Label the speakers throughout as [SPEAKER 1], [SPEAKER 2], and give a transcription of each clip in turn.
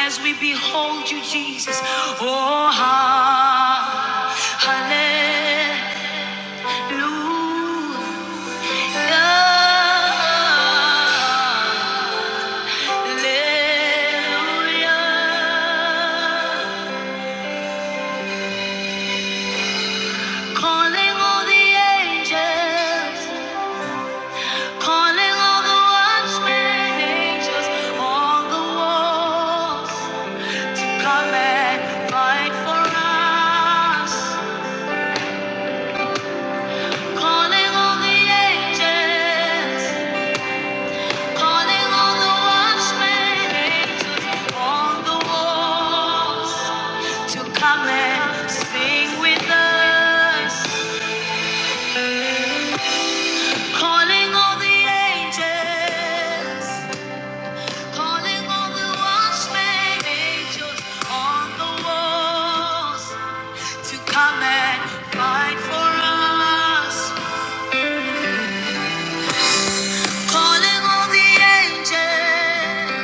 [SPEAKER 1] As we Behold you, Jesus. Oh, ha- hallelujah. Hallelujah. Calling all the angels, calling all the watchmen angels on the walls to come and fight for us. Calling all the angels, Calling all the watchmen, angels on the walls to come and sing with us. Calling all the angels, calling all the watchmen, angels on the walls to come and fight for us. Calling all the angels.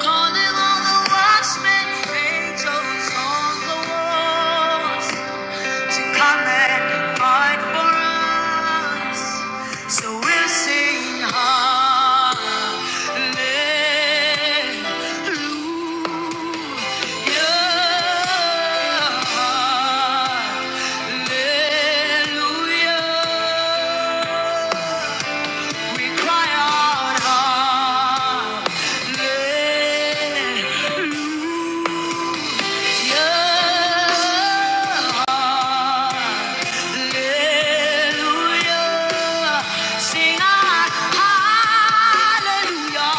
[SPEAKER 1] Calling all the watchmen, angels on the walls to come and fight for us. So we'll sing hallelujah, hallelujah. We cry out, Hallelujah, Sing out, Hallelujah,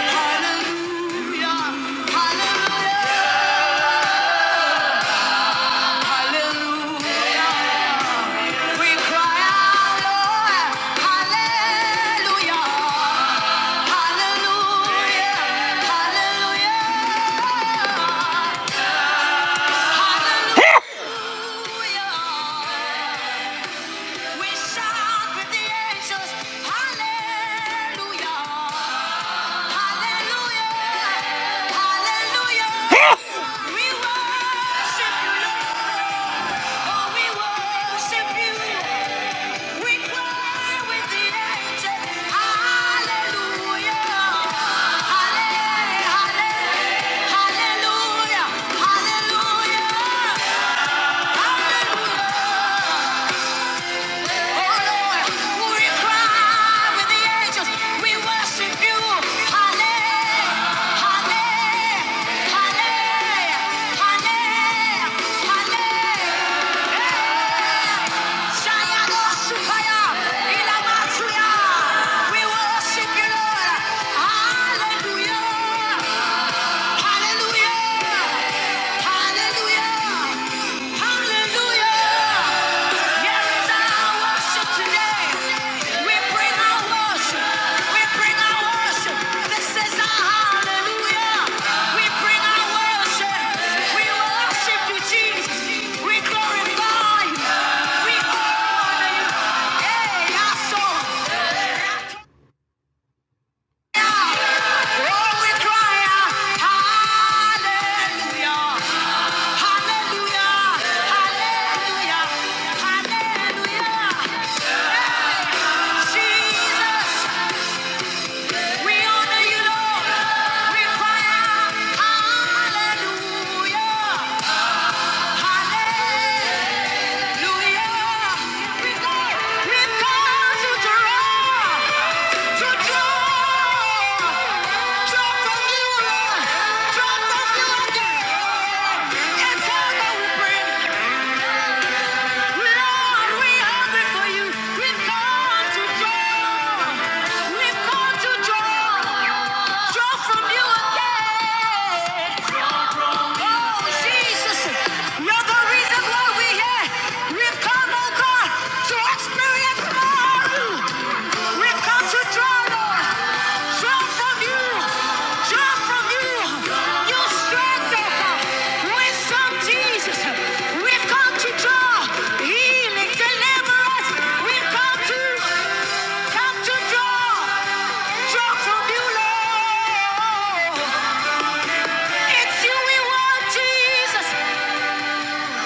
[SPEAKER 1] Hallelujah, Hallelujah. We cry out, Hallelujah, Hallelujah, Hallelujah. Hallelujah! Hallelujah! Hallelujah! Hallelujah! Hallelujah! Hallelujah! Hallelujah! Here is our worship today. We bring our worship. We bring our worship. This is our hallelujah. We bring our worship. We worship you, Jesus. We glorify you. We honor you. Hey, our soul. Oh, we cry out, hallelujah. Hallelujah! Hallelujah! Hallelujah! Jesus, we honor you, Lord. We cry out, Hallelujah! Hallelujah! We draw, draw from you, Draw from you again. And Father, we pray to draw, draw from you again. Oh, Jesus. You're the reason why we here. we come, oh God, to experience more we come to draw, Draw from you. Draw from you. Your strength, oh God. Wisdom, Jesus. we come to draw. Healing, deliverance. we come to, come to draw. Draw from you, Lord. It's you we want, Jesus.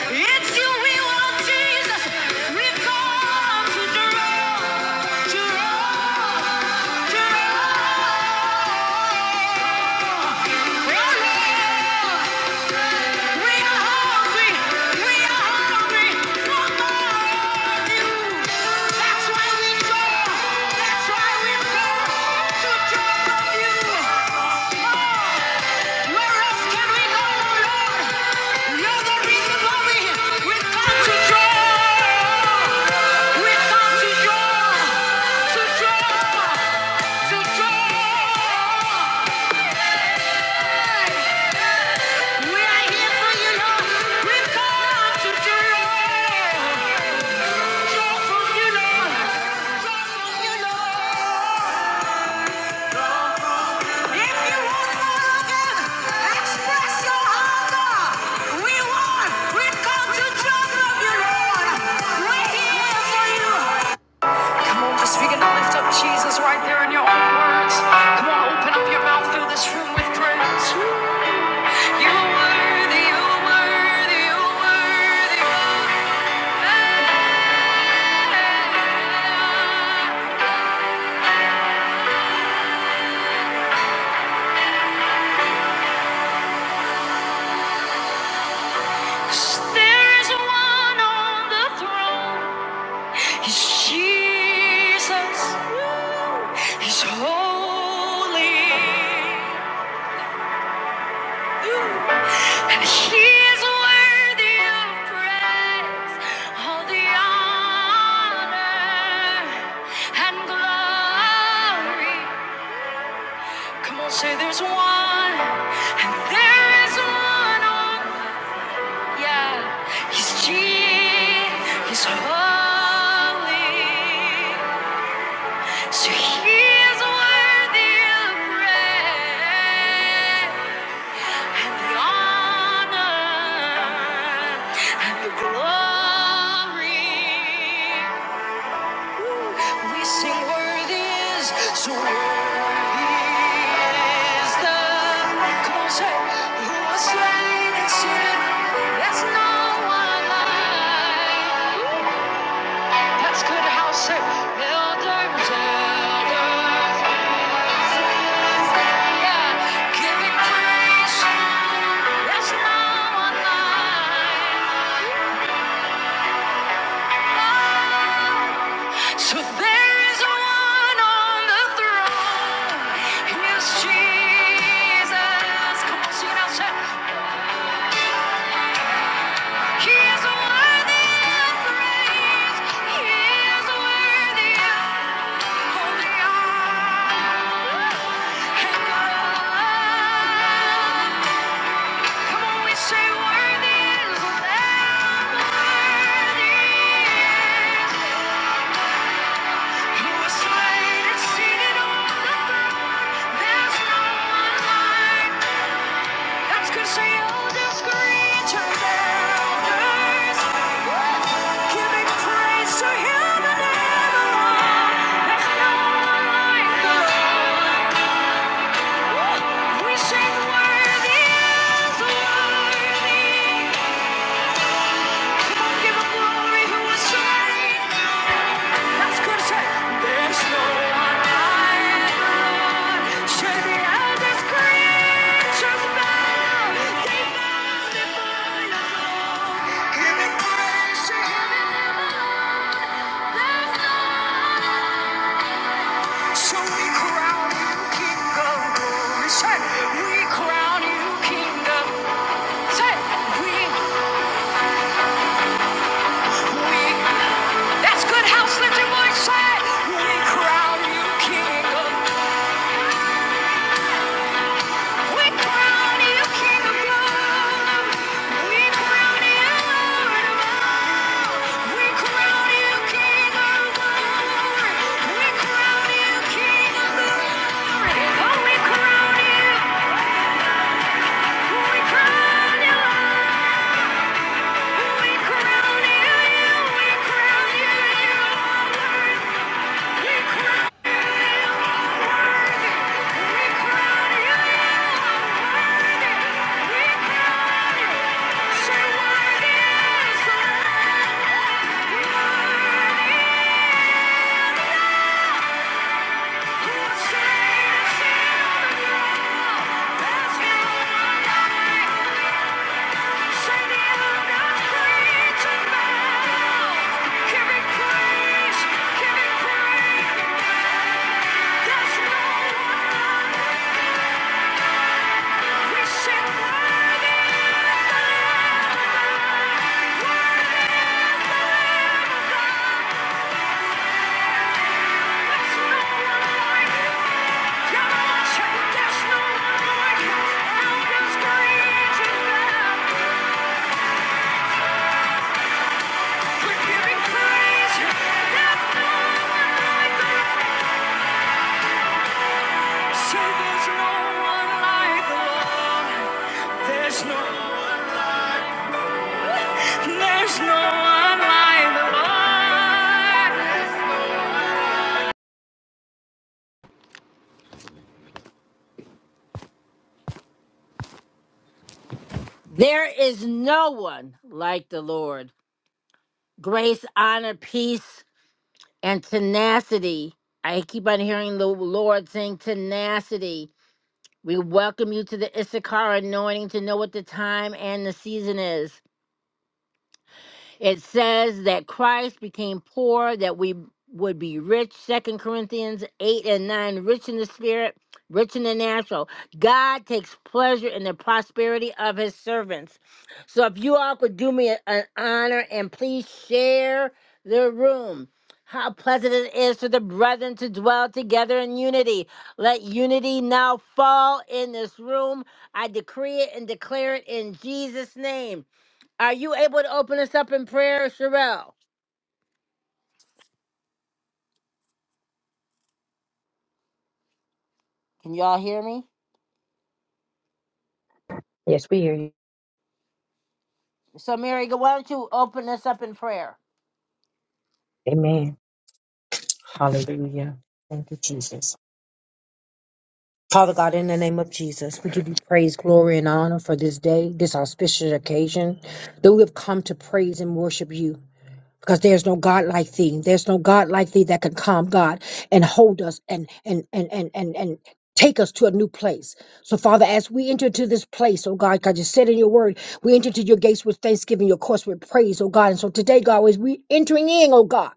[SPEAKER 1] It's you we want, Jesus. We come to draw, to draw, Oh, Lord, we are hungry, we are hungry for more. That's why we come, that's why we come to draw you. Oh, where else can we go, Lord? You're the reason why we're here. Without you, draw. Without you, draw. To draw. To draw. We are here for you, Lord. Without you, draw. Express your hunger. Come on, just begin to lift up Jesus right there in your own words. Come on, open up your mouth through this room with praise. You're worthy, you're worthy, you're worthy. There is one on the throne. He's Jesus. He's holy. And he is worthy of praise. All the honor and glory. Come on, say there's one. And there is one on, yeah. He's Jesus. He's holy. So he is worthy of praise and the honor and the glory. Ooh, We sing worthy is, so worthy is the. Come on, say, who was slain and sin. There's no one like. That's good house, say, elders, elders. So there is one on the throne. He is Jesus. Come on, sing it out, shout. He is worthy of praise. He is worthy of all the honor and glory. Come on, we say worthy is the Lamb, worthy who was slain and seated on the throne. There's no one like. That's 'cause the elders scream to elders, giving praise to Him and evermore. There's no one like the Lord. We sing worthy is worthy. Give Him glory who was slain. That's good say. There's no one like the Lord. Should the eldest creatures bow? So we crown you King of glory. Say, we crown you King of Say, we, we. That's good house. Let your voice say, we crown you King of We crown you King of We crown you Lord We crown you King of glory. We crown you King of glory. Oh, we crown you. We crown you. We crown you. We crown you. We crown you. We crown you. We crown you. Say worthy is the Lamb. Worthy who was slain There's no, there's no one like the Lord. There is no one like the Lord. Grace, honor, peace, and tenacity. I keep on hearing the Lord saying tenacity. We welcome you to the Issachar anointing to know what the time and the season is. It says that Christ became poor that we would be rich. Second Corinthians 8 and 9, rich in the spirit, rich in the natural. God takes pleasure in the prosperity of his servants. So if you all could do me a- an honor and please share the room. How pleasant it is for the brethren to dwell together in unity. Let unity now fall in this room. I decree it and declare it in Jesus' name. Are you able to open us up in prayer, Sherelle? Can y'all hear me?
[SPEAKER 2] Yes, we hear you.
[SPEAKER 1] So, Mary, go- why don't you open us up in prayer?
[SPEAKER 2] Amen. Hallelujah. Thank you, Jesus. Father God, in the name of Jesus, we give you praise, glory, and honor for this day, this auspicious occasion that we have come to praise and worship you. Because there's no God like thee. There's no God like thee that can come, God, and hold us and and and and and and take us to a new place. So, Father, as we enter to this place, oh God, God, you said in your word, we enter to your gates with thanksgiving, your courts with praise, oh God. And so today, God, as we entering in, oh God.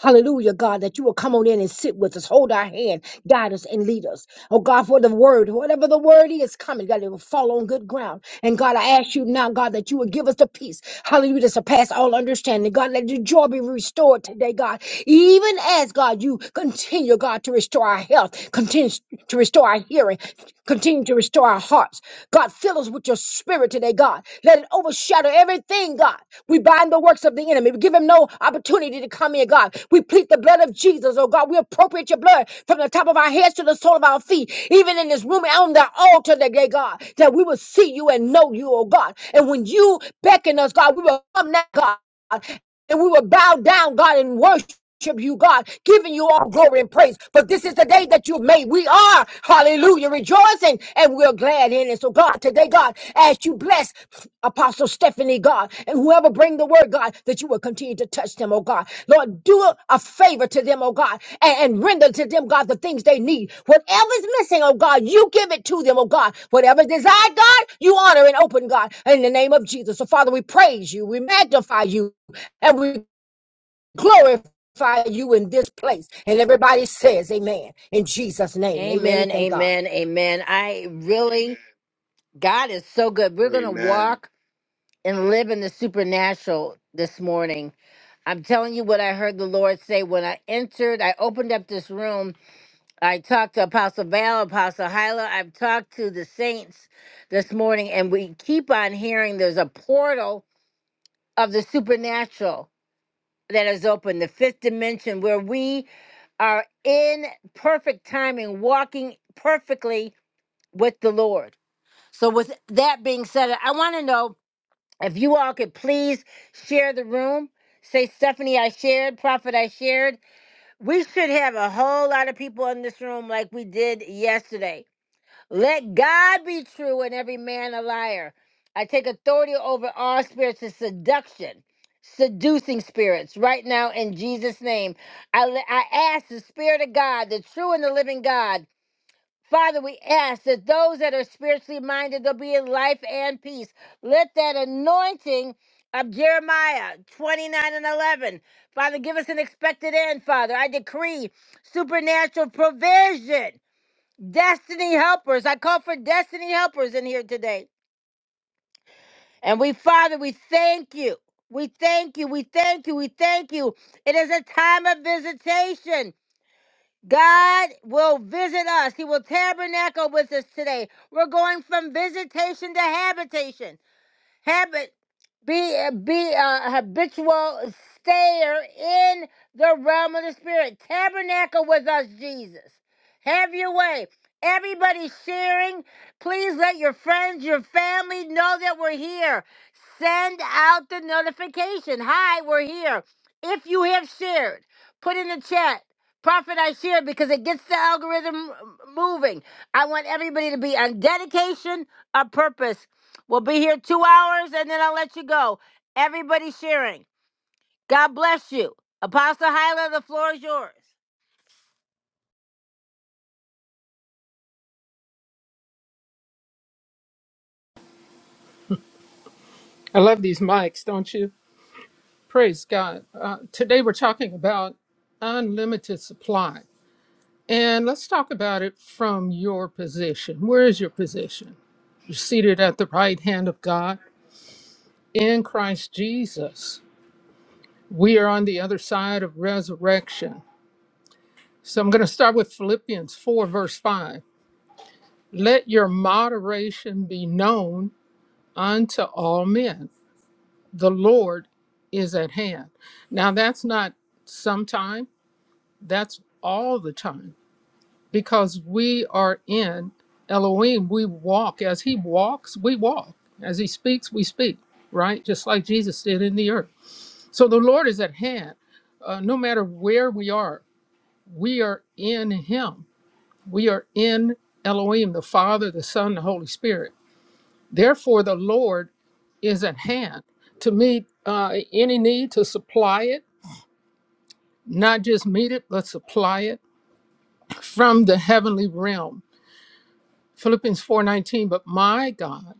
[SPEAKER 2] Hallelujah, God, that you will come on in and sit with us, hold our hand, guide us, and lead us. Oh, God, for the word, whatever the word is coming, God, it will fall on good ground. And God, I ask you now, God, that you will give us the peace, hallelujah, to surpass all understanding. God, let your joy be restored today, God. Even as, God, you continue, God, to restore our health, continue to restore our hearing, continue continue to restore our hearts. God, fill us with your spirit today, God. Let it overshadow everything, God. We bind the works of the enemy. We give him no opportunity to come in, God. We plead the blood of Jesus, oh God. We appropriate your blood from the top of our heads to the sole of our feet, even in this room and on the altar today, God, that we will see you and know you, oh God. And when you beckon us, God, we will come now, God and we will bow down, God, and worship you, God, giving you all glory and praise. But this is the day that you've made. We are, hallelujah, rejoicing and we're glad in it. So, God, today, God, as you bless Apostle Stephanie, God, and whoever bring the word, God, that you will continue to touch them, oh God. Lord, do a a favor to them, oh God, and, and render to them, God, the things they need. Whatever's missing, oh God, you give it to them, oh God. Whatever's desired, God, you honor and open, God, in the name of Jesus. So, Father, we praise you. We magnify you and we glorify you in this place. And everybody says, Amen. In Jesus' name, Amen. And
[SPEAKER 1] Amen,
[SPEAKER 2] thank God.
[SPEAKER 1] amen, amen. I really, God is so good. We're going to
[SPEAKER 3] Amen.
[SPEAKER 1] walk and live in the supernatural this morning. I'm telling you what I heard the Lord say when I entered, I opened up this room. I talked to Apostle Val, Apostle Hyla. I've talked to the saints this morning, and we keep on hearing there's a portal of the supernatural that is open, the fifth dimension, where we are in perfect timing, walking perfectly with the Lord. So, with that being said, I want to know if you all could please share the room. Say, Stephanie, I shared, Prophet, I shared. We should have a whole lot of people in this room like we did yesterday let God be true and every man a liar. I take authority over all spirits of seduction, seducing spirits right now in Jesus' name. I, le- I ask the Spirit of God, the true and the living God. Father, we ask that those that are spiritually minded, they'll be in life and peace. Let that anointing of Jeremiah 29 and 11, Father, give us an expected end, Father. I decree supernatural provision. Destiny helpers. I call for destiny helpers in here today. And we, Father, we thank you. We thank you. We thank you. We thank you. It is a time of visitation. God will visit us. He will tabernacle with us today. We're going from visitation to habitation. Habit be be a habitual stayer in the realm of the spirit. Tabernacle with us, Jesus. Have your way. Everybody sharing, please let your friends, your family know that we're here. Send out the notification. Hi, we're here. If you have shared, put in the chat. Prophet, I shared because it gets the algorithm moving. I want everybody to be on dedication, a purpose. We'll be here two hours and then I'll let you go. Everybody sharing. God bless you. Apostle Hyla, the floor is yours.
[SPEAKER 4] I love these mics, don't you? Praise God. Uh, today we're talking about unlimited supply. And let's talk about it from your position. Where is your position? You're seated at the right hand of God in Christ Jesus. We are on the other side of resurrection. So I'm going to start with Philippians 4, verse 5. Let your moderation be known unto all men. The Lord is at hand. Now, that's not sometime. That's all the time because we are in Elohim. We walk as He walks, we walk. As He speaks, we speak, right? Just like Jesus did in the earth. So the Lord is at hand. Uh, no matter where we are, we are in Him. We are in Elohim, the Father, the Son, the Holy Spirit. Therefore, the Lord is at hand to meet uh, any need, to supply it, not just meet it, but supply it from the heavenly realm Philippians 4:19, but my God,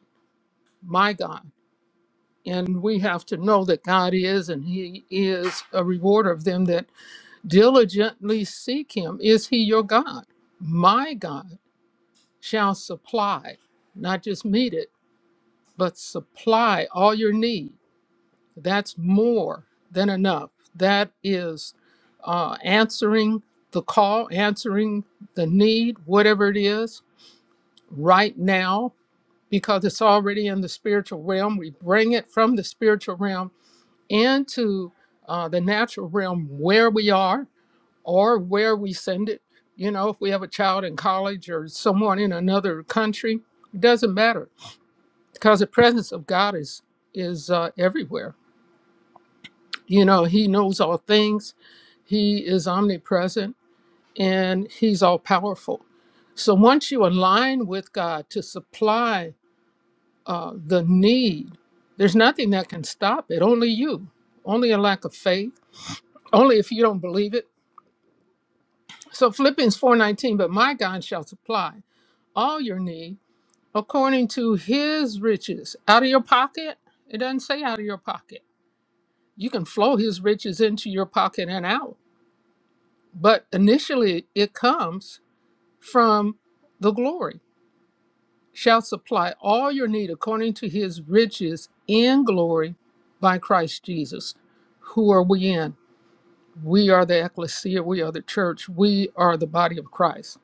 [SPEAKER 4] my God. And we have to know that God is and he is a rewarder of them that diligently seek him. Is he your God? My God shall supply, not just meet it, but supply all your need. That's more than enough. That is uh, answering the call, answering the need, whatever it is, right now because it's already in the spiritual realm. We bring it from the spiritual realm into uh, the natural realm where we are or where we send it. You know, if we have a child in college or someone in another country, it doesn't matter because the presence of God is is uh, everywhere. You know, He knows all things. He is omnipresent and He's all powerful. So once you align with God to supply uh, the need. There's nothing that can stop it. Only you. Only a lack of faith. Only if you don't believe it. So Philippians 4:19, but my God shall supply all your need according to His riches. Out of your pocket? It doesn't say out of your pocket. You can flow His riches into your pocket and out, but initially it comes from the glory shall supply all your need according to his riches in glory by Christ Jesus. Who are we in? We are the ecclesia, we are the church, we are the body of Christ.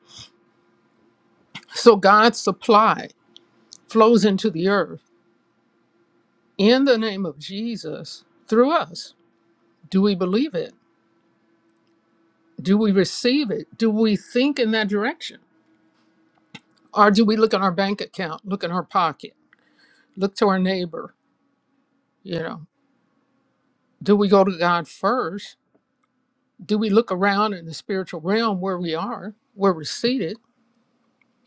[SPEAKER 4] So God's supply flows into the earth in the name of Jesus through us. Do we believe it? Do we receive it? Do we think in that direction? Or do we look in our bank account, look in our pocket, look to our neighbor? You know, do we go to God first do we look around in the spiritual realm where we are, where we're seated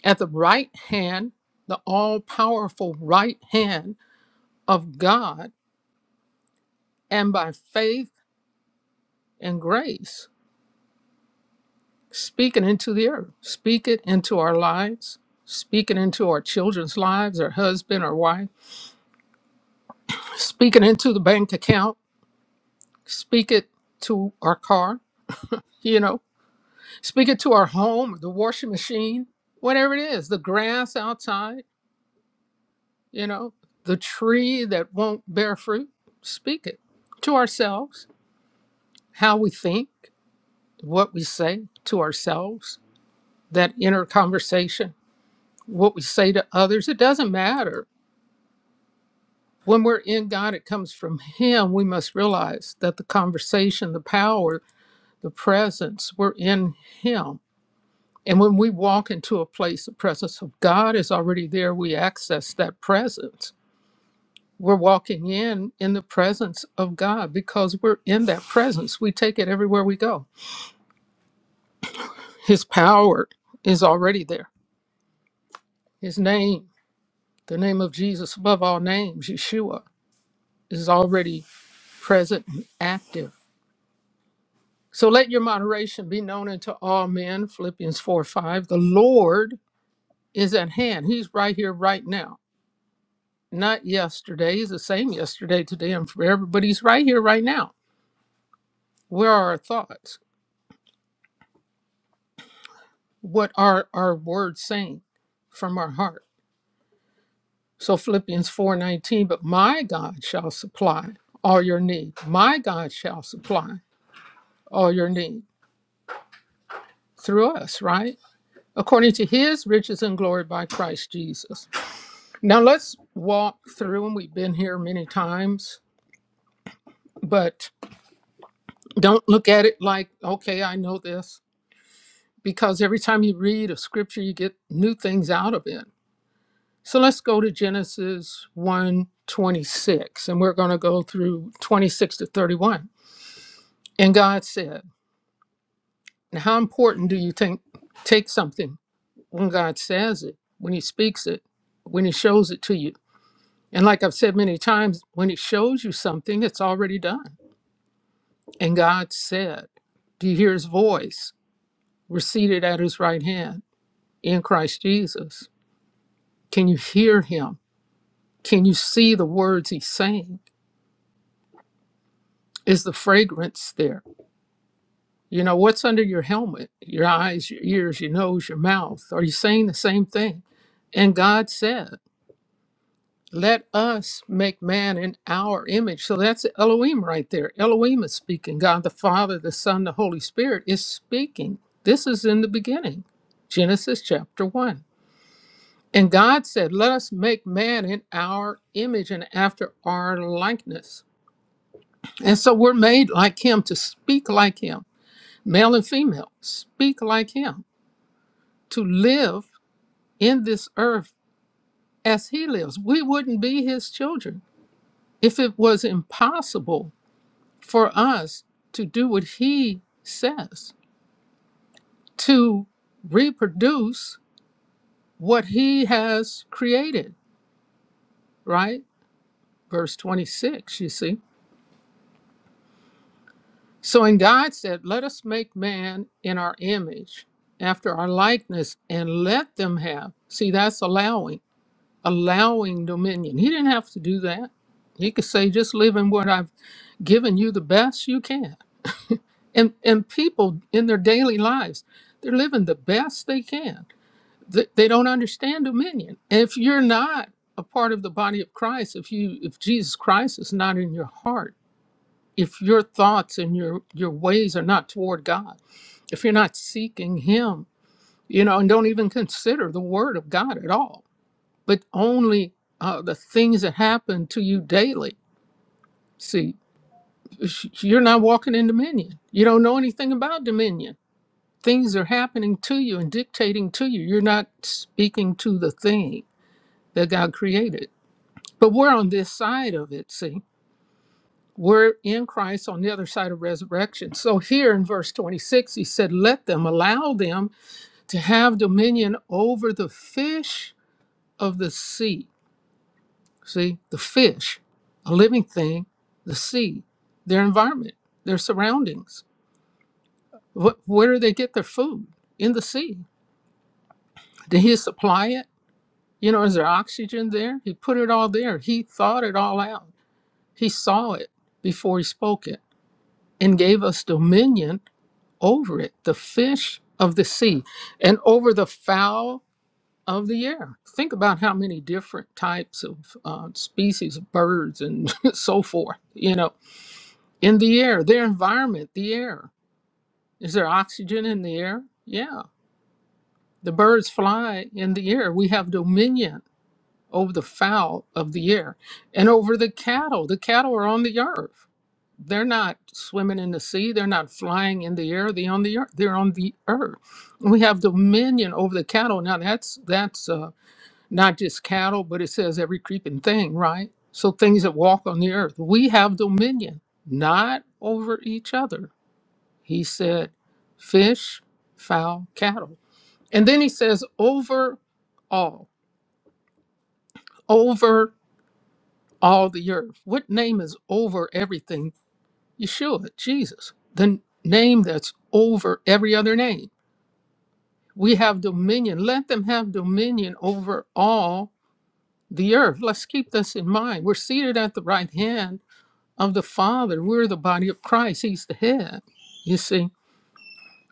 [SPEAKER 4] at the right hand, the all powerful right hand of God, and by faith and grace, speak it into the earth, speak it into our lives, speak it into our children's lives, our husband, our wife, speak it into the bank account, speak it to our car, you know, speak it to our home, the washing machine, whatever it is, the grass outside You know, the tree that won't bear fruit, speak it to ourselves, how we think, what we say to ourselves, that inner conversation, what we say to others. It doesn't matter. When we're in God, it comes from Him. We must realize that the conversation, the power, the presence, we're in Him. And when we walk into a place, the presence of God is already there. We access that presence we're walking in in the presence of God because we're in that presence. We take it everywhere we go. His power is already there. His name, the name of Jesus above all names, Yeshua, is already present and active. So let your moderation be known unto all men, Philippians 4 5. The Lord is at hand. He's right here, right now. Not yesterday. He's the same yesterday, today, and forever, but he's right here, right now. Where are our thoughts? what are our words saying from our heart so philippians 4:19 but my god shall supply all your need my god shall supply all your need through us right according to his riches and glory by christ jesus now let's walk through and we've been here many times but don't look at it like okay i know this because every time you read a scripture you get new things out of it So let's go to Genesis one 26, and we're going to go through 26 to 31. And God said, and how important do you think take something when God says it, when He speaks it, when He shows it to you? And like I've said many times, when He shows you something, it's already done. And God said, Do you hear His voice? We're seated at His right hand in Christ Jesus. Can you hear Him? Can you see the words He's saying? Is the fragrance there? You know, what's under your helmet? Your eyes, your ears, your nose, your mouth. Are you saying the same thing? And God said, Let us make man in our image. So that's Elohim right there. Elohim is speaking. God the Father, the Son, the Holy Spirit is speaking. This is in the beginning, Genesis chapter 1. And God said, Let us make man in our image and after our likeness. And so we're made like him to speak like him, male and female, speak like him. to live in this earth as he lives. We wouldn't be his children if it was impossible for us to do what he says, to reproduce what he has created, right? Verse 26, you see. So, and God said, Let us make man in our image, after our likeness, and let them have. See, that's allowing, allowing dominion. He didn't have to do that. He could say, Just live in what I've giving you the best you can. And and people in their daily lives, they're living the best they can. They, they don't understand dominion. And if you're not a part of the body of Christ, if you if Jesus Christ is not in your heart, if your thoughts and your your ways are not toward God, if you're not seeking Him, you know, and don't even consider the Word of God at all, but only uh, the things that happen to you daily. See, sh- you're not walking in dominion. You don't know anything about dominion. Things are happening to you and dictating to you. You're not speaking to the thing that God created. But we're on this side of it, see? We're in Christ on the other side of resurrection. So here in verse 26, he said, Let them allow them to have dominion over the fish of the sea. See, the fish, a living thing, the sea, their environment, their surroundings What, where do they get their food? In the sea. Did he supply it? You know, is there oxygen there? He put it all there. He thought it all out. He saw it before he spoke it and gave us dominion over it, the fish of the sea, and over the fowl of the air. Think about how many different types of uh, species of birds and so forth, you know, in the air, their environment, the air. Is there oxygen in the air? Yeah. The birds fly in the air. We have dominion over the fowl of the air and over the cattle. The cattle are on the earth. They're not swimming in the sea. They're not flying in the air. They're on the earth. They're on the earth. And We have dominion over the cattle. Now that's that's uh, not just cattle, but it says every creeping thing, right? So things that walk on the earth. We have dominion, not over each other. He said, fish, fowl, cattle. And then he says, over all, over all the earth. What name is over everything? Yeshua, Jesus, the name that's over every other name. We have dominion. Let them have dominion over all the earth. Let's keep this in mind. We're seated at the right hand of the Father. We're the body of Christ. He's the head, you see.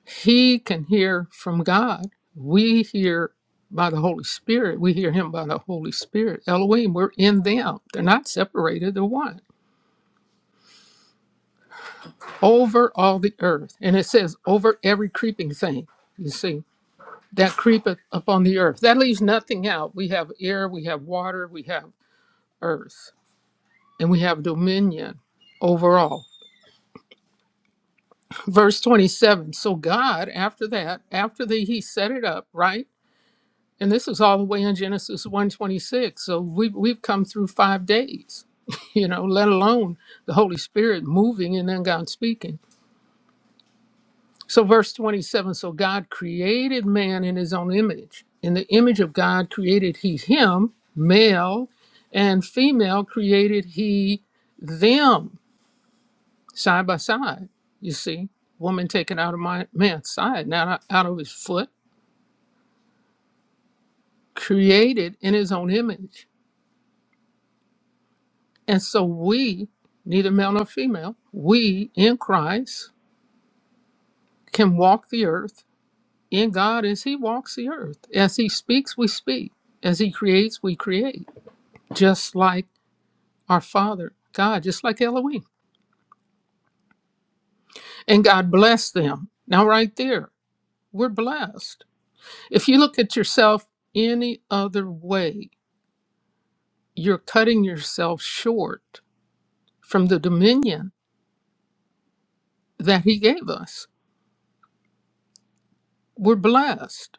[SPEAKER 4] He can hear from God. We hear by the Holy Spirit. We hear him by the Holy Spirit. Elohim, we're in them. They're not separated, they're one. Over all the earth. And it says, over every creeping thing, you see, that creepeth upon the earth. That leaves nothing out. We have air, we have water, we have earth, and we have dominion over all. Verse 27. So God, after that, after the he set it up, right? And this is all the way in Genesis 126. So we, we've come through five days, you know, let alone the Holy Spirit moving and then God speaking. So, verse 27 so God created man in his own image. In the image of God created he him, male and female created he them, side by side. You see, woman taken out of my man's side, not out out of his foot, created in his own image And so we, neither male nor female, we in Christ can walk the earth in God as He walks the earth. As He speaks, we speak. As He creates, we create. Just like our Father, God, just like Elohim. And God blessed them. Now, right there, we're blessed. If you look at yourself any other way, you're cutting yourself short from the dominion that He gave us. We're blessed.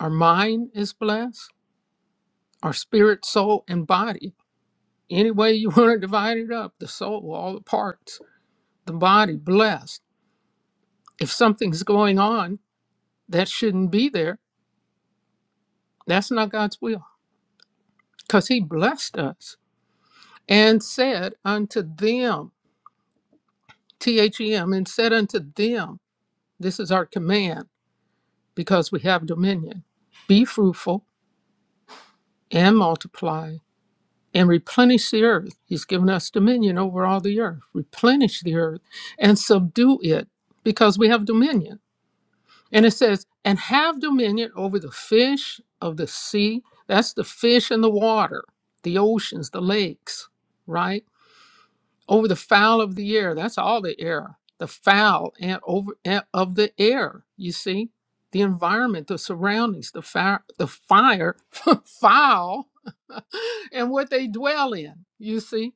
[SPEAKER 4] Our mind is blessed our spirit, soul, and body. Any way you want to divide it up, the soul, all the parts, the body, blessed. If something's going on that shouldn't be there, that's not God's will because He blessed us and said unto them, T H E M, and said unto them, This is our command because we have dominion. Be fruitful and multiply and replenish the earth. He's given us dominion over all the earth. Replenish the earth and subdue it because we have dominion. And it says, and have dominion over the fish of the sea. That's the fish in the water, the oceans, the lakes, right? Over the fowl of the air. That's all the air, the fowl and over and of the air. You see, the environment, the surroundings, the fire, the fire, fowl, and what they dwell in. You see,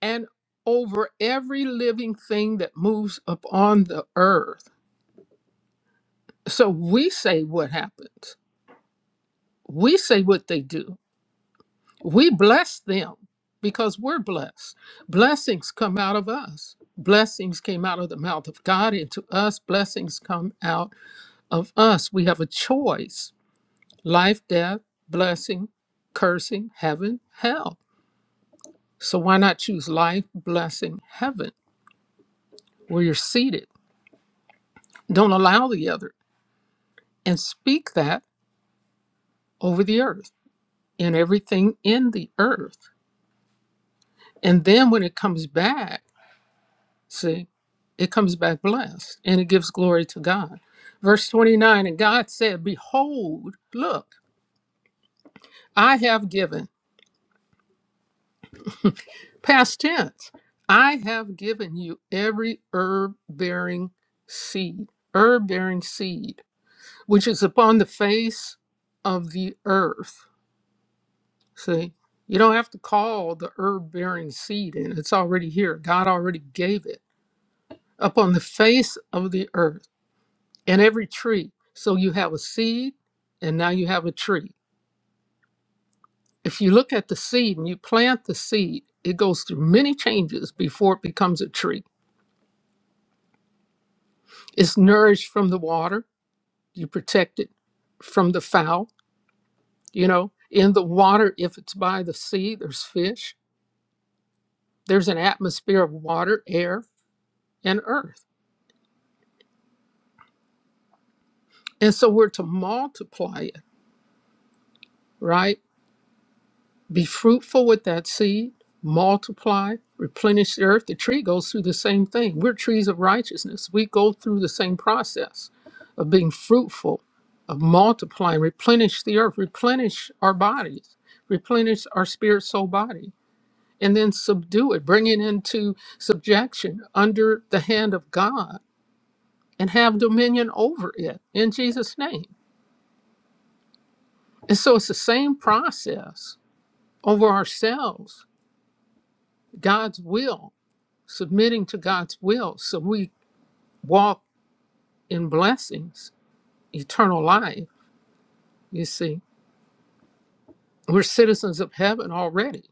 [SPEAKER 4] and over every living thing that moves upon the earth. So we say what happens. We say what they do. We bless them because we're blessed. Blessings come out of us. Blessings came out of the mouth of God into us. Blessings come out of us. We have a choice life, death, blessing, cursing, heaven, hell. So why not choose life, blessing, heaven, where you're seated? Don't allow the other. and speak that over the earth and everything in the earth. And then when it comes back, see, it comes back blessed and it gives glory to God. Verse 29 And God said, Behold, look, I have given, past tense, I have given you every herb bearing seed, herb bearing seed, which is upon the face of the earth See, you don't have to call the herb bearing seed in. It's already here. God already gave it upon the face of the earth and every tree. So you have a seed and now you have a tree. If you look at the seed and you plant the seed, it goes through many changes before it becomes a tree. It's nourished from the water, you protect it from the fowl. You know, in the water, if it's by the sea, there's fish, there's an atmosphere of water, air, and earth And so we're to multiply it, right? Be fruitful with that seed, multiply, replenish the earth. The tree goes through the same thing. We're trees of righteousness. We go through the same process of being fruitful, of multiplying, replenish the earth, replenish our bodies, replenish our spirit, soul, body, and then subdue it, bring it into subjection under the hand of God and have dominion over it in Jesus' name. And so it's the same process over ourselves, God's will, submitting to God's will. So we walk in blessings, eternal life, you see. We're citizens of heaven already,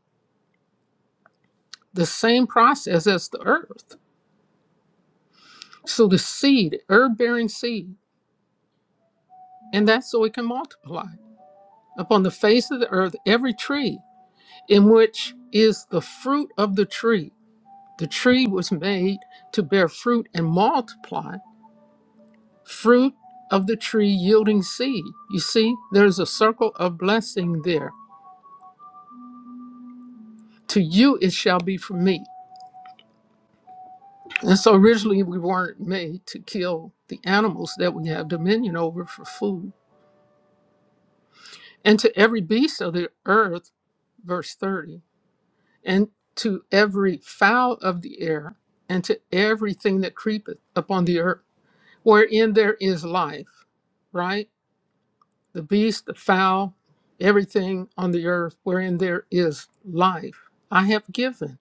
[SPEAKER 4] the same process as the earth. So the seed, herb bearing seed, and that's so it can multiply. Upon the face of the earth, every tree in which is the fruit of the tree. The tree was made to bear fruit and multiply fruit of the tree yielding seed. You see, there's a circle of blessing there. To you it shall be from me. And so originally we weren't made to kill the animals that we have dominion over for food. And to every beast of the earth, verse 30, and to every fowl of the air, and to everything that creepeth upon the earth, wherein there is life, right? the beast, the fowl, everything on the earth wherein there is life, I have given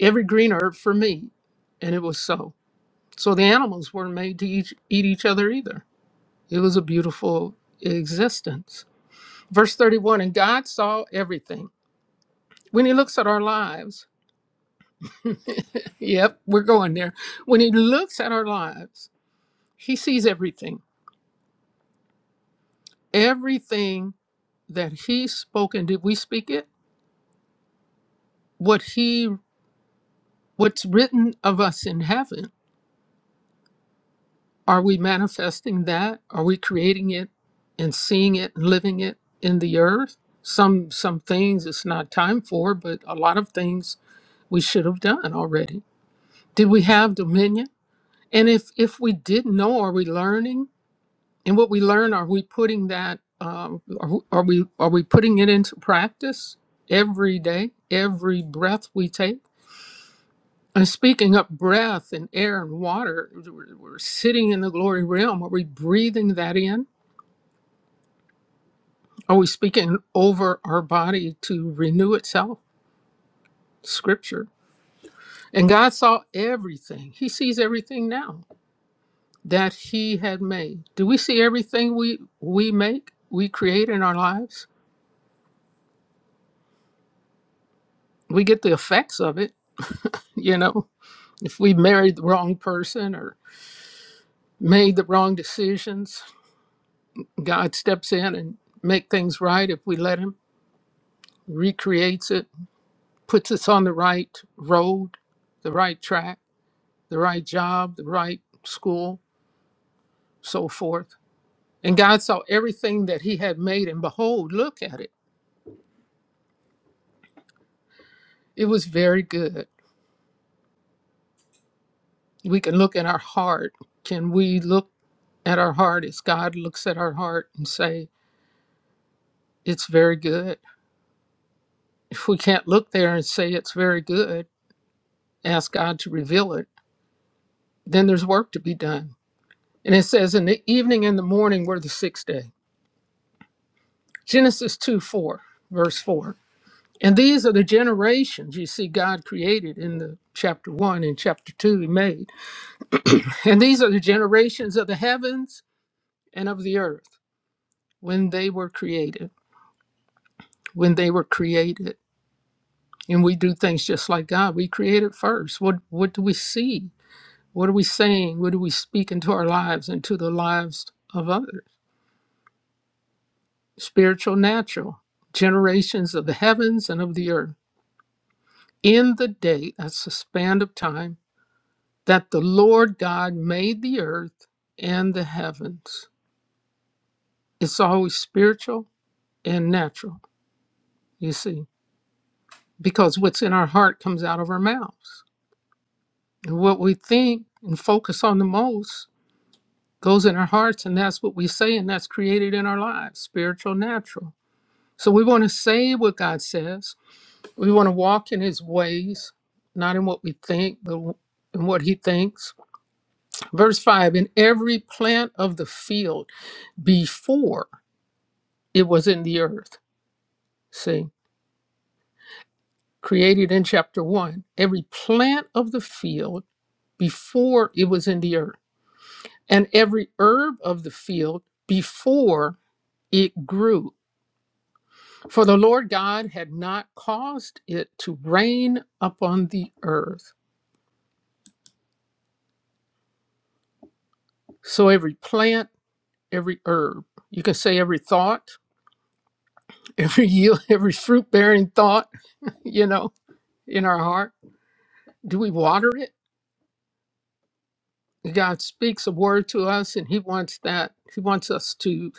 [SPEAKER 4] every green herb for meat. And it was so. So the animals weren't made to each, eat each other either. It was a beautiful existence. Verse 31 And God saw everything. When He looks at our lives, yep, we're going there. When He looks at our lives, He sees everything. Everything that He spoke and did we speak it? What He what's written of us in heaven, are we manifesting that? Are we creating it and seeing it and living it in the earth? Some some things it's not time for, but a lot of things we should have done already. Did we have dominion? And if if we didn't know, are we learning? And what we learn, are we putting that? Um, are, we- are we are we putting it into practice every day, every breath we take? And speaking up, breath and air and water, we're we're sitting in the glory realm. Are we breathing that in? Are we speaking over our body to renew itself? Scripture. And God saw everything. He sees everything now that He had made. Do we see everything we we make, we create in our lives? We get the effects of it, you know. If we married the wrong person or made the wrong decisions, God steps in and make things right if we let Him recreates it, puts us on the right road, the right track, the right job, the right school, so forth. And God saw everything that He had made, and behold, look at it. It was very good. We can look at our heart. Can we look at our heart as God looks at our heart and say, It's very good? If we can't look there and say it's very good, ask God to reveal it, then there's work to be done. And it says, In the evening and the morning were the sixth day. Genesis 2 4, verse 4. And these are the generations you see God created in the chapter 1 and chapter 2 he made. And these are the generations of the heavens and of the earth when they were created. When they were created. And we do things just like God. We created first. What what do we see? What are we saying? What do we speak into our lives and to the lives of others? Spiritual, natural, generations of the heavens and of the earth. In the day, that's the span of time that the Lord God made the earth and the heavens. It's always spiritual and natural, you see, because what's in our heart comes out of our mouths. And what we think and focus on the most goes in our hearts, and that's what we say, and that's created in our lives spiritual, natural. So we want to say what God says. We want to walk in His ways, not in what we think, but in what He thinks. Verse 5 In every plant of the field before. it was in the earth. See, created in chapter one, every plant of the field before it was in the earth, and every herb of the field before it grew. For the Lord God had not caused it to rain upon the earth. So every plant, every herb, you can say every thought, every yield, every fruit bearing thought, you know, in our heart. Do we water it? God speaks a word to us, and He wants that. He wants us to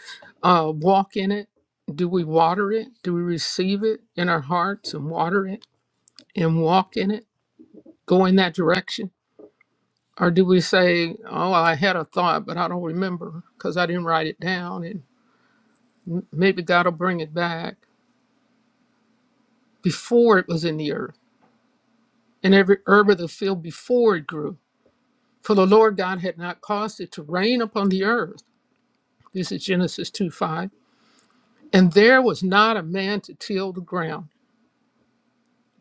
[SPEAKER 4] uh, walk in it. Do we water it? Do we receive it in our hearts and water it and walk in it? Go in that direction? Or do we say, "Oh, I had a thought, but I don't remember because I didn't write it down," and m- maybe God will bring it back before it was in the earth, and every herb of the field before it grew. For the Lord God had not caused it to rain upon the earth. This is Genesis two five And there was not a man to till the ground.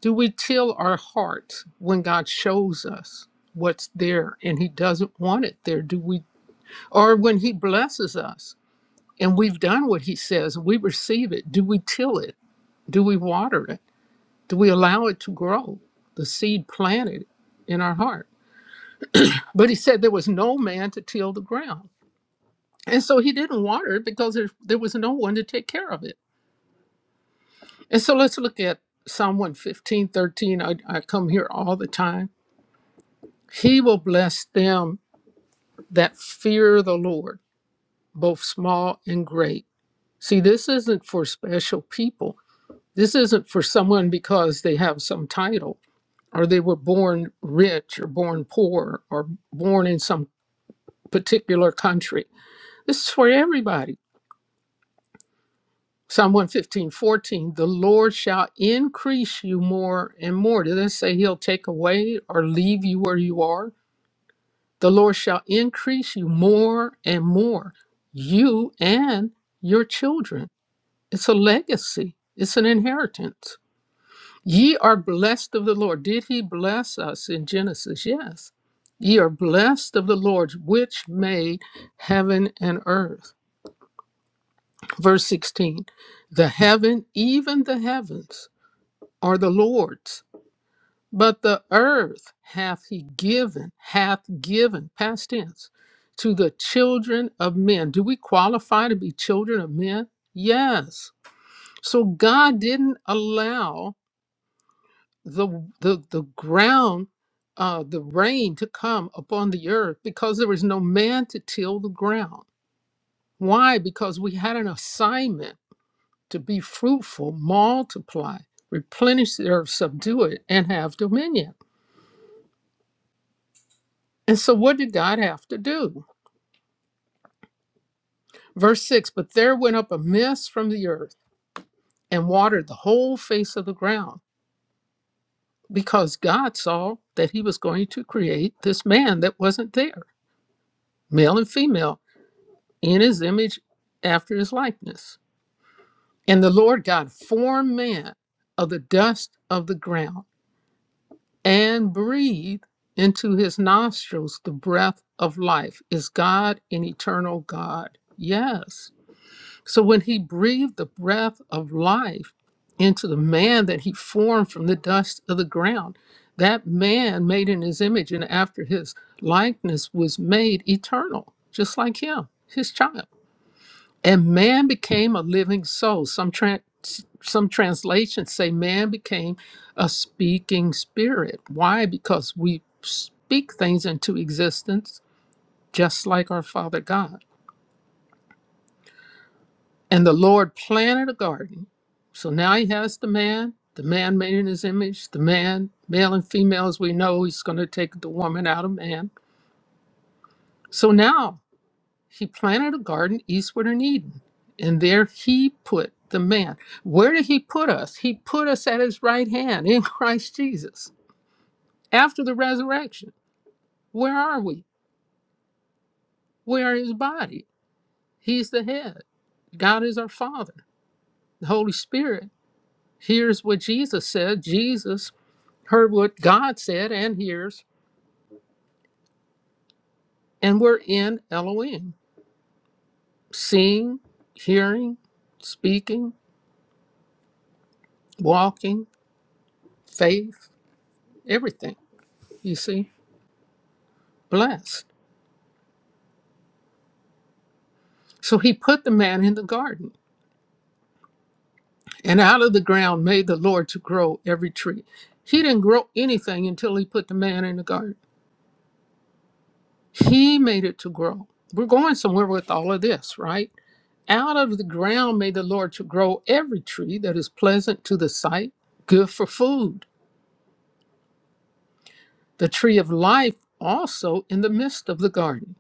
[SPEAKER 4] Do we till our hearts when God shows us what's there and He doesn't want it there? Do we, or when He blesses us and we've done what He says and we receive it, do we till it? Do we water it? Do we allow it to grow, the seed planted in our heart? But He said there was no man to till the ground. And so He didn't water it because there, there was no one to take care of it. And so let's look at Psalm one fifteen thirteen. I, I come here all the time. He will bless them that fear the Lord, both small and great. See, this isn't for special people. This isn't for someone because they have some title or they were born rich or born poor or born in some particular country. This is for everybody Psalm one fifteen fourteen. the Lord shall increase you more and more. Did it say he'll take away or leave you where you are? The Lord shall increase you more and more, you and your children. It's a legacy, it's an inheritance. Ye are blessed of the Lord. Did he bless us in Genesis? Yes. Ye are blessed of the Lord, which made heaven and earth. Verse 16, the heaven, even the heavens are the Lord's, but the earth hath he given, hath given, past tense, to the children of men. Do we qualify to be children of men? Yes. So God didn't allow the the, the ground, uh, the rain to come upon the earth because there was no man to till the ground. Why? Because we had an assignment to be fruitful, multiply, replenish the earth, subdue it, and have dominion. And so, what did God have to do? Verse 6 But there went up a mist from the earth and watered the whole face of the ground because God saw that he was going to create this man that wasn't there, male and female, in his image after his likeness. And the Lord God formed man of the dust of the ground and breathed into his nostrils the breath of life. Is God an eternal God? Yes. So when he breathed the breath of life into the man that he formed from the dust of the ground, that man made in his image and after his likeness was made eternal, just like him, his child. And man became a living soul. Some tran some translations say man became a speaking spirit. Why? Because we speak things into existence just like our Father God. And the Lord planted a garden. So now he has the man, the man made in his image, the man, male and female, as we know, he's going to take the woman out of man. So now he planted a garden eastward in Eden. And there he put the man. Where did he put us? He put us at his right hand in Christ Jesus after the resurrection. Where are we? We are his body. He's the head. God is our Father. The Holy Spirit hears what Jesus said. Jesus heard what God said and hears. And we're in Elohim, seeing, hearing, speaking, walking, faith, everything. You see, blessed. So he put the man in the garden, and out of the ground made the Lord to grow every tree. He didn't grow anything until he put the man in the garden. He made it to grow. We're going somewhere with all of this, right? Out of the ground made the Lord to grow every tree that is pleasant to the sight, good for food, the tree of life also in the midst of the garden.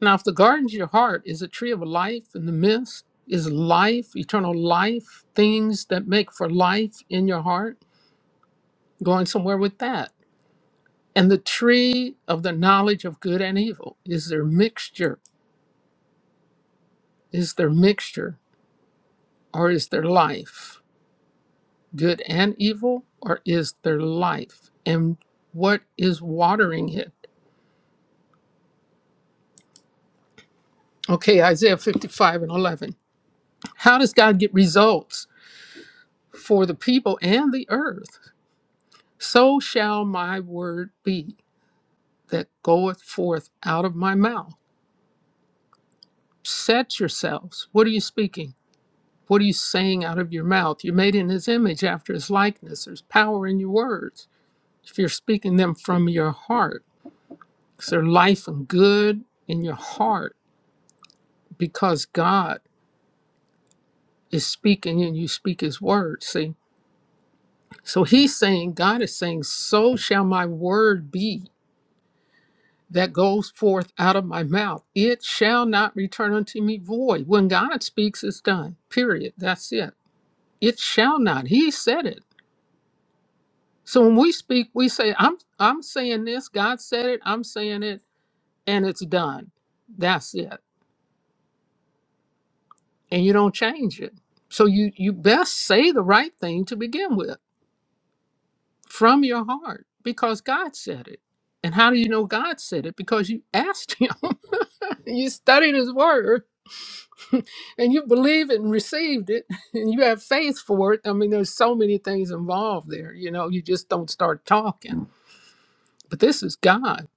[SPEAKER 4] Now, if the garden of your heart is a tree of life in the midst, is life, eternal life, things that make for life in your heart, going somewhere with that. And the tree of the knowledge of good and evil, is there mixture? Is there mixture or is there life? good and evil, or is there life? And what is watering it? Okay, Isaiah 55 and 11. How does God get results for the people and the earth? So shall my word be that goeth forth out of my mouth. Set yourselves. What are you speaking? What are you saying out of your mouth? You're made in his image after his likeness. There's power in your words. If you're speaking them from your heart, is there life and good in your heart? because God is speaking and you speak his word. See? So he's saying, God is saying, So shall my word be that goes forth out of my mouth. It shall not return unto me void. When God speaks, it's done. Period. That's it. It shall not. He said it. So when we speak, we say, I'm I'm saying this, God said it, I'm saying it, and it's done. That's it. And you don't change it. So you you best say the right thing to begin with from your heart because God said it. And how do you know God said it? Because you asked Him, you studied His Word, and you believed it and received it, and you have faith for it. I mean, there's so many things involved there. You know, you just don't start talking. But this is God.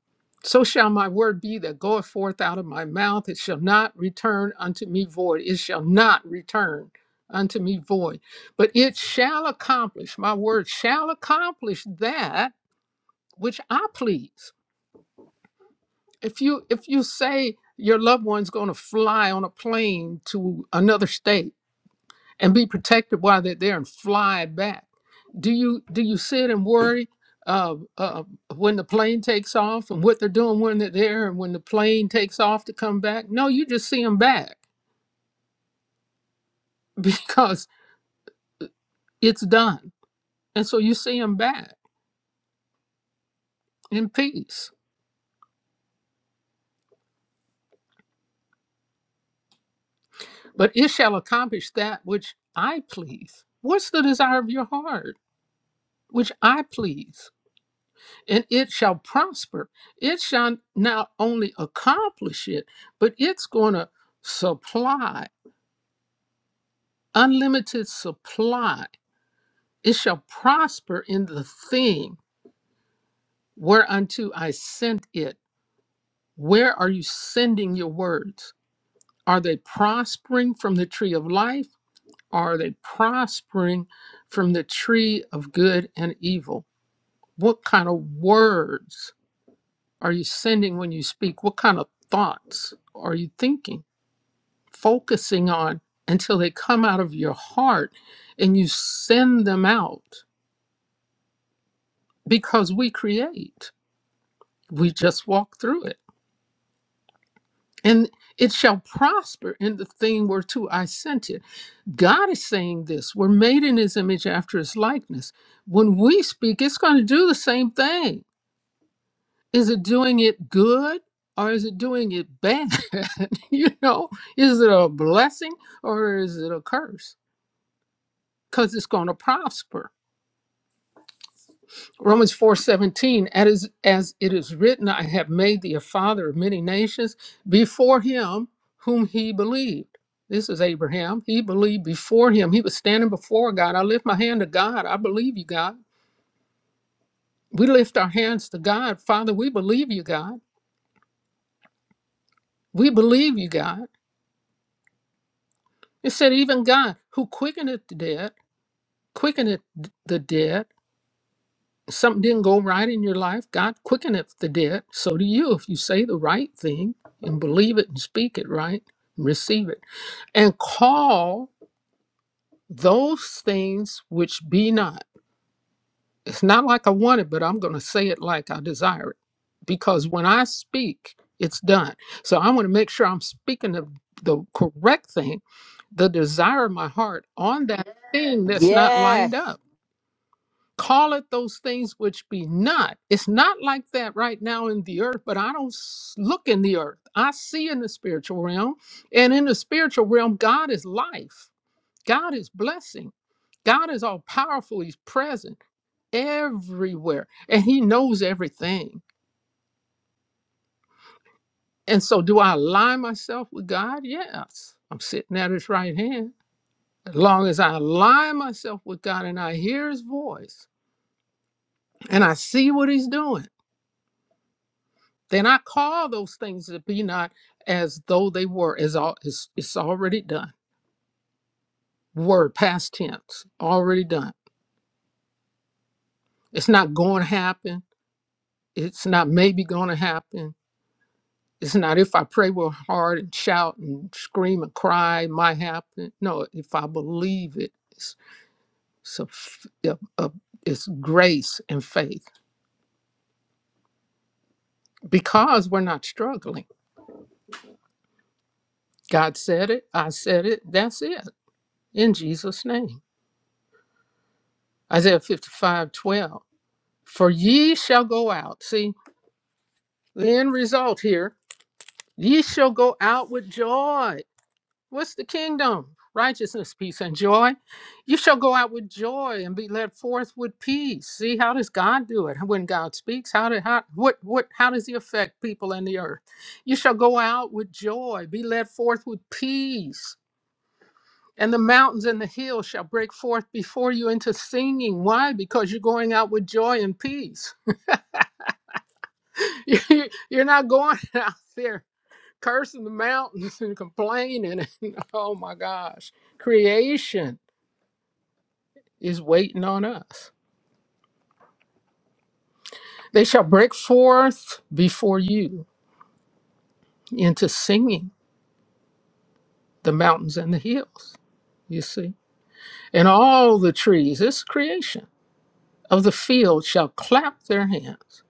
[SPEAKER 4] So shall my word be that goeth forth out of my mouth. It shall not return unto me void. It shall not return unto me void. But it shall accomplish, my word shall accomplish that which I please. If you if you say your loved one's going to fly on a plane to another state and be protected while they're there and fly back, do you do you sit and worry uh, uh, when the plane takes off and what they're doing when they're there and when the plane takes off to come back? No, you just see them back because it's done, and so you see them back in peace. But it shall accomplish that which I please. What's the desire of your heart? which I please. and it shall prosper. It shall not only accomplish it, but it's going to supply unlimited supply. It shall prosper in the thing whereunto I sent it. Where are you sending your words? Are they prospering from the tree of life? are they prospering from the tree of good and evil? What kind of words are you sending when you speak? What kind of thoughts are you thinking? focusing on until they come out of your heart and you send them out because we create. We just walk through it. And it shall prosper in the thing whereto I sent it. God is saying this. We're made in his image after his likeness. When we speak, it's going to do the same thing. Is it doing it good or is it doing it bad? you know, is it a blessing or is it a curse? Because it's going to prosper Romans 4:17 as as it is written I have made thee a father of many nations before him whom he believed this is Abraham he believed before him he was standing before God I lift my hand to God I believe you God we lift our hands to God father we believe you God we believe you God it said even God who quickeneth the dead quickeneth the dead something didn't go right in your life, God quickeneth if the dead. So do you if you say the right thing and believe it and speak it right, receive it. And call those things which be not. It's not like I want it, but I'm going to say it like I desire it. Because when I speak, it's done. So I want to make sure I'm speaking the, the correct thing, the desire of my heart on that thing that's not lined up
[SPEAKER 1] Yes.
[SPEAKER 4] Call it those things which be not. It's not like that right now in the earth, but I don't s- look in the earth. I see in the spiritual realm. And in the spiritual realm, God is life, God is blessing, God is all powerful. He's present everywhere, and He knows everything. And so, do I align myself with God? Yes. I'm sitting at His right hand. As long as I align myself with God and I hear His voice and I see what He's doing. Then I call those things that be not as though they were, as all it's, it's already done. Word past tense, already done. It's not going to happen. It's not maybe going to happen. It's not if I pray real hard and shout and scream and cry, it might happen. No, if I believe it, it's, it's, a f- a- a- it's grace and faith because we're not struggling. God said it, I said it, that's it in Jesus' name. Isaiah 55:12. For ye shall go out. See, the end result here. Ye shall go out with joy. What's the kingdom? Righteousness, peace, and joy. You shall go out with joy and be led forth with peace. See, how does God do it? When God speaks, how did how what what how does he affect people in the earth? You shall go out with joy, be led forth with peace. And the mountains and the hills shall break forth before you into singing. Why? Because you're going out with joy and peace. You're not going out there cursing the mountains and complaining. And, oh my gosh, creation is waiting on us. They shall break forth before you into singing the mountains and the hills. You see, and all the trees, this creation of the field shall clap their hands.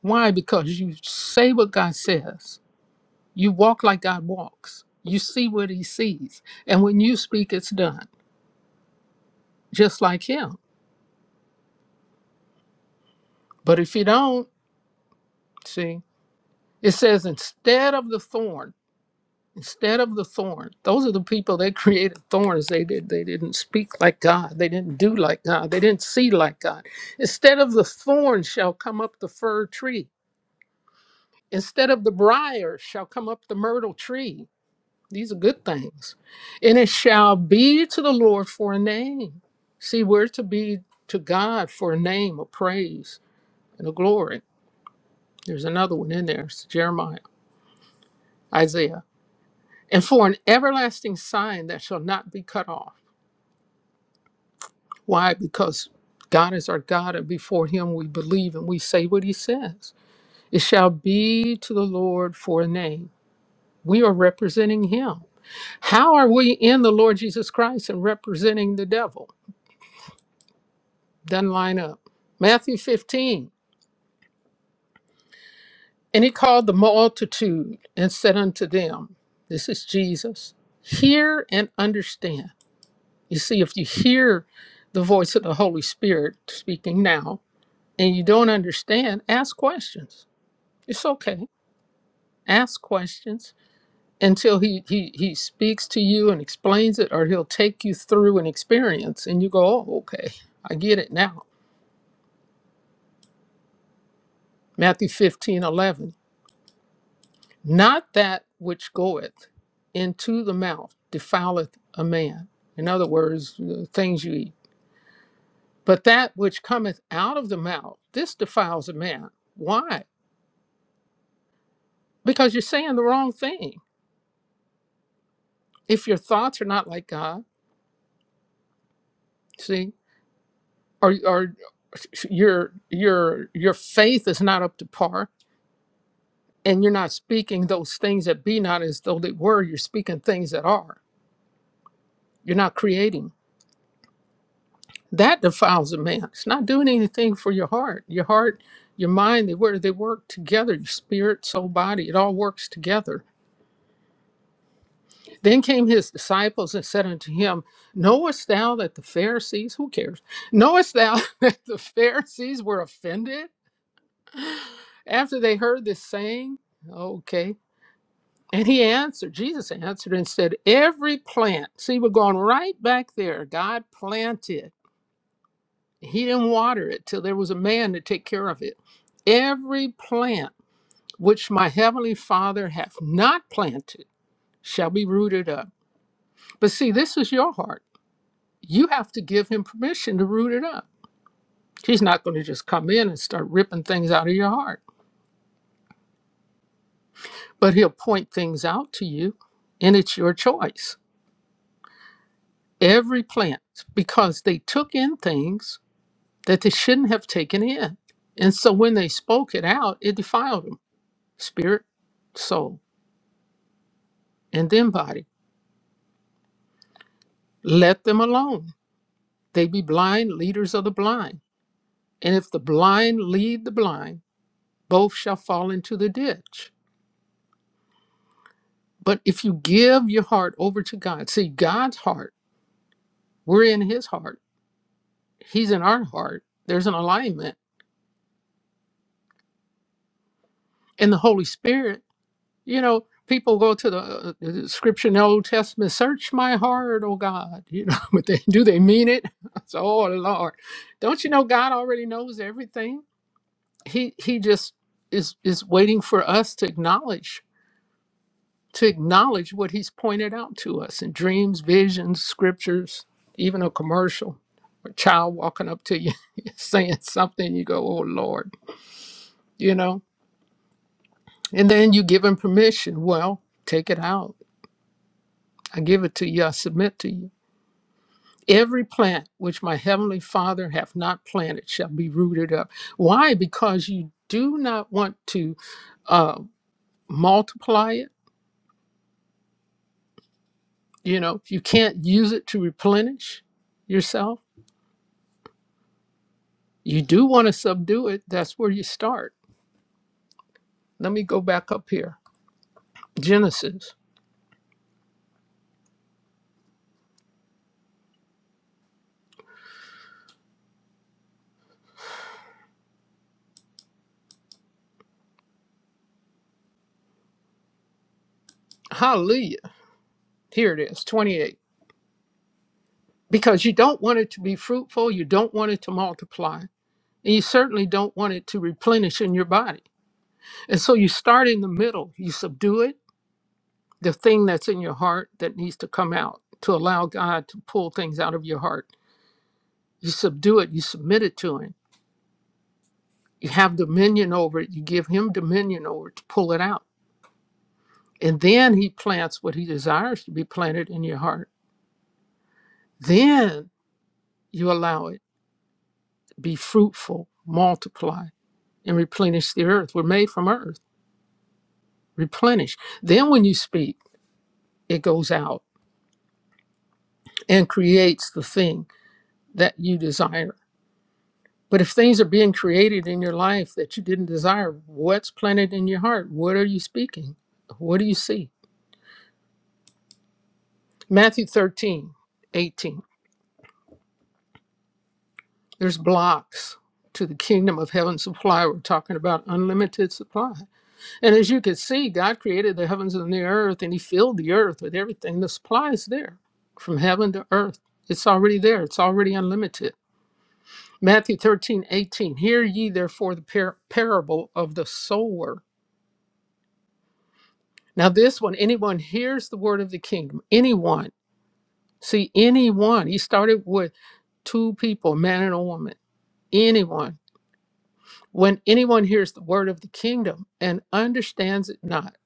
[SPEAKER 4] Why? Because you say what God says, you walk like God walks, you see what He sees, and when you speak, it's done, just like Him. But if you don't, see, it says instead of the thorn, instead of the thorn, those are the people that created thorns. They did they didn't speak like God. They didn't do like God. They didn't see like God. Instead of the thorn shall come up the fir tree. Instead of the briar shall come up the myrtle tree. These are good things. And it shall be to the Lord for a name. See, we're to be to God for a name, of praise, and a glory. There's another one in there. It's Jeremiah. Isaiah. and for an everlasting sign that shall not be cut off. Why? Because God is our God, and before Him we believe and we say what He says. It shall be to the Lord for a name. We are representing Him. How are we in the Lord Jesus Christ and representing the devil? Doesn't line up. Matthew 15. And He called the multitude and said unto them, This is Jesus, hear and understand. You see, if you hear the voice of the Holy Spirit speaking now and you don't understand, ask questions. It's okay. Ask questions until he, he, he speaks to you and explains it, or he'll take you through an experience and you go, oh, okay, I get it now. Matthew 15 11: Not that which goeth into the mouth defileth a man. In other words, the things you eat. But that which cometh out of the mouth, this defiles a man. Why? because you're saying the wrong thing if your thoughts are not like god see or, or your your your faith is not up to par and you're not speaking those things that be not as though they were you're speaking things that are you're not creating that defiles a man it's not doing anything for your heart your heart your mind they work. they work together your spirit soul body it all works together Then came his disciples and said unto him, Knowest thou that the Pharisees, who cares, knowest thou that the Pharisees were offended after they heard this saying? Okay. And he answered, Jesus answered and said, Every plant, see, we're going right back there. God planted, he didn't water it till there was a man to take care of it. Every plant which my heavenly Father hath not planted shall be rooted up. But see, this is your heart. you have to give him permission to root it up. He's not going to just come in and start ripping things out of your heart, but he'll point things out to you, and it's your choice. Every plant, because they took in things that they shouldn't have taken in. And so when they spoke it out, it defiled them spirit, soul, and then body. Let them alone. They be blind leaders of the blind. And if the blind lead the blind, both shall fall into the ditch. But if you give your heart over to God, see God's heart, we're in his heart, he's in our heart. There's an alignment. And the Holy Spirit, you know, people go to the, uh, the scripture in the Old Testament, search my heart, oh God. You know, but they, do they mean it? It's, oh Lord. Don't you know God already knows everything? He he just is is waiting for us to acknowledge to acknowledge what he's pointed out to us in dreams, visions, scriptures, even a commercial, a child walking up to you saying something, you go, Oh Lord, you know, and then you give him permission. Well, take it out. I give it to you, I submit to you. Every plant which my heavenly Father hath not planted shall be rooted up. Why? Because you do not want to uh, multiply it. You know, you can't use it to replenish yourself You do want to subdue it. That's where you start. Let me go back up here. Genesis. Hallelujah. Here it is, 28. Because you don't want it to be fruitful, you don't want it to multiply, and you certainly don't want it to replenish in your body. And so you start in the middle, you subdue it, the thing that's in your heart that needs to come out to allow God to pull things out of your heart. You subdue it, you submit it to Him. You have dominion over it, you give Him dominion over it to pull it out And then he plants what he desires to be planted in your heart. Then you allow it be fruitful, multiply, and replenish the earth. We're made from earth, replenish. Then when you speak, it goes out and creates the thing that you desire. But if things are being created in your life that you didn't desire, what's planted in your heart? What are you speaking? What do you see? Matthew 13 18. There's blocks to the kingdom of heaven supply. We're talking about unlimited supply. And as you can see, God created the heavens and the earth, and He filled the earth with everything. The supply is there from heaven to earth. It's already there, it's already unlimited. Matthew 13:18. Hear ye therefore the par- parable of the sower. Now, this one, anyone hears the word of the kingdom, anyone, see, anyone. He started with two people, a man and a woman, anyone When anyone hears the word of the kingdom and understands it not,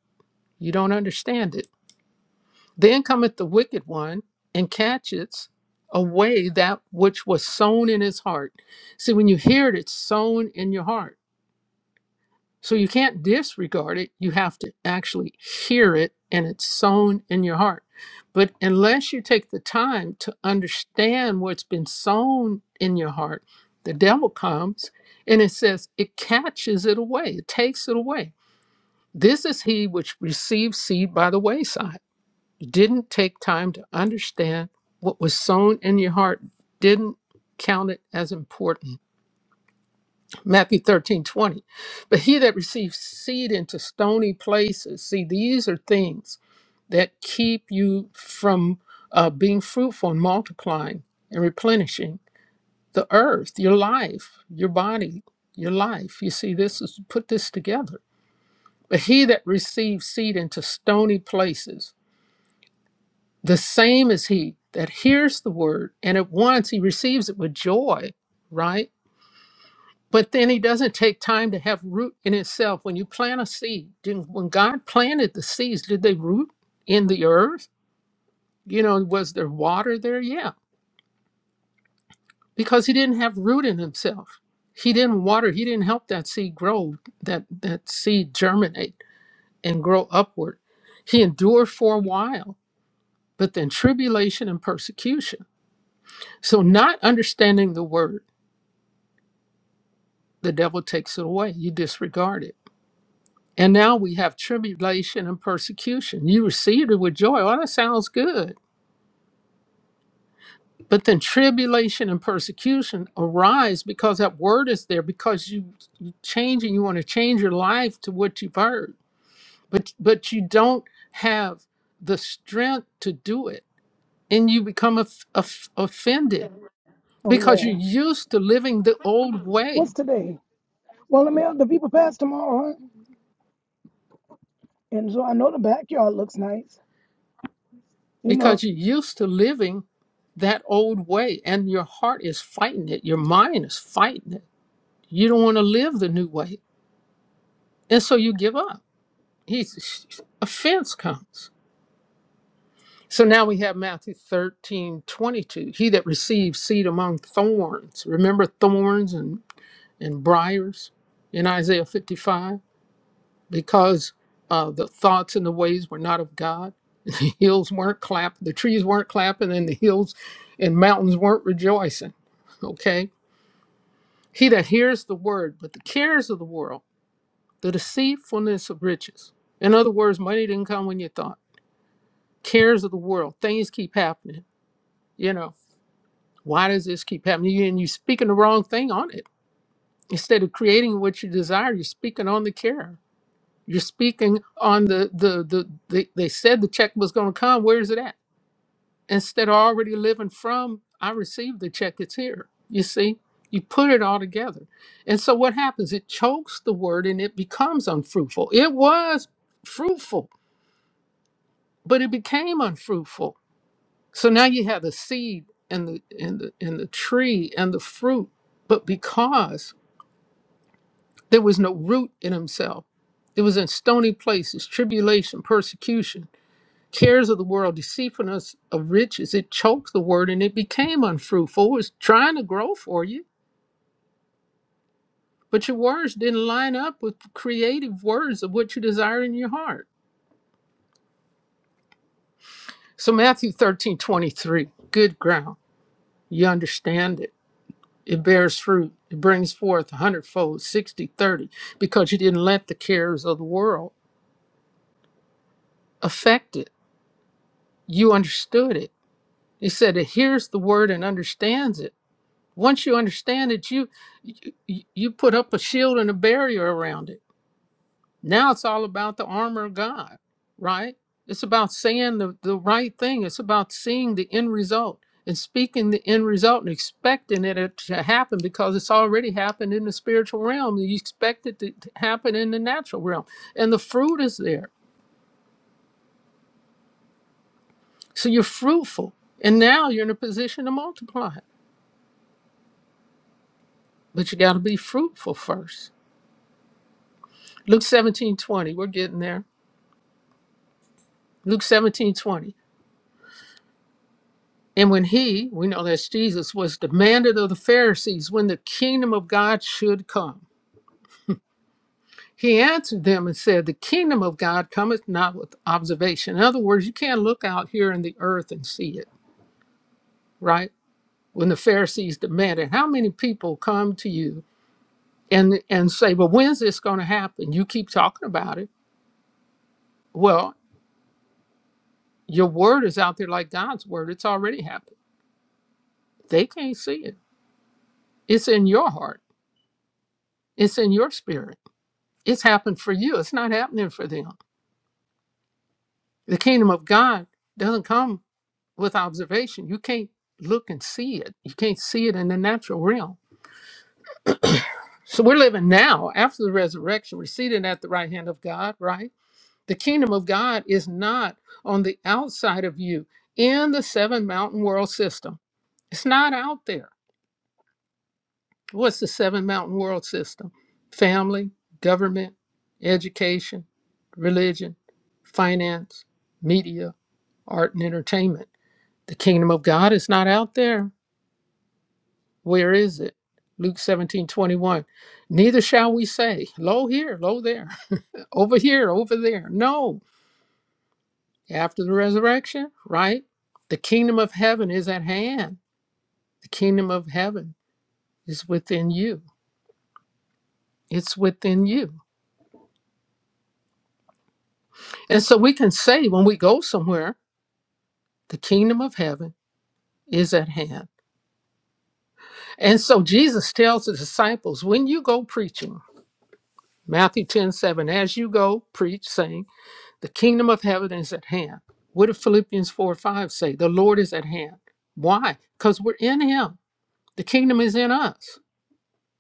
[SPEAKER 4] you don't understand it, then cometh the wicked one and catches away that which was sown in his heart. See, when you hear it, it's sown in your heart. So you can't disregard it. You have to actually hear it and it's sown in your heart. But unless you take the time to understand what's been sown in your heart, the devil comes and it says it catches it away, it takes it away This is he which received seed by the wayside, didn't take time to understand what was sown in your heart, didn't count it as important. Matthew 13 20. But he that receives seed into stony places, see, these are things that keep you from uh, being fruitful and multiplying and replenishing the earth, your life, your body, your life. You see, this is put this together but he that receives seed into stony places, the same is he that hears the word, and at once he receives it with joy, right? But then he doesn't take time to have root in himself. When you plant a seed, didn't, when God planted the seeds, did they root in the earth? You know, was there water there? Yeah, because he didn't have root in himself. He didn't water, he didn't help that seed grow, that, that seed germinate and grow upward. He endured for a while but then tribulation and persecution. So, not understanding the word, the devil takes it away. You disregard it. And now we have tribulation and persecution. You received it with joy. Oh, that sounds good. But then tribulation and persecution arise because that word is there, because you you change and you want to change your life to what you've heard. But but you don't have the strength to do it. And you become of of offended
[SPEAKER 5] Oh
[SPEAKER 4] because you're
[SPEAKER 5] yeah.
[SPEAKER 4] used to living the old way
[SPEAKER 5] What's today? Well, the mail, the people pass tomorrow, huh? And so I know the backyard looks nice. You know,
[SPEAKER 4] because you're used to living that old way and your heart is fighting it your mind is fighting it you don't want to live the new way and so you give up he's offense comes so now we have matthew 13 22. he that receives seed among thorns remember thorns and and briars in isaiah 55 because uh, the thoughts and the ways were not of God. The hills weren't clapping, the trees weren't clapping, and the hills and mountains weren't rejoicing. Okay? He that hears the word, but the cares of the world, the deceitfulness of riches. In other words, money didn't come when you thought. Cares of the world, things keep happening. You know, why does this keep happening? You- And you're speaking the wrong thing on it. Instead of creating what you desire, you're speaking on the care. You're speaking on the the the, the they said the check was going to come. Where is it at? Instead of already living from, I received the check. It's here. You see, you put it all together, and so what happens? It chokes the word, and it becomes unfruitful. It was fruitful, but it became unfruitful. So now you have the seed and the and the and the tree and the fruit, but because there was no root in himself, it was in stony places, tribulation, persecution cares of the world, deceitfulness of riches, it choked the word and it became unfruitful. It was trying to grow for you, but your words didn't line up with the creative words of what you desire in your heart. So Matthew 13:23, good ground. You understand it. It bears fruit. It brings forth a hundredfold, 60, 30, because you didn't let the cares of the world affect it. You understood it. He said, it hears the word and understands it once you understand it you you you put up a shield and a barrier around it now it's all about the armor of god right it's about saying the, the right thing it's about seeing the end result and speaking the end result and expecting it to happen because it's already happened in the spiritual realm you expect it to to happen in the natural realm and the fruit is there so you're fruitful and now you're in a position to multiply but you got to be fruitful first luke seventeen twenty, we're getting there Luke 17 20, And when he, we know that's Jesus, was demanded of the Pharisees when the kingdom of God should come, he answered them and said, The kingdom of God cometh not with observation. In other words, you can't look out here in the earth and see it, right? When the Pharisees demanded, How many people come to you and, and say, Well, when's this going to happen? You keep talking about it. Well, your word is out there like God's word, it's already happened. They can't see it, it's in your heart, it's in your spirit It's happened for you. It's not happening for them. The kingdom of God doesn't come with observation. You can't look and see it. You can't see it in the natural realm. So we're living now after the resurrection. We're seated at the right hand of God, right? The kingdom of God is not on the outside of you in the seven mountain world system. It's not out there. What's the seven mountain world system? Family, government, education, religion, finance, media, art and entertainment. The kingdom of God is not out there. Where is it? Luke 17 21. Neither shall we say, Lo here, lo there, over here, over there. No. After the resurrection, right? The kingdom of heaven is at hand. The kingdom of heaven is within you. It's within you. And so we can say when we go somewhere, the kingdom of heaven is at hand. And so Jesus tells the disciples, when you go preaching, Matthew 10 7, as you go, preach, saying, The kingdom of heaven is at hand. What did Philippians 4 5 say? The Lord is at hand. Why? Because we're in him. The kingdom is in us.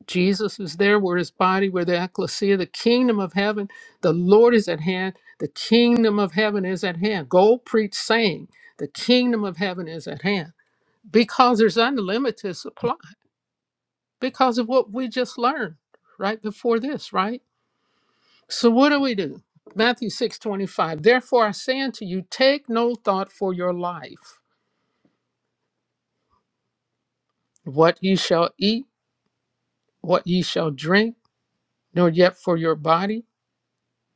[SPEAKER 4] Jesus is there. We're his body. We're the ecclesia, the kingdom of heaven. The Lord is at hand. The kingdom of heaven is at hand. Go preach, saying, The kingdom of heaven is at hand. Because there's unlimited supply, because of what we just learned right before this, right? So what do we do? Matthew 6 25. Therefore I say unto you, take no thought for your life, what ye shall eat, what ye shall drink, nor yet for your body.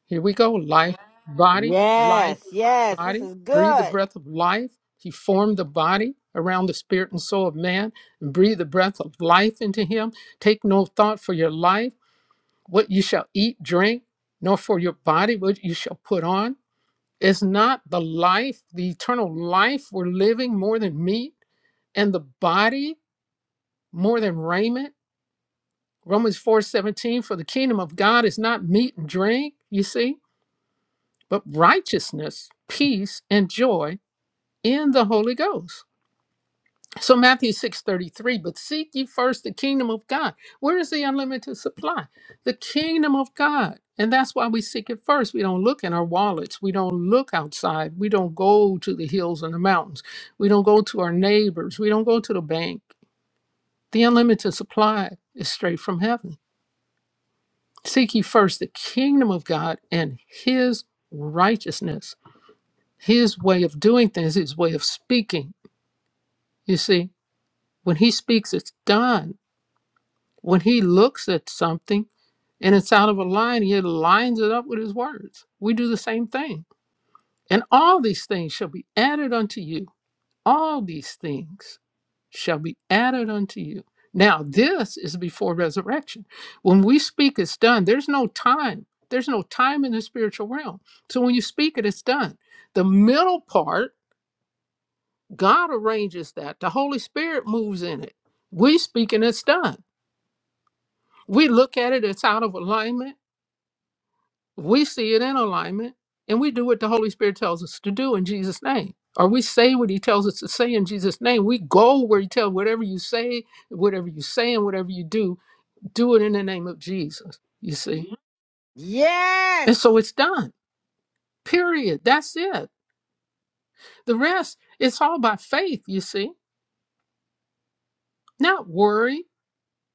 [SPEAKER 4] Here we go. Life, body, life,
[SPEAKER 1] Yes. Yes. This
[SPEAKER 4] body.
[SPEAKER 1] is
[SPEAKER 4] Breathe the
[SPEAKER 1] good.
[SPEAKER 4] breath of life. He formed the body around the spirit and soul of man, and breathe the breath of life into him. Take no thought for your life, what you shall eat, drink, nor for your body, what you shall put on. Is not the life, the eternal life we're living more than meat and the body more than raiment? Romans 4 17. for the kingdom of God is not meat and drink, you see, but righteousness, peace, and joy in the Holy Ghost. So Matthew 6:33, but seek ye first the kingdom of God. Where is the unlimited supply? The kingdom of God. And that's why we seek it first. We don't look in our wallets. We don't look outside. We don't go to the hills and the mountains. We don't go to our neighbors. We don't go to the bank. The unlimited supply is straight from heaven. Seek ye first the kingdom of God and his righteousness, his way of doing things, his way of speaking. You see, when he speaks, it's done When he looks at something and it's out of a line, he lines it up with his words. We do the same thing. And all these things shall be added unto you. All these things shall be added unto you. Now, this is before resurrection. When we speak, it's done. There's no time. There's no time in the spiritual realm. So when you speak it, it's done. The middle part, God arranges that. The Holy Spirit moves in it. We speak and it's done. We look at it, it's out of alignment We see it in alignment and we do what the Holy Spirit tells us to do in Jesus' name. Or we say what he tells us to say in Jesus' name. We go where he tells whatever you say, whatever you say, and whatever you do, do it in the name of Jesus. You see? Mhm.
[SPEAKER 1] Yes.
[SPEAKER 4] And so it's done. Period. That's it. The rest, it's all by faith, you see. Not worry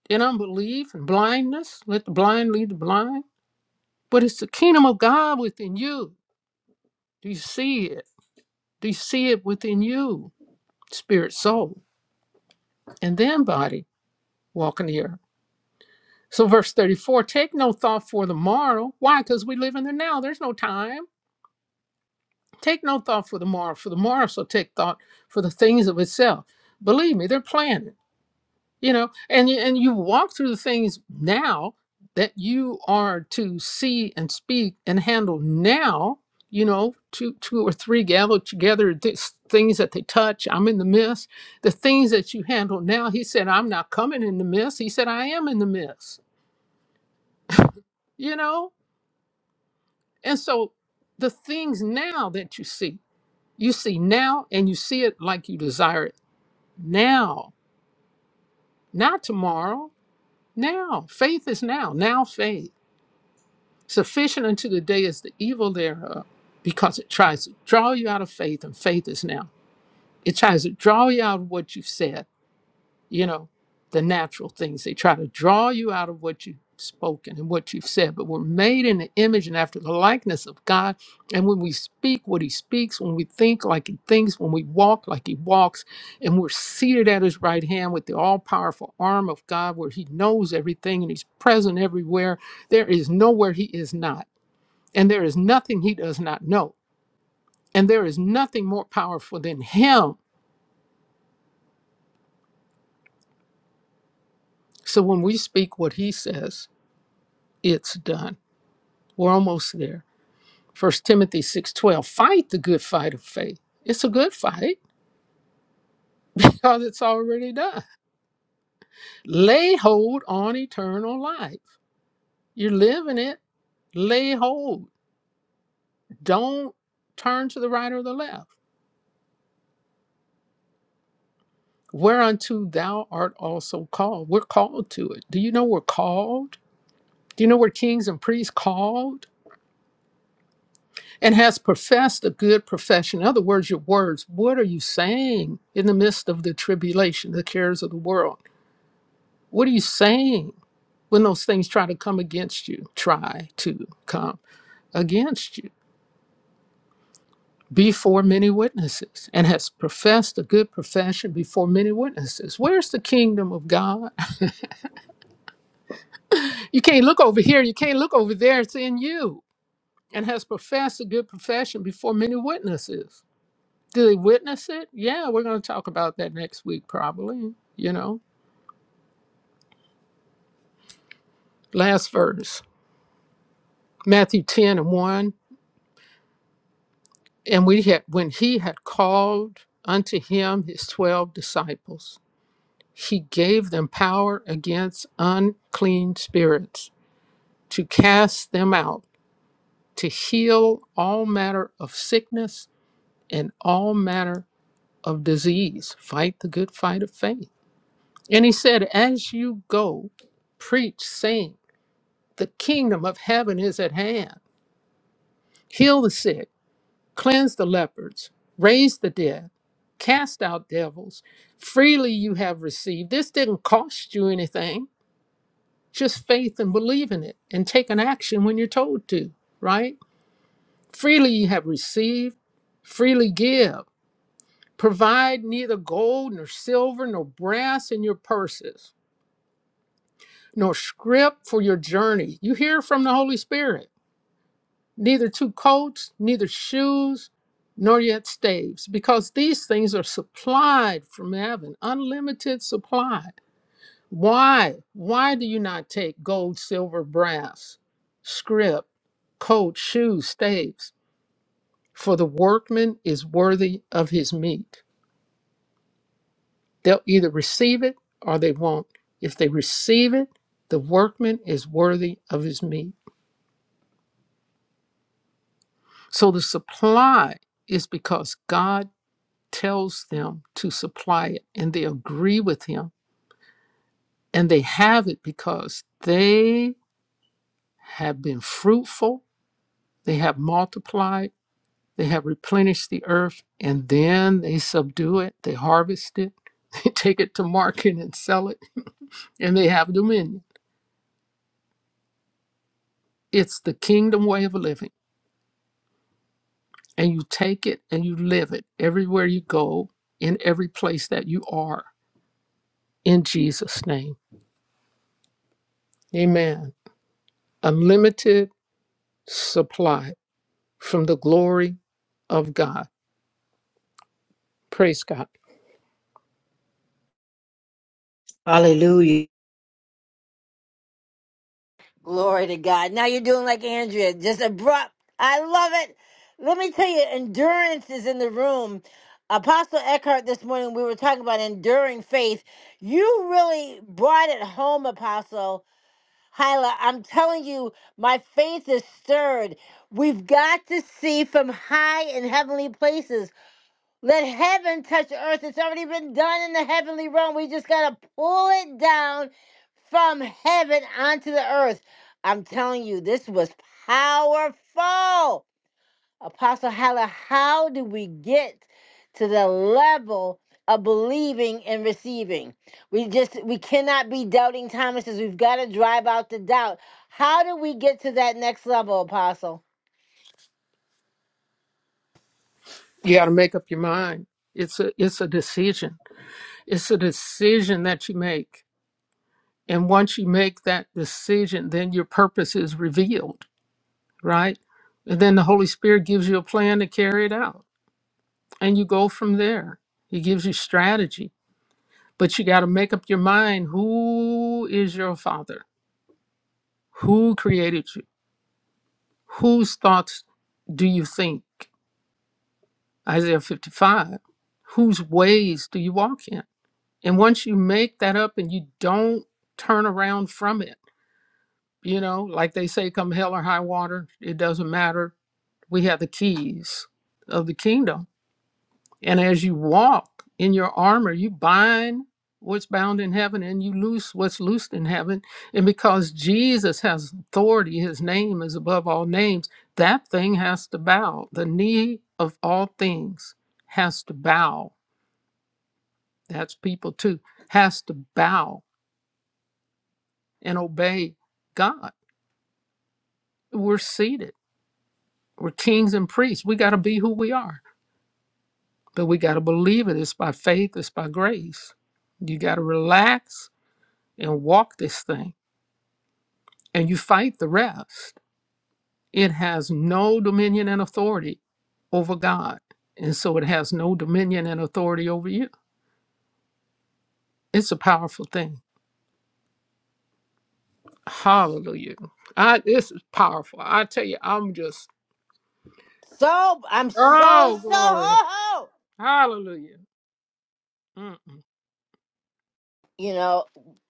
[SPEAKER 4] and unbelief and blindness. Let the blind lead the blind. But it's the kingdom of God within you. Do you see it? Do you see it within you? Spirit, soul. and then body walking the earth. So, verse 34 take no thought for the morrow. Why? Because we live in the now. There's no time. Take no thought for the morrow, for the morrow shall take thought for the things of itself. Believe me, they're planning. you know and you- and you walk through the things now that you are to see and speak and handle now you know two two or three gather together this, things that they touch i'm in the midst the things that you handle now he said i'm not coming in the midst he said i am in the midst you know and so the things now that you see you see now and you see it like you desire it now not tomorrow now faith is now now faith Sufficient unto the day is the evil thereof, because it tries to draw you out of faith, and faith is now. It tries to draw you out of what you've said, you know, the natural things. They try to draw you out of what you've spoken and what you've said, but we're made in the image and after the likeness of God. And when we speak what He speaks, when we think like He thinks, when we walk like He walks, and we're seated at His right hand with the all powerful arm of God, where He knows everything and He's present everywhere, there is nowhere He is not and there is nothing he does not know. And there is nothing more powerful than him. So when we speak what he says, it's done. We're almost there. First Timothy 6:12, fight the good fight of faith. It's a good fight because it's already done. Lay hold on eternal life. You're living it. Lay hold. Don't turn to the right or the left. Whereunto thou art also called. We're called to it. Do you know we're called? Do you know we're kings and priests called? And has professed a good profession. In other words, your words. What are you saying in the midst of the tribulation, the cares of the world? What are you saying when those things try to come against you? Try to come against you before many witnesses and has professed a good profession before many witnesses. Where's the kingdom of God? You can't look over here. You can't look over there. It's in you and has professed a good profession before many witnesses. Do they witness it? Yeah, we're going to talk about that next week, probably. You know, last verse, Matthew 10 and 1. And we had, when he had called unto him his 12 disciples, he gave them power against unclean spirits to cast them out, to heal all matter of sickness and all matter of disease. Fight the good fight of faith. And he said, As you go, preach, saying, The kingdom of heaven is at hand. Heal the sick, cleanse the lepers, raise the dead, cast out devils. Freely you have received. This didn't cost you anything, just faith and believe in it and take an action when you're told to, right? Freely you have received, freely give. Provide neither gold nor silver nor brass in your purses, nor scrip for your journey. You hear from the Holy Spirit neither two coats, neither shoes, nor yet staves, because these things are supplied from heaven, unlimited supply. Why? Why do you not take gold, silver, brass, scrip, coat, shoes, staves? For the workman is worthy of his meat. They'll either receive it or they won't. If they receive it, the workman is worthy of his meat. So the supply is because God tells them to supply it and they agree with him and they have it because they have been fruitful, they have multiplied, they have replenished the earth, and then they subdue it, they harvest it, they take it to market and sell it, and they have dominion. It's the kingdom way of living, and you take it and you live it everywhere you go, in every place that you are, in Jesus' name. Amen. Unlimited supply from the glory of God. Praise God.
[SPEAKER 2] Hallelujah.
[SPEAKER 1] Glory to God. Now you're doing like Andrea, just abrupt. I love it. Let me tell you, endurance is in the room. Apostle Eckhart this morning, we were talking about enduring faith. You really brought it home, Apostle. Hyla, I'm telling you, my faith is stirred. We've got to see from high and heavenly places. Let heaven touch earth. It's already been done in the heavenly realm. We just got to pull it down from heaven onto the earth. I'm telling you, this was powerful. Apostle Hala, how do we get to the level of believing and receiving? We just we cannot be doubting Thomas's. We've got to drive out the doubt. How do we get to that next level, Apostle?
[SPEAKER 4] You got to make up your mind. It's a it's a decision. It's a decision that you make. And once you make that decision, then your purpose is revealed, right? And then the Holy Spirit gives you a plan to carry it out. And you go from there. He gives you strategy. But you got to make up your mind who is your father? Who created you? Whose thoughts do you think? Isaiah 55. Whose ways do you walk in? And once you make that up and you don't turn around from it, you know, like they say, come hell or high water, it doesn't matter. We have the keys of the kingdom. And as you walk in your armor, you bind what's bound in heaven and you loose what's loosed in heaven. And because Jesus has authority, his name is above all names, that thing has to bow. The knee of all things has to bow that's people too, has to bow and obey God. We're seated, we're kings and priests. We got to be who we are, but we got to believe it. It's by faith, it's by grace. You got to relax and walk this thing, and you fight the rest. It has no dominion and authority over God, and so it has no dominion and authority over you. It's a powerful thing. Hallelujah. I, this is powerful. I tell you, I'm just,
[SPEAKER 1] So I'm so
[SPEAKER 4] oh,
[SPEAKER 1] so
[SPEAKER 4] glory.
[SPEAKER 1] ho ho.
[SPEAKER 4] Hallelujah. Mm-mm.
[SPEAKER 1] you know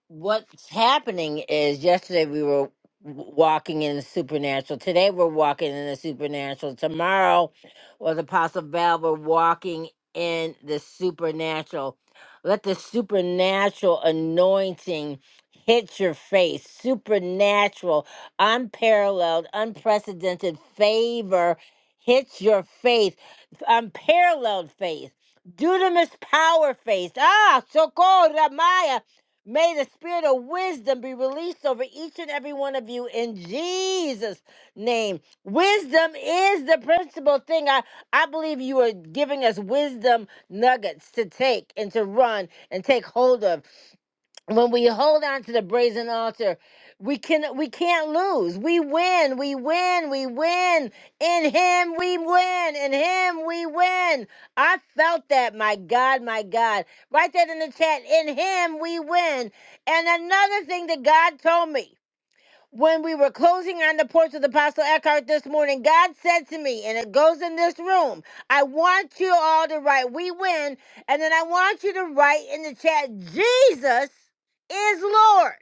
[SPEAKER 1] what's happening is yesterday we were w- walking in the supernatural today we're walking in the supernatural tomorrow was apostle val we're walking in the supernatural let the supernatural anointing hit your face supernatural unparalleled unprecedented favor hits your faith unparalleled faith Dunamis power phase. Ah, Sokora Maya. May the spirit of wisdom be released over each and every one of you in Jesus' name. Wisdom is the principal thing. I, I believe you are giving us wisdom nuggets to take and to run and take hold of when we hold on to the brazen altar we can we can't lose we win we win we win in him we win in him we win i felt that my god my god Write that in the chat in him we win and another thing that god told me when we were closing on the porch of the Apostle Eckhart this morning, God said to me, and it goes in this room, I want you all to write, we win. And then I want you to write in the chat, Jesus is Lord.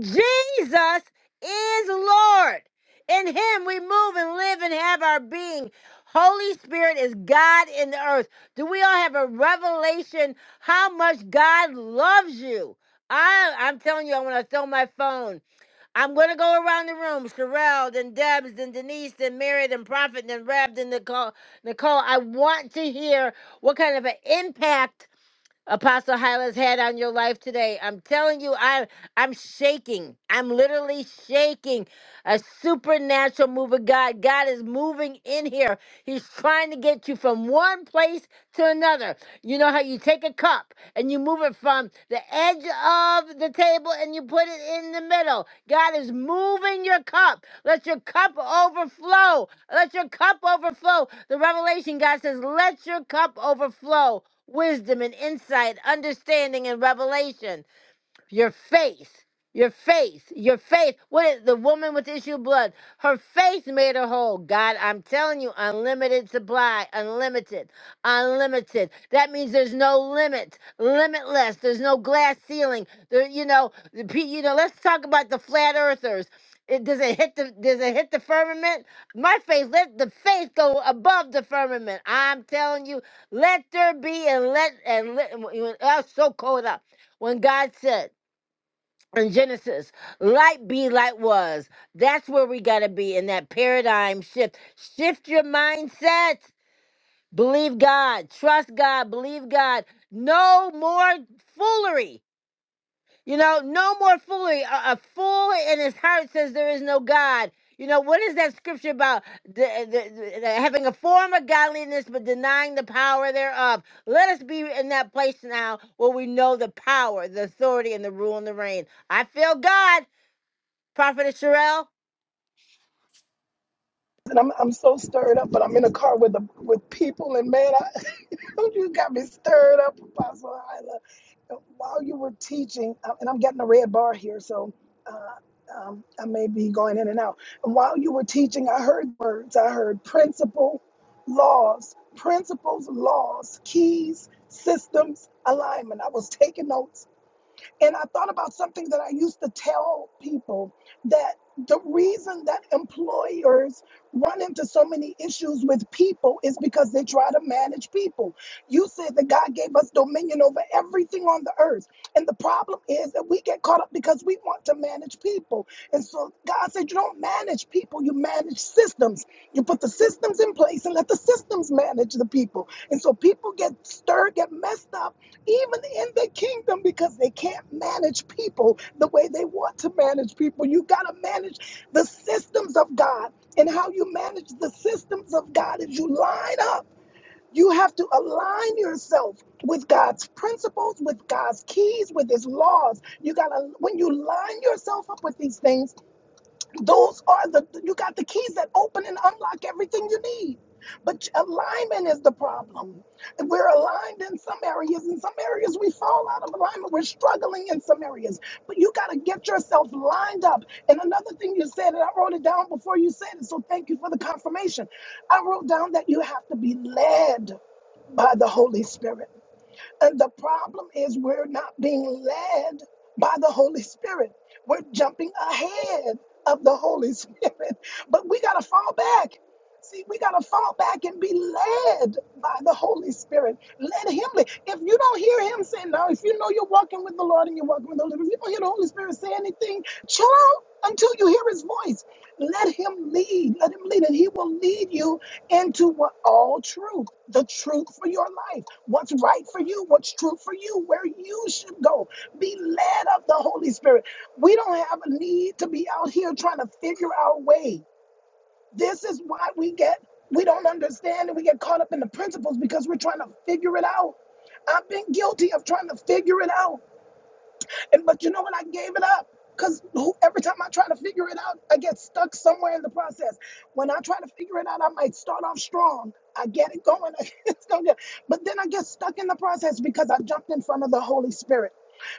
[SPEAKER 1] Jesus is Lord. In him we move and live and have our being. Holy Spirit is God in the earth. Do we all have a revelation how much God loves you? I, I'm telling you, I want to throw my phone. I'm gonna go around the room. Sherelle, then Debs, then Denise, then Mary, then Prophet, then Reb, then Nicole. Nicole, I want to hear what kind of an impact Apostle Hyla's had on your life today. I'm telling you, I I'm shaking. I'm literally shaking a supernatural move of God. God is moving in here. He's trying to get you from one place to another. You know how you take a cup and you move it from the edge of the table and you put it in the middle. God is moving your cup. Let your cup overflow. Let your cup overflow. The revelation God says, let your cup overflow. Wisdom and insight, understanding and revelation. Your faith, your faith, your faith. What is the woman with the issue of blood? Her faith made her whole. God, I'm telling you, unlimited supply, unlimited, unlimited. That means there's no limit, limitless. There's no glass ceiling. There, you know, the pe- you know. Let's talk about the flat earthers. It, does it hit the does it hit the firmament? My faith, let the faith go above the firmament. I'm telling you, let there be and let and let. I was so cold up when God said in Genesis, light be light was. That's where we got to be in that paradigm shift. Shift your mindset. Believe God. Trust God. Believe God. No more foolery. You know, no more foolery. A, a fool in his heart says there is no God. You know, what is that scripture about? The- the- the- having a form of godliness but denying the power thereof. Let us be in that place now where we know the power, the authority, and the rule and the reign. I feel God. Prophetess Sherelle?
[SPEAKER 5] and I'm I'm so stirred up, but I'm in a car with the with people, and man, I, you got me stirred up, Apostle Hyla. While you were teaching, uh, and I'm getting a red bar here, so. Uh, um, I may be going in and out. And while you were teaching, I heard words. I heard principle, laws, principles, laws, keys, systems, alignment. I was taking notes And I thought about something that I used to tell people that the reason that employers run into so many issues with people is because they try to manage people. You said that God gave us dominion over everything on the earth. And the problem is that we get caught up because we want to manage people. And so God said, You don't manage people, you manage systems. You put the systems in place and let the systems manage the people. And so people get stirred, get messed up even in the kingdom because they can't manage people the way they want to manage people. You got to manage the systems of God. And how you manage the systems of God is you line up. You have to align yourself with God's principles, with God's keys, with His laws. You got to, when you line yourself up with these things, those are the you got the keys that open and unlock everything you need. But alignment is the problem. And We're aligned in some areas, in some areas we fall out of alignment. We're struggling in some areas. But you got to get yourself lined up. And another thing you said, and I wrote it down before you said it, so thank you for the confirmation. I wrote down that you have to be led by the Holy Spirit. And the problem is we're not being led by the Holy Spirit. We're jumping ahead of the Holy Spirit, but we got to fall back. See, we got to fall back and be led by the Holy Spirit. Let Him lead. If you don't hear Him say no, if you know you're walking with the Lord and you're walking with the Lord, if you don't hear the Holy Spirit say anything, chill out until you hear His voice. Let Him lead. Let Him lead, and He will lead you into what all truth, the truth for your life, what's right for you, what's true for you, where you should go. Be led of the Holy Spirit. We don't have a need to be out here trying to figure our way. This is why we get, we don't understand and we get caught up in the principles because we're trying to figure it out. I've been guilty of trying to figure it out. And but you know what? I gave it up. Cause every time I try to figure it out, I get stuck somewhere in the process. When I try to figure it out, I might start off strong. I get it going. It's going good. But then I get stuck in the process because I jumped in front of the Holy Spirit.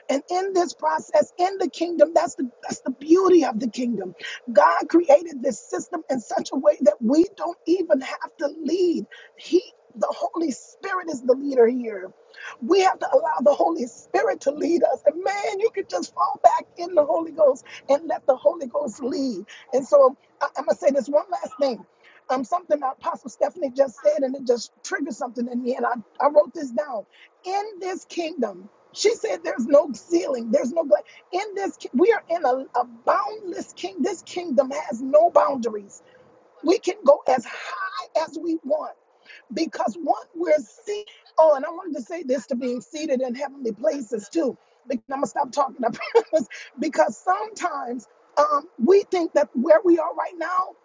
[SPEAKER 5] And in this process, in the kingdom, that's the that's the beauty of the kingdom. God created this system in such a way that we don't even have to lead. He he, the Holy Spirit is the leader here. We have to allow the Holy Spirit to lead us. And man, you can just fall back in the Holy Ghost and let the Holy Ghost lead. And so I, am going to say this one last thing. Um, something that Apostle Stephanie just said, and it just triggered something in me. And I, I wrote this down. In this kingdom, she said there's no ceiling, there's no glass. In this, ki- we are in a, a boundless king. This kingdom has no boundaries. We can go as high as we want because once we're seated, oh, and I wanted to say this to being seated in heavenly places too. Because I'm gonna stop talking. I promise. Because sometimes um, we think that where we are right now,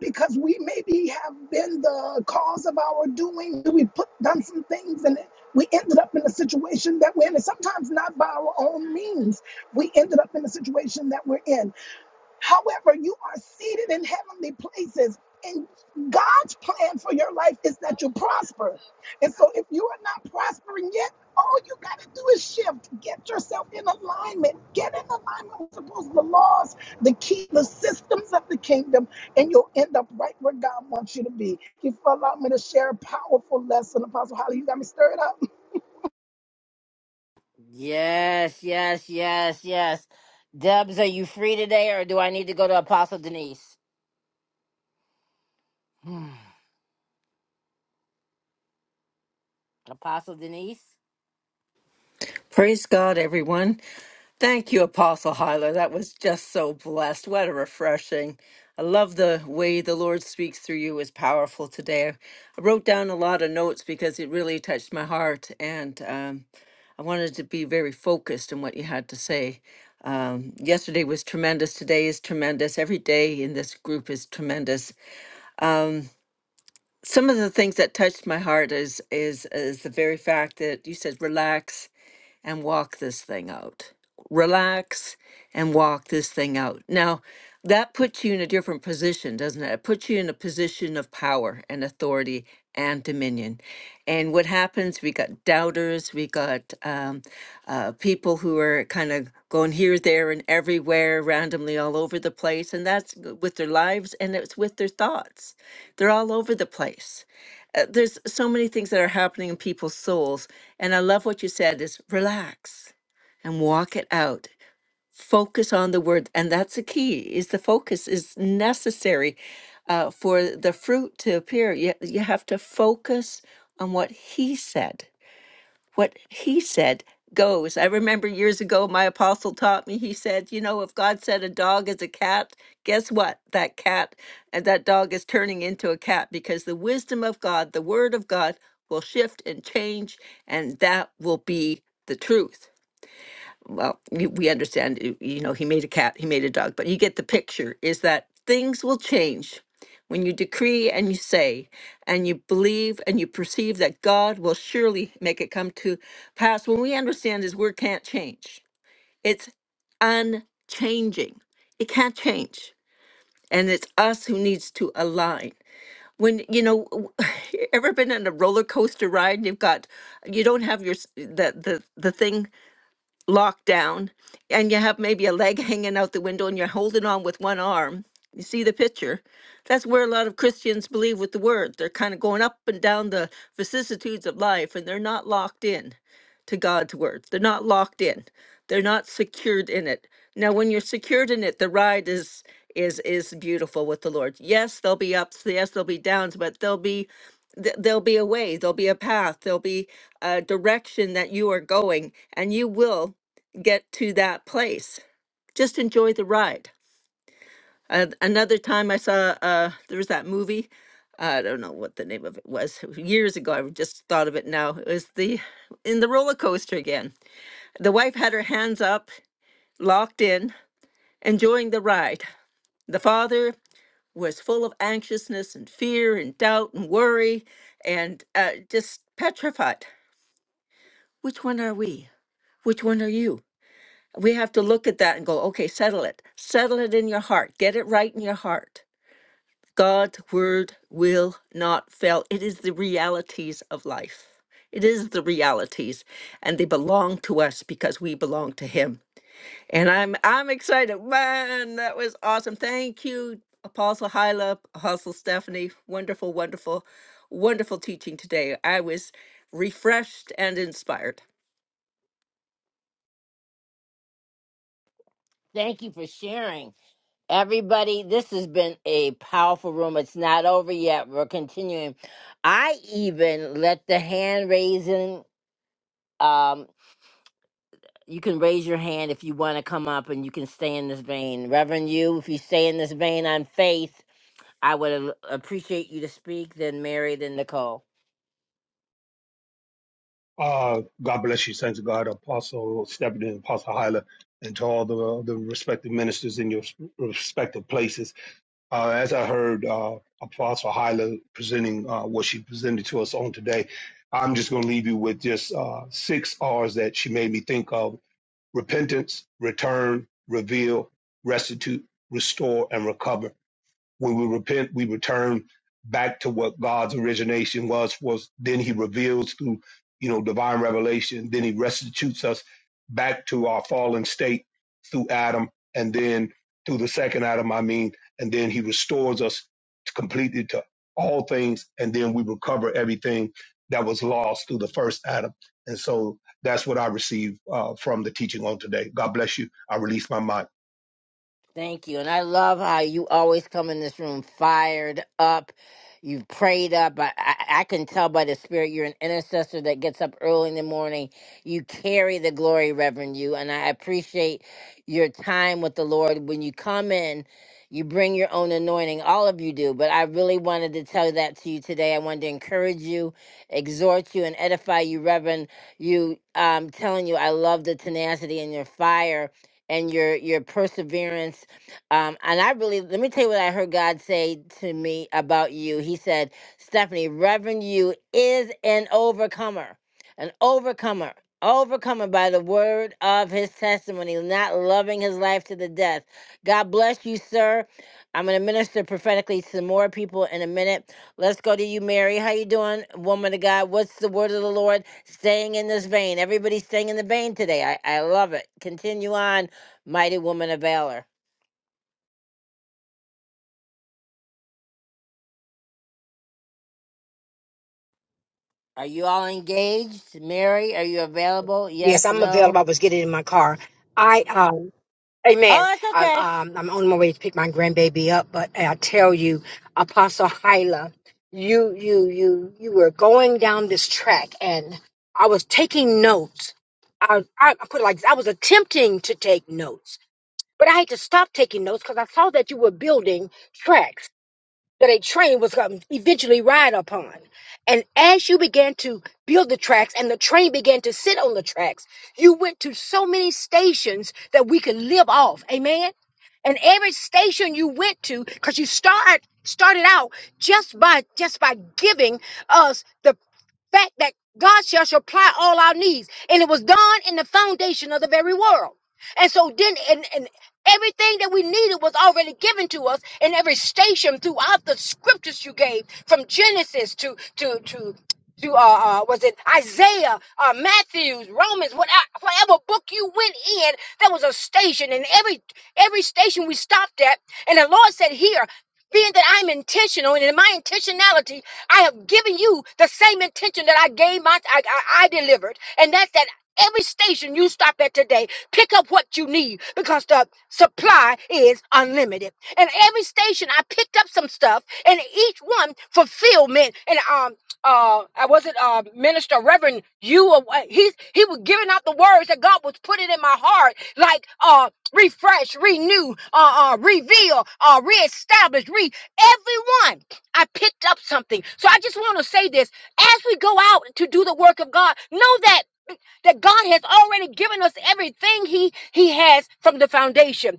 [SPEAKER 5] because we maybe have been the cause of our doing, we put done some things and we ended up in a situation that we're in. And sometimes not by our own means, we ended up in the situation that we're in. However, you are seated in heavenly places. And God's plan for your life is that you prosper. And so if you are not prospering yet, all you got to do is shift. Get yourself in alignment. Get in alignment with suppose the laws, the key, the systems of the kingdom, and you'll end up right where God wants you to be. If you allow me to share a powerful lesson, Apostle Holly, you got me stirred up.
[SPEAKER 1] Yes, yes, yes, yes. Debs, are you free today or do I need to go to Apostle Denise? Hmm. Apostle Denise,
[SPEAKER 6] Praise God, everyone. Thank you, Apostle Hyla. That was just so blessed. What a refreshing. I love the way the Lord speaks through you is powerful today. I wrote down a lot of notes because it really touched my heart, and um, I wanted to be very focused on what you had to say. Um, yesterday was tremendous. Today is tremendous. Every day in this group is tremendous. Some of the things that touched my heart is is is the very fact that you said relax and walk this thing out. Relax and walk this thing out. Now, that puts you in a different position, doesn't it? It puts you in a position of power and authority and dominion. And what happens? We got doubters, we got um, uh, people who are kind of going here, there, and everywhere, randomly all over the place. And that's with their lives and it's with their thoughts. They're all over the place uh, there's so many things that are happening in people's souls and i love what you said is relax and walk it out focus on the word and that's the key is the focus is necessary uh, for the fruit to appear you, you have to focus on what he said what he said goes. I remember years ago, my apostle taught me, he said, You know, if God said a dog is a cat, guess what? That cat and that dog is turning into a cat because the wisdom of God, the word of God, will shift and change, and that will be the truth well, you, we understand, you you know, he made a cat, he made a dog, but you get the picture is that things will change when you decree and you say and you believe and you perceive that God will surely make it come to pass. When we understand his word can't change, it's unchanging, it can't change. And it's us who needs to align. When you know, w- ever been on a roller coaster ride? and You've got, you don't have your s- the the the thing locked down and you have maybe a leg hanging out the window and you're holding on with one arm. You see the picture? That's where a lot of Christians believe with the word. They're kind of going up and down the vicissitudes of life and they're not locked in to God's word. They're not locked in. They're not secured in it. Now when you're secured in it, the ride is is is beautiful with the Lord. Yes, there'll be ups, yes, there'll be downs, but there'll be th- there'll be a way, there'll be a path, there'll be a direction that you are going and you will get to that place. Just enjoy the ride. Uh, another time I saw uh, there was that movie. I don't know what the name of it was years ago. I just thought of it now. It was the in the roller coaster again. The wife had her hands up, locked in, enjoying the ride. The father was full of anxiousness and fear and doubt and worry and uh, just petrified. Which one are we? Which one are you? we have to look at that and go, okay, settle it. Settle it in your heart. Get it right in your heart. God's word will not fail. It is the realities of life. It is the realities, and they belong to us because we belong to Him. And I'm I'm excited. Man, that was awesome. Thank you, Apostle Hyla, Apostle Stephanie. Wonderful, wonderful, wonderful teaching today. I was refreshed and inspired.
[SPEAKER 1] thank you for sharing. Everybody, this has been a powerful room. It's not over yet. We're continuing. I even let the hand raising, um, you can raise your hand if you want to come up and you can stay in this vein. Reverend, you, if you stay in this vein on faith, I would a- appreciate you to speak, then Mary, then Nicole.
[SPEAKER 3] Uh, God bless you, saints of God, Apostle Stephen and Apostle Hyla, and to all the the respective ministers in your respective places. Uh, as I heard uh, Apostle Hyla presenting uh, what she presented to us on today, I'm just going to leave you with just uh, six R's that she made me think of: repentance, return, reveal, restitute, restore, and recover. When we repent, we return back to what God's origination was. Was then He reveals through you know divine revelation. Then He restitutes us back to our fallen state through Adam, and then through the second Adam, I mean, and then He restores us completely to all things, and then we recover everything that was lost through the first Adam. And so that's what I received uh, from the teaching on today. God bless you. I release my mind.
[SPEAKER 1] Thank you. And I love how you always come in this room fired up. You've prayed up. I, I, I can tell by the spirit you're an intercessor that gets up early in the morning. You carry the glory, Reverend you. And I appreciate your time with the Lord. When you come in, you bring your own anointing. All of you do. But I really wanted to tell that to you today. I wanted to encourage you, exhort you, and edify you, Reverend. You, I'm telling you, I love the tenacity and your fire and your your perseverance um, and I really, let me tell you what I heard God say to me about you. He said, Stephanie, Reverend you is an overcomer, an overcomer, overcomer by the word of his testimony, not loving his life to the death. God bless you, sir. I'm going to minister prophetically to more people in a minute. Let's go to you, Mary. How you doing, woman of God? What's the word of the Lord? Staying in this vein. Everybody's staying in the vein today. I, I love it. Continue on, mighty woman of valor. Are you all engaged? Mary, are you available?
[SPEAKER 2] Yes,
[SPEAKER 1] Yes,
[SPEAKER 2] I'm
[SPEAKER 1] no?
[SPEAKER 2] available. I was getting in my car. I, um, amen.
[SPEAKER 1] Oh, that's
[SPEAKER 2] I'm,
[SPEAKER 1] okay.
[SPEAKER 2] um, I'm on my way to pick my grandbaby up, but I tell you, Apostle Hyla, you, you, you, you were going down this track and I was taking notes. I, I I put it like this. I was attempting to take notes, but I had to stop taking notes because I saw that you were building tracks that a train was going to eventually ride upon. And as you began to build the tracks and the train began to sit on the tracks, you went to so many stations that we could live off. Amen. And every station you went to, because you start started out just by just by giving us the fact that God shall supply all our needs. And it was done in the foundation of the very world. And so then, and, and everything that we needed was already given to us in every station throughout the scriptures you gave, from Genesis to, to, to, to uh, uh was it Isaiah, uh, Matthew's, Romans, what, uh, whatever book you went in, there was a station, and every every station we stopped at, and the Lord said, "Here, being that I'm intentional and in my intentionality, I have given you the same intention that I gave my I, I, I delivered, and that's that every station you stop at today, pick up what you need because the supply is unlimited. And every station I picked up some stuff, and each one fulfillment and um uh I wasn't uh minister Reverend you or what- he's he was giving out the words that God was putting in my heart like uh refresh, renew, uh, uh reveal, uh reestablish, re everyone I picked up something. So I just want to say this as we go out to do the work of God, know that that God has already given us everything he he has from the foundation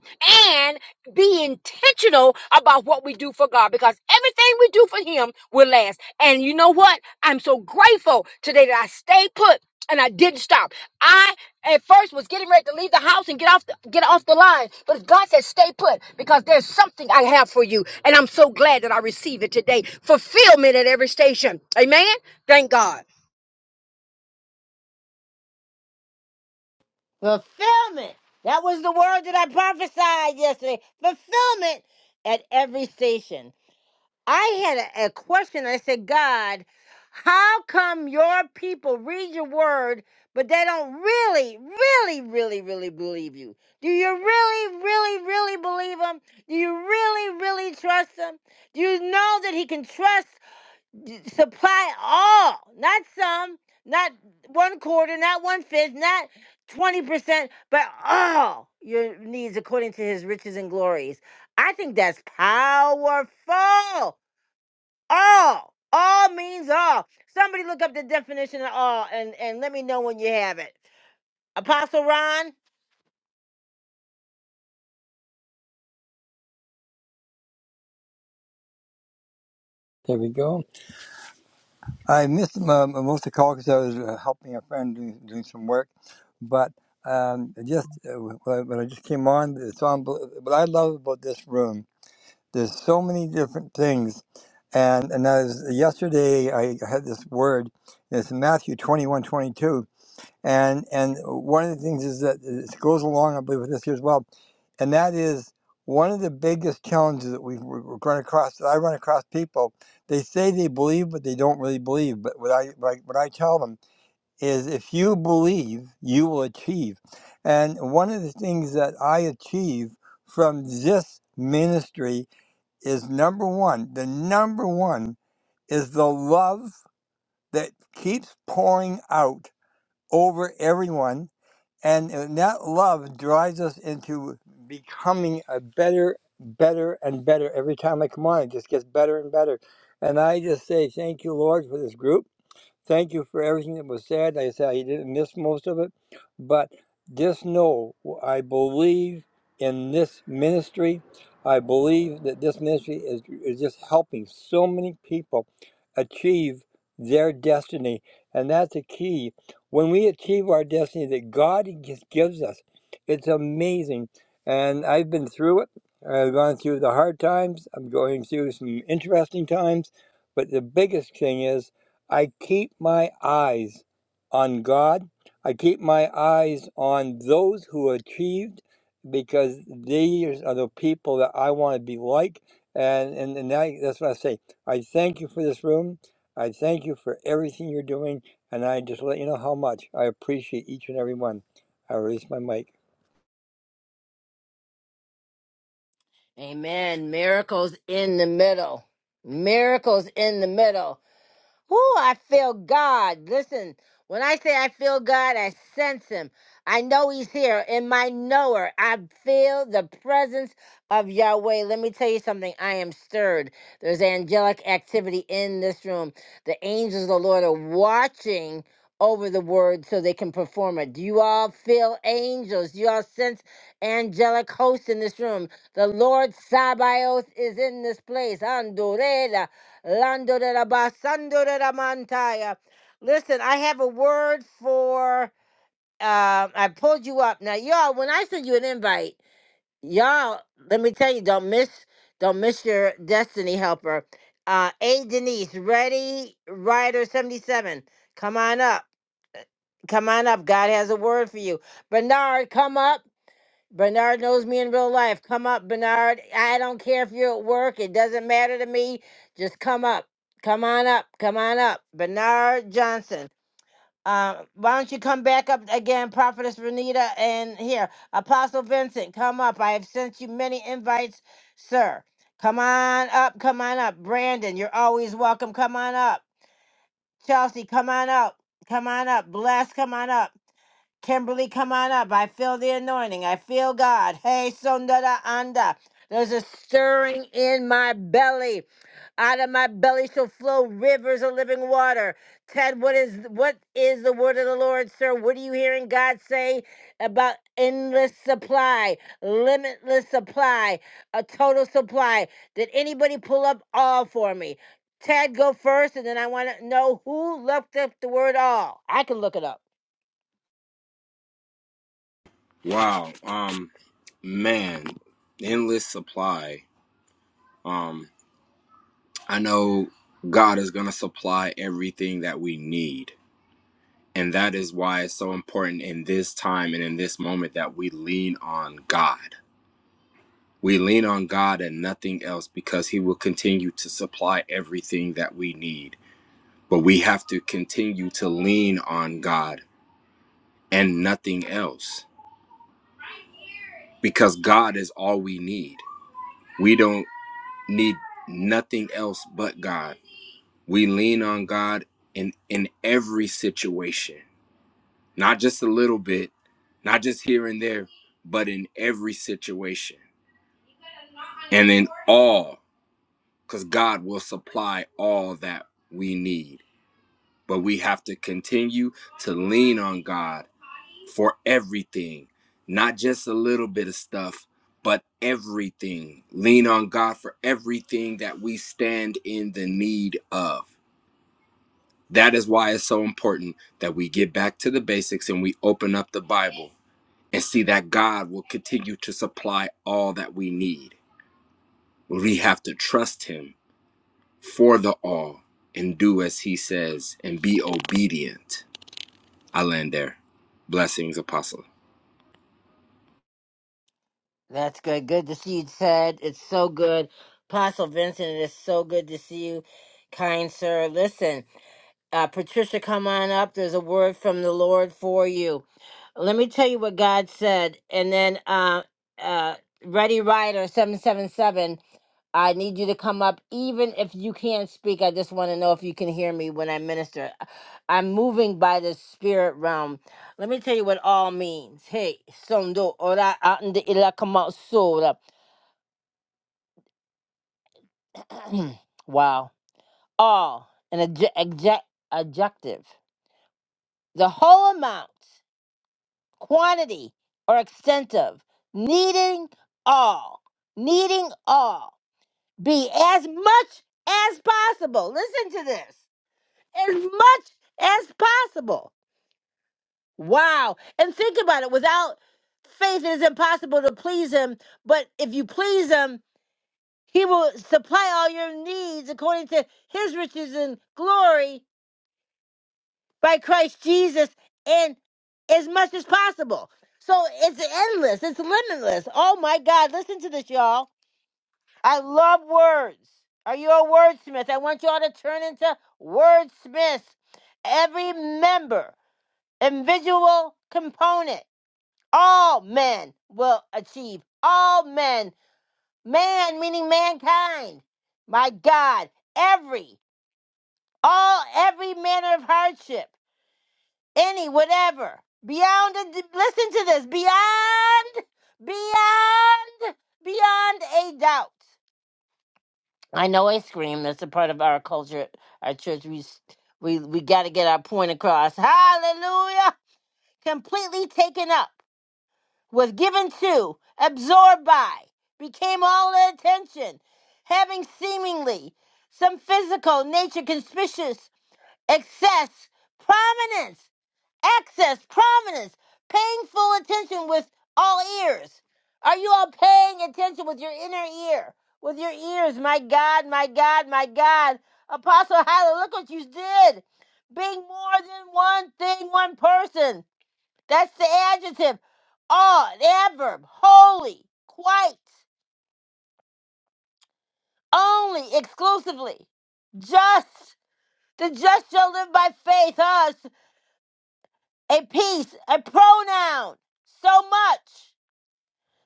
[SPEAKER 2] and be intentional about what we do for God because everything we do for him will last. And you know what? I'm so grateful today that I stayed put and I didn't stop. I at first was getting ready to leave the house and get off the, get off the line, but God said stay put because there's something I have for you and I'm so glad that I received it today. Fulfillment at every station. Amen. Thank God.
[SPEAKER 1] Fulfillment. That was the word that I prophesied yesterday. Fulfillment at every station. I had a, a question. I said, God, how come your people read your word, but they don't really, really, really, really believe you? Do you really, really, really believe him? Do you really, really trust him? Do you know that he can trust supply all, not some, not one quarter, not one fifth, not 20%, but all your needs according to his riches and glories. I think that's powerful. All. All means all. Somebody look up the definition of all and, and let me know when you have it. Apostle Ron?
[SPEAKER 7] There we go. I missed um, uh, most of the call because I was uh, helping a friend doing, doing some work, but um, I just uh, when when I just came on, it's on. What I love about this room, there's so many different things, and and as yesterday I had this word. It's Matthew 21, 22 and and one of the things is that it goes along, I believe, with this here as well, and that is one of the biggest challenges that we we- we run across. That I run across people, they say they believe, but they don't really believe. But what I what I, what I tell them is, if you believe, you will achieve. And one of the things that I achieve from this ministry is number one. The number one is the love that keeps pouring out over everyone and that love drives us into becoming a better, better, and better. Every time I come on, it just gets better and better. And I just say, thank you, Lord, for this group. Thank you for everything that was said. Like I said I didn't miss most of it, but just know I believe in this ministry. I believe that this ministry is, is just helping so many people achieve their destiny, and that's the key. When we achieve our destiny that God just gives us, it's amazing. And I've been through it. I've gone through the hard times. I'm going through some interesting times. But the biggest thing is I keep my eyes on God. I keep my eyes on those who achieved because these are the people that I want to be like. And, and, and I, that's what I say. I thank you for this room. I thank you for everything you're doing. And I just let you know how much I appreciate each and every one. I release my mic.
[SPEAKER 1] Amen. Miracles in the middle. Miracles in the middle. Whoo, I feel God. Listen, when I say I feel God, I sense Him. I know He's here in my knower. I feel the presence of Yahweh. Let me tell you something. I am stirred. There's angelic activity in this room. The angels of the Lord are watching over the word so they can perform it. Do you all feel angels? Do you all sense angelic hosts in this room? The Lord Sabaoth is in this place. Andore Lando de la basando de la mantaya. Listen, I have a word for. Um, I pulled you up now, y'all. When I send you an invite, y'all, let me tell you, don't miss, don't miss your destiny helper. Uh, a Denise, ready, rider seventy seven. Come on up, come on up. God has a word for you. Bernard, come up. Bernard knows me in real life. Come up, Bernard. I don't care if you're at work. It doesn't matter to me. Just come up. Come on up. Come on up. Bernard Johnson. Uh, why don't you come back up again, Prophetess Renita? And here, Apostle Vincent, come up. I have sent you many invites, sir. Come on up. Come on up. Brandon, you're always welcome. Come on up. Chelsea, come on up. Come on up. Bless, come on up. Kimberly, come on up. I feel the anointing. I feel God. Hey, Sundara Anda. There's a stirring in my belly. Out of my belly shall flow rivers of living water. Ted, what is what is the word of the Lord, sir? What are you hearing God say about endless supply, limitless supply, a total supply? Did anybody pull up all for me? Ted, go first, and then I want to know who looked up the word all. I can look it up.
[SPEAKER 8] Wow. Um man, endless supply. Um I know God is going to supply everything that we need. And that is why it's so important in this time and in this moment that we lean on God. We lean on God and nothing else because he will continue to supply everything that we need. But we have to continue to lean on God and nothing else because God is all we need. We don't need nothing else but God. We lean on God in in every situation, not just a little bit, not just here and there, but in every situation. And in all, cuz God will supply all that we need. But we have to continue to lean on God for everything, not just a little bit of stuff, but everything. Lean on God for everything that we stand in the need of That is why it's so important that we get back to the basics and we open up the Bible and see that God will continue to supply all that we need. We have to trust Him for the all and do as He says and be obedient. I land there. Blessings, Apostle.
[SPEAKER 1] That's good. Good to see you, Ted. It's so good. Apostle Vincent, it is so good to see you, kind sir. Listen, uh, Patricia, come on up. There's a word from the Lord for you. Let me tell you what God said. And then uh, uh, Ready Rider 777, I need you to come up. Even if you can't speak, I just want to know if you can hear me when I minister. I'm moving by the spirit realm. Let me tell you what all means. Hey, sondo ora ande ila kama sora. Wow. All, an adje- adje- adjective. The whole amount. quantity or extent of, needing all, needing all, be as much as possible. Listen to this as much as possible. Wow. And think about it without faith, it is impossible to please Him, but if you please Him, He will supply all your needs according to His riches and glory by Christ Jesus and as much as possible. So it's endless, it's limitless. Oh my God, listen to this, y'all. I love words. Are you a wordsmith? I want y'all to turn into wordsmiths. Every member individual component, all men will achieve. All men, man meaning mankind. My God, every, all, every manner of hardship any, whatever. Beyond, listen to this. Beyond, beyond, beyond a doubt. I know I scream. That's a part of our culture, at our church. We s- we we got to get our point across. Hallelujah! Completely taken up, was given to, absorbed by, became all attention, having seemingly some physical nature, conspicuous excess, prominence access, prominence, paying full attention with all ears. Are you all paying attention with your inner ear? With your ears, my God, my God, my God. Apostle Hyla, look what you did. Being more than one thing, one person. That's the adjective. All, the adverb, holy, quite, only, exclusively. Just, the just shall live by faith, us, a piece, a pronoun, so much.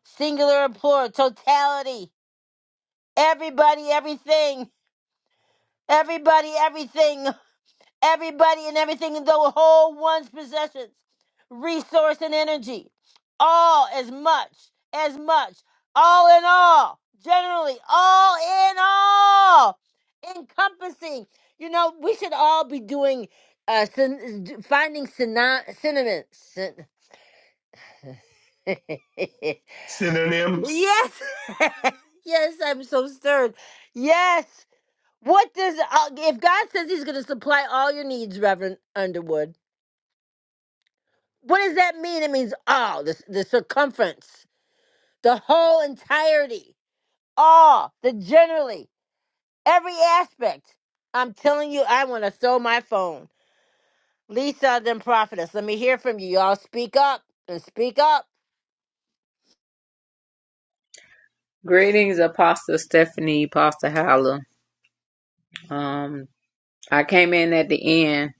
[SPEAKER 1] Singular and plural, totality. Everybody, everything. Everybody, everything. Everybody and everything in the whole one's possessions. Resource and energy. All as much, as much. All in all. Generally, all in all. Encompassing. You know, we should all be doing, uh, syn- finding syno- synonyms. Syn-
[SPEAKER 3] Synonyms,
[SPEAKER 1] Yes. yes, I'm so stirred. Yes. What does uh, if God says He's going to supply all your needs, Reverend Underwood? What does that mean? It means all the the circumference, the whole entirety, all the generally, every aspect. I'm telling you, I want to throw my phone. Lisa, then prophetess. Let me hear from you. Y'all speak up and speak up.
[SPEAKER 9] Greetings, Apostle Stephanie, Apostle Halla. Um, I came in at the end,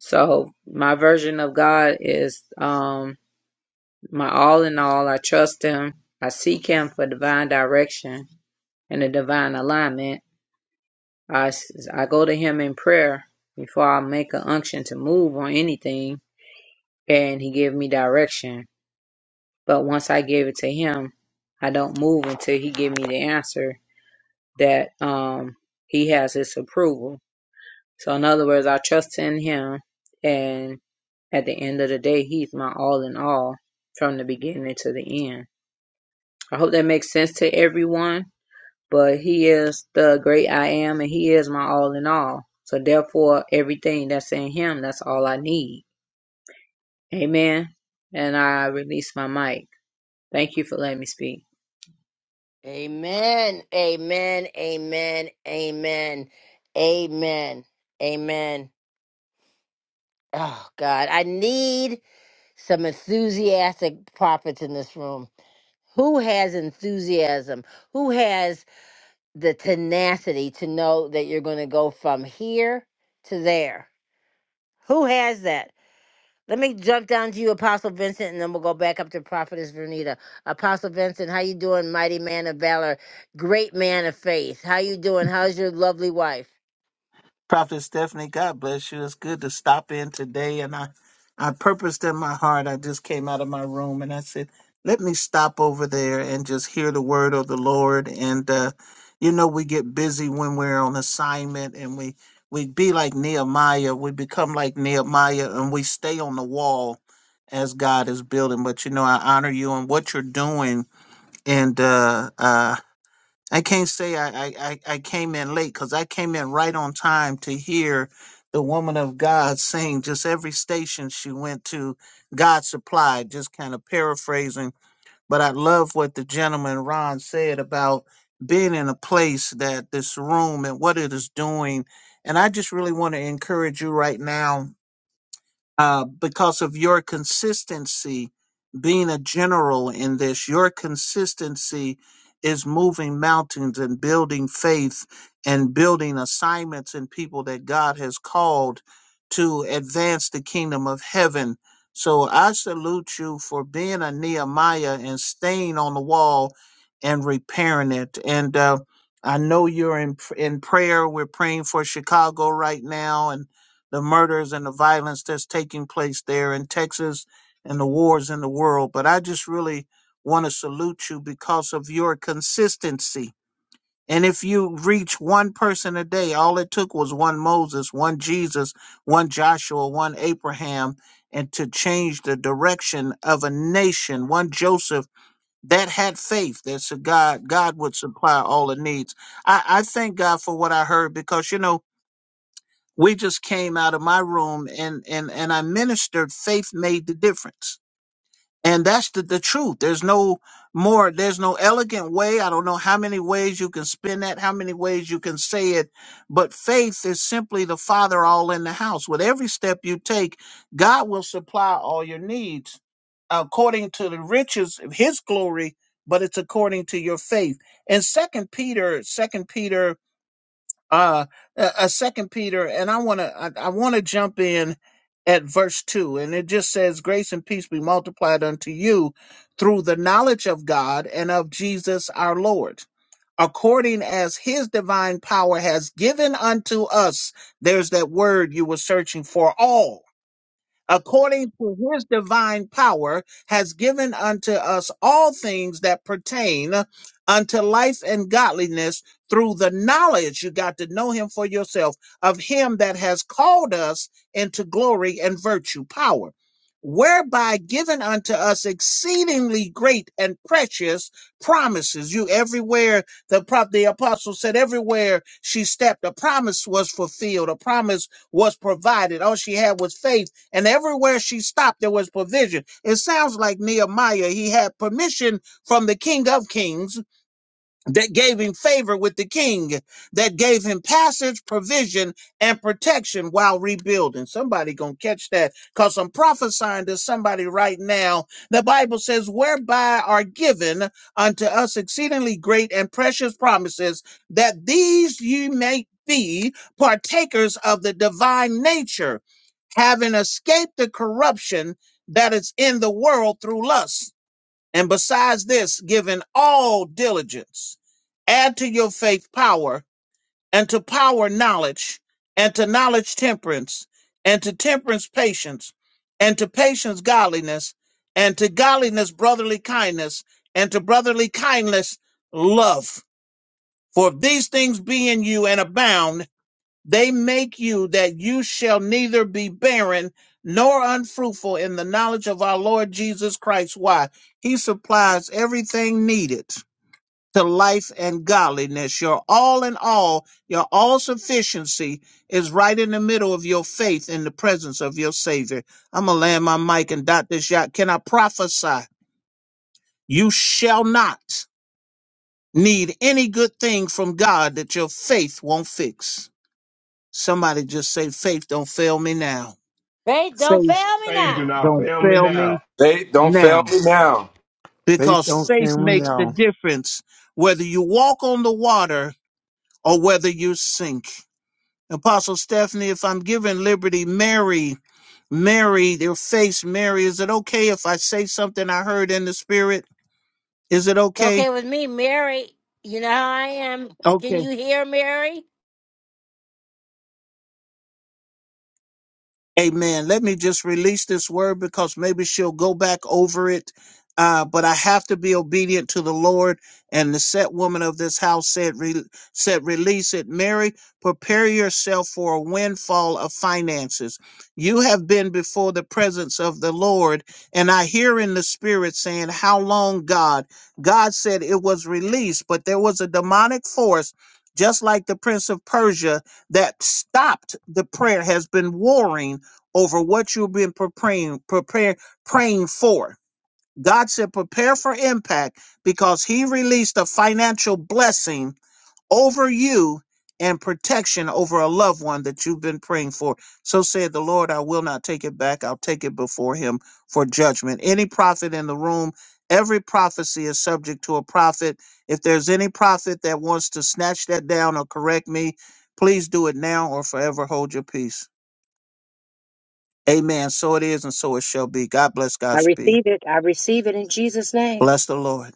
[SPEAKER 9] so my version of God is um, my all in all. I trust Him. I seek Him for divine direction and a divine alignment. I, s- I go to Him in prayer before I make an unction to move on anything, and He give me direction. But once I give it to Him, I don't move until He give me the answer that um, He has His approval. So in other words, I trust in him and at the end of the day, he's my all in all from the beginning to the end. I hope that makes sense to everyone, but he is the great I am and he is my all in all. So therefore, everything that's in him, that's all I need. Amen. And I release my mic. Thank you for letting me speak.
[SPEAKER 1] Amen. Amen. Amen. Amen. Amen. Amen. Oh God, I need some enthusiastic prophets in this room. Who has enthusiasm? Who has the tenacity to know that you're going to go from here to there? Who has that? Let me jump down to you, Apostle Vincent, and then we'll go back up to Prophetess Vernita. Apostle Vincent, how you doing, mighty man of valor, great man of faith? How you doing? How's your lovely wife?
[SPEAKER 10] Prophet Stephanie, God bless you. It's good to stop in today. And I, I purposed in my heart, I just came out of my room and I said, let me stop over there and just hear the word of the Lord. And, uh, you know, we get busy when we're on assignment and we, we be like Nehemiah. We become like Nehemiah and we stay on the wall as God is building. But, you know, I honor you and what you're doing. And, uh, uh, I can't say I, I, I, I came in late because I came in right on time to hear the woman of God sing just every station she went to, God supplied, just kind of paraphrasing. But I love what the gentleman Ron said about being in a place that this room and what it is doing. And I just really want to encourage you right now uh, because of your consistency being a general in this. Your consistency is moving mountains and building faith and building assignments and people that God has called to advance the kingdom of heaven. So I salute you for being a Nehemiah and staying on the wall and repairing it. And uh, I know you're in in prayer. We're praying for Chicago right now, and the murders and the violence that's taking place there in Texas and the wars in the world. But I just really want to salute you because of your consistency. And if you reach one person a day, all it took was one Moses, one Jesus, one Joshua, one Abraham, and to change the direction of a nation, one Joseph that had faith that so God God would supply all the needs. I, I thank God for what I heard because you know we just came out of my room and and and I ministered faith made the difference. And that's the, the truth. There's no more, there's no elegant way. I don't know how many ways you can spin that, how many ways you can say it, but faith is simply the father all in the house. With every step you take, God will supply all your needs according to the riches of his glory, but it's according to your faith. And second Peter, second Peter uh a, a second peter and i want to i, I want to jump in at verse 2 and it just says grace and peace be multiplied unto you through the knowledge of god and of jesus our lord according as his divine power has given unto us there's that word you were searching for all according to his divine power, has given unto us all things that pertain unto life and godliness through the knowledge you got to know him for yourself of him that has called us into glory and virtue, power. Whereby given unto us exceedingly great and precious promises. You everywhere the prop the apostle said everywhere she stepped, a promise was fulfilled, a promise was provided. All she had was faith and everywhere she stopped, there was provision. It sounds like Nehemiah, he had permission from the King of Kings that gave him favor with the king, that gave him passage, provision, and protection while rebuilding. Somebody gonna catch that because I'm prophesying to somebody right now. The Bible says, whereby are given unto us exceedingly great and precious promises, that these ye may be partakers of the divine nature, having escaped the corruption that is in the world through lust. And besides this, giving all diligence, add to your faith power, and to power knowledge, and to knowledge temperance, and to temperance patience, and to patience godliness, and to godliness brotherly kindness, and to brotherly kindness love. For if these things be in you and abound, they make you that you shall neither be barren nor unfruitful in the knowledge of our Lord Jesus Christ. Why? He supplies everything needed to life and godliness. Your all in all, your all sufficiency is right in the middle of your faith in the presence of your Savior. I'm going to land my mic and dot this yacht. Can I prophesy? You shall not need any good thing from God that your faith won't fix. Somebody just say, faith don't fail me now.
[SPEAKER 1] Faith, don't fail
[SPEAKER 10] Faith
[SPEAKER 1] me
[SPEAKER 3] faith do
[SPEAKER 1] now.
[SPEAKER 3] not
[SPEAKER 10] don't
[SPEAKER 3] fail me
[SPEAKER 10] fail
[SPEAKER 3] now.
[SPEAKER 10] me
[SPEAKER 8] Hey, don't fail
[SPEAKER 10] now.
[SPEAKER 8] me now.
[SPEAKER 7] Faith
[SPEAKER 10] Because
[SPEAKER 7] don't
[SPEAKER 10] faith
[SPEAKER 7] fail me
[SPEAKER 10] makes the
[SPEAKER 7] now.
[SPEAKER 10] difference whether you walk on the water or whether you sink. Apostle Stephanie, if I'm giving liberty, Mary, Mary, their face, Mary, is it okay if I say something I heard in the spirit? Is it
[SPEAKER 1] It's
[SPEAKER 10] okay?
[SPEAKER 1] okay with me, Mary. You know how I am. Can
[SPEAKER 10] Okay.
[SPEAKER 1] you hear, Mary?
[SPEAKER 10] Amen. Let me just release this word because maybe she'll go back over it. Uh, but I have to be obedient to the Lord. And the set woman of this house said, re- said, release it. Mary, prepare yourself for a windfall of finances. You have been before the presence of the Lord. And I hear in the spirit saying, how long God? God said it was released, but there was a demonic force, just like the Prince of Persia, that stopped the prayer has been warring over what you've been pre- praying, prepare, praying for. God said, prepare for impact because he released a financial blessing over you and protection over a loved one that you've been praying for. So said the Lord, I will not take it back. I'll take it before him for judgment. Any prophet in the room, every prophecy is subject to a prophet. If there's any prophet that wants to snatch that down or correct me, please do it now or forever hold your peace. Amen. So it is and so it shall be. God bless
[SPEAKER 2] I
[SPEAKER 10] Godspeed.
[SPEAKER 2] receive it. I receive it in Jesus' name.
[SPEAKER 10] Bless the Lord.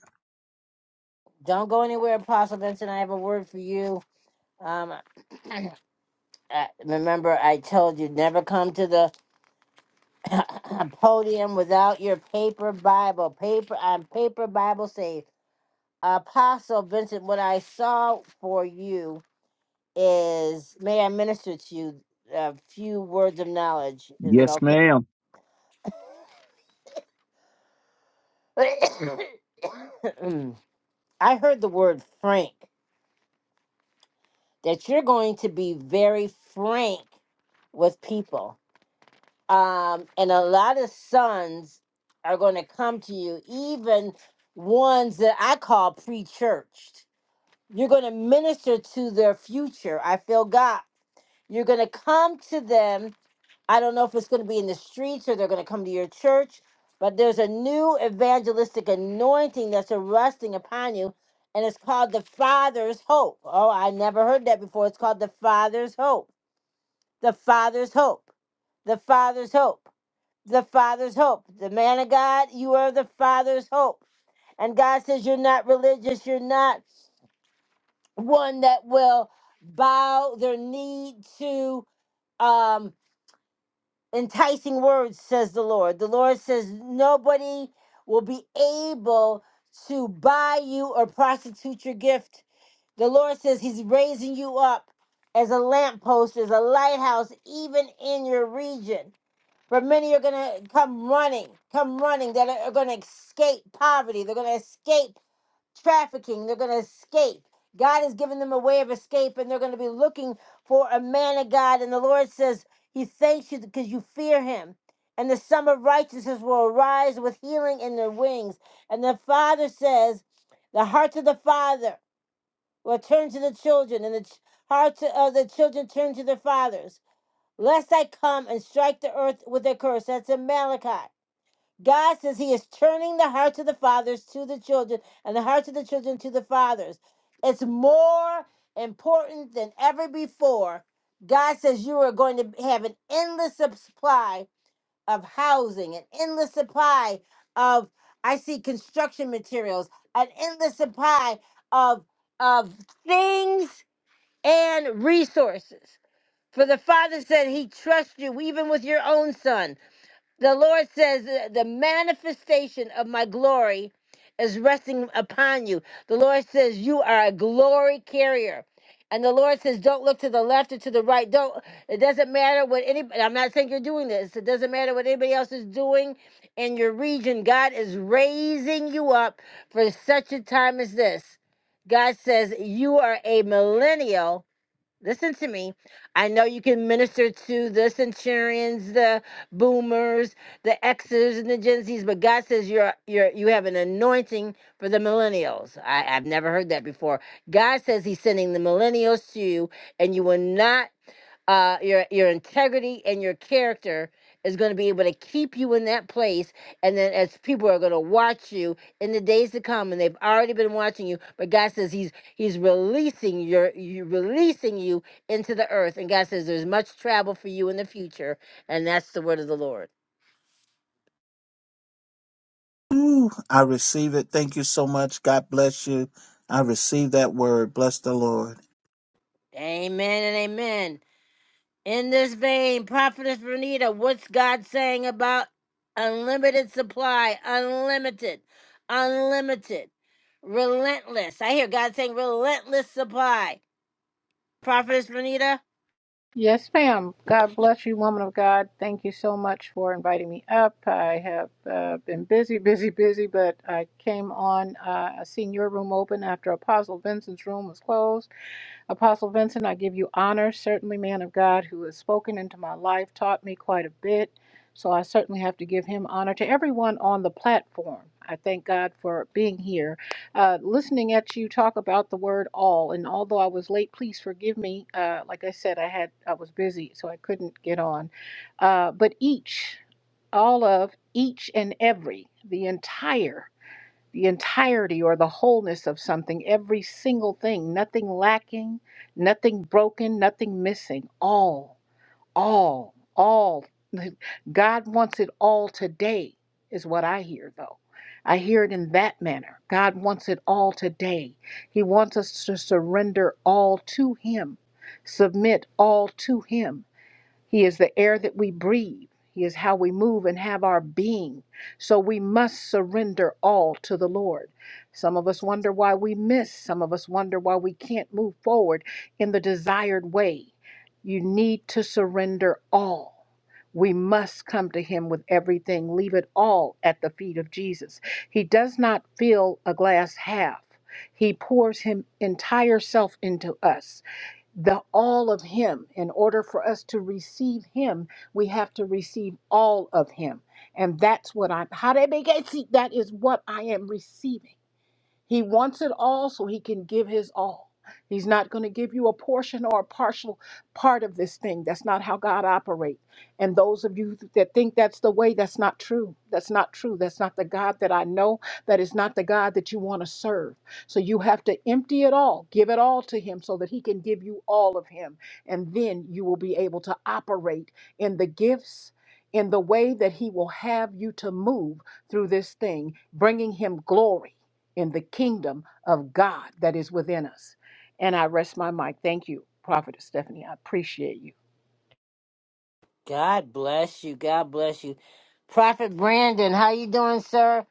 [SPEAKER 1] Don't go anywhere, Apostle Vincent. I have a word for you. Um, I, remember, I told you never come to the podium without your paper Bible. Paper, I'm paper Bible saved. Apostle Vincent, what I saw for you is may I minister to you a few words of knowledge. Is it
[SPEAKER 10] Yes,
[SPEAKER 1] okay?
[SPEAKER 10] ma'am.
[SPEAKER 1] I heard the word frank, that you're going to be very frank with people. Um, and a lot of sons are going to come to you, even ones that I call pre churched. You're going to minister to their future. I feel God. You're going to come to them I don't know if it's going to be in the streets or they're going to come to your church, but there's a new evangelistic anointing that's arresting upon you, and it's called the Father's Hope. Oh, I never heard that before. It's called the Father's Hope. The Father's Hope. The Father's Hope. The Father's Hope. The man of God, you are the Father's Hope. And God says you're not religious, you're not one that will bow their knee to. Um, enticing words, says the Lord. The Lord says, Nobody will be able to buy you or prostitute your gift. The Lord says He's raising you up as a lamppost, as a lighthouse, even in your region. For many are going to come running, come running, that are going to escape poverty. They're going to escape trafficking. They're going to escape. God has given them a way of escape, and they're going to be looking for a man of God. And the Lord says, He thanks you because you fear Him. And the sum of righteousness will arise with healing in their wings. And the Father says, The hearts of the Father will turn to the children, and the ch- hearts of the children turn to their fathers. Lest I come and strike the earth with a curse. That's in Malachi. God says He is turning the hearts of the fathers to the children and the hearts of the children to the fathers. It's more important than ever before. God says you are going to have an endless supply of housing, an endless supply of, I see construction materials, an endless supply of, of things and resources. For the Father said He trusts you even with your own son. The Lord says, uh, The manifestation of my glory is resting upon you. The Lord says, You are a glory carrier. And the Lord says, Don't look to the left or to the right. Don't, it doesn't matter what anybody, I'm not saying you're doing this. It doesn't matter what anybody else is doing in your region. God is raising you up for such a time as this. God says, You are a millennial listen to me. I know you can minister to the centurions, the boomers, the Xers, and the Gen Zs, but God says you're you're you have an anointing for the millennials. I, I've never heard that before. God says He's sending the millennials to you, and you will not uh, your your integrity and your character is going to be able to keep you in that place. And then as people are going to watch you in the days to come, and they've already been watching you, but God says He's He's releasing your you releasing you into the earth. And God says there's much travel for you in the future, and that's the word of the Lord.
[SPEAKER 10] Ooh, I receive it. Thank you so much. God bless you. I receive that word. Bless the Lord.
[SPEAKER 1] Amen and amen. In this vein, Prophetess Renita, what's God saying about unlimited supply, unlimited, unlimited, relentless? I hear God saying relentless supply. Prophetess Renita,
[SPEAKER 11] Yes, ma'am. God bless you, woman of God. Thank you so much for inviting me up. I have uh, been busy, busy, busy, but I came on. Uh, I seen your room open after Apostle Vincent's room was closed. Apostle Vincent, I give you honor, certainly, man of God, who has spoken into my life, taught me quite a bit. So I certainly have to give him honor to everyone on the platform. I thank God for being here. Uh, listening at you talk about the word all, and although I was late, please forgive me. Uh, like I said, I had I was busy, so I couldn't get on. Uh, but each, all of, each and every, the entire the entirety or the wholeness of something, every single thing, nothing lacking, nothing broken, nothing missing, all, all, all. God wants it all today, is what I hear though. I hear it in that manner. God wants it all today. He wants us to surrender all to Him, submit all to Him he is the air that we breathe. He is how we move and have our being. So we must surrender all to the Lord. Some of us wonder why we miss. Some of us wonder why we can't move forward in the desired way. You need to surrender all. We must come to Him with everything, leave it all at the feet of Jesus. He does not fill a glass half, He pours His entire self into us the all of him in order for us to receive him we have to receive all of him and that's what i'm that is what i am receiving he wants it all so he can give his all. He's not going to give you a portion or a partial part of this thing. That's not how God operates. And those of you that think that's the way, that's not true. That's not true. That's not the God that I know. That is not the God that you want to serve. So you have to empty it all, give it all to Him so that He can give you all of Him. And then you will be able to operate in the gifts, in the way that He will have you to move through this thing, bringing Him glory in the kingdom of God that is within us. And I rest my mic. Thank you, Prophetess Stephanie. I appreciate you.
[SPEAKER 1] God bless you. God bless you. Prophet Brandon, how you doing, sir?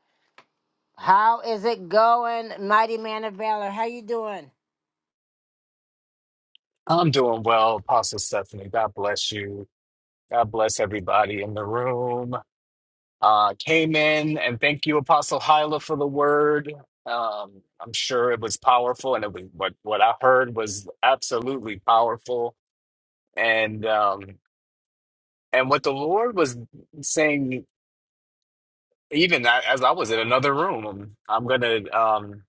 [SPEAKER 1] How is it going, mighty man of valor? How you doing?
[SPEAKER 12] I'm doing well, Pastor Stephanie. God bless you. God bless everybody in the room. Uh, came in and thank you, Apostle Hyla, for the word. Um, I'm sure it was powerful, and it was what what I heard was absolutely powerful. And um, and what the Lord was saying, even a- as I was in another room, I'm gonna um,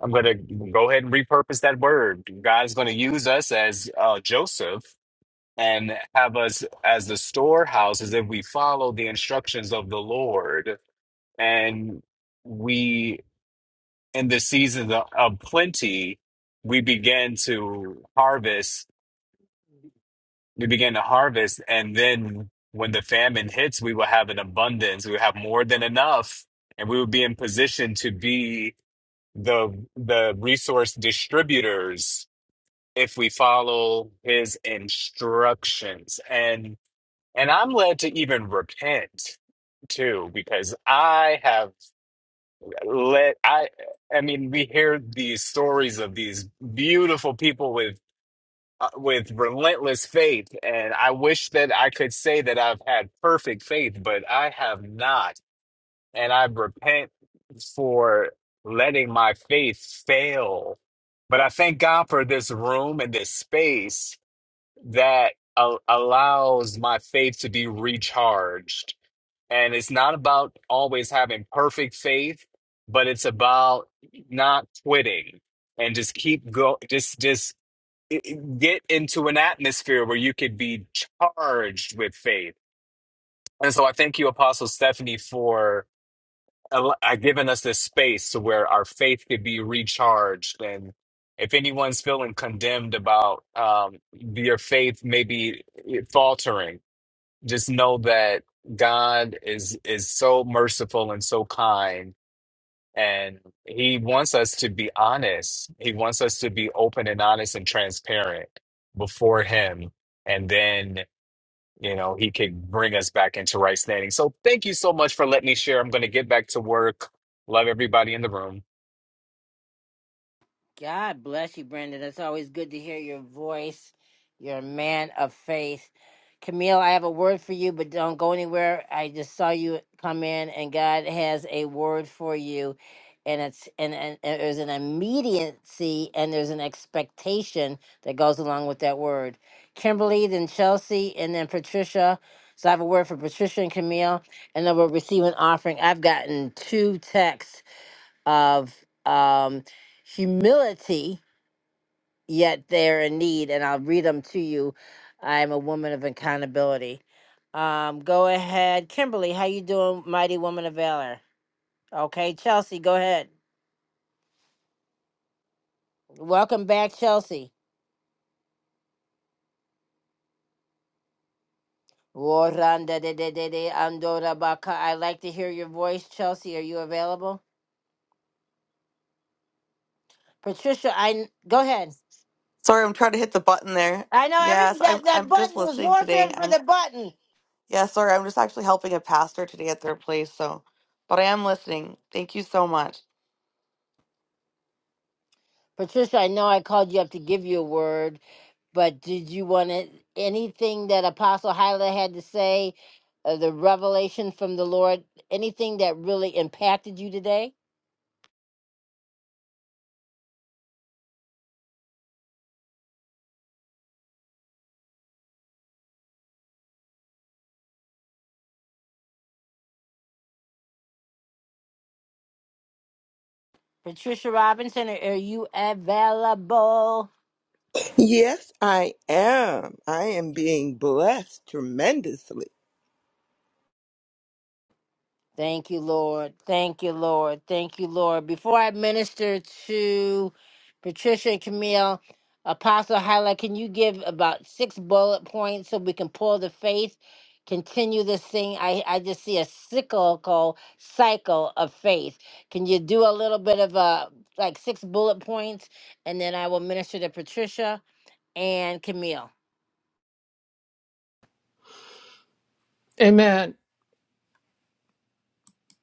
[SPEAKER 12] I'm gonna go ahead and repurpose that word. God's gonna use us as uh, Joseph and have us as the storehouses if we follow the instructions of the Lord. And we, in the season of of plenty, we begin to harvest, we begin to harvest. And then when the famine hits, we will have an abundance, we will have more than enough, and we will be in position to be the the resource distributors if we follow his instructions and And I'm led to even repent too, because I have let I I mean, we hear these stories of these beautiful people with uh, with relentless faith, and I wish that I could say that I've had perfect faith, but I have not, and I repent for letting my faith fail. But I thank God for this room and this space that a- allows my faith to be recharged and it's not about always having perfect faith, but it's about not quitting and just keep go just just i- i- get into an atmosphere where you could be charged with faith. And so I thank you, Apostle Stephanie, for al- uh, giving us this space to where our faith could be recharged. And if anyone's feeling condemned about um, your faith maybe eh, faltering, just know that God is is so merciful and so kind and he wants us to be honest. He wants us to be open and honest and transparent before him and then you know he can bring us back into right standing. So thank you so much for letting me share. I'm going to get back to work. Love everybody in the room.
[SPEAKER 1] God bless you, Brandon. It's always good to hear your voice. You're a man of faith. Camille, I have a word for you, but don't go anywhere. I just saw you come in, and God has a word for you. And it's and, and, and there's an immediacy and there's an expectation that goes along with that word. Kimberly, then Chelsea, and then Patricia. So I have a word for Patricia and Camille, and then we'll receive an offering. I've gotten two texts of um, humility, yet they're in need. And I'll read them to you. I'm a woman of accountability. Um, go ahead, Kimberly. How you doing, mighty woman of valor? Okay, Chelsea, go ahead. Welcome back, Chelsea. Woranda de de de de andora baka. I like to hear your voice, Chelsea. Are you available, Patricia? I go ahead.
[SPEAKER 13] Sorry, I'm trying to hit the button there.
[SPEAKER 1] I know
[SPEAKER 13] Yes,
[SPEAKER 1] every that
[SPEAKER 13] I'm
[SPEAKER 1] that
[SPEAKER 13] I'm just
[SPEAKER 1] button was
[SPEAKER 13] listening
[SPEAKER 1] warfare
[SPEAKER 13] today.
[SPEAKER 1] for
[SPEAKER 13] I'm
[SPEAKER 1] the button.
[SPEAKER 13] yeah, sorry, I'm just actually helping a pastor today at their place, so but I am listening. Thank you so much.
[SPEAKER 1] Patricia, I know I called you up to give you a word, But did you want to, anything that Apostle Hyla had to say, uh, the revelation from the Lord, anything that really impacted you today? Patricia Robinson, are are you available?
[SPEAKER 14] Yes, I am. I am being blessed tremendously.
[SPEAKER 1] Thank you, Lord. Thank you, Lord. Thank you, Lord. Before I minister to Patricia and Camille, Apostle Highlight, can you give about six bullet points so we can pull the faith? Continue this thing. I, I just see a cyclical cycle of faith. Can you do a little bit of a like six bullet points? And then I will minister to Patricia and Camille.
[SPEAKER 4] Amen.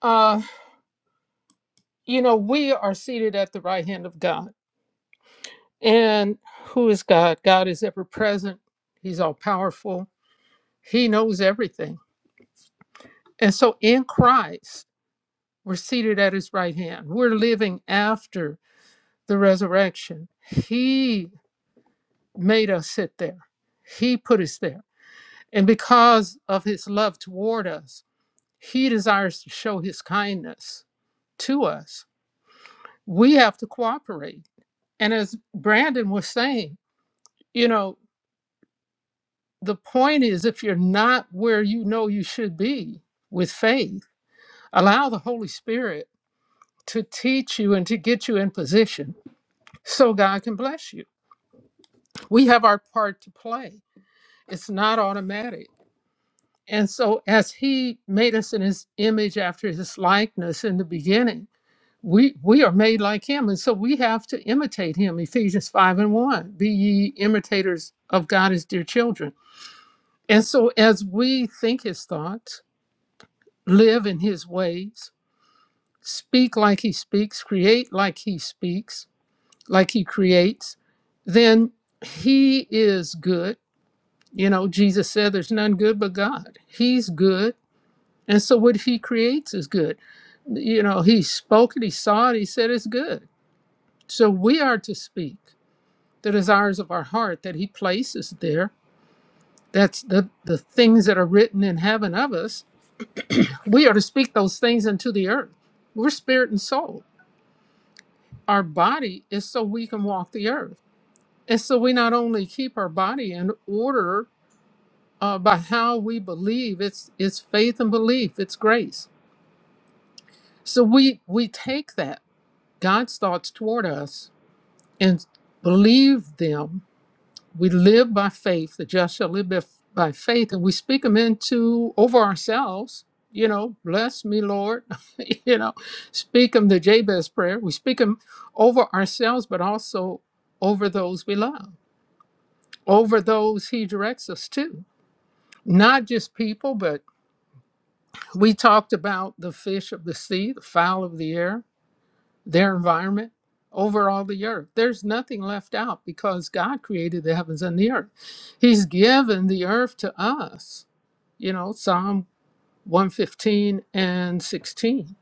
[SPEAKER 4] Uh, you know, we are seated at the right hand of God. And who is God? God is ever present, He's all powerful, He knows everything. And so in Christ, we're seated at His right hand. We're living after the resurrection. He made us sit there, He put us there. And because of His love toward us, He desires to show His kindness to us we have to cooperate. And as Brandon was saying, you know, the point is if you're not where you know you should be with faith, allow the Holy Spirit to teach you and to get you in position so God can bless you. We have our part to play, it's not automatic. And so, as He made us in His image after His likeness in the beginning, we we are made like him and so we have to imitate him ephesians 5 and 1 be ye imitators of god as dear children and so as we think his thoughts live in his ways speak like he speaks create like he speaks like he creates then he is good you know jesus said there's none good but god he's good and so what he creates is good you know he spoke it he saw it he said it's good so we are to speak the desires of our heart that he places there that's the the things that are written in heaven of us we are to speak those things into the earth we're spirit and soul our body is so we can walk the earth and so we not only keep our body in order uh, by how we believe it's it's faith and belief it's grace so we we take that god's thoughts toward us and believe them we live by faith the just shall live by by faith and we speak them into over ourselves you know bless me lord you know speak them the jabez prayer we speak them over ourselves but also over those we love over those he directs us to not just people but we talked about the fish of the sea the fowl of the air their environment over all the earth. There's nothing left out because God created the heavens and the earth. He's given the earth to us, you know, Psalm 115 and 16.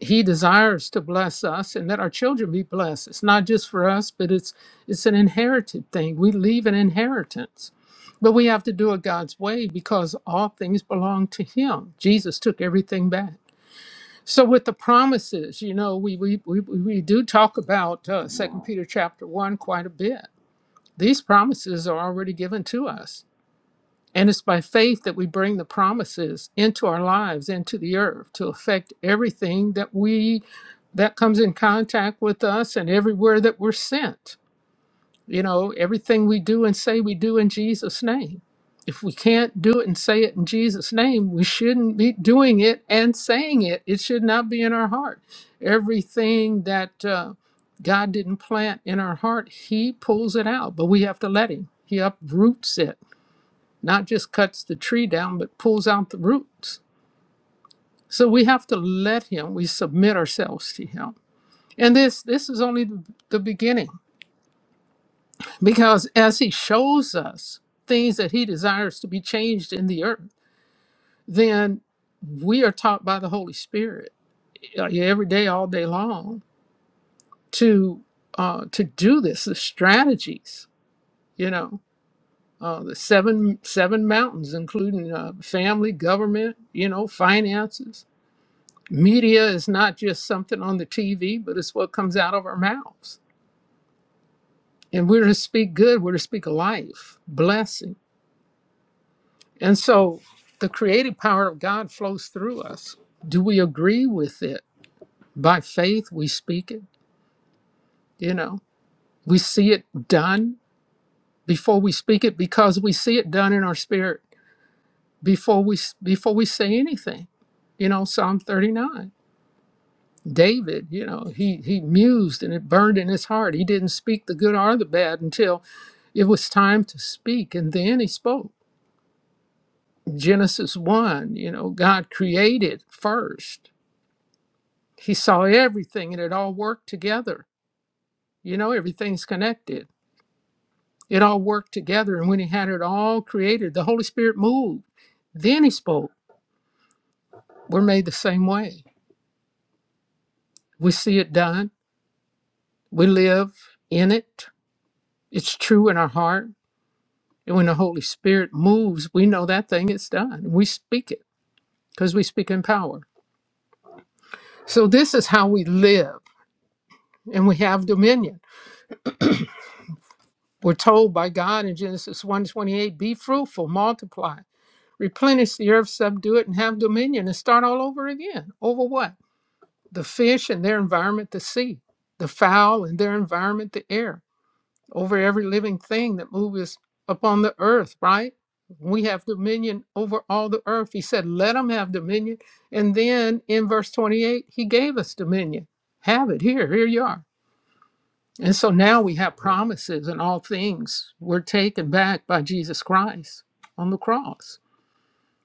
[SPEAKER 4] He desires to bless us and let our children be blessed. It's not just for us, but it's it's an inherited thing. We leave an inheritance. But we have to do it God's way because all things belong to him. Jesus took everything back. So with the promises, you know, we we we, we do talk about uh, Second Peter chapter one quite a bit. These promises are already given to us, and it's by faith that we bring the promises into our lives, into the earth, to affect everything that we that comes in contact with us and everywhere that we're sent you know, everything we do and say we do in Jesus' name. If we can't do it and say it in Jesus' name, we shouldn't be doing it and saying it. It should not be in our heart. Everything that uh, God didn't plant in our heart, He pulls it out, but we have to let Him. He uproots it, not just cuts the tree down, but pulls out the roots. So we have to let Him. We submit ourselves to Him. And this this is only the the beginning Because as he shows us things that he desires to be changed in the earth, then we are taught by the Holy Spirit uh, yeah, every day, all day long, to uh, to do this. The strategies, you know, uh, the seven seven mountains, including uh, family, government, you know, finances. Media is not just something on the TV, but it's what comes out of our mouths. And we're to speak good. We're to speak life, blessing And so the creative power of God flows through us. Do we agree with it? By faith, we speak it, you know, we see it done before we speak it because we see it done in our spirit before we before we say anything you know psalm 39 david you know he he mused and it burned in his heart he didn't speak the good or the bad until it was time to speak and then he spoke genesis 1 you know god created first He saw everything and it all worked together. You know, everything's connected. It all worked together. And when he had it all created, the Holy Spirit moved. Then he spoke. We're made the same way. We see it done, we live in it. It's true in our heart. And when the Holy Spirit moves, we know that thing is done. We speak it because we speak in power. So this is how we live and we have dominion. We're told by God in Genesis 1:28, be fruitful, multiply. replenish the earth, subdue it, and have dominion and start all over again. Over what? The fish and their environment, the sea, the fowl and their environment, the air, over every living thing that moves upon the earth, right? We have dominion over all the earth. He said, let them have dominion. And then in verse 28, he gave us dominion. Have it here. Here you are. And so now we have promises and all things were taken back by Jesus Christ on the cross.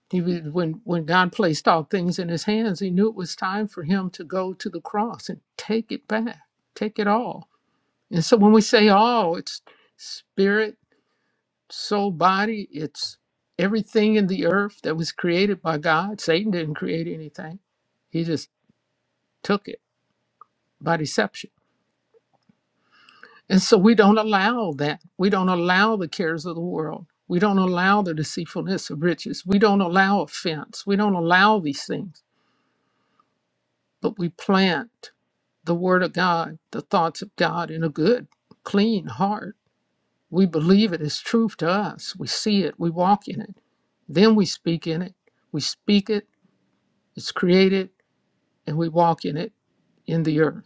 [SPEAKER 4] He was, when when God placed all things in his hands, he knew it was time for him to go to the cross and take it back, take it all. And so when we say all, it's spirit, soul, body, it's everything in the earth that was created by God. Satan didn't create anything. He just took it by deception. And so we don't allow that. We don't allow the cares of the world. We don't allow the deceitfulness of riches. We don't allow offense. We don't allow these things but we plant the Word of God, the thoughts of God in a good, clean heart. We believe it is truth to us. We see it, we walk in it. Then we speak in it. We speak it, it's created, and we walk in it in the earth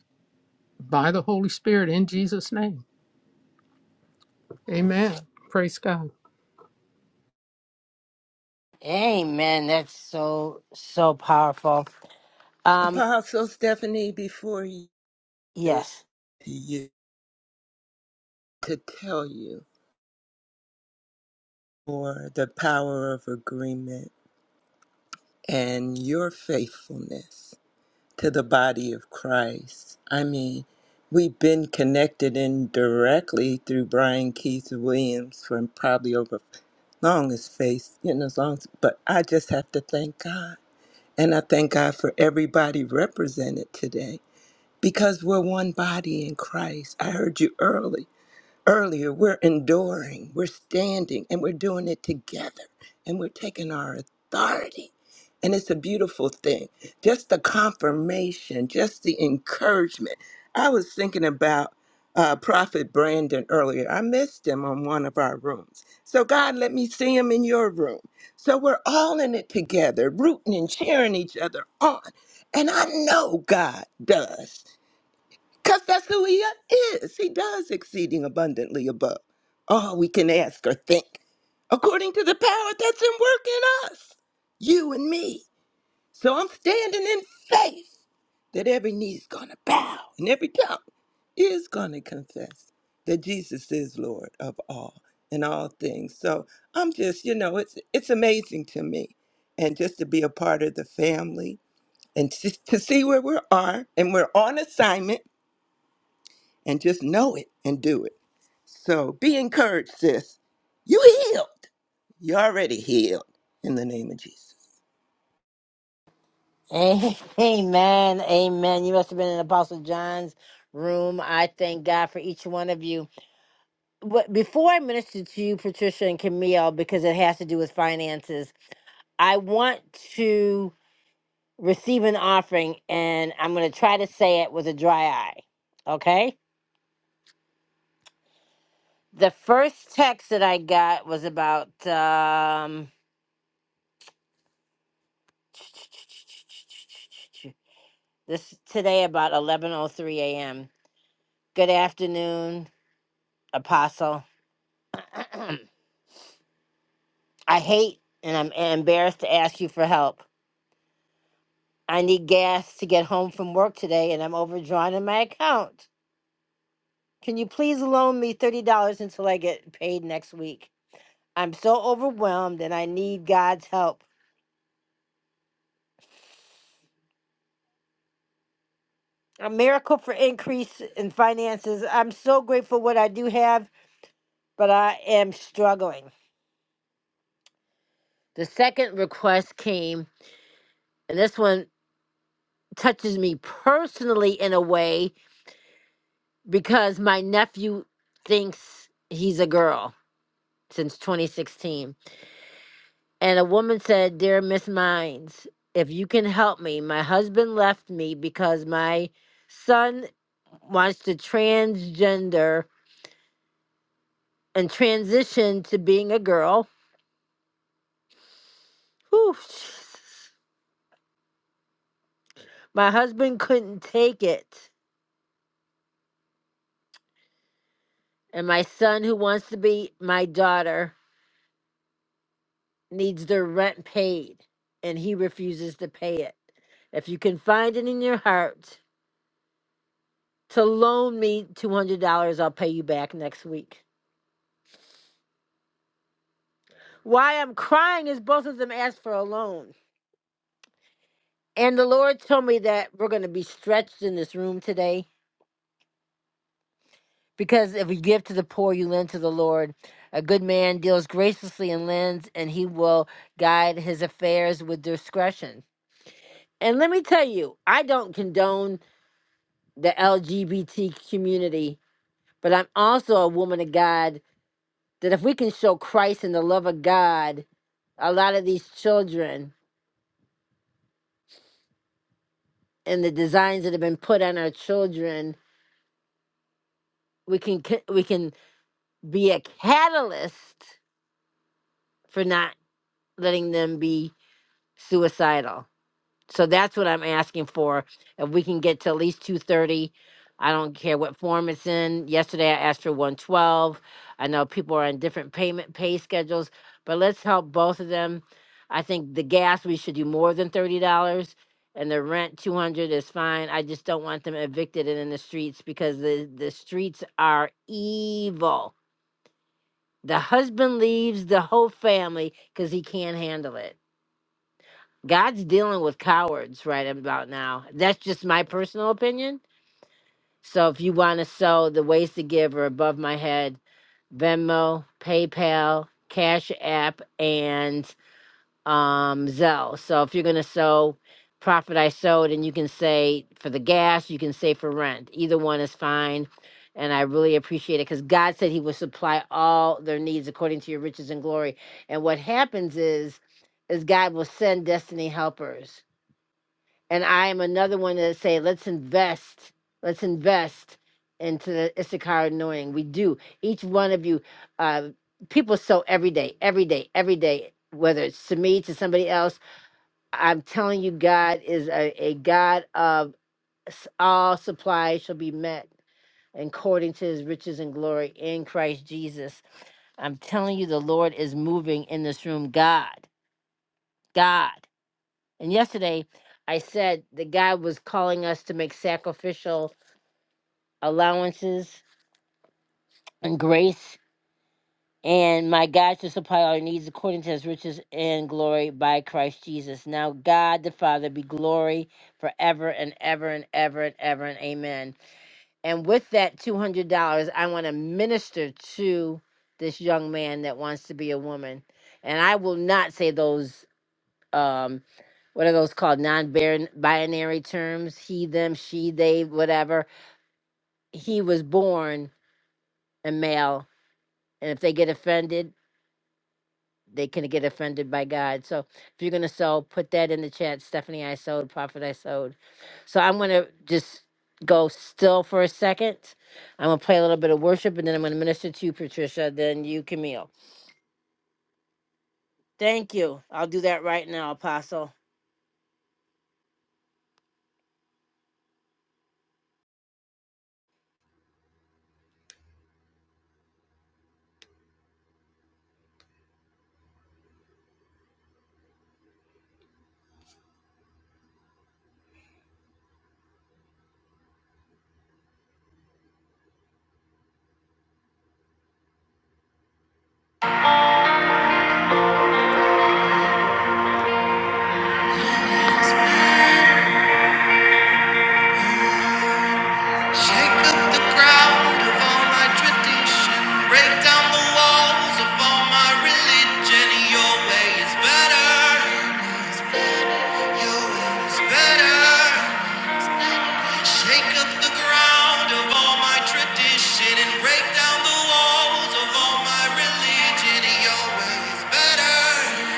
[SPEAKER 4] by the Holy Spirit in Jesus' name. Amen. Praise God.
[SPEAKER 1] Amen. That's so, so powerful. Um,
[SPEAKER 14] Apostle Stephanie, before you say
[SPEAKER 1] yes.
[SPEAKER 14] to you to tell you for the power of agreement and your faithfulness to the body of Christ. I mean, we've been connected indirectly through Brian Keith Williams for probably over long as faith, you know, as long as, but I just have to thank God. And I thank God for everybody represented today because we're one body in Christ. I heard you early earlier, we're enduring, we're standing, and we're doing it together, and we're taking our authority. And it's a beautiful thing. Just the confirmation, just the encouragement. I was thinking about uh, Prophet Brandon earlier. I missed him on one of our rooms. So, God, let me see him in your room. So, we're all in it together, rooting and cheering each other on. And I know God does. Because that's who he is. He does exceeding abundantly above all we can ask or think, according to the power that's in work in us, you and me. So I'm standing in faith that every knee's going to bow and every tongue is going to confess that Jesus is Lord of all and all things. So I'm just, you know, it's it's amazing to me. And just to be a part of the family and to to see where we are, and we're on assignment and just know it and do it. So be encouraged, sis. You healed. you already healed in the name of Jesus.
[SPEAKER 1] Amen. Amen. You must have been in Apostle John's room. I thank God for each one of you. But before I minister to you, Patricia and Camille, because it has to do with finances, I want to receive an offering and I'm going to try to say it with a dry eye. Okay? The first text that I got was about um this today about 11:03 a.m. Good afternoon, Apostle. I hate and I'm embarrassed to ask you for help. I need gas to get home from work today and I'm overdrawn in my account. Can you please loan me $30 until I get paid next week? I'm so overwhelmed and I need God's help. A miracle for increase in finances. I'm so grateful what I do have, but I am struggling. The second request came, and this one touches me personally in a way because my nephew thinks he's a girl since 2016. And a woman said, Dear Miss Mines, if you can help me, my husband left me because my son wants to transgender and transition to being a girl. Whew, Jesus. My husband couldn't take it. And my son, who wants to be my daughter, needs their rent paid, and he refuses to pay it. If you can find it in your heart to loan me $200. I'll pay you back next week. Why I'm crying is both of them asked for a loan. And the Lord told me that we're going to be stretched in this room today because if you give to the poor, you lend to the Lord. A good man deals graciously and lends, and he will guide his affairs with discretion. And let me tell you, I don't condone the LGBT community, but I'm also a woman of God that if we can show Christ and the love of God a lot of these children and the designs that have been put on our children we can c- we can be a catalyst for not letting them be suicidal So that's what I'm asking for. If we can get to at least two thirty, I don't care what form it's in. Yesterday I asked for one twelve. I know people are on different payment pay schedules, but let's help both of them. I think the gas we should do more than thirty dollars, and the rent two hundred is fine. I just don't want them evicted and in the streets because the the streets are evil. The husband leaves the whole family because he can't handle it. God's dealing with cowards right about now. That's just my personal opinion. So if you want to sow, the ways to give are above my head Venmo, PayPal, Cash App, and um, Zelle. So if you're going to sow, profit I sowed, and you can say for the gas, you can say for rent. Either one is fine. And I really appreciate it because God said He would supply all their needs according to your riches and glory. And what happens is, is God will send destiny helpers and I am another one that say, let's invest, let's invest into the Issachar anointing. We do. Each one of you, uh, people sow every day, every day, every day, whether it's to me, to somebody else. I'm telling you, God is a, a God of s- all supplies shall be met according to his riches and glory in Christ Jesus. I'm telling you, the Lord is moving in this room. God, God. And yesterday I said that God was calling us to make sacrificial allowances and grace, and my God to supply our needs according to his riches and glory by Christ Jesus. Now, God the Father be glory forever and ever and ever and ever and amen. And with that $200, I want to minister to this young man that wants to be a woman. And I will not say those. um what are those called non-binary terms he them she they whatever he was born a male and if they get offended they can get offended by god so if you're going to sow put that in the chat stephanie i sowed prophet i sowed so i'm going to just go still for a second i'm going to play a little bit of worship and then i'm going to minister to you patricia then you camille thank you i'll do that right now apostle Shake up the ground of all my tradition. Break down the walls of all my religion. Your way is better. Your way is better. Shake up the ground of all my tradition and break down the walls of all my religion. Your way is better.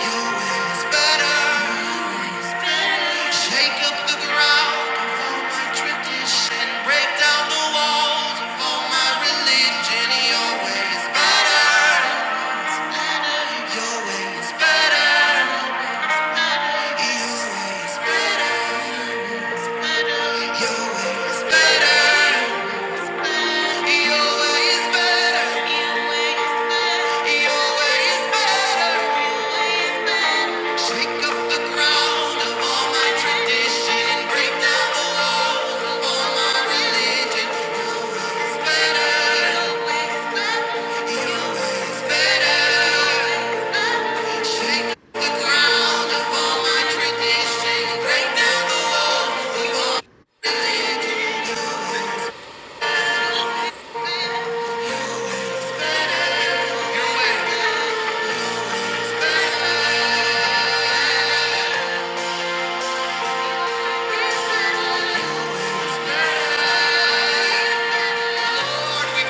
[SPEAKER 1] Your way is better. Shake up the ground. Tradition, break down the walls of all my religion. Your way is better. Your way is better. Your way is better. Your way is better. Your way is better. Shake up the ground of all my tradition and break down the walls of all my religion. Better, better. Shake the ground of all my tradition. Break down the walls,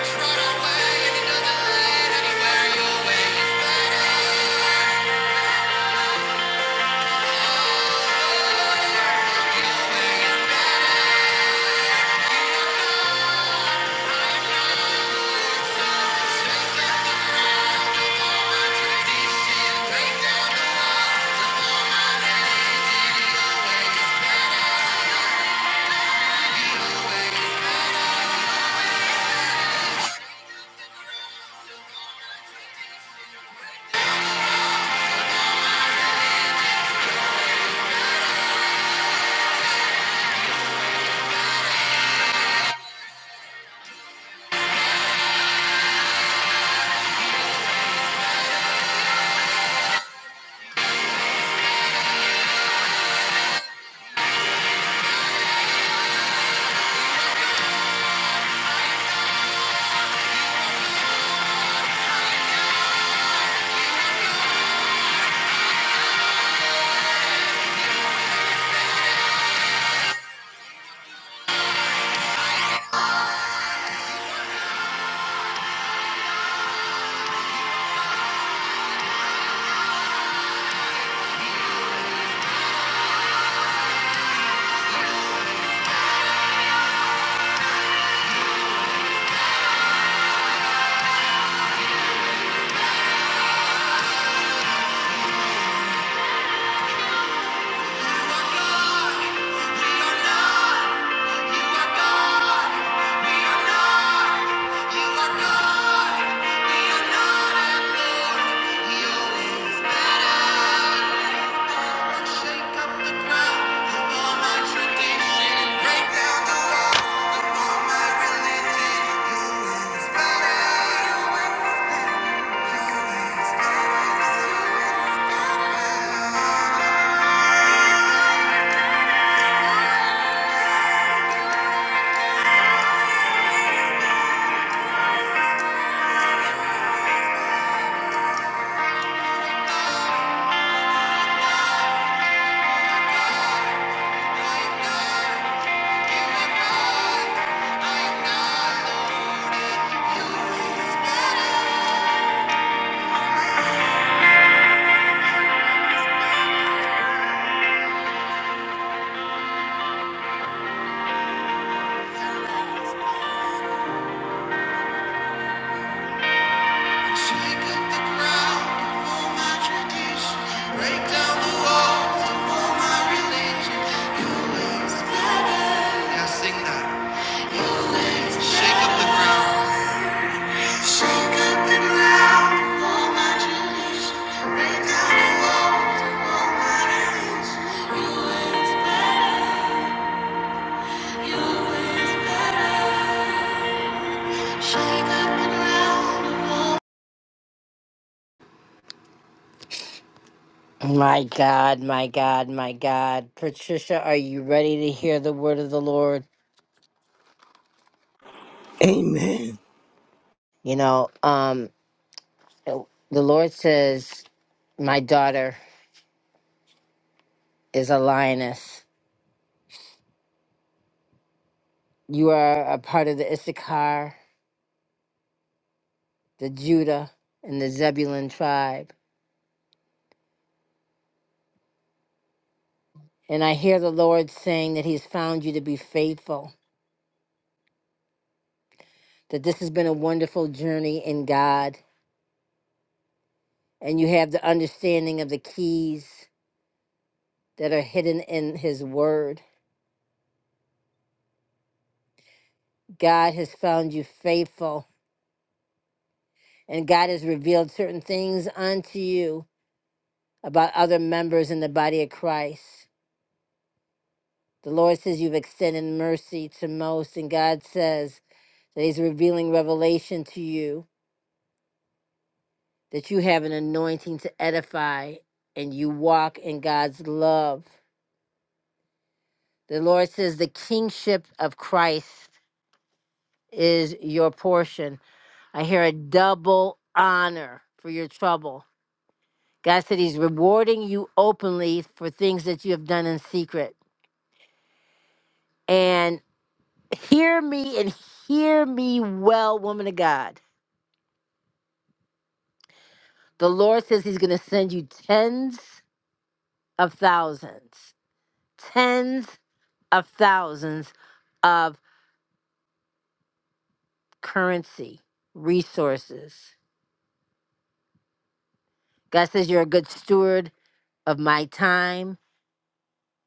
[SPEAKER 1] run away any other You are God, we are not. You are God, we are not. You are God, we are not. And Lord, your way is Shake up the ground of all my tradition. Break down the walls of all my religion. Your way is Now sing that. Shake up the ground. My God, my God, my God. Patricia, are you ready to hear the word of the Lord?
[SPEAKER 14] Amen.
[SPEAKER 1] You know, um the Lord says, My daughter is a lioness. You are a part of the Issachar, the Judah, and the Zebulun tribe. And I hear the Lord saying that He's found you to be faithful, that this has been a wonderful journey in God. and you have the understanding of the keys that are hidden in His Word. God has found you faithful, and God has revealed certain things unto you about other members in the body of Christ. The Lord says you've extended mercy to most, and God says that He's revealing revelation to you, that you have an anointing to edify, and you walk in God's love. The Lord says the kingship of Christ is your portion I hear a double honor for your trouble. God said He's rewarding you openly for things that you have done in secret. And hear me and hear me well, woman of God. The Lord says He's going to send you tens of thousands, tens of thousands of currency resources. God says you're a good steward of my time.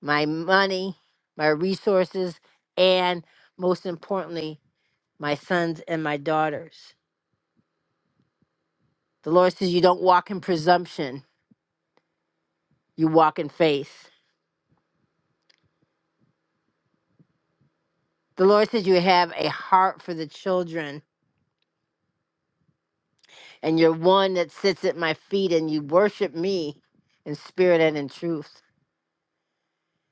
[SPEAKER 1] my money, my resources, and most importantly, my sons and my daughters. The Lord says you don't walk in presumption, you walk in faith. The Lord says you have a heart for the children, and you're one that sits at my feet and you worship me in spirit and in truth.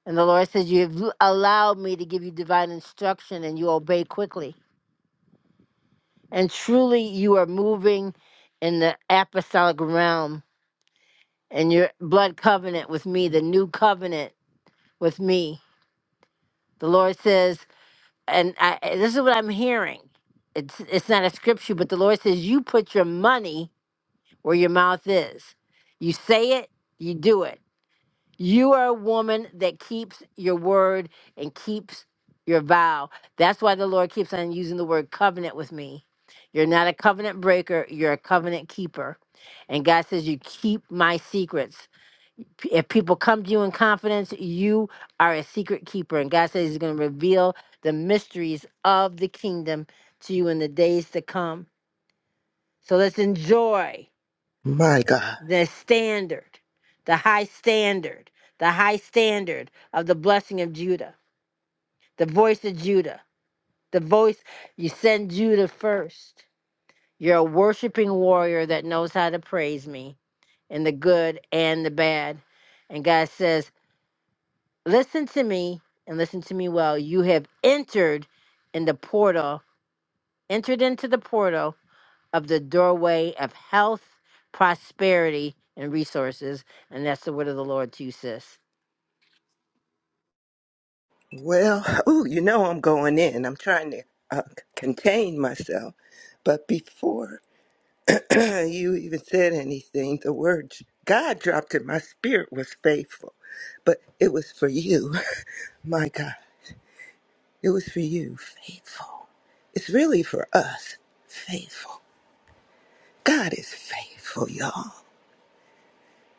[SPEAKER 1] And the Lord says, You have l- allowed me to give you divine instruction, and you obey quickly. And truly, you are moving in the apostolic realm and your blood covenant with me, the new covenant with me. The Lord says, and I, and this is what I'm hearing. It's it's not a scripture, but the Lord says you put your money where your mouth is. You say it, you do it. You are a woman that keeps your word and keeps your vow. That's why the Lord keeps on using the word covenant with me. You're not a covenant breaker, you're a covenant keeper. And God says, You keep my secrets. P- If people come to you in confidence, you are a secret keeper. And God says He's going to reveal the mysteries of the kingdom to you in the days to come. So let's enjoy
[SPEAKER 14] My God.
[SPEAKER 1] the standard, the high standard, the high standard of the blessing of Judah, the voice of Judah, the voice you send Judah first. You're a worshiping warrior that knows how to praise me in the good and the bad. And God says, Listen to me and listen to me well. You have entered in the portal, entered into the portal of the doorway of health, prosperity, and resources. And that's the word of the Lord to you, sis.
[SPEAKER 14] Well, ooh, you know I'm going in. I'm trying to uh, c- contain myself. But before you even said anything, the words God dropped in my spirit was faithful. But it was for you. My God. It was for you. Faithful. It's really for us. Faithful. God is faithful, y'all,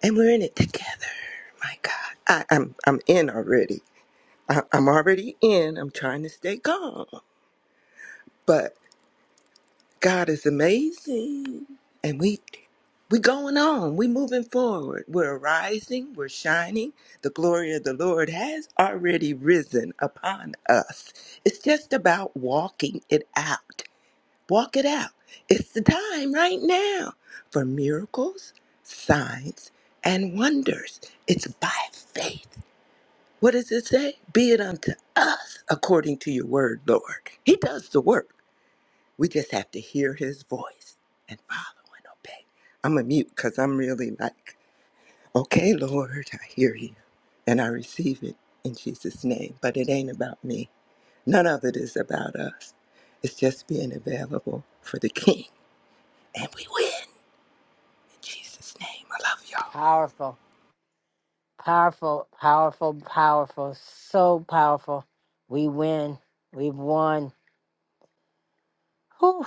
[SPEAKER 14] and we're in it together. My God, I, I'm I'm in already. I, I'm already in. I'm trying to stay calm, but God is amazing, and we we going on. We moving forward. We're rising. We're shining. The glory of the Lord has already risen upon us. It's just about walking it out. Walk it out. It's the time right now for miracles, signs, and wonders. It's by faith. What does it say? Be it unto us according to your word, Lord. He does the work. We just have to hear his voice and follow and obey. I'm a mute because I'm really like, okay, Lord, I hear you and I receive it in Jesus' name. But it ain't about me. None of it is about us. It's just being available for the King and we win. In Jesus' name, I love y'all.
[SPEAKER 1] Powerful, powerful, powerful, powerful. So powerful. We win. We've won. Whew.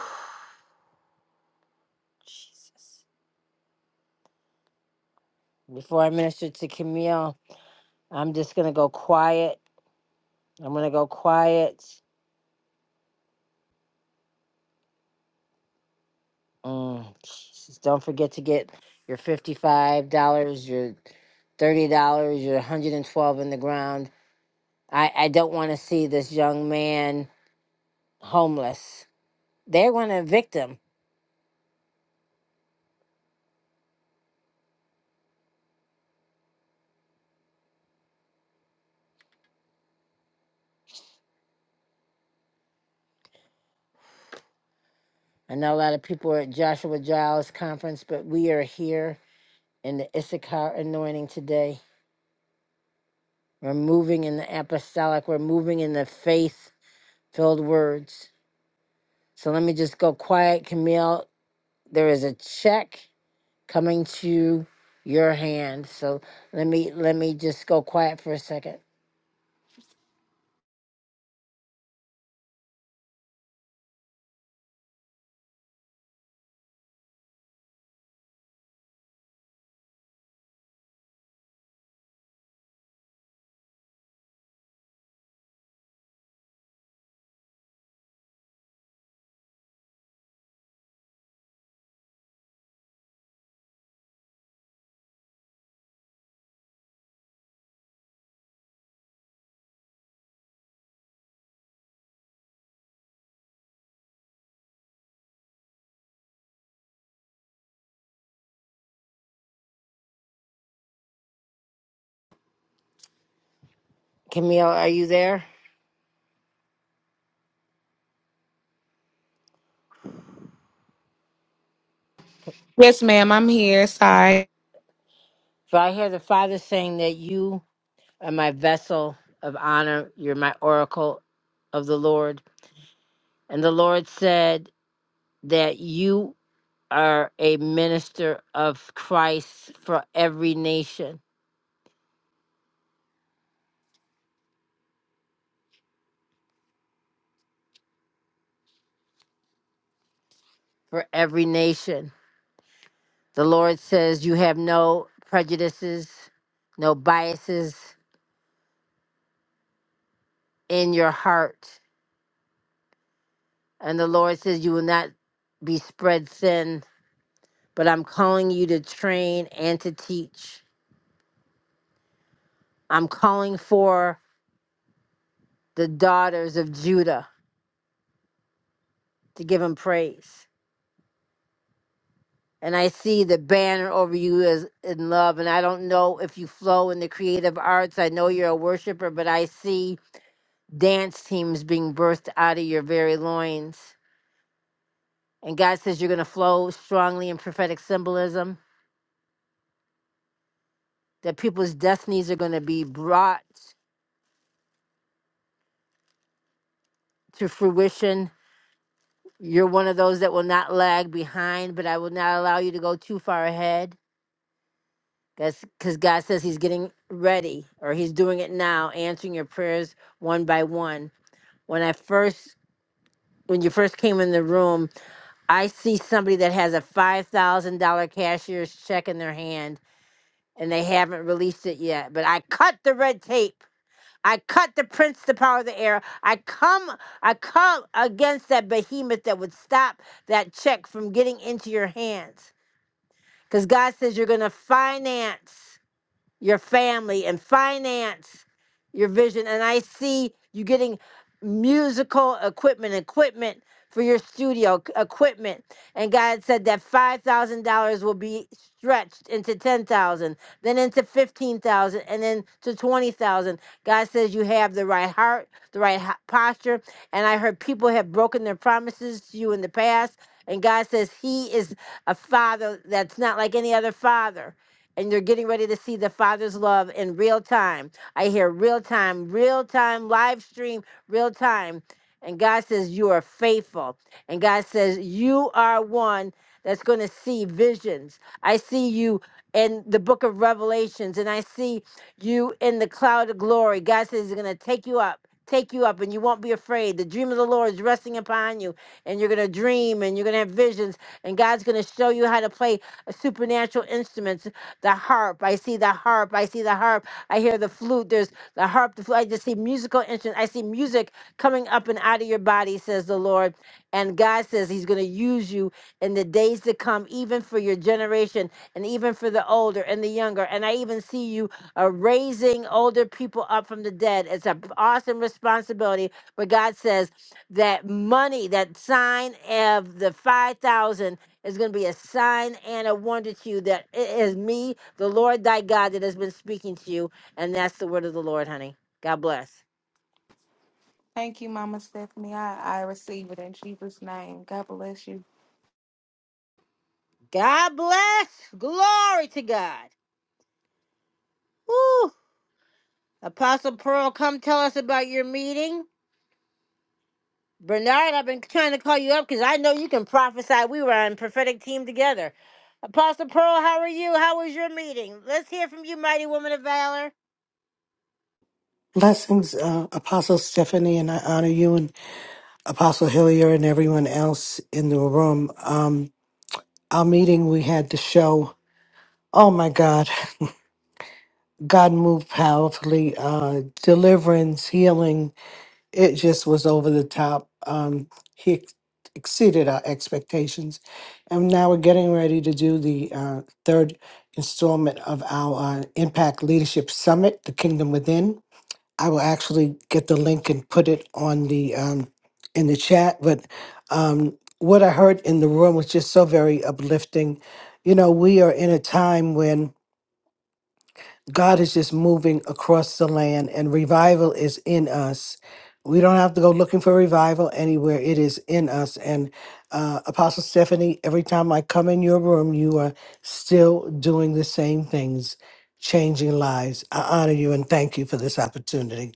[SPEAKER 1] Jesus. Before I minister to Camille, I'm just going to go quiet. I'm going to go quiet. Mm. Just don't forget to get your fifty-five dollars, your thirty dollars, your hundred and twelve in the ground. I I don't want to see this young man homeless. They're going to evict him. I know a lot of people are at Joshua Giles conference, but we are here in the Issachar anointing today. We're moving in the apostolic. We're moving in the faith-filled words. So let me just go quiet, Camille. There is a check coming to your hand. So let me let me just go quiet for a second. Camille, are you there?
[SPEAKER 15] Yes, ma'am. I'm here. Sorry.
[SPEAKER 1] So I hear the Father saying that you are my vessel of honor. You're my oracle of the Lord. And the Lord said that you are a minister of Christ for every nation. For every nation. The Lord says you have no prejudices, no biases in your heart. And the Lord says, You will not be spread thin, but I'm calling you to train and to teach. I'm calling for the daughters of Judah to give him praise. And I see the banner over you is in love. And I don't know if you flow in the creative arts. I know you're a worshiper, but I see dance teams being birthed out of your very loins. And God says you're going to flow strongly in prophetic symbolism, that people's destinies are going to be brought to fruition You're one of those that will not lag behind, but I will not allow you to go too far ahead. That's because God says He's getting ready or He's doing it now, answering your prayers one by one. When I first when you first came in the room, I see somebody that has a five thousand dollar cashier's check in their hand and they haven't released it yet. But I cut the red tape. I cut the prince, the power of the air. I come I come against that behemoth that would stop that check from getting into your hands. Because God says you're going to finance your family and finance your vision and i see you getting musical equipment equipment for your studio c- equipment and god said that $5000 will be stretched into 10000 then into 15000 and then to 20000 god says you have the right heart the right ho- posture and i heard people have broken their promises to you in the past and god says he is a father that's not like any other father and you're getting ready to see the Father's love in real time. I hear real time, real time, live stream, real time. And God says, You are faithful. And God says, You are one that's going to see visions. I see you in the book of Revelations, and I see you in the cloud of glory. God says, He's going to take you up. Take you up and you won't be afraid. The dream of the Lord is resting upon you, and you're going to dream and you're going to have visions, and God's going to show you how to play supernatural instruments the harp. I see the harp. I see the harp. I hear the flute. There's the harp, the flute. I just see musical instruments. I see music coming up and out of your body, says the Lord. And God says He's going to use you in the days to come, even for your generation and even for the older and the younger. And I even see you uh, raising older people up from the dead. It's an awesome responsibility. But God says that money, that sign of the 5,000. It's going to be a sign and a wonder to you that it is me, the Lord thy God, that has been speaking to you. And that's the word of the Lord, honey. God bless.
[SPEAKER 15] Thank you, Mama Stephanie. I, I receive it in Jesus' name. God bless you.
[SPEAKER 1] God bless. Glory to God. Woo. Apostle Pearl, come tell us about your meeting. Bernard, I've been trying to call you up because I know you can prophesy. We were on prophetic team together. Apostle Pearl, how are you? How was your meeting? Let's hear from you, mighty woman of valor.
[SPEAKER 16] Blessings, uh, Apostle Stephanie, and I honor you and Apostle Hillier and everyone else in the room. Um, our meeting, we had to show. Oh my God, God moved powerfully. Uh, deliverance, healing, it just was over the top. Um, he ex- exceeded our expectations. And now we're getting ready to do the uh, third installment of our uh, Impact Leadership Summit, The Kingdom Within. I will actually get the link and put it on the um, in the chat. But um, what I heard in the room was just so very uplifting. You know, we are in a time when God is just moving across the land and revival is in us. We don't have to go looking for revival anywhere. It is in us. And uh, Apostle Stephanie, every time I come in your room, you are still doing the same things, changing lives. I honor you and thank you for this opportunity.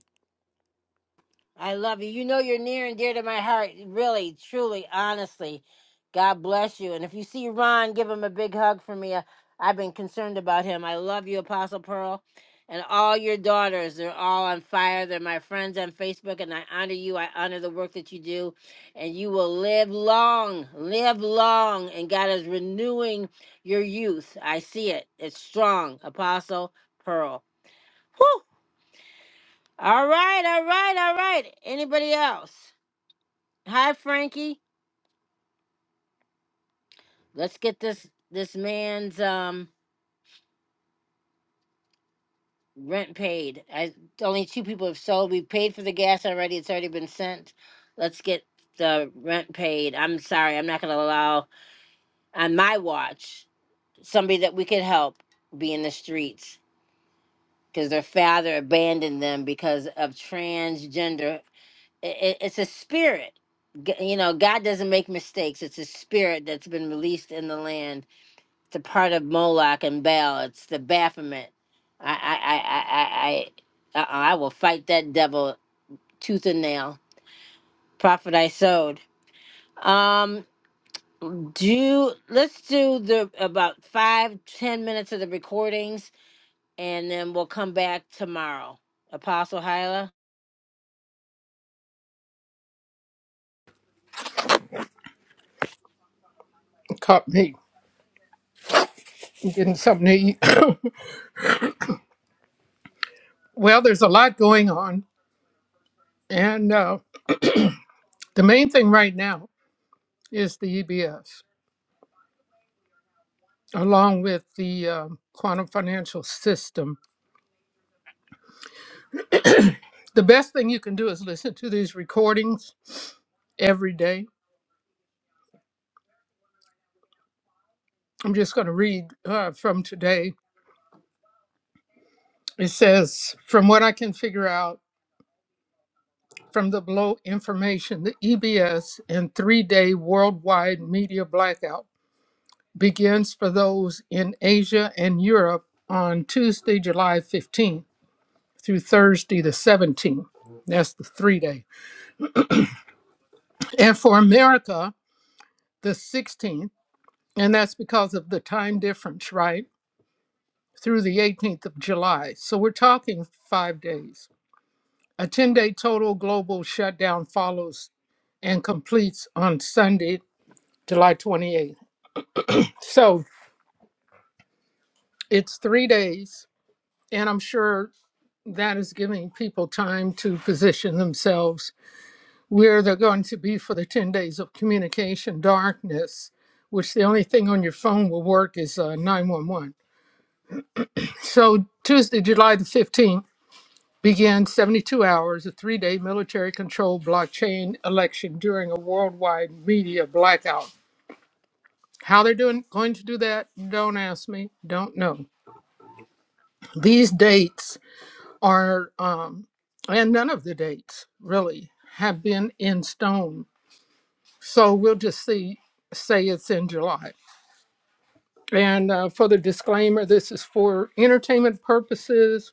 [SPEAKER 1] I love you. You know you're near and dear to my heart. Really, truly, honestly. God bless you. And if you see Ron, give him a big hug for me. I- I've been concerned about him. I love you, Apostle Pearl. And all your daughters, they're all on fire. They're my friends on Facebook, and I honor you. I honor the work that you do. And you will live long, live long. And God is renewing your youth. I see it. It's strong, Apostle Pearl. Whew. All right, all right, all right. Anybody else? Hi, Frankie. Let's get this this man's um rent paid. I only two people have sold. We paid for the gas already. It's already been sent. Let's get the rent paid. I'm sorry. I'm not going to allow on my watch somebody that we could help be in the streets because their father abandoned them because of transgender. It, it's a spirit. G- You know, God doesn't make mistakes. It's a spirit that's been released in the land the part of Moloch and Baal. It's the Baphomet. I I I I I I, uh-uh, I will fight that devil tooth and nail. Prophet I sowed. Um, do let's do the about five ten minutes of the recordings, and then we'll come back tomorrow. Apostle Hyla,
[SPEAKER 4] Caught me getting something to eat. well, there's a lot going on. And uh, the main thing right now is the EBS. along with the um, quantum financial system. The best thing you can do is listen to these recordings every day. I'm just going to read uh, from today. It says, From what I can figure out from the below information, the EBS and three day worldwide media blackout begins for those in Asia and Europe on Tuesday, July 15th through Thursday, the 17th. That's the three day. And for America, the 16th And that's because of the time difference, right? Through the 18th of July. So we're talking five days. A 10 day total global shutdown follows and completes on Sunday, July 28th. So it's three days. And I'm sure that is giving people time to position themselves where they're going to be for the 10 days of communication darkness, which the only thing on your phone will work is uh, 911. So Tuesday, July the 15th. began 72 hours, a three day military controlled blockchain election during a worldwide media blackout. How they're doing, going to do that, don't ask me, don't know. These dates are, um, and none of the dates really have been in stone. So we'll just see, say it's in July. And uh, for the disclaimer, this is for entertainment purposes.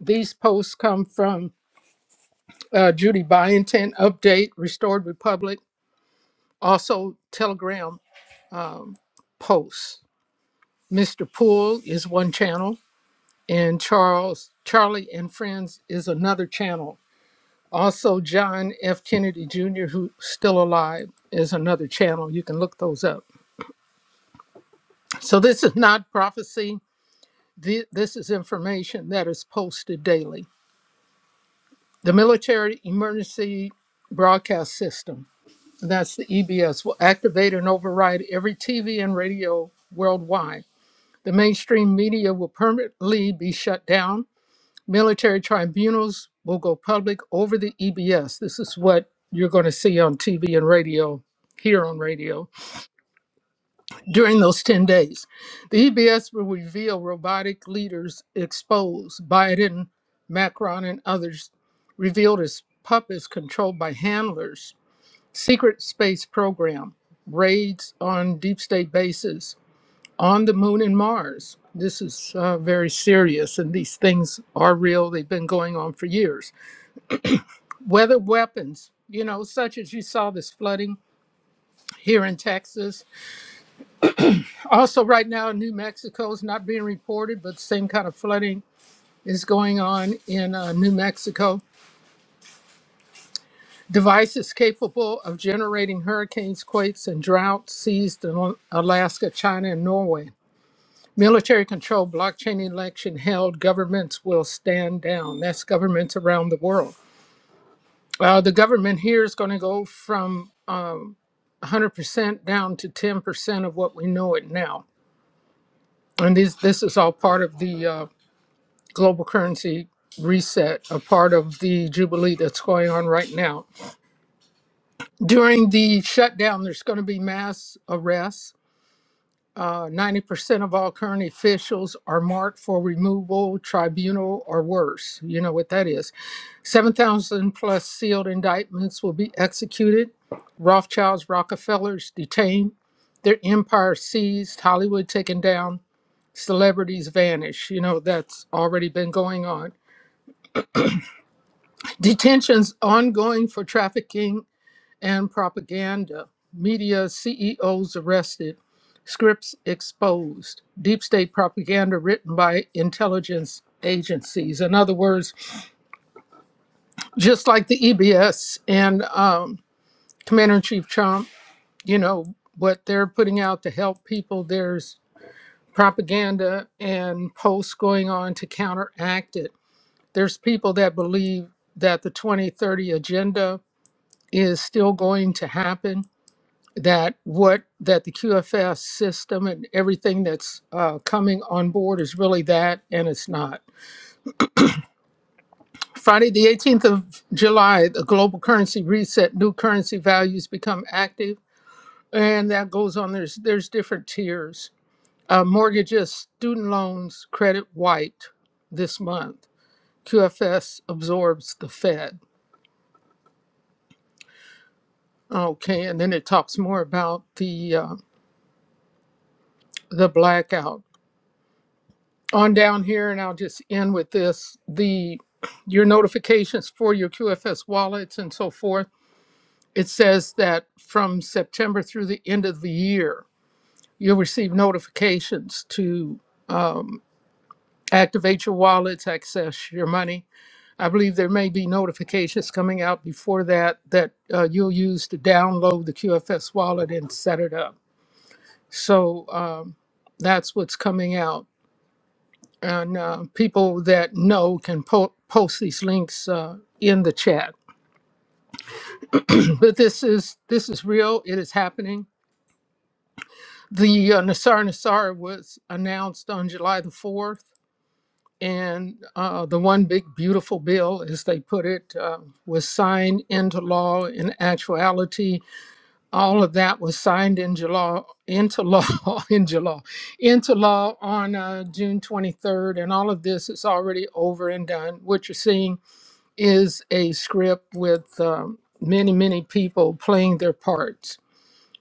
[SPEAKER 4] These posts come from uh, Judy Byington Update, Restored Republic Also, Telegram posts. Mr. Poole is one channel, and Charles Charlie and Friends is another channel. Also, John F. Kennedy Jr., who's still alive, is another channel. You can look those up. So this is not prophecy. Thi- This is information that is posted daily. The Military Emergency Broadcast System, that's the EBS, will activate and override every TV and radio worldwide The mainstream media will permanently be shut down. Military tribunals will go public over the EBS. This is what you're going to see on TV and radio, here on radio, during those 10 days. The EBS will reveal robotic leaders exposed, Biden, Macron, and others revealed as puppets controlled by handlers, secret space program, raids on deep state bases, on the moon and Mars. This is uh, very serious, and these things are real. They've been going on for years. Weather weapons, you know, such as you saw this flooding here in Texas. Also, right now, New Mexico is not being reported, but the same kind of flooding is going on in uh, New Mexico. Devices capable of generating hurricanes, quakes, and droughts seized in Alaska, China, and Norway. Military control, blockchain election held, governments will stand down. That's governments around the world. Uh, the government here is going to go from um, 100% down to 10% of what we know it now. And this, this is all part of the uh, global currency reset, a part of the jubilee that's going on right now. During the shutdown, there's going to be mass arrests. Uh, 90% of all current officials are marked for removal, tribunal, or worse. You know what that is 7,000 plus sealed indictments will be executed, Rothschilds, Rockefellers detained, their empire seized, Hollywood taken down, celebrities vanish. You know, that's already been going on. Detentions ongoing for trafficking and propaganda, media CEOs arrested, scripts exposed, deep state propaganda written by intelligence agencies. In other words, just like the EBS and um, Commander in Chief Trump, you know, what they're putting out to help people, there's propaganda and posts going on to counteract it. There's people that believe that the 2030 agenda is still going to happen, that what that the QFS system and everything that's uh, coming on board is really that, and it's not. Friday, the 18th of July, the global currency reset, new currency values become active and that goes on there's there's different tiers Uh, mortgages, student loans, credit white this month. QFS absorbs the Fed. Okay, and then it talks more about the uh, the blackout. On down here, and I'll just end with this: the your notifications for your QFS wallets and so forth. It says that from September through the end of the year, you'll receive notifications to um, activate your wallets, access your money I believe there may be notifications coming out before that that uh, you'll use to download the QFS wallet and set it up. So um, that's what's coming out. And uh, people that know can po- post these links uh, in the chat. but this is this is real. It is happening. The uh, Nassar Nassar was announced on July the 4th, and uh, the one big beautiful bill, as they put it, uh, was signed into law in actuality all of that was signed into law into law into law into law on uh, June 23rd and all of this is already over and done what you're seeing is a script with um, many many people playing their parts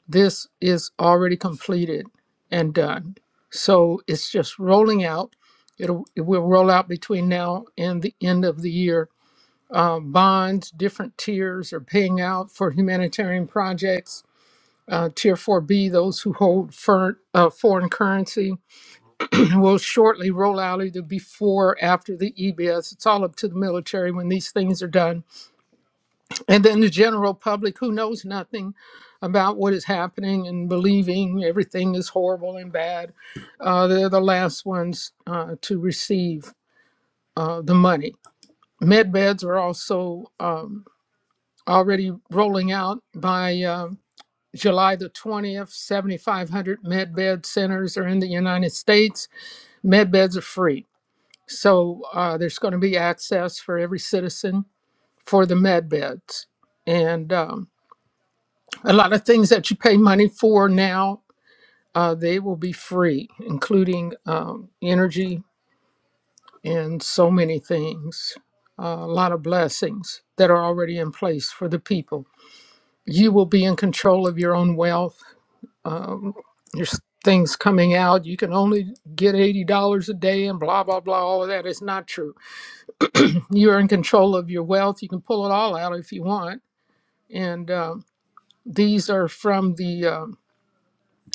[SPEAKER 4] this is already completed and done so it's just rolling out It'll, it will roll out between now and the end of the year uh, bonds different tiers are paying out for humanitarian projects uh, Tier 4B, those who hold fer- uh, foreign currency will shortly roll out either before or after the EBS. It's all up to the military when these things are done. And then the general public who knows nothing about what is happening and believing everything is horrible and bad, uh, they're the last ones uh, to receive uh, the money. Med beds are also um, already rolling out by. uh, July the 20th, 7,500 med bed centers are in the United States. Med beds are free. So uh, there's going to be access for every citizen for the med beds. And um, a lot of things that you pay money for now, uh, they will be free, including um, energy and so many things. Uh, a lot of blessings that are already in place for the people. You will be in control of your own wealth um, there's things coming out. You can only get $80 a day and blah, blah, blah. All of that is not true. You're in control of your wealth. You can pull it all out if you want. And um, these are from the um,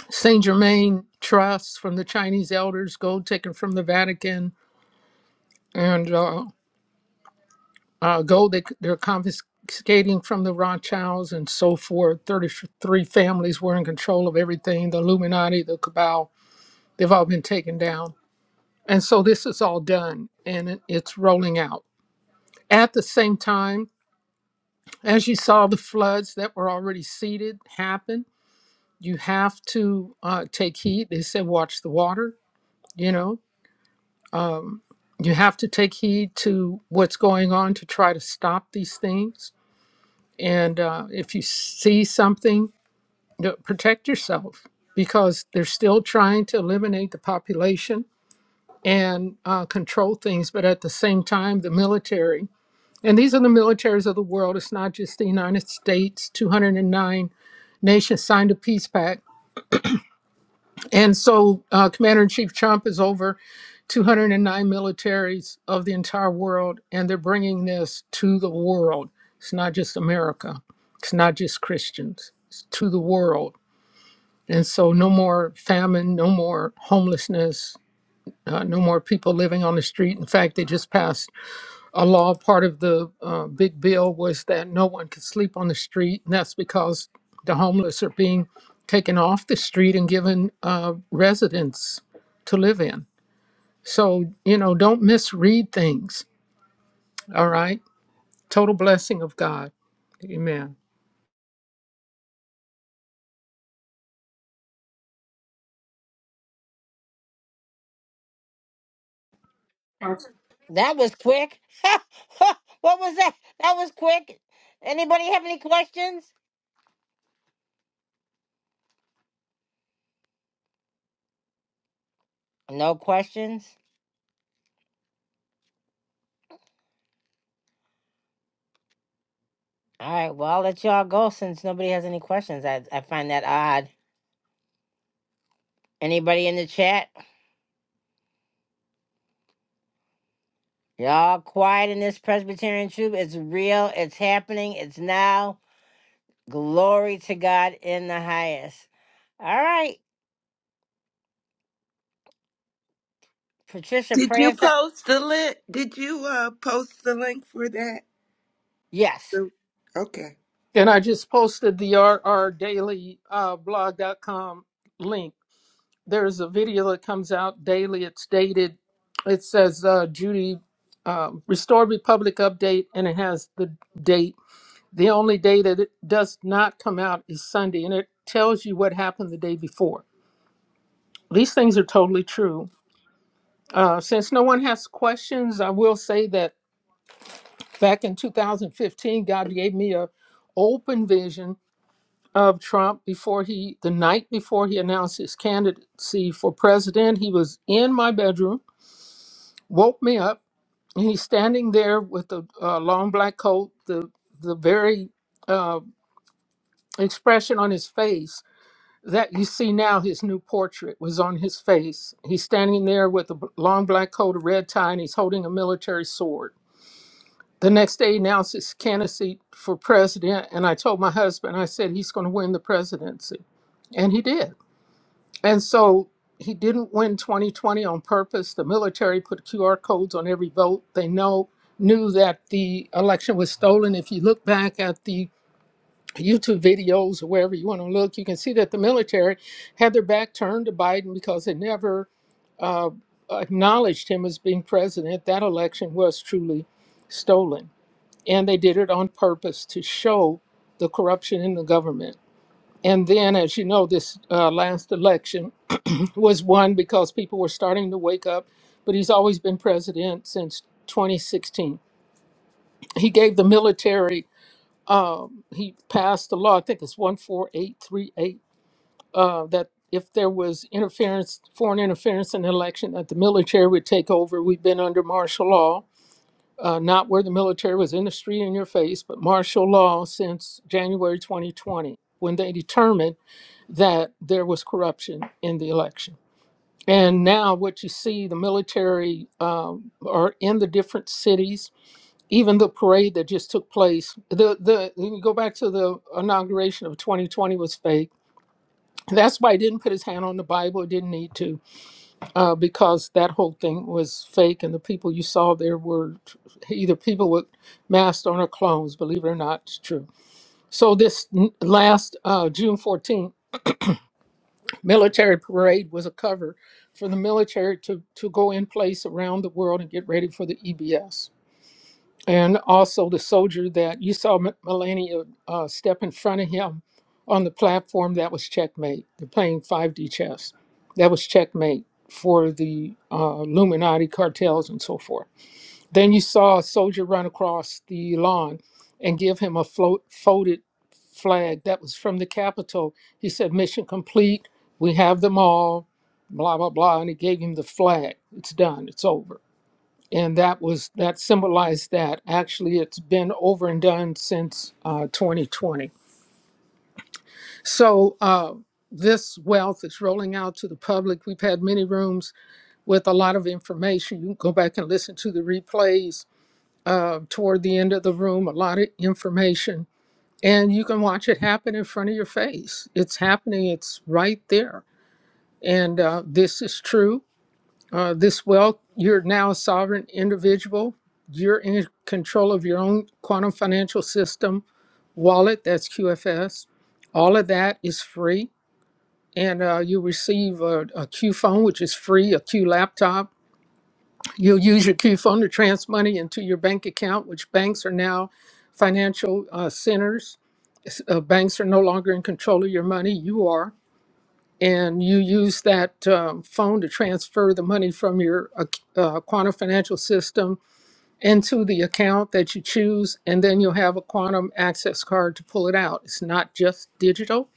[SPEAKER 4] St. Germain trusts, from the Chinese elders, gold taken from the Vatican, and uh, uh, gold they, they're confiscating from the Rothschilds and so forth. 33 families were in control of everything. The Illuminati, the Cabal, they've all been taken down And so this is all done and it- it's rolling out. At the same time, as you saw the floods that were already seeded happen, you have to uh, take heed. They said, watch the water, you know. Um, you have to take heed to what's going on to try to stop these things. And uh, if you see something, you know, protect yourself because they're still trying to eliminate the population and uh, control things. But at the same time, the military And these are the militaries of the world. It's not just the United States. 209 nations signed a peace pact. And so uh, Commander in Chief Trump is over 209 militaries of the entire world, and they're bringing this to the world. It's not just America, it's not just Christians, it's to the world. And so, no more famine, no more homelessness, uh, no more people living on the street. In fact, they just passed a law part of the uh, big bill was that no one could sleep on the street and that's because the homeless are being taken off the street and given uh, residence to live in so you know don't misread things all right total blessing of god amen
[SPEAKER 1] that was quick. what was that? That was quick. Anybody have any questions? No questions. All right, well, I'll let y'all go since nobody has any questions. I, I find that odd. Anybody in the chat? Y'all quiet in this Presbyterian troop. It's real, it's happening, it's now. Glory to God in the highest. All right, Patricia,
[SPEAKER 14] Did
[SPEAKER 1] pray
[SPEAKER 14] you
[SPEAKER 1] us out.
[SPEAKER 14] post the link? Did you uh, post the link for that?
[SPEAKER 1] Yes,
[SPEAKER 14] The- Okay.
[SPEAKER 4] and i just posted the R R daily uh, blog dot com link there's a video that comes out daily. It's dated. It says uh, Judy um, Restore Republic update, and it has the date. The only day that it does not come out is Sunday, and it tells you what happened the day before. These things are totally true. Uh, since no one has questions, I will say that back in 2015, God gave me a open vision of Trump before he, the night before he announced his candidacy for president. He was in my bedroom woke me up. and He's standing there with the uh, long black coat, the the very uh, expression on his face that you see now. His new portrait was on his face. He's standing there with a b- long black coat, a red tie, and he's holding a military sword. The next day, he announced his candidacy for president, and I told my husband, I said he's going to win the presidency, and he did. And so he didn't win 2020 on purpose. The military put QR codes on every vote. They know knew that the election was stolen. If you look back at the YouTube videos or wherever you want to look, you can see that the military had their back turned to Biden because they never uh, acknowledged him as being president. That election was truly stolen. And they did it on purpose to show the corruption in the government. And then, as you know, this uh, last election, was one because people were starting to wake up, but he's always been president since 2016. He gave the military, um, he passed the law, I think it's 14838, uh, that if there was interference, foreign interference in an election, that the military would take over. We've been under martial law, uh, not where the military was in the street in your face, but martial law since January 2020, when they determined that there was corruption in the election. And now, what you see, the military um, are in the different cities. Even the parade that just took place, the the you go back to the inauguration of 2020 was fake. That's why he didn't put his hand on the Bible. He didn't need to, uh, because that whole thing was fake, and the people you saw there were either people with masks on or clones. Believe it or not, it's true. So this n- last uh, June 14th. military parade was a cover for the military to, to go in place around the world and get ready for the EBS. And also the soldier that you saw M- Melania uh, step in front of him on the platform, that was checkmate. They're playing 5D chess. That was checkmate for the uh, Illuminati cartels and so forth. Then you saw a soldier run across the lawn and give him a float, folded flag that was from the Capitol. He said, Mission complete. We have them all, blah, blah, blah. And he gave him the flag. It's done. It's over. And that was that symbolized that. Actually, it's been over and done since uh, 2020. So uh, this wealth is rolling out to the public. We've had many rooms with a lot of information. You can go back and listen to the replays uh, toward the end of the room, a lot of information, and you can watch it happen in front of your face. It's happening, it's right there. And uh, this is true. Uh, this wealth, you're now a sovereign individual. You're in control of your own quantum financial system wallet, that's QFS. All of that is free. And uh, you receive a, a Q phone, which is free, a Q laptop You'll use your Q-phone to transfer money into your bank account, which banks are now financial uh, centers. S- Uh, banks are no longer in control of your money. You are. And you use that um, phone to transfer the money from your ac- uh, quantum financial system into the account that you choose. And then you'll have a quantum access card to pull it out. It's not just digital.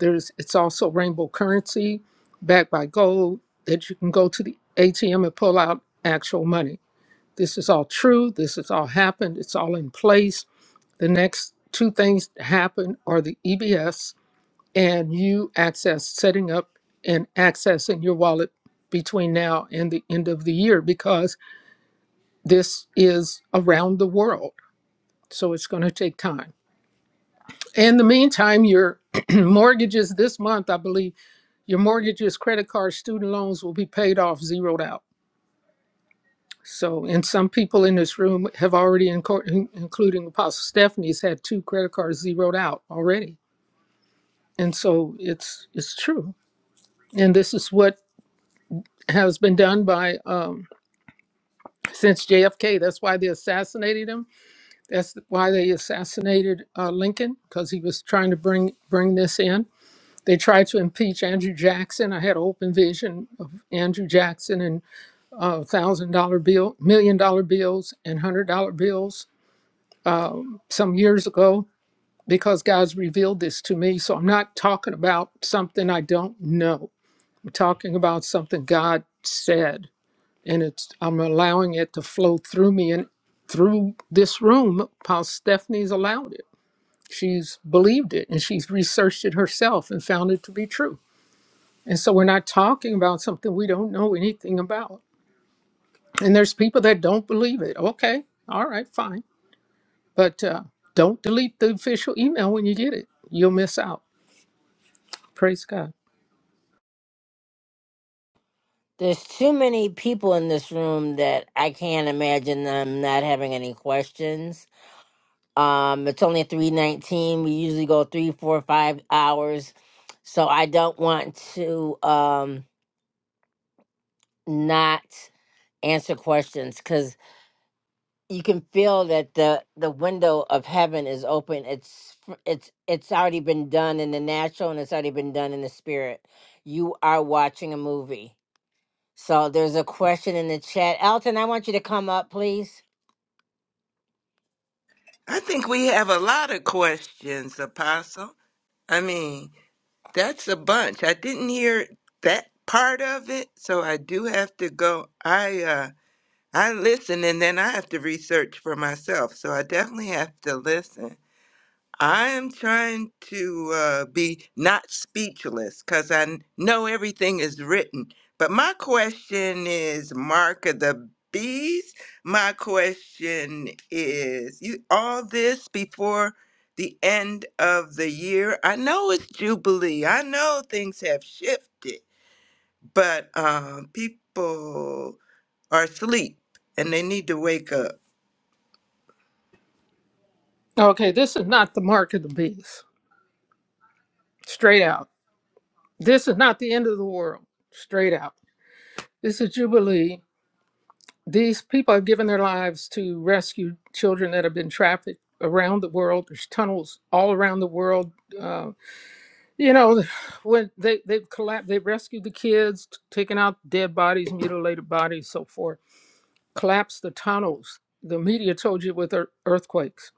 [SPEAKER 4] There's, it's also rainbow currency backed by gold that you can go to the ATM and pull out actual money. This is all true. This has all happened. It's all in place. The next two things to happen are the EBS and you access setting up and accessing your wallet between now and the end of the year because this is around the world. So it's going to take time. In the meantime, your mortgages this month, I believe, your mortgages, credit cards, student loans will be paid off, zeroed out So, and some people in this room have already, inco- including Apostle Stephanie's, had two credit cards zeroed out already. And so it's it's true. And this is what has been done by um, since JFK. That's why they assassinated him. That's why they assassinated uh, Lincoln because he was trying to bring bring this in. They tried to impeach Andrew Jackson. I had an open vision of Andrew Jackson and uh, thousand dollar bill, million dollar bills, and hundred dollar bills some years ago because God's revealed this to me. So I'm not talking about something I don't know. I'm talking about something God said, and it's I'm allowing it to flow through me and through this room. How Stephanie's allowed it. She's believed it and she's researched it herself and found it to be true. And so we're not talking about something we don't know anything about. And there's people that don't believe it. Okay, all right, fine. But uh, don't delete the official email when you get it. You'll miss out. Praise God.
[SPEAKER 1] there's too many people in this room that I can't imagine them not having any questions. Um, it's only 319. We usually go three, four, five hours. So I don't want to. Um, not answer questions because you can feel that the the window of heaven is open it's f- it's it's already been done in the natural and it's already been done in the spirit you are watching a movie so there's a question in the chat elton i want you to come up please
[SPEAKER 14] I think we have a lot of questions, Apostle. I mean, that's a bunch. I didn't hear that part of it, so I do have to go. I uh, I listen and then I have to research for myself, so I definitely have to listen. I am trying to uh, be not speechless because I n- know everything is written. But my question is Mark of the Beast. My question is you all this before the end of the year. I know it's Jubilee. I know things have shifted, but um, people are asleep and they need to wake up.
[SPEAKER 4] Okay, this is not the mark of the beast. Straight out. This is not the end of the world. Straight out. This is Jubilee. These people have given their lives to rescue children that have been trafficked around the world. There's tunnels all around the world. Uh, you know, when they, they've collapsed, they've rescued the kids, t- taken out dead bodies, mutilated bodies, so forth, collapsed the tunnels. The media told you with ear- earthquakes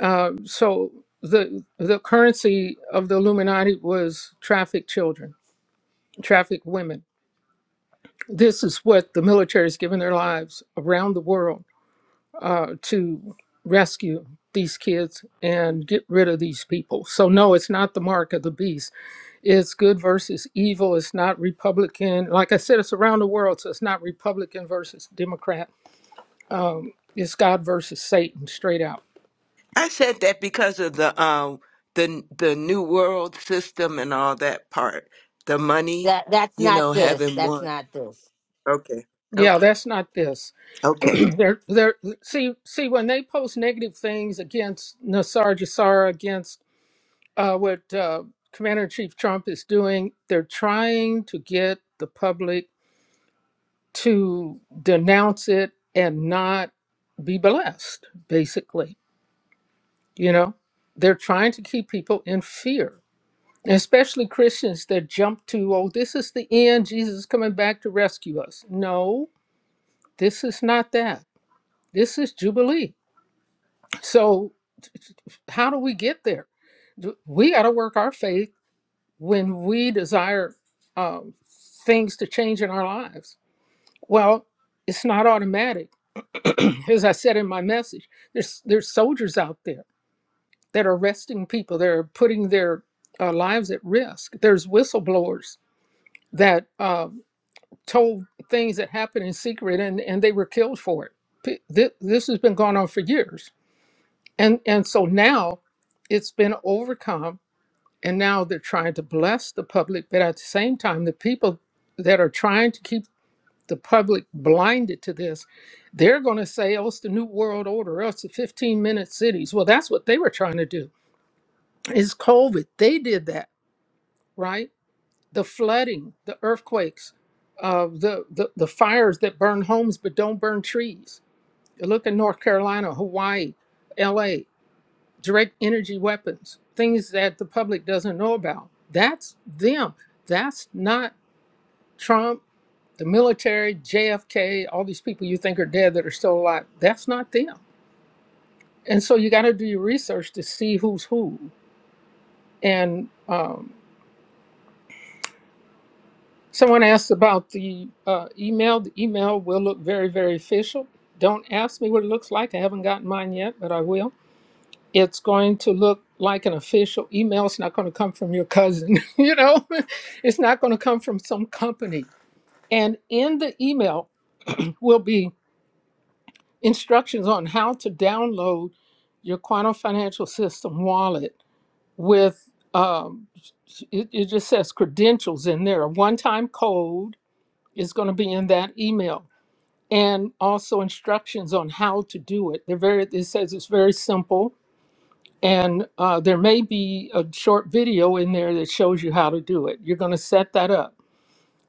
[SPEAKER 4] Uh, so the the currency of the Illuminati was trafficked children, trafficked women. This is what the military has given their lives around the world uh, to rescue these kids and get rid of these people. So no, it's not the mark of the beast. It's good versus evil. It's not Republican. Like I said, it's around the world, so it's not Republican versus Democrat. Um, it's God versus Satan, straight out.
[SPEAKER 14] I said that because of the um the the new world system and all that part. The money,
[SPEAKER 1] that that's
[SPEAKER 14] you
[SPEAKER 1] not
[SPEAKER 14] know,
[SPEAKER 1] this
[SPEAKER 14] having
[SPEAKER 1] that's
[SPEAKER 14] one.
[SPEAKER 1] not this
[SPEAKER 14] Okay.
[SPEAKER 4] Yeah,
[SPEAKER 14] Okay.
[SPEAKER 4] that's not this.
[SPEAKER 14] Okay.
[SPEAKER 4] they're they're see see when they post negative things against Nassar Jassara against uh, what uh, Commander in Chief Trump is doing, they're trying to get the public to denounce it and not be blessed. Basically, you know, they're trying to keep people in fear, especially Christians that jump to, "Oh, this is the end. Jesus is coming back to rescue us." No, this is not that. This is Jubilee. So how do we get there? Do- We got to work our faith when we desire um, things to change in our lives. Well, it's not automatic. As I said in my message, there's there's soldiers out there that are arresting people. They're putting their uh, lives at risk. There's whistleblowers that uh, told things that happened in secret, and and they were killed for it. P- thi- This has been going on for years, and and so now it's been overcome And now they're trying to bless the public, but at the same time, the people that are trying to keep the public blinded to this, they're going to say, oh, it's the New World Order, oh, it's the 15 minute cities. Well, that's what they were trying to do. It's COVID. They did that, right? The flooding, the earthquakes, uh, the, the, the fires that burn homes but don't burn trees. You look at North Carolina, Hawaii, LA direct energy weapons, things that the public doesn't know about. That's them. That's not Trump, the military, JFK, all these people you think are dead that are still alive. That's not them. And so you got to do your research to see who's who. And um, someone asked about the uh, email. The email will look very, very official. Don't ask me what it looks like. I haven't gotten mine yet, but I will. it's going to look like an official email. It's not going to come from your cousin, you know, it's not going to come from some company. And in the email will be instructions on how to download your Quantum Financial System wallet with, um, it, it just says credentials in there. A one time code is going to be in that email and also instructions on how to do it. They're very, it says it's very simple And uh, there may be a short video in there that shows you how to do it. You're going to set that up.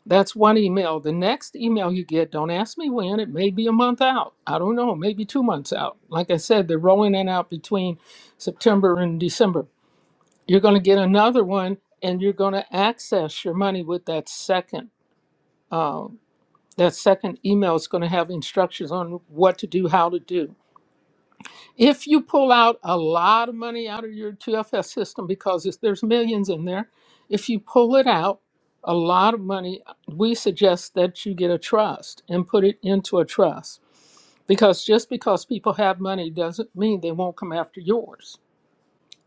[SPEAKER 4] That's one email. The next email you get, don't ask me when, it may be a month out. I don't know, maybe two months out. Like I said, they're rolling it out between September and December. You're going to get another one and you're going to access your money with that second. Uh, that second email is going to have instructions on what to do, how to do. If you pull out a lot of money out of your 2FS system, because it's, there's millions in there, if you pull it out, a lot of money, we suggest that you get a trust and put it into a trust. Because just because people have money doesn't mean they won't come after yours.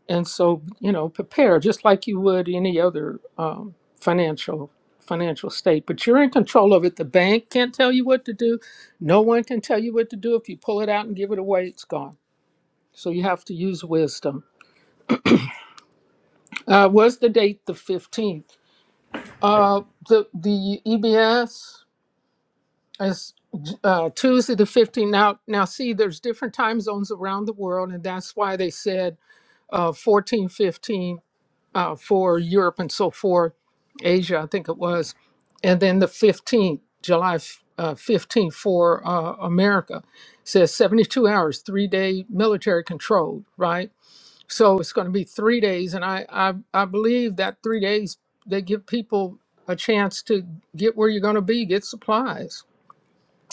[SPEAKER 4] And so, you know, prepare just like you would any other um, financial financial state. But you're in control of it. The bank can't tell you what to do. No one can tell you what to do. If you pull it out and give it away, it's gone. So you have to use wisdom. Uh, was the date the 15th? Uh, the, the EBS is uh, Tuesday the 15th. Now, now see, there's different time zones around the world, and that's why they said uh, 14, fifteen uh, for Europe and so forth, Asia, I think it was, and then the 15th, July uh, 15th for uh, America. says 72 hours, three day military control, right? so it's going to be three days and I, I i believe that three days they give people a chance to get where you're going to be get supplies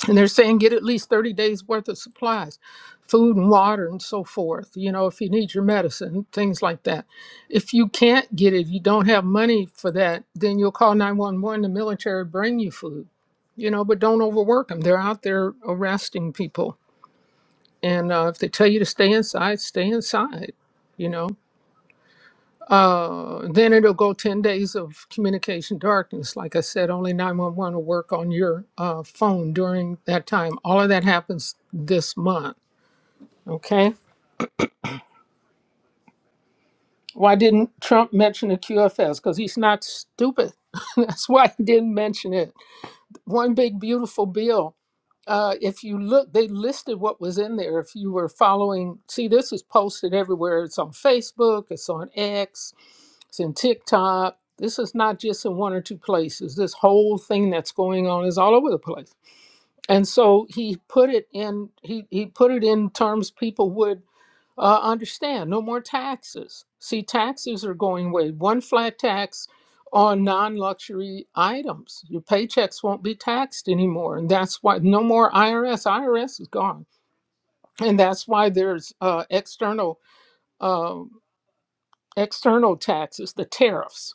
[SPEAKER 4] and they're saying get at least 30 days worth of supplies food and water and so forth you know if you need your medicine things like that if you can't get it you don't have money for that then you'll call 911 the military bring you food you know but don't overwork them they're out there arresting people and uh, if they tell you to stay inside stay inside you know uh, then it'll go 10 days of communication darkness. Like I said, only 911 will work on your uh, phone during that time. All of that happens this month. Okay. Why didn't Trump mention the QFS? Because he's not stupid. That's why he didn't mention it. One big, beautiful bill. Uh, if you look, they listed what was in there. If you were following, see, this is posted everywhere. It's on Facebook, it's on X, It's in TikTok. This is not just in one or two places. This whole thing that's going on is all over the place. And so he put it in he, he put it in terms people would uh, understand. No more taxes. See, taxes are going away. One flat tax on non-luxury items. Your paychecks won't be taxed anymore. And that's why no more IRS. IRS is gone. And that's why there's uh, external um external taxes, the tariffs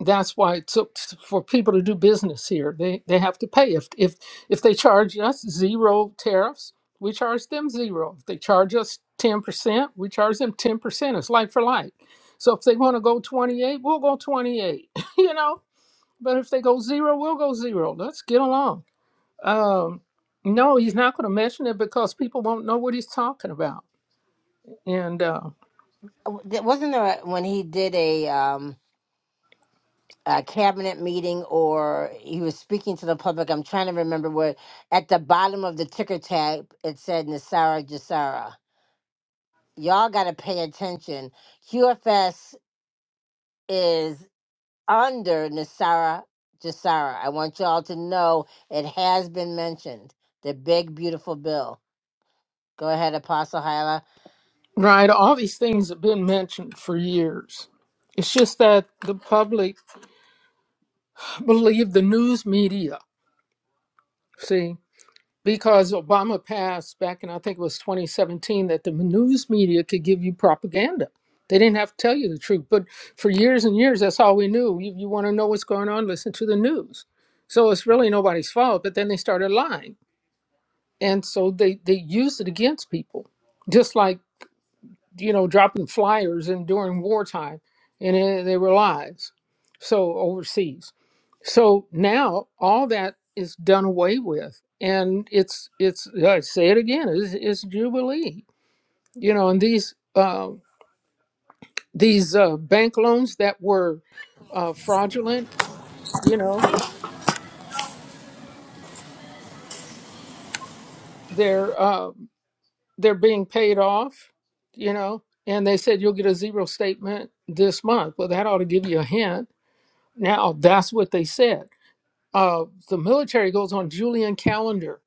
[SPEAKER 4] that's why it took for people to do business here. They they have to pay. If if if they charge us zero tariffs, we charge them zero. If they charge us ten percent, we charge them ten percent. It's like for like. So if they want to go twenty eight, we'll go twenty eight. you know. But if they go zero, we'll go zero. Let's get along. Um, no, he's not going to mention it because people won't know what he's talking about. And uh,
[SPEAKER 1] Uh, w- th- wasn't there a- when he did a um a cabinet meeting or he was speaking to the public. I'm trying to remember where at the bottom of the ticker tag it said Nasara Jasara. Y'all got to pay attention. QFS is under Nasara Jasara. I want y'all to know it has been mentioned. The big beautiful bill. Go ahead, Apostle Hyla.
[SPEAKER 4] right, all these things have been mentioned for years. It's just that the public believe the news media. See, because Obama passed back in, I think it was 2017, that the news media could give you propaganda. They didn't have to tell you the truth. But for years and years, that's all we knew. You, you want to know what's going on, listen to the news. So it's really nobody's fault. But then they started lying. And so they, they used it against people. Just like you know, dropping flyers and during wartime, and it, they were lives. So overseas, so now all that is done away with, and it's it's I say it again, it's, it's jubilee. You know, and these uh, these uh, bank loans that were uh, fraudulent, you know, they're uh, they're being paid off, you know, and they said you'll get a zero statement this month. Well, that ought to give you a hint. Now that's what they said uh, the military goes on Julian calendar.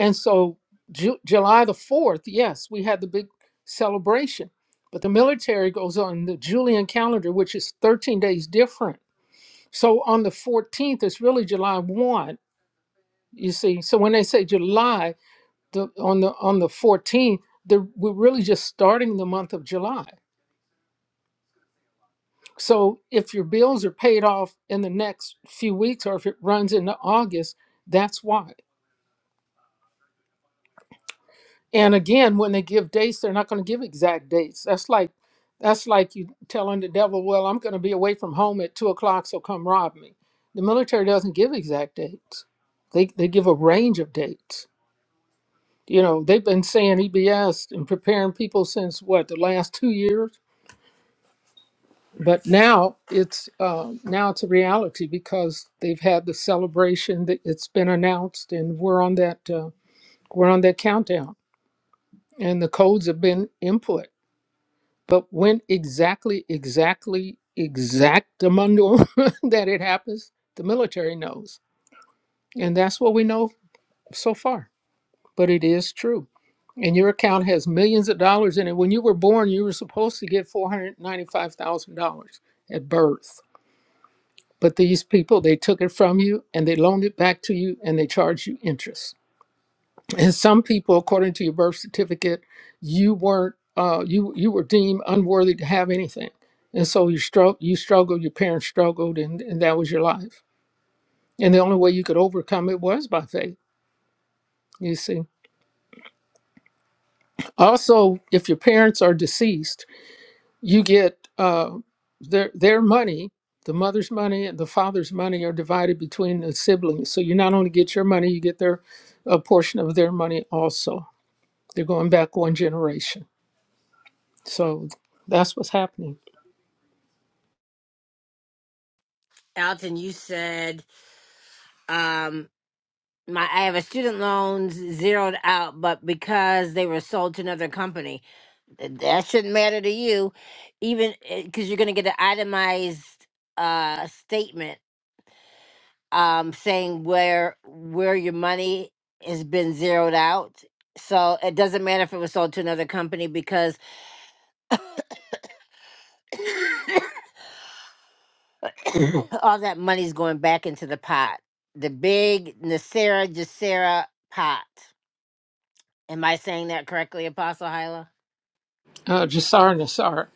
[SPEAKER 4] And so Ju- July the 4th, yes, we had the big celebration, but the military goes on the Julian calendar, which is 13 days different. So on the 14th, it's really July 1, you see. So when they say July, the, on the on the 14th, they're, we're really just starting the month of July. So if your bills are paid off in the next few weeks or if it runs into August, that's why. And again, when they give dates, they're not going to give exact dates. That's like that's like you telling the devil, "Well, I'm going to be away from home at two o'clock, so come rob me." The military doesn't give exact dates. They they give a range of dates. You know, they've been saying EBS and preparing people since what the last two years, but now it's uh, now it's a reality because they've had the celebration that it's been announced, and we're on that uh, we're on that countdown, and the codes have been input But when exactly, exactly, exactamundo that it happens, the military knows. And that's what we know so far. But it is true. And your account has millions of dollars in it. When you were born, you were supposed to get $495,000 at birth. But these people, they took it from you and they loaned it back to you and they charged you interest. and some people according to your birth certificate you weren't uh, you you were deemed unworthy to have anything and so you struggle you struggled your parents struggled and, and that was your life and the only way you could overcome it was by faith you see also if your parents are deceased you get uh, their their money the mother's money and the father's money are divided between the siblings so you not only get your money you get their a portion of their money also they're going back one generation So that's what's happening.
[SPEAKER 1] Alton, you said um, my I have a student loans zeroed out, but because they were sold to another company. that shouldn't matter to you even because you're going to get an itemized uh statement um saying where where your money has been zeroed out so it doesn't matter if it was sold to another company because all that money's going back into the pot the big nasera jacera pot am i saying that correctly apostle hyla
[SPEAKER 4] Uh, Jasarnassar.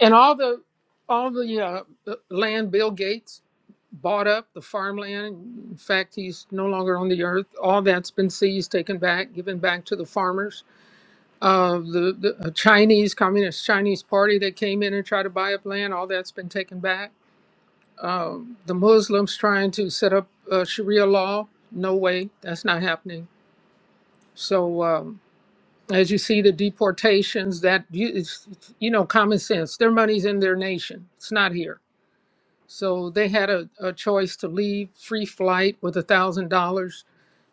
[SPEAKER 4] And all the all the uh, the land Bill Gates bought up, the farmland, in fact, he's no longer on the earth. All that's been seized, taken back, given back to the farmers. Uh, the the uh, Chinese Communist Chinese Party that came in and tried to buy up land, all that's been taken back. The Muslims trying to set up uh, Sharia law, no way, that's not happening. So. Um, As you see the deportations, that you, it's, you know, common sense. Their money's in their nation. It's not here. So they had a, a choice to leave free flight with a thousand dollars.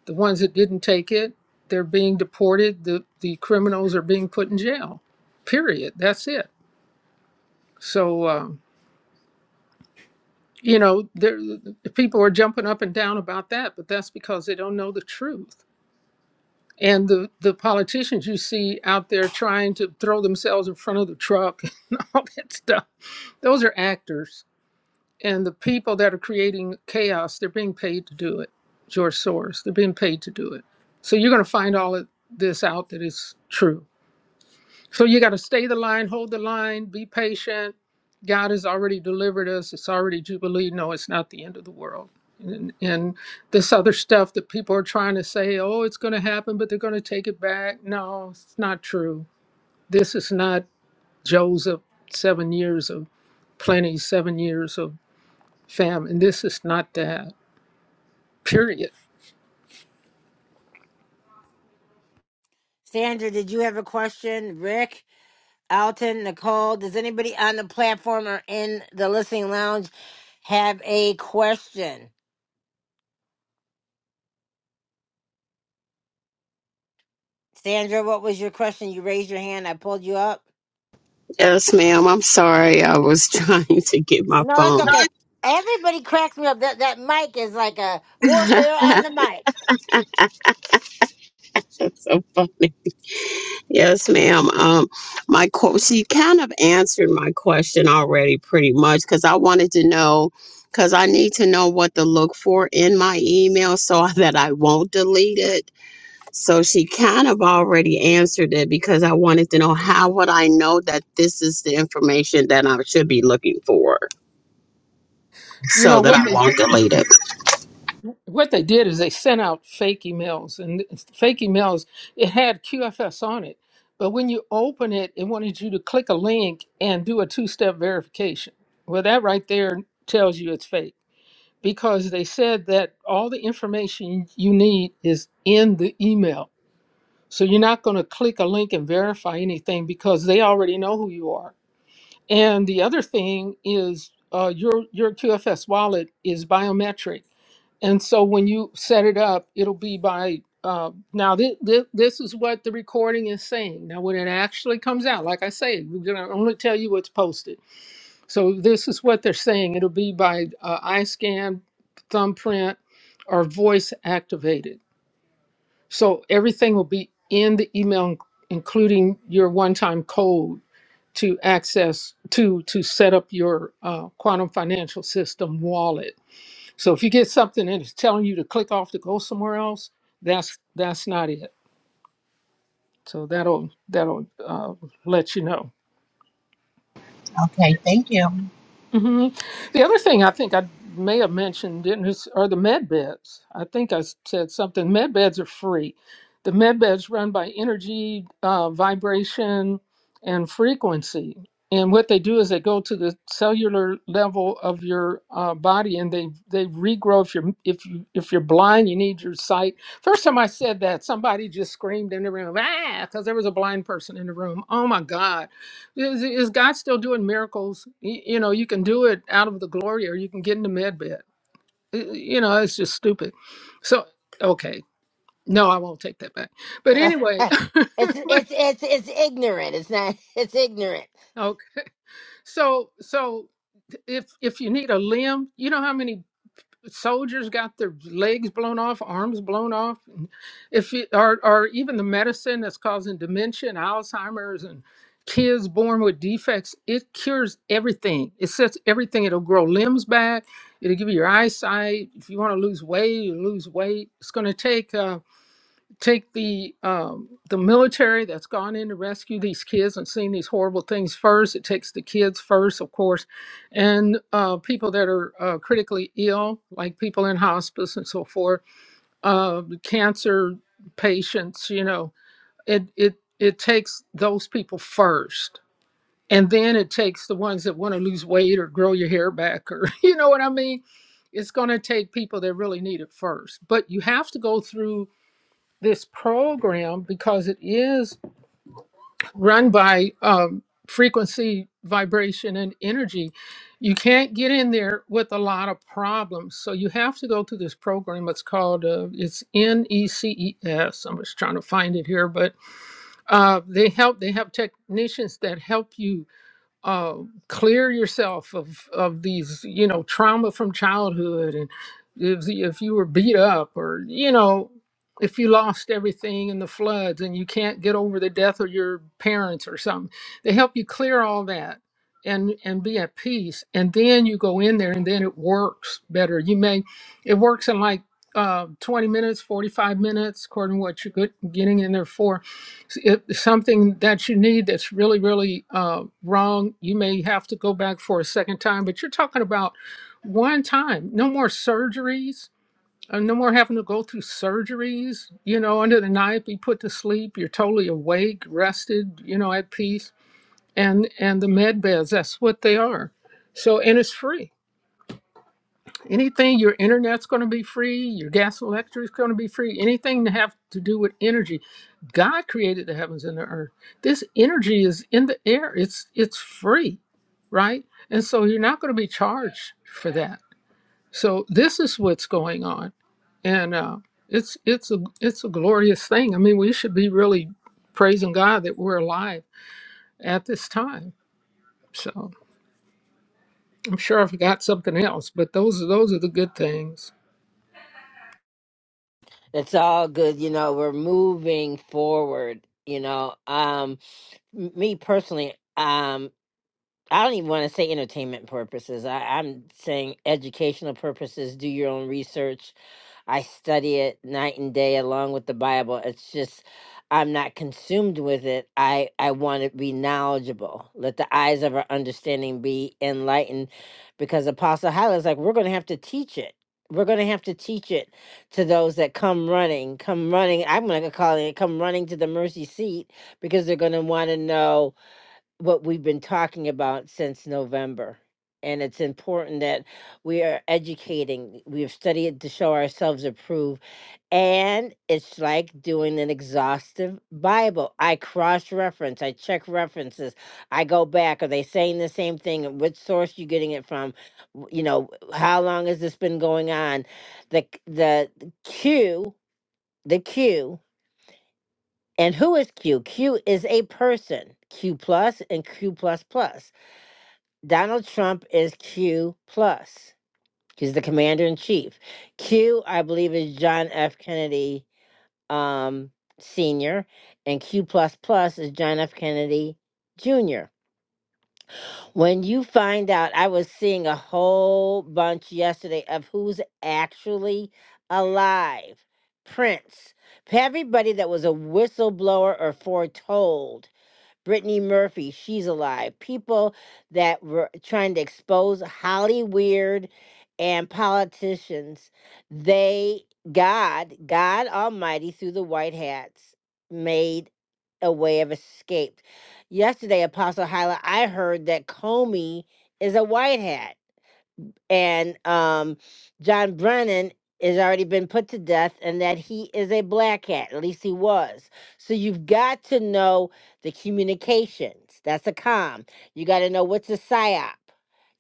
[SPEAKER 4] The ones that didn't take it, they're being deported. The the criminals are being put in jail. Period. That's it. So um, you know, there the people are jumping up and down about that, but that's because they don't know the truth. And the, the politicians you see out there trying to throw themselves in front of the truck and all that stuff, those are actors. And the people that are creating chaos, they're being paid to do it. George Soros, they're being paid to do it. So you're going to find all of this out that is true. So you got to stay the line, hold the line, be patient. God has already delivered us. It's already Jubilee. No, it's not the end of the world. And, and this other stuff that people are trying to say, oh, it's going to happen, but they're going to take it back. No, it's not true. This is not Joseph, seven years of plenty, seven years of famine. This is not that, period.
[SPEAKER 1] sandra did you have a question rick Alton, Nicole, does anybody on the platform or in the listening lounge have a question? Sandra, what was your question? You raised your hand. I pulled you up.
[SPEAKER 17] Yes, ma'am. I'm sorry. I was trying to get my
[SPEAKER 1] No, that's
[SPEAKER 17] phone.
[SPEAKER 1] okay. Everybody cracks me up. That that mic is like a warfare on the mic.
[SPEAKER 17] That's so funny. Yes, ma'am. Um, my qu- she kind of answered my question already, pretty much, because I wanted to know, because I need to know what to look for in my email so that I won't delete it. So she kind of already answered it because I wanted to know how would I know that this is the information that I should be looking for
[SPEAKER 4] You
[SPEAKER 17] so
[SPEAKER 4] know
[SPEAKER 17] that I
[SPEAKER 4] what? they.
[SPEAKER 17] won't delete it.
[SPEAKER 4] what they did is they sent out fake emails and th- fake emails it had qfs on it but when you open it it wanted you to click a link and do a two-step verification well that right there tells you it's fake because they said that all the information you need is in the email so you're not going to click a link and verify anything because they already know who you are and the other thing is uh, your your qfs wallet is biometric and so when you set it up, it'll be by uh, now. This, this is what the recording is saying. Now, when it actually comes out, like I say, we're gonna only tell you what's posted. So this is what they're saying. It'll be by uh, eye scan, thumbprint, or voice activated. So everything will be in the email, including your one-time code to access to to set up your uh, quantum financial system wallet so if you get something and it's telling you to click off to go somewhere else, that's that's not it. So that'll that'll uh, let you know.
[SPEAKER 17] Okay, thank you.
[SPEAKER 4] hmm The other thing I think I may have mentioned didn't is- are the med beds. I think I s- said something. Med beds are free. The med beds run by energy, uh, vibration, and frequency. And what they do is they go to the cellular level of your uh, body, and they they regrow. If you're if you if you're blind, you need your sight. First time I said that, somebody just screamed in the room, ah, because there was a blind person in the room. Oh my God! Is, is God still doing miracles? Y- You know, you can do it out of the glory or you can get in the med bed. Y- You know, it's just stupid. So, okay. No, I won't take that back. But anyway,
[SPEAKER 1] it's
[SPEAKER 4] but,
[SPEAKER 1] it's it's it's ignorant. It's not. It's ignorant.
[SPEAKER 4] okay. So, so if if you need a limb, you know how many soldiers got their legs blown off, arms blown off. and If it, or or even the medicine that's causing dementia and Alzheimer's and kids born with defects, it cures everything. It sets everything. It'll grow limbs back. It'll give you your eyesight. If you want to lose weight, you lose weight. It's going to take. uh, take the um, the military that's gone in to rescue these kids and seen these horrible things first. It takes the kids first, of course, and uh, people that are uh, critically ill, like people in hospice and so forth, uh, cancer patients. You know, it it it takes those people first. And then it takes the ones that want to lose weight or grow your hair back, or you know what I mean? It's going to take people that really need it first. But you have to go through this program because it is run by um, frequency, vibration, and energy. You can't get in there with a lot of problems, so you have to go through this program. It's called uh, it's N E C E S. I'm just trying to find it here, but uh, they help. They have technicians that help you uh, clear yourself of of these you know trauma from childhood and if, if you were beat up or you know if you lost everything in the floods and you can't get over the death of your parents or something they help you clear all that and and be at peace and then you go in there and then it works better you may it works in like uh, 20 minutes 45 minutes according to what you're good, getting in there for if something that you need that's really, really uh, wrong, you may have to go back for a second time, but you're talking about one time, no more surgeries. uh, No more having to go through surgeries, you know, under the knife, be put to sleep. You're totally awake, rested, you know, at peace. And and the med beds, that's what they are. So and it's free anything your internet's going to be free your gas and electric's going to be free anything to have to do with energy god created the heavens and the earth this energy is in the air it's it's free right and so you're not going to be charged for that so this is what's going on and uh, it's it's a it's a glorious thing i mean we should be really praising god that we're alive at this time so i'm sure i forgot something else but those are those are the good things
[SPEAKER 1] It's all good. You know, we're moving forward. You know, um, m- me personally. Um, I don't even want to say entertainment purposes. I, I'm saying educational purposes. Do your own research. I study it night and day along with the Bible. It's just I'm not consumed with it. I, I want to be knowledgeable. Let the eyes of our understanding be enlightened because Apostle Hyla is like, we're going to have to teach it. We're going to have to teach it to those that come running, come running. I'm going to call it come running to the mercy seat because they're going to want to know what we've been talking about since November. And it's important that we are educating. We have studied to show ourselves approved. And it's like doing an exhaustive Bible. I cross reference, I check references, I go back. Are they saying the same thing? And Which source you getting it from? W- You know, how long has this been going on? The c- the the Q, the Q, and who is Q? Q is a person. Q plus and Q plus plus Donald Trump is Q plus. He's the commander in chief. Q, I believe, is John F. Kennedy um, Sr., and Q plus plus is John F. Kennedy Jr. When you find out, I was seeing a whole bunch yesterday of who's actually alive. Prince. Everybody that was a whistleblower or foretold Brittany Murphy, she's alive. People that were trying to expose Holly Weird and politicians, they, God, God Almighty, through the white hats, made a way of escape. Yesterday, Apostle Hyla, I heard that Comey is a white hat and um, John Brennan has already been put to death, and that he is a black hat. At least he was. So you've got to know the communications. That's a com. You got to know what's a psyop.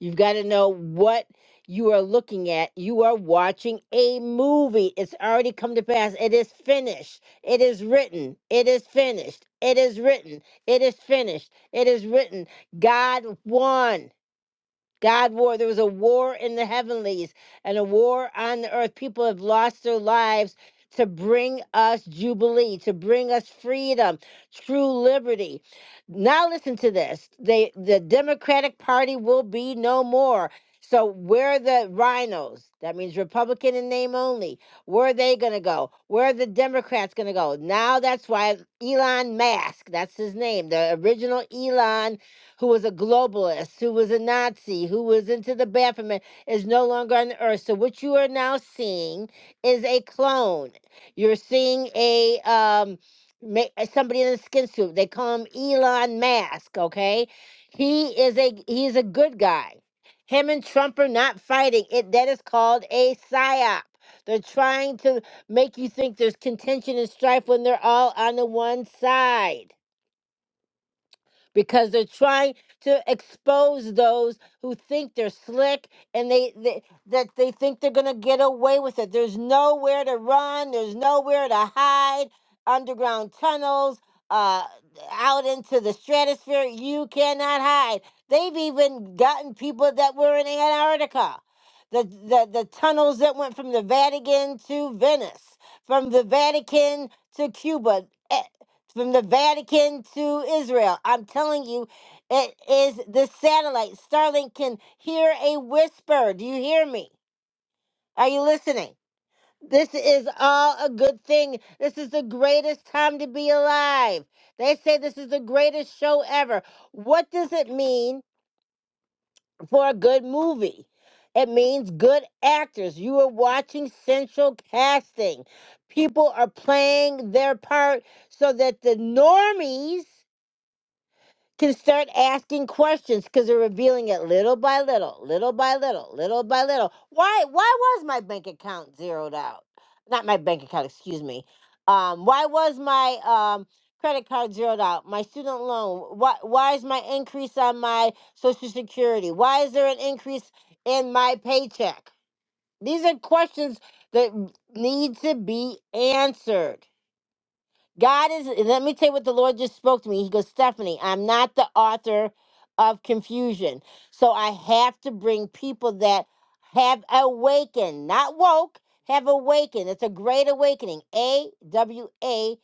[SPEAKER 1] You've got to know what you are looking at. You are watching a movie. It's already come to pass. It is finished. It is written. It is finished. It is written. It is finished. It is written. God won. God war. There was a war in the heavenlies and a war on the earth. People have lost their lives to bring us jubilee, to bring us freedom, true liberty. Now listen to this. They the Democratic Party will be no more. So where are the rhinos? That means Republican in name only. Where are they gonna go? Where are the Democrats gonna go? Now that's why Elon Musk, that's his name, the original Elon who was a globalist, who was a Nazi, who was into the bathroom, and is no longer on the earth. So what you are now seeing is a clone. You're seeing a um ma- somebody in a skin suit. They call him Elon Musk. Okay, he is a he is a good guy. Him and Trump are not fighting. It that is called a psyop. They're trying to make you think there's contention and strife when they're all on the one side because they're trying to expose those who think they're slick and they, they that they think they're going to get away with it. There's nowhere to run, there's nowhere to hide. Underground tunnels, uh out into the stratosphere, you cannot hide. They've even gotten people that were in Antarctica. The, the the tunnels that went from the Vatican to Venice, from the Vatican to Cuba. eh, from the Vatican to Israel. I'm telling you, it is the satellite. Starlink can hear a whisper. Do you hear me? Are you listening? This is all a good thing. This is the greatest time to be alive. They say this is the greatest show ever. What does it mean for a good movie? It means good actors. You are watching central casting. People are playing their part so that the normies can start asking questions because they're revealing it little by little, little by little, little by little. Why why was my bank account zeroed out? Not my bank account, excuse me. Um, why was my um credit card zeroed out? My student loan. Why why is my increase on my social security? Why is there an increase in my paycheck? These are questions that need to be answered. God is, let me tell you what the Lord just spoke to me. He goes, Stephanie, I'm not the author of confusion. So I have to bring people that have awakened, not woke, have awakened. It's a great awakening. A W A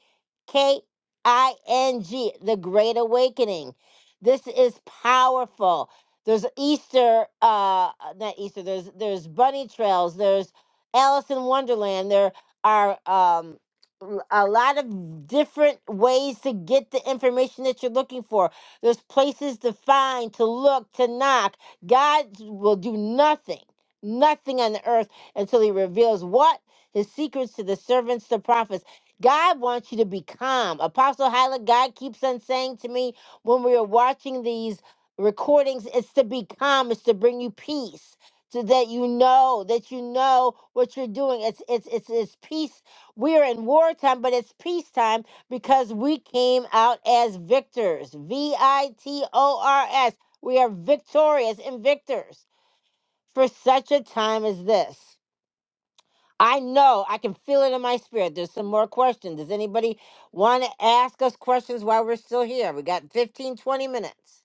[SPEAKER 1] K I N G, the great awakening. This is powerful. There's Easter, uh, not Easter, there's, there's bunny trails, there's Alice in Wonderland, there are, um, l- a lot of different ways to get the information that you're looking for. There's places to find, to look, to knock. God will do nothing, nothing on the earth until he reveals what? His secrets to the servants, the prophets. God wants you to be calm. Apostle Hyla, God keeps on saying to me when we are watching these recordings, it's to be calm, it's to bring you peace. So that you know that you know what you're doing. It's it's it's it's peace we are in wartime, but it's peacetime because we came out as victors. V I T O R S. We are victorious and victors for such a time as this. I know, I can feel it in my spirit. There's some more questions. Does anybody want to ask us questions while we're still here? We got fifteen, twenty minutes.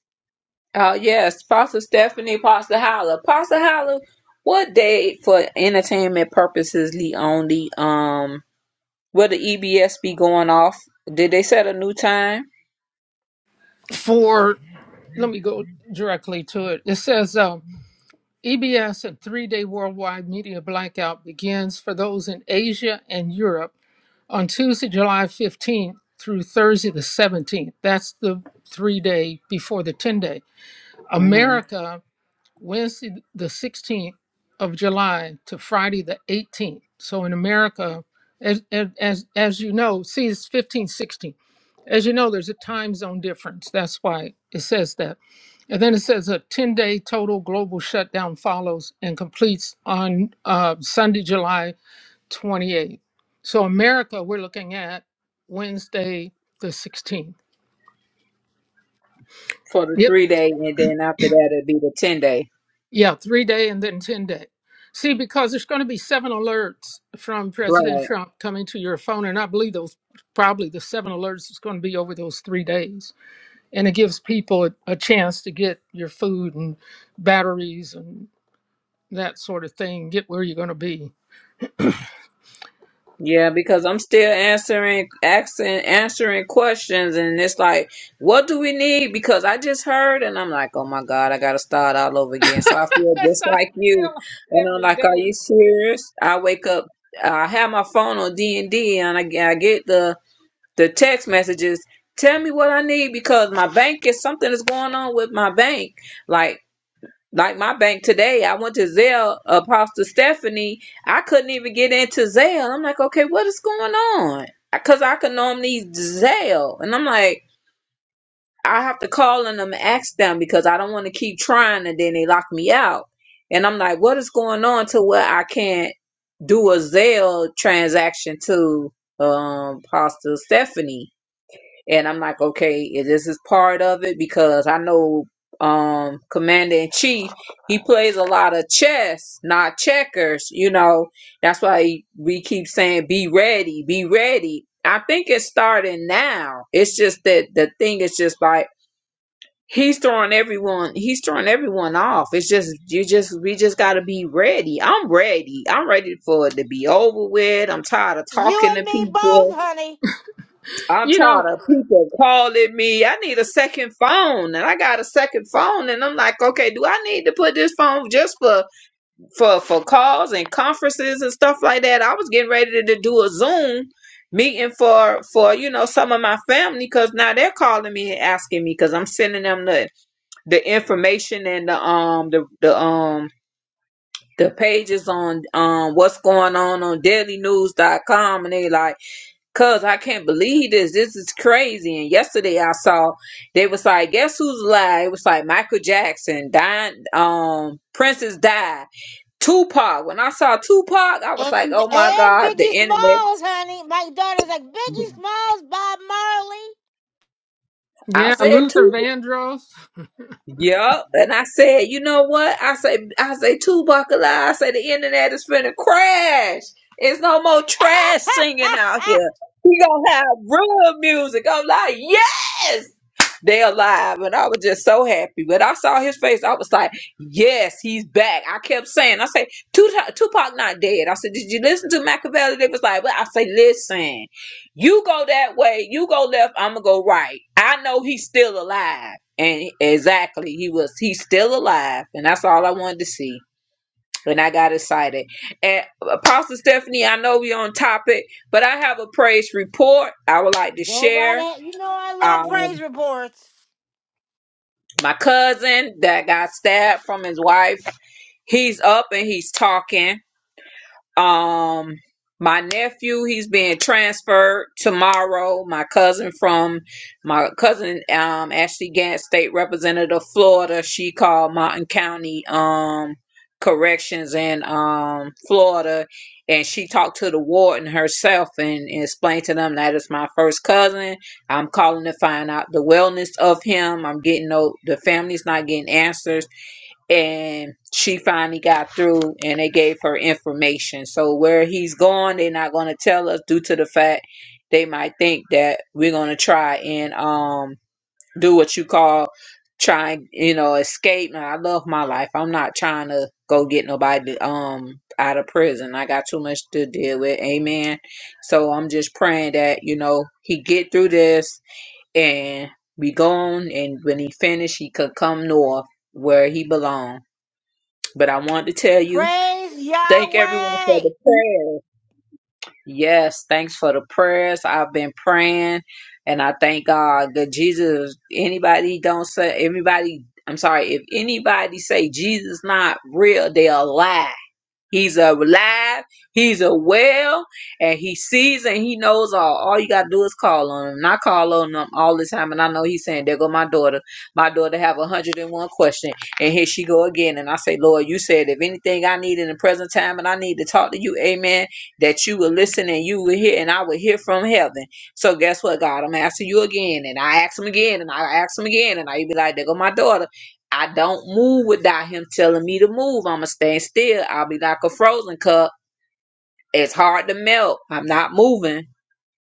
[SPEAKER 9] Oh, yes. Pastor Stephanie, Pastor Holla. Pastor Holla, what day for entertainment purposes only? Um, Will the EBS be going off? Did they set a new time?
[SPEAKER 4] for. let me go directly to it. It says uh, EBS, a three day worldwide media blackout, begins for those in Asia and Europe on Tuesday, July 15th through Thursday, the 17th. That's the three day before the 10 day.
[SPEAKER 9] hmm
[SPEAKER 4] America, Wednesday, the 16th of July to Friday, the 18th. So in America, as, as, as you know, see, it's 15, 16. As you know, there's a time zone difference. That's why it says that and then it says a 10 day total global shutdown follows and completes on uh, Sunday, July 28th. So, America, we're looking at Wednesday, the 16th.
[SPEAKER 9] For the
[SPEAKER 4] Yep.
[SPEAKER 9] three day, and then after that, it'd be the 10 day.
[SPEAKER 4] Yeah, three day and then 10 day. See, because there's going to be seven alerts from
[SPEAKER 9] Right.
[SPEAKER 4] President Trump coming to your phone. And I believe those probably the seven alerts is going to be over those three days. And it gives people a, a chance to get your food and batteries and that sort of thing, get where you're going to be
[SPEAKER 9] Yeah, because I'm still answering, asking, answering questions, and it's like, what do we need? Because I just heard, and I'm like, oh my God, I gotta start all over again. So I feel
[SPEAKER 4] That's
[SPEAKER 9] just
[SPEAKER 4] how
[SPEAKER 9] like
[SPEAKER 4] I
[SPEAKER 9] you,
[SPEAKER 4] feel
[SPEAKER 9] and I'm
[SPEAKER 4] every
[SPEAKER 9] like, are
[SPEAKER 4] day.
[SPEAKER 9] you serious? I wake up, I have my phone on D and D, and I, get- I get the the text messages. Tell me what I need because my bank is something is going on with my bank. Like like my bank today, I went to Zelle, Apostle Stephanie. I couldn't even get into Zelle. I'm like, okay, what is going on? Because I can normally Zelle. And I'm like, I have to call on them and um, ask them because I don't want to keep trying and then they lock me out. And I'm like, what is going on to where I can't do a Zelle transaction to um, Apostle Stephanie? and I'm like, okay, is this is part of it because I know um commander in chief he plays a lot of chess not checkers you know that's why he- we keep saying be ready be ready i think it's starting now it's just that the thing is just like he's throwing everyone he's throwing everyone off it's just you just we just got to be ready i'm ready i'm ready for it to be over with i'm tired of
[SPEAKER 1] You
[SPEAKER 9] talking
[SPEAKER 1] and
[SPEAKER 9] to
[SPEAKER 1] me
[SPEAKER 9] people
[SPEAKER 1] both, honey.
[SPEAKER 9] I'm
[SPEAKER 4] You know,
[SPEAKER 9] tired of people calling me. I need a second phone, and I got a second phone, and I'm like, okay, do I need to put this phone just for for for calls and conferences and stuff like that? I was getting ready to do a Zoom meeting for for you know some of my family because now they're calling me and asking me because I'm sending them the the information and the um the the um the pages on um what's going on on dailynews.com and they like Cause I can't believe this. This is crazy. And yesterday I saw they was like, guess who's alive? It was like Michael Jackson, dying, um, Princess died. Tupac. When I saw Tupac, I was
[SPEAKER 1] And,
[SPEAKER 9] like, oh my
[SPEAKER 1] and
[SPEAKER 9] God, the
[SPEAKER 1] Biggie
[SPEAKER 9] internet.
[SPEAKER 1] Smalls, honey. My daughter's like, Biggie Smalls, Bob
[SPEAKER 9] I
[SPEAKER 4] yeah,
[SPEAKER 9] said Tupac.
[SPEAKER 4] Luther Vandross.
[SPEAKER 9] Yep. And I said, you know what? I say, I say, two buckle. I say, the internet is finna crash. It's no more trash singing
[SPEAKER 1] Marley.
[SPEAKER 9] out here. We gonna have real music. I'm like, yes, they alive. And I was just so happy. But I saw his face. I was like, yes, he's back. I kept saying, I say, Tupac, Tupac not dead. I said, did you listen to Machiavelli? They was like, well, I say, listen. You go that way, you go left, I'm gonna go right. I know he's still alive. And exactly, he was he's still alive, and that's all I wanted to see. And I got excited. And Apostle Stephanie, I know we're on topic, but I have a praise report I would like to
[SPEAKER 1] Go right
[SPEAKER 9] share.
[SPEAKER 1] ahead. You know I love praise
[SPEAKER 9] Um,
[SPEAKER 1] reports.
[SPEAKER 9] my cousin that got stabbed from his wife, he's up and he's talking Um, my nephew, he's being transferred tomorrow. My cousin from my cousin, um, Ashley Gant, state representative, Florida. She called Martin County, um, corrections in um Florida, and she talked to the warden herself and, and explained to them that it's my first cousin. I'm calling to find out the wellness of him. I'm getting no, the family's not getting answers and she finally got through and they gave her information. So where he's going, they're not going to tell us due to the fact they might think that we're going to try and um do what you call trying, you know, escape. Now I love my life. I'm not trying to go get nobody um out of prison. I got too much to deal with. Amen. So I'm just praying that, you know, he get through this and be gone and when he finished, he could come north where he belongs but I wanted to tell you,
[SPEAKER 1] Praise
[SPEAKER 9] thank everyone for
[SPEAKER 1] Yahweh.
[SPEAKER 9] the prayers. Yes, thanks for the prayers. I've been praying and I thank God that Jesus, anybody don't say, anybody, I'm sorry, if anybody say Jesus not real, they're alive. He's alive, he's a well, and he sees and he knows all. All you gotta do is call on him. And I call on him all the time, and I know he's saying, There go my daughter. My daughter have a hundred and one question. And here she go again. And I say, Lord, you said if anything I need in the present time and I need to talk to you, amen, that you will listen and you will hear and I will hear from heaven. So guess what, God? I'm asking you again. And I ask him again and I ask him again. And I be like, There go my daughter. I don't move without him telling me to move. I'ma stand still. I'll be like a frozen cup. It's hard to melt. I'm not moving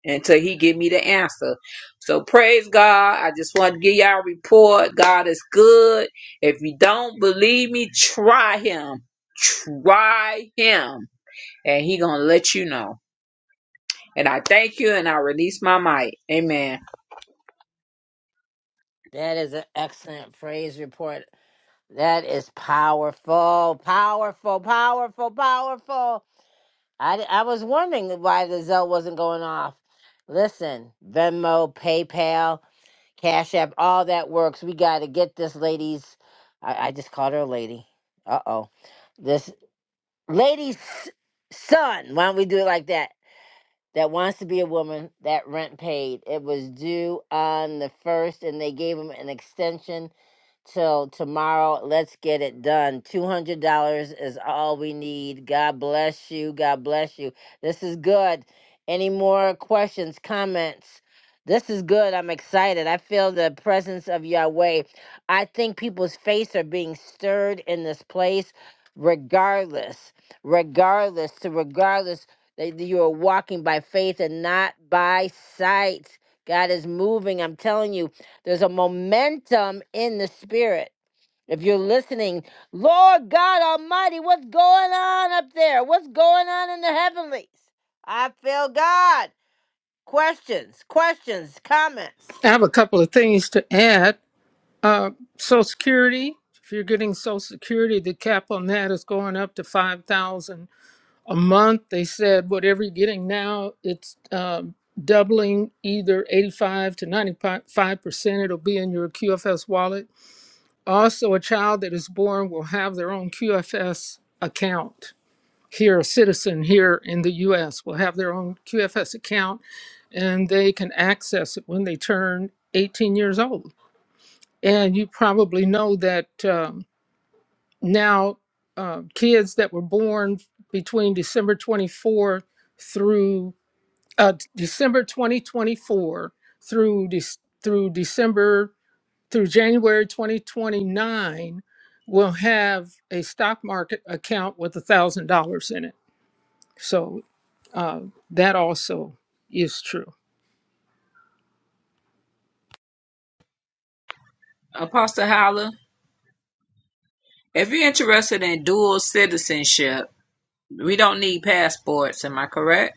[SPEAKER 9] until he give me the answer. So praise God. I just want to give y'all a report. God is good. If you don't believe me, try him. Try him. And he gonna let you know. And I thank you and I release my might. Amen.
[SPEAKER 1] That is an excellent praise report. That is powerful, powerful, powerful, powerful. I, I was wondering why the Zell wasn't going off. Listen, Venmo, PayPal, Cash App, all that works. We got to get this lady's. I, I just called her a lady. Uh oh. This lady's son. Why don't we do it like that? that wants to be a woman that rent paid. It was due on the first, and they gave him an extension till tomorrow. Let's get it done. $200 is all we need. God bless you. God bless you. This is good. Any more questions, comments? This is good. I'm excited. I feel the presence of Yahweh. I think people's faiths are being stirred in this place, regardless, regardless to regardless that you are walking by faith and not by sight. God is moving. I'm telling you, there's a momentum in the spirit. If you're listening, Lord God Almighty, what's going on up there? What's going on in the heavenlies? I feel God. Questions, questions, comments.
[SPEAKER 4] I have a couple of things to add. Uh, Social Security, if you're getting Social Security, the cap on that is going up to 5000 a month. They said whatever you're getting now, it's um, doubling either 85 to 95%. It'll be in your QFS wallet. Also, a child that is born will have their own QFS account here, a citizen here in the US will have their own QFS account and they can access it when they turn 18 years old. And you probably know that um, now uh, kids that were born between December 24 through uh, December 2024 through Dec through December through January 2029 will have a stock market account with $1,000 in it. So That also is true.
[SPEAKER 9] Apostle Holler, if you're interested in dual citizenship, we don't need passports, am I correct?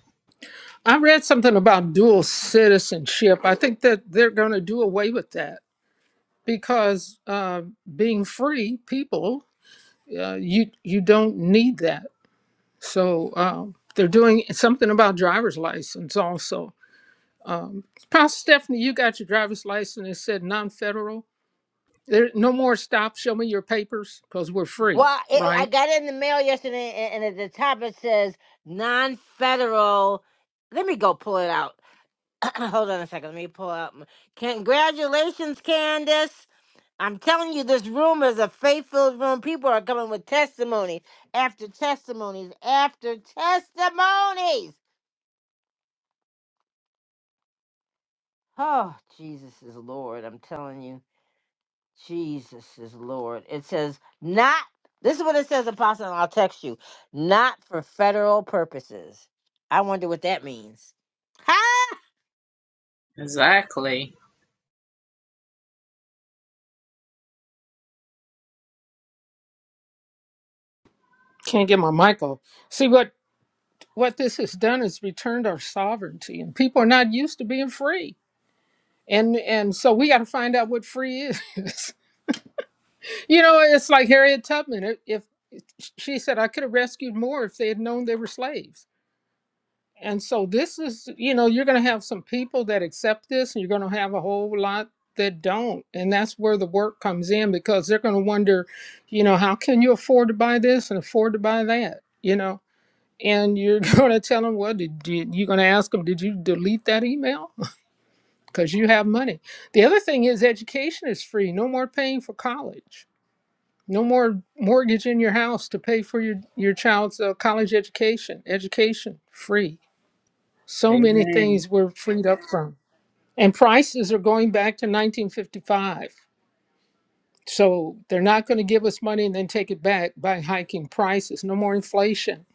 [SPEAKER 4] I read something about dual citizenship. I think that they're going to do away with that because uh, being free people, uh, you you don't need that. So um, they're doing something about driver's license also. Um, Pastor Stephanie, you got your driver's license. It said non-federal. There no more stop. Show me your papers because we're free,
[SPEAKER 1] Well, it, I
[SPEAKER 4] right?
[SPEAKER 1] got it in the mail yesterday, and, and at the top it says non federal. Let me go pull it out. Hold on a second. Let me pull out. My... Congratulations, Candace. I'm telling you, this room is a faith-filled room. People are coming with testimonies after testimonies after testimonies. Oh, Jesus is Lord. I'm telling you, Jesus is Lord. It says, not, this is what it says, Apostle, and I'll text you, not for federal purposes. I wonder what that means. Huh?
[SPEAKER 9] Exactly.
[SPEAKER 4] Can't get my mic off. See what? what this has done is returned our sovereignty and people are not used to being free and and so we got to find out what free is you know it's like harriet tubman if, if she said i could have rescued more if they had known they were slaves and so this is you know you're going to have some people that accept this and you're going to have a whole lot that don't and that's where the work comes in because they're going to wonder you know how can you afford to buy this and afford to buy that you know and you're going to tell them, well, did you, you're going to ask them, did you delete that email? Because you have money. The other thing is education is free. No more paying for college. No more mortgage in your house to pay for your, your child's uh, college education. Education free. So many
[SPEAKER 9] Amen.
[SPEAKER 4] things we're freed up from. And prices are going back to 1955. So they're not going to give us money and then take it back by hiking prices. No more inflation.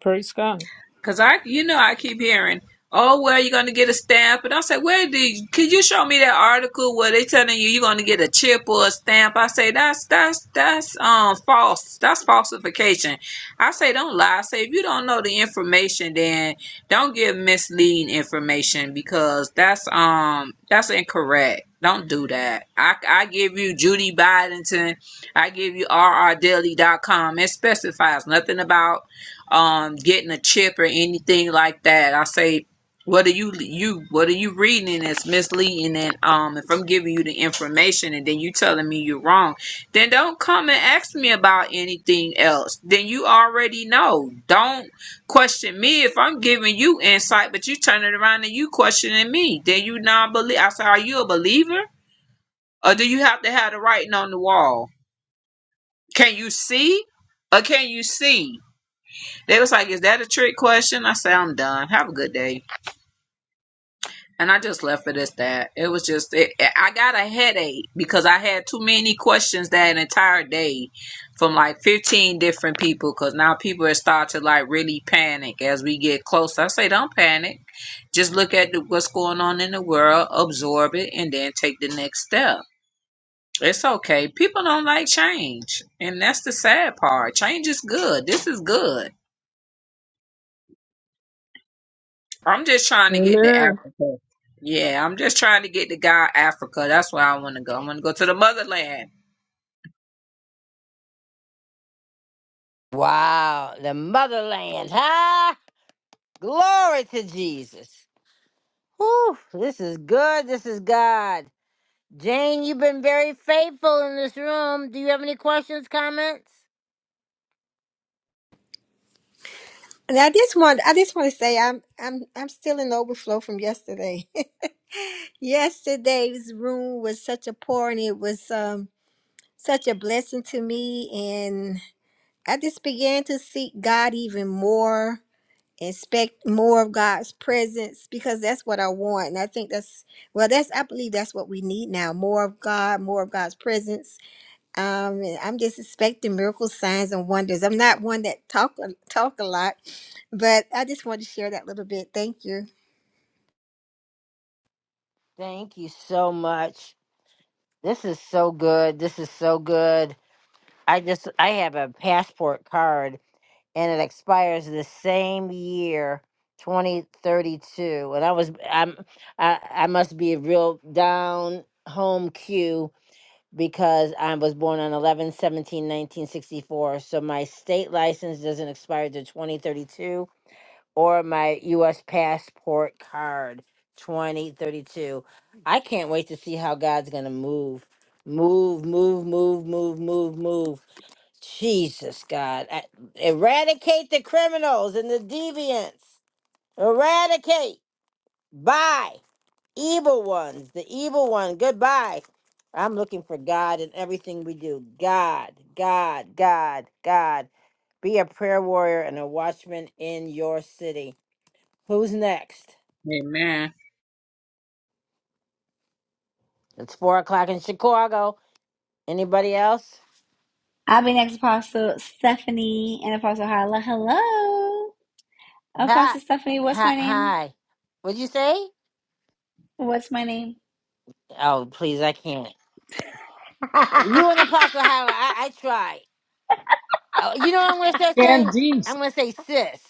[SPEAKER 4] Praise God.
[SPEAKER 9] Cause I, you know, I keep hearing, oh, well, you're gonna get a stamp, and I say, where did? You, could you show me that article where they telling you you're gonna get a chip or a stamp? I say that's that's that's um false. That's falsification. I say don't lie. I say if you don't know the information, then don't give misleading information because that's um that's incorrect. Don't do that. I, I give you Judy Bidenton. I give you rrdeli.com. It specifies nothing about um getting a chip or anything like that. I say, what are you you what are you reading that's misleading? And um, if I'm giving you the information and then you telling me you're wrong, then don't come and ask me about anything else. Then you already know. Don't question me if I'm giving you insight, but you turn it around and you questioning me. Then you not believe. I say, are you a believer or do you have to have the writing on the wall? Can you see or can you see? They was like, "Is that a trick question?" I said, "I'm done. Have a good day." And I just left it as that. It was just it, I got a headache because I had too many questions that entire day from like 15 different people. Because now people are starting to like really panic as we get closer. I say, "Don't panic. Just look at the, what's going on in the world, absorb it, and then take the next step." It's okay. People don't like change, and that's the sad part. Change is good. This is good I'm just trying to get to
[SPEAKER 4] Amen.
[SPEAKER 9] Africa. Yeah, I'm just trying to get to God Africa. That's where I want to go. I want to go to the motherland.
[SPEAKER 1] Wow, the motherland, huh? Glory to Jesus. Whew, this is good. This is God. Jane, you've been very faithful in this room. Do you have any questions, comments?
[SPEAKER 18] And I just want I just want to say I'm I'm I'm still in overflow from yesterday. Yesterday's room was such a pour and it was um such a blessing to me and I just began to seek God even more, expect more of God's presence because that's what I want. And I think that's well that's I believe that's what we need now. More of God, more of God's presence um, I'm just expecting miracles, signs, and wonders. I'm not one that talk a- talk a lot, but I just wanted to share that little bit. Thank you.
[SPEAKER 1] Thank you so much. This is so good. This is so good. I just I have a passport card and it expires the same year, 2032. And I was I'm I, I must be a real down home Q because I was born on 11 17 1964, So my state license doesn't expire to 2032 or my U.S. passport card 2032. I can't wait to see how God's going to move. Move, move, move, move, move, move. Jesus, God. I- Eradicate the criminals and the deviants. Eradicate. Bye evil ones, the evil one. Goodbye. I'm looking for God in everything we do. God, God, God, God. Be a prayer warrior and a watchman in your city. Who's next?
[SPEAKER 9] Amen.
[SPEAKER 1] It's four o'clock in Chicago. Anybody else?
[SPEAKER 19] I'll be next, Apostle Stephanie and Apostle Hala. Hello,
[SPEAKER 1] Hi,
[SPEAKER 19] Apostle Stephanie. What's
[SPEAKER 1] hi,
[SPEAKER 19] my name?
[SPEAKER 1] hi. What'd you say?
[SPEAKER 19] What's my name?
[SPEAKER 1] Oh, please, I can't. You and Apostle Hyla, I, I try. Oh, you know what I'm gonna start saying?
[SPEAKER 4] And
[SPEAKER 1] I'm gonna say sis.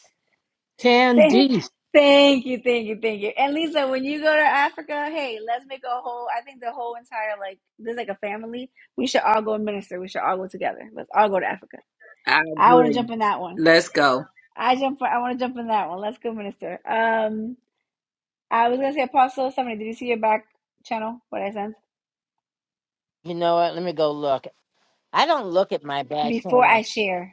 [SPEAKER 4] Candice.
[SPEAKER 19] Thank you, thank you, thank you. And Lisa, when you go to Africa, hey, let's make a whole. I think the whole entire like there's like a family. We should all go and minister. We should all go together. Let's all go to Africa.
[SPEAKER 9] I
[SPEAKER 19] I want to
[SPEAKER 9] agree.
[SPEAKER 19] jump in that one.
[SPEAKER 9] Let's go.
[SPEAKER 19] I jump. I want to jump in that one. Let's go minister. Um, I was gonna say Apostle Stephanie. Did you see your back channel? What I sent
[SPEAKER 1] You know what? Let me go look. I don't look at my back
[SPEAKER 19] before I
[SPEAKER 1] channels.
[SPEAKER 19] share.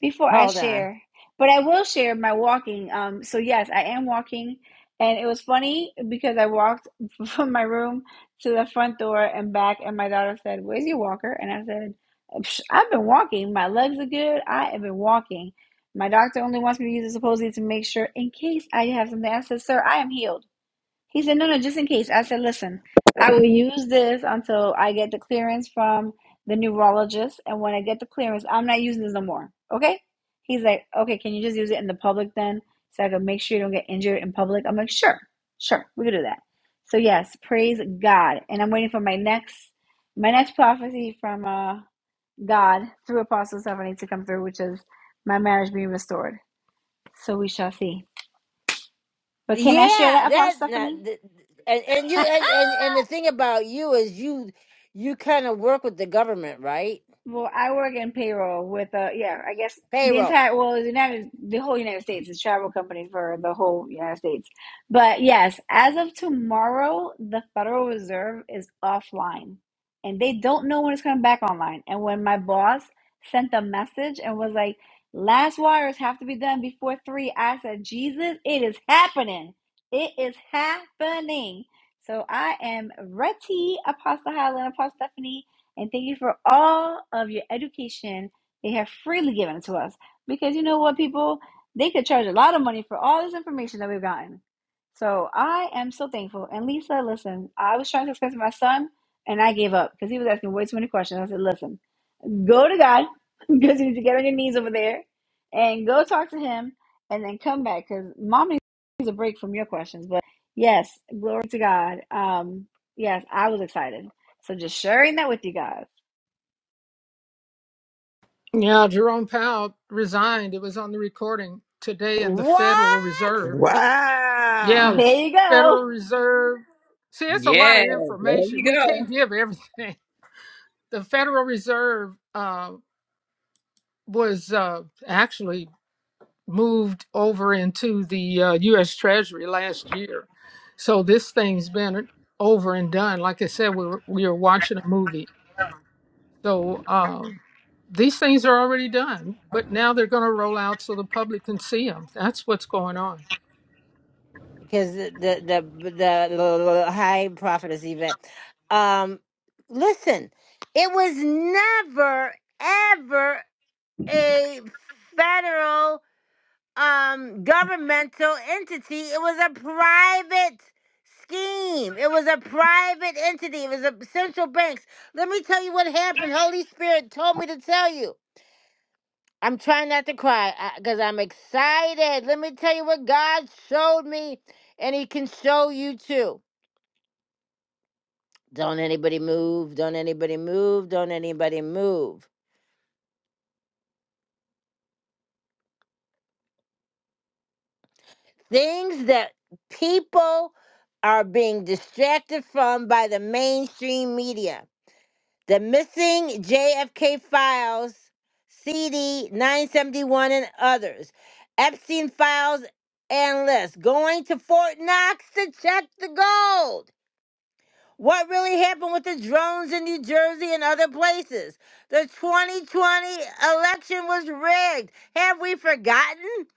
[SPEAKER 19] before I
[SPEAKER 1] Hold on.
[SPEAKER 19] share, but I will share my walking. Um, so yes, I am walking, and it was funny because I walked from my room to the front door and back, and my daughter said, "Where's your walker?" And I said, "Psh, "I've been walking. My legs are good. I have been walking. My doctor only wants me to use it supposedly to make sure in case I have something." I said, "Sir, I am healed." He said, no, no, just in case. I said, listen, I will use this until I get the clearance from the neurologist. And when I get the clearance, I'm not using this no more. Okay? He's like, okay, can you just use it in the public then? So I can make sure you don't get injured in public. I'm like, sure, sure, we can do that. So yes, praise God. And I'm waiting for my next my next prophecy from uh God through Apostle Stephanie to come through, which is my marriage being restored. So we shall see. But can
[SPEAKER 1] Yeah,
[SPEAKER 19] I share that,
[SPEAKER 1] that
[SPEAKER 19] Apostle
[SPEAKER 1] not,
[SPEAKER 19] Stephanie?
[SPEAKER 1] th- and and you and, and and the thing about you is you you kind of work with the government, right?
[SPEAKER 19] Well, I work in payroll with uh yeah, I guess the
[SPEAKER 1] Payroll.
[SPEAKER 19] entire well, the United the whole United States is travel company for the whole United States. But yes, as of tomorrow, the Federal Reserve is offline and they don't know when it's coming back online. And when my boss sent the message and was like, "Last wires have to be done before 3," I said, "Jesus, it is happening. It is happening." So I am Reti Apostle Highland Apostle Stephanie and thank you for all of your education they have freely given to us. Because you know what, people? They could charge a lot of money for all this information that we've gotten. So I am so thankful. And Lisa, listen, I was trying to explain to my son, and I gave up because he was asking way too many questions. I said, listen, go to God because you need to get on your knees over there and go talk to him and then come back because mom needs a break from your questions. But yes, glory to God. Um, yes, I was excited. So just sharing that with you guys.
[SPEAKER 4] Yeah, Jerome Powell resigned. It was on the recording today in the Federal
[SPEAKER 1] What?
[SPEAKER 4] Reserve. Yeah,
[SPEAKER 14] Wow.
[SPEAKER 4] the
[SPEAKER 19] There you go.
[SPEAKER 4] Federal Reserve. See, it's a lot
[SPEAKER 9] Yeah,
[SPEAKER 4] of
[SPEAKER 9] there
[SPEAKER 4] information.
[SPEAKER 9] you
[SPEAKER 4] We
[SPEAKER 9] go.
[SPEAKER 4] can't give everything. The Federal Reserve uh, was uh, actually moved over into the uh, U.S. Treasury last year. So this thing's been over and done. Like I said, we were, we were watching a movie. So um, these things are already done, but now they're going to roll out so the public can see them. That's what's going on.
[SPEAKER 1] Because the the the, the high prophetess event. Um, listen, it was never ever a federal. um governmental entity. It was a private scheme. It was a private entity. It was a central banks. Let me tell you what happened. Holy Spirit told me to tell you. I'm trying not to cry because I'm excited. Let me tell you what God showed me, and He can show you too. Don't anybody move. Don't anybody move. Don't anybody move. Things that people are being distracted from by the mainstream media The missing JFK files, CD 971 and others. Epstein files and lists. Going to Fort Knox to check the gold. What really happened with the drones in New Jersey and other places? The 2020 election was rigged. Have we forgotten?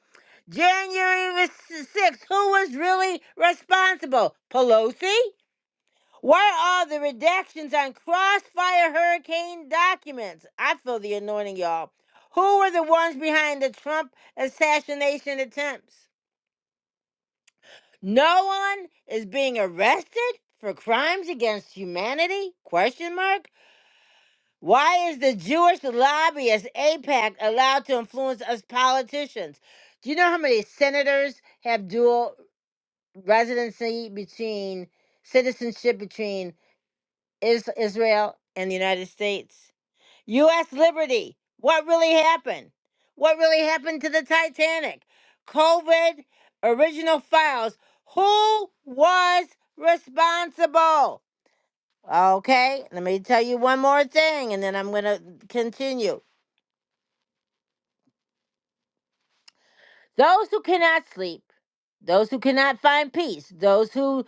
[SPEAKER 1] January the 6th, who was really responsible? Pelosi? Where are the redactions on Crossfire Hurricane documents? I feel the anointing, y'all. Who were the ones behind the Trump assassination attempts? No one is being arrested for crimes against humanity? Question mark. Why is the Jewish lobbyist APAC allowed to influence us politicians? Do you know how many senators have dual residency between citizenship between is Israel and the United States. U.S. liberty. What really happened? What really happened to the Titanic? COVID original files. Who was responsible? Okay, let me tell you one more thing and then I'm going to continue. Those who cannot sleep, those who cannot find peace, those who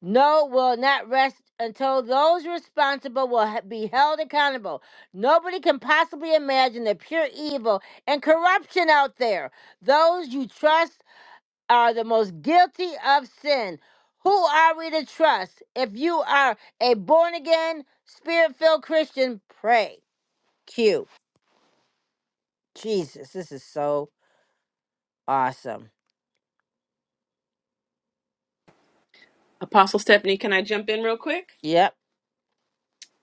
[SPEAKER 1] No will not rest until those responsible will ha- be held accountable. Nobody can possibly imagine the pure evil and corruption out there. Those you trust are the most guilty of sin. Who are we to trust? If you are a born again, spirit filled Christian, pray. Q. Jesus, this is so awesome.
[SPEAKER 20] Apostle Stephanie, can I jump in real quick?
[SPEAKER 1] Yep.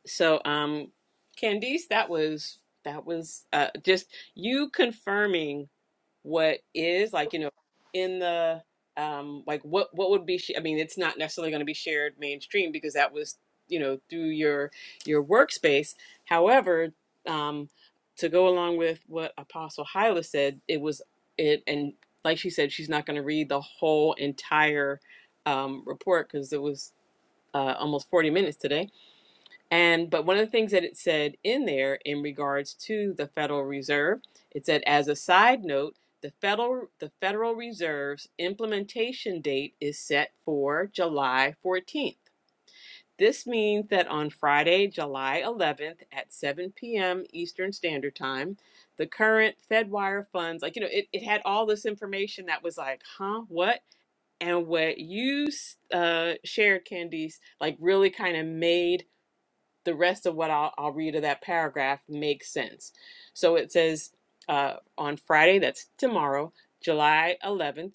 [SPEAKER 20] So, um, Candice, that was that was uh, just you confirming what is like, you know, in the um, like what what would be. Sh- I mean, it's not necessarily going to be shared mainstream because that was you know through your your workspace. However, um, to go along with what Apostle Hyla said, it was it and like she said, she's not going to read the whole entire um, report because it was uh, almost 40 minutes today. And but one of the things that it said in there in regards to the Federal Reserve, it said as a side note, the Federal the Federal Reserve's implementation date is set for July 14th. This means that on Friday, July 11th at 7 p.m. Eastern Standard Time, the current FedWire funds, like, you know, it, it had all this information that was like, huh, what? and what you uh, shared, Candice, like really kind of made the rest of what I'll, I'll read of that paragraph make sense. So it says uh, on Friday, that's tomorrow, July 11th.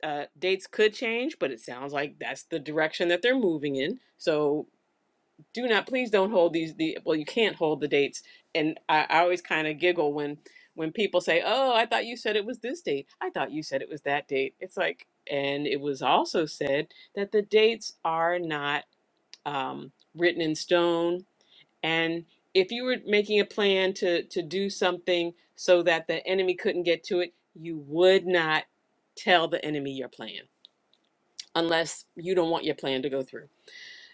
[SPEAKER 20] Uh, dates could change, but it sounds like that's the direction that they're moving in. So do not please don't hold these the well you can't hold the dates and i, I always kind of giggle when when people say oh i thought you said it was this date i thought you said it was that date it's like and it was also said that the dates are not um, written in stone and if you were making a plan to to do something so that the enemy couldn't get to it you would not tell the enemy your plan unless you don't want your plan to go through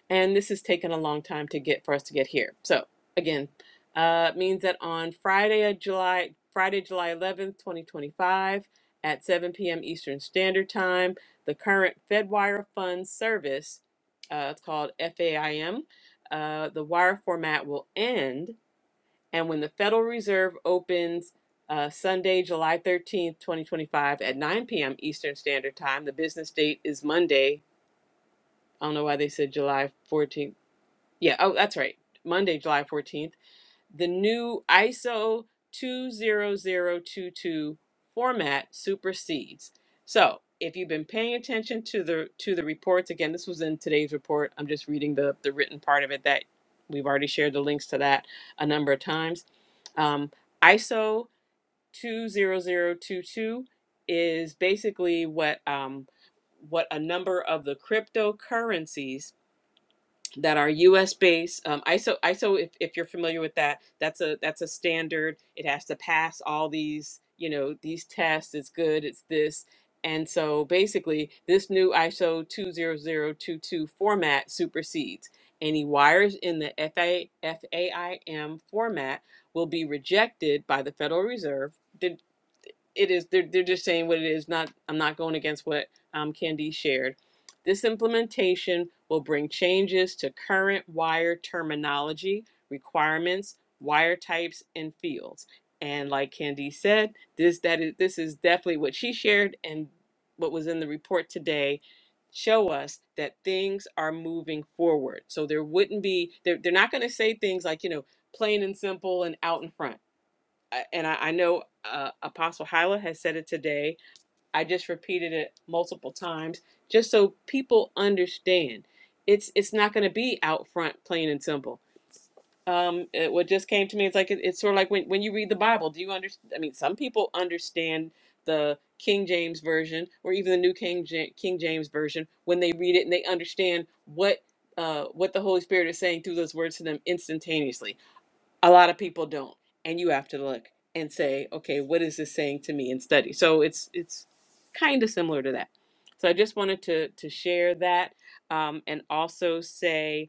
[SPEAKER 20] and this has taken a long time to get for us to get here. So again, uh, it means that on Friday, uh, July Friday, July eleventh, twenty twenty five, at seven p.m. Eastern Standard Time, the current FedWire Fund service, uh, it's called FAIM, uh, the wire format will end, and when the Federal Reserve opens. Uh, Sunday, July 13th, 2025, at 9 p.m. Eastern Standard Time. The business date is Monday. I don't know why they said July 14th. Yeah, oh, that's right. Monday, July 14th, the new ISO 20022 format supersedes. So, if you've been paying attention to the to the reports, again, this was in today's report. I'm just reading the the written part of it that we've already shared the links to that a number of times. Um, ISO 20022 is basically what um, what a number of the cryptocurrencies that are U.S. based. Um, ISO ISO if, if you're familiar with that, that's a that's a standard. It has to pass all these you know these tests. It's good. It's this. And so basically, this new ISO 20022 format supersedes any wires in the F A F A I M format will be rejected by the Federal Reserve. Did- It is they're, they're just saying what it is. Not I'm not going against what um, Candy shared this implementation will bring changes to current wire terminology, requirements, wire types, and fields. And like Candy said, this that is this is definitely what she shared and what was in the report today show us that things are moving forward. So there wouldn't be they're, they're not going to say things like you know plain and simple and out in front. Uh, And I, I know uh, Apostle Hyla has said it today I just repeated it multiple times just so people understand. It's it's not going to be out front, plain and simple. Um, it, what just came to me, it's like it, it's sort of like when when you read the Bible. Do you understand? I mean, some people understand the King James version or even the New King Ja- King James version when they read it and they understand what uh, what the Holy Spirit is saying through those words to them instantaneously a lot of people don't and you have to look and say okay what is this saying to me and study so it's it's kind of similar to that so i just wanted to to share that um, and also say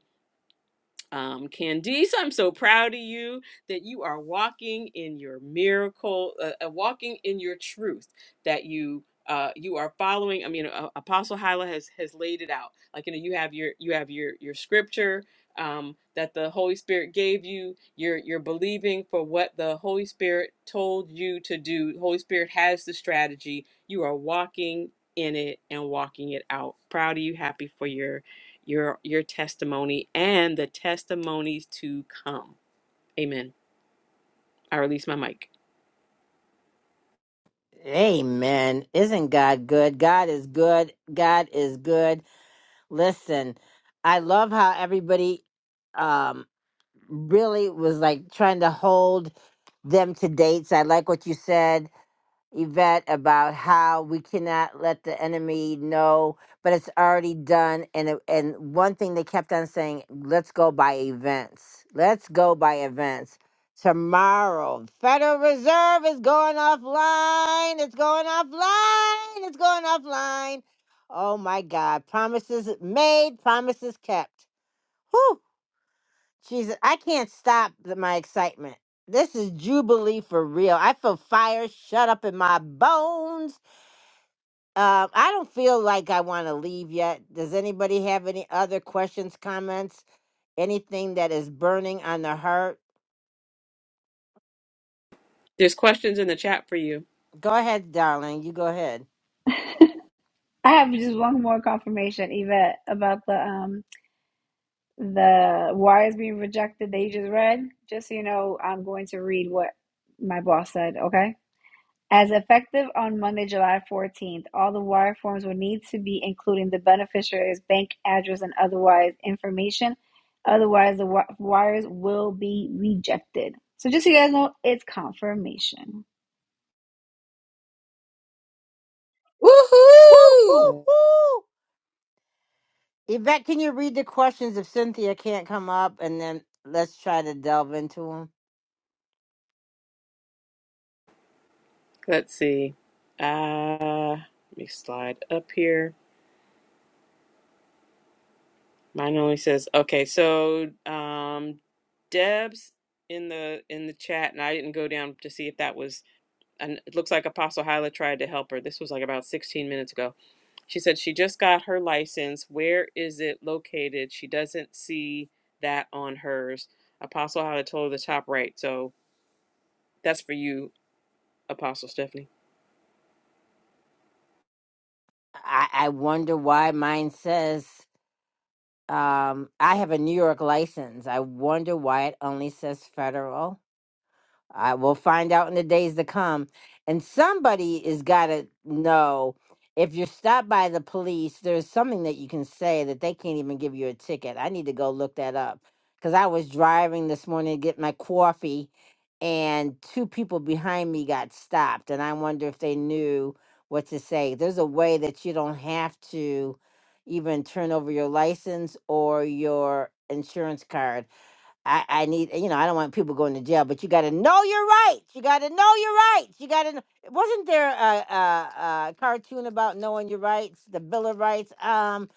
[SPEAKER 20] um, Candice, I'm so proud of you that you are walking in your miracle, uh, uh, walking in your truth. That you uh, you are following. I mean, uh, Apostle Hyla has has laid it out. Like you know, you have your you have your your scripture um, that the Holy Spirit gave you. You're you're believing for what the Holy Spirit told you to do. The Holy Spirit has the strategy. You are walking in it and walking it out. Proud of you. Happy for your your your testimony and the testimonies to come. Amen. I release my mic.
[SPEAKER 1] Amen. Isn't God good? God is good. God is good. Listen, I love how everybody um really was like trying to hold them to dates. I like what you said. Yvette about how we cannot let the enemy know, but it's already done. And it, and one thing they kept on saying, let's go by events. Let's go by events. Tomorrow, Federal Reserve is going offline. It's going offline. It's going offline. Oh my God! Promises made, promises kept. Whew. Jesus, I can't stop the, my excitement. This is Jubilee for real. I feel fire shut up in my bones. Uh, I don't feel like I want to leave yet. Does anybody have any other questions, comments, anything that is burning on the heart?
[SPEAKER 20] There's questions in the chat for you.
[SPEAKER 1] Go ahead, darling. You go ahead.
[SPEAKER 19] I have just one more confirmation, Yvette, about the um the wires being rejected that you just read. Just so you know, I'm going to read what my boss said, okay? As effective on Monday, July 14th, all the wire forms will need to be including the beneficiary's bank address and otherwise information. Otherwise, the wi- wires will be rejected. So just so you guys know, it's confirmation.
[SPEAKER 1] Woo, woo,
[SPEAKER 9] Woohoo!
[SPEAKER 1] woo. Yvette, can you read the questions if Cynthia can't come up and then let's try to delve into them?
[SPEAKER 20] Let's see. Uh let me slide up here. Mine only says okay, so um Deb's in the in the chat and I didn't go down to see if that was and it looks like Apostle Hyla tried to help her. This was like about 16 minutes ago. She said she just got her license. Where is it located? She doesn't see that on hers. Apostle how to told her the top right. So that's for you, Apostle Stephanie.
[SPEAKER 1] I, I wonder why mine says. Um, I have a New York license. I wonder why it only says federal. I will find out in the days to come. And somebody is got to know if you're stopped by the police, there's something that you can say that they can't even give you a ticket. I need to go look that up because I was driving this morning to get my coffee and two people behind me got stopped. And I wonder if they knew what to say. There's a way that you don't have to even turn over your license or your insurance card I, I need, you know, I don't want people going to jail, but you got to know your rights. You got to know your rights. You got to. kn- Wasn't there a, a, a cartoon about knowing your rights, the Bill of Rights? Um.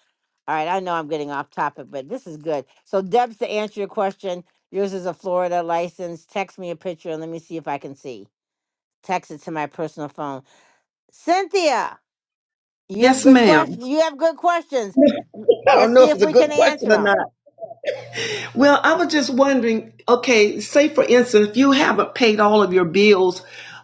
[SPEAKER 1] All right, I know I'm getting off topic, but this is good. So, Debs, to answer your question, yours is a Florida license. Text me a picture and let me see if I can see. Text it to my personal phone. Cynthia, you have
[SPEAKER 21] Yes,
[SPEAKER 1] good
[SPEAKER 21] ma'am.
[SPEAKER 1] questions. You have good questions.
[SPEAKER 21] I don't
[SPEAKER 1] Let's
[SPEAKER 21] know
[SPEAKER 1] see
[SPEAKER 21] if
[SPEAKER 1] if
[SPEAKER 21] it's a
[SPEAKER 1] we
[SPEAKER 21] good
[SPEAKER 1] can answer
[SPEAKER 21] question or
[SPEAKER 1] them.
[SPEAKER 21] not. Well, I was just wondering, okay, say for instance, if you haven't paid all of your bills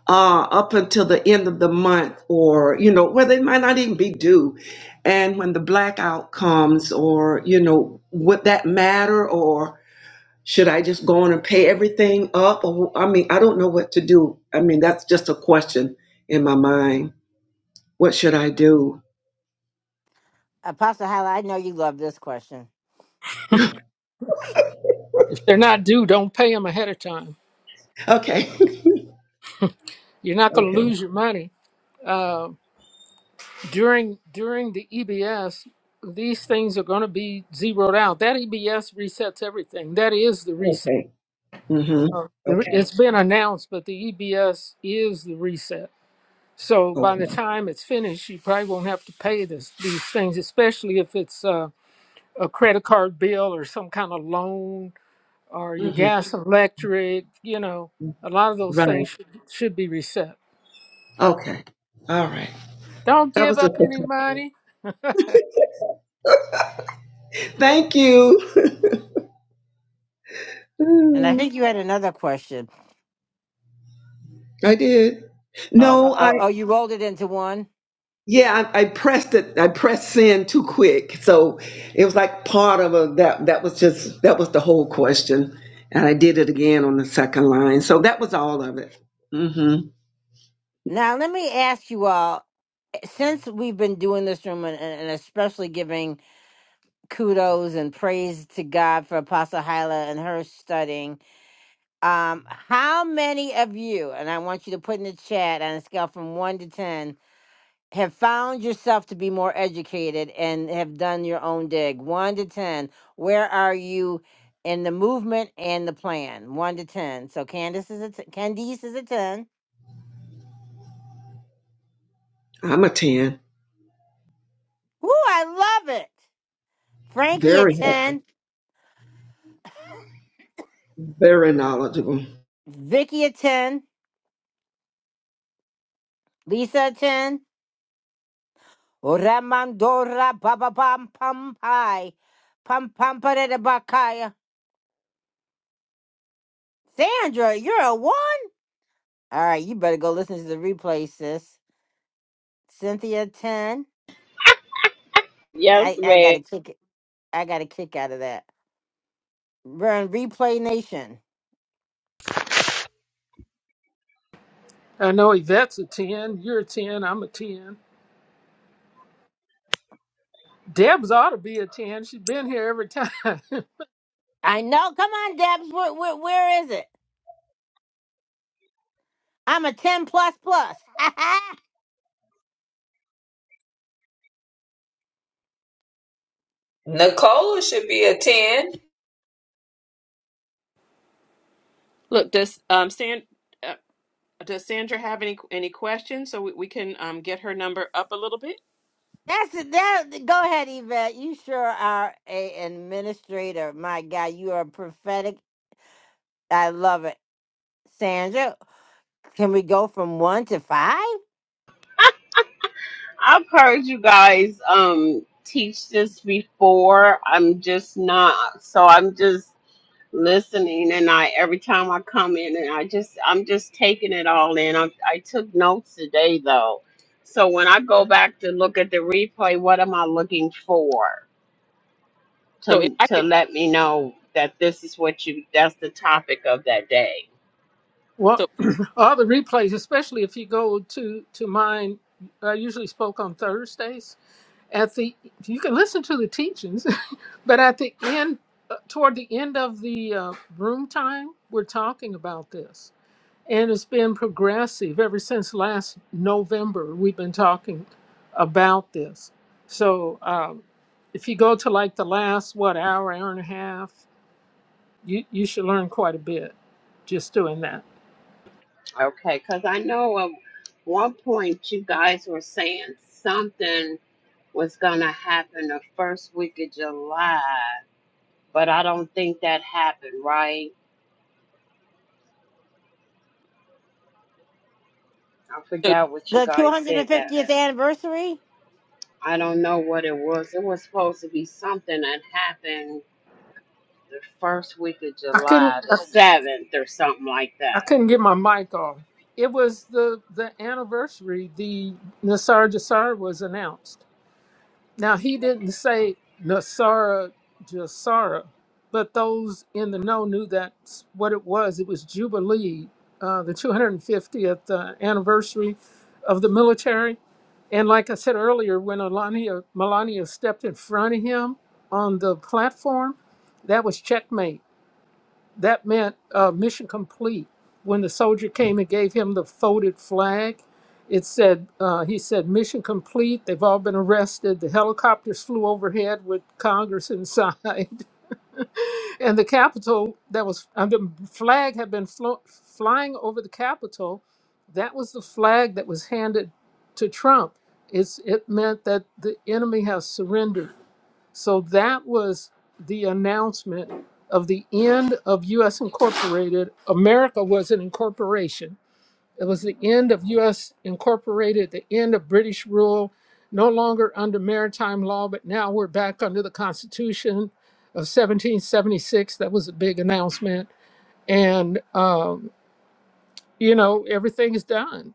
[SPEAKER 21] uh, up until the end of the month, or, you know, where they might not even be due. And when the blackout comes, or, you know, would that matter? Or should I just go on and pay everything up? Or, I mean, I don't know what to do. I mean, that's just a question in my mind. What should I do?
[SPEAKER 1] Apostle Hala, I know you love this question.
[SPEAKER 4] If they're not due, don't pay them ahead of time.
[SPEAKER 21] Okay.
[SPEAKER 4] You're not going to
[SPEAKER 21] Okay.
[SPEAKER 4] lose your money. Uh, during during the EBS, these things are going to be zeroed out. That EBS resets everything. That is the reset.
[SPEAKER 21] Okay. Mm-hmm.
[SPEAKER 4] Uh,
[SPEAKER 21] Okay.
[SPEAKER 4] It's been announced, but the EBS is the reset. So by
[SPEAKER 21] Okay.
[SPEAKER 4] the time it's finished, you probably won't have to pay this, these things, especially if it's uh, a credit card bill or some kind of loan or your
[SPEAKER 21] hmm
[SPEAKER 4] gas and electric. You know, a lot of those
[SPEAKER 21] Right.
[SPEAKER 4] things should, should be reset.
[SPEAKER 21] Okay. All right.
[SPEAKER 4] Don't
[SPEAKER 21] That
[SPEAKER 4] give
[SPEAKER 21] was a
[SPEAKER 4] up
[SPEAKER 21] quick
[SPEAKER 4] any
[SPEAKER 21] one.
[SPEAKER 4] money.
[SPEAKER 21] Thank you.
[SPEAKER 1] And I
[SPEAKER 21] Mm,
[SPEAKER 1] think you had another question.
[SPEAKER 21] I did.
[SPEAKER 1] Oh,
[SPEAKER 21] No, I
[SPEAKER 1] oh, oh, you rolled it into one.
[SPEAKER 21] yeah, I, I pressed it. I pressed send too quick, so it was like part of a that. That was just that was the whole question, and I did it again on the second line. So that was all of it. hmm
[SPEAKER 1] Now, let me ask you all since we've been doing this room and, and especially giving kudos and praise to God for Apostle Hyla and her studying, um, how many of you, and I want you to put in the chat on a scale from one to 10, have found yourself to be more educated and have done your own dig? One to 10. Where are you in the movement and the plan? One to 10. So Candace is a t- Candice is a 10.
[SPEAKER 21] I'm a ten.
[SPEAKER 1] Woo, I love it. Frankie a
[SPEAKER 21] Very helpful.
[SPEAKER 1] 10.
[SPEAKER 21] Very knowledgeable.
[SPEAKER 1] Vicky a 10. Lisa a 10. Ramandora Baba Pam Pam pie, Pam Pam Parada Bakaya. Sandra, you're a one? All right, you better go listen to the replay, sis. Cynthia 10.
[SPEAKER 17] Yes,
[SPEAKER 1] I, I gotta
[SPEAKER 17] ma'am.
[SPEAKER 1] kick it. I got a kick out of that. Burn replay nation.
[SPEAKER 4] I know Yvette's a 10, you're a 10, I'm a 10. Deb's ought to be a 10. She's been here every time.
[SPEAKER 1] I know. Come on, Debs. Where where, where is it? I'm a ten plus plus.
[SPEAKER 9] Nicole should be a 10.
[SPEAKER 20] Look, does um San uh, does Sandra have any any questions so we, we can um get her number up a little bit?
[SPEAKER 1] That's it. That, go ahead, Yvette. You sure are a administrator. My God, you are prophetic. I love it, Sandra. Can we go from one to five?
[SPEAKER 17] I've heard you guys um teach this before. I'm just not so I'm just listening and I every time I come in and I just I'm just taking it all in. I I took notes today though. So when I go back to look at the replay, what am I looking for
[SPEAKER 20] So if
[SPEAKER 17] to
[SPEAKER 20] I
[SPEAKER 17] to
[SPEAKER 20] could
[SPEAKER 17] let me know that this is what you that's the topic of that day.
[SPEAKER 4] well,
[SPEAKER 20] so
[SPEAKER 4] all the replays, especially if you go to, to mine, I usually spoke on Thursdays at the you can listen to the teachings but at the end uh, toward the end of the uh, room time we're talking about this and it's been progressive ever since last november we've been talking about this so um, if you go to like the last what hour hour and a half you, you should learn quite a bit just doing that
[SPEAKER 17] Okay, cuz I know at one point you guys were saying something was going to happen the first week of July, but I don't think that happened, right? I
[SPEAKER 20] so
[SPEAKER 17] forgot what you
[SPEAKER 1] The
[SPEAKER 17] guys said that.
[SPEAKER 1] 250th anniversary.
[SPEAKER 17] I don't know what it was. It was supposed to be something that happened the first week of
[SPEAKER 4] i couldn't
[SPEAKER 17] July, the
[SPEAKER 4] i,
[SPEAKER 17] 7th or something like
[SPEAKER 4] I
[SPEAKER 17] that.
[SPEAKER 4] couldn't get my mic off it was the the anniversary the nasar jasar was announced Now he didn't say Nasara Jasara, but those in the know knew that's what it was. It was Jubilee, uh, the 250th uh, anniversary of the military. And like I said earlier, when Melania, Melania stepped in front of him on the platform, that was checkmate that meant uh, mission complete. When the soldier came and gave him the folded flag, it said, uh, he said, mission complete. They've all been arrested. The helicopters flew overhead with Congress inside. and the Capitol, that was, uh, the flag had been flo- flying over the Capitol. That was the flag that was handed to Trump. It's, it meant that the enemy has surrendered. So that was the announcement of the end of U.S. Incorporated. America was an incorporation. It was the end of U.S. Incorporated, the end of British rule, no longer under maritime law, but now we're back under the Constitution of 1776. That was a big announcement. And, um, you know, everything is done.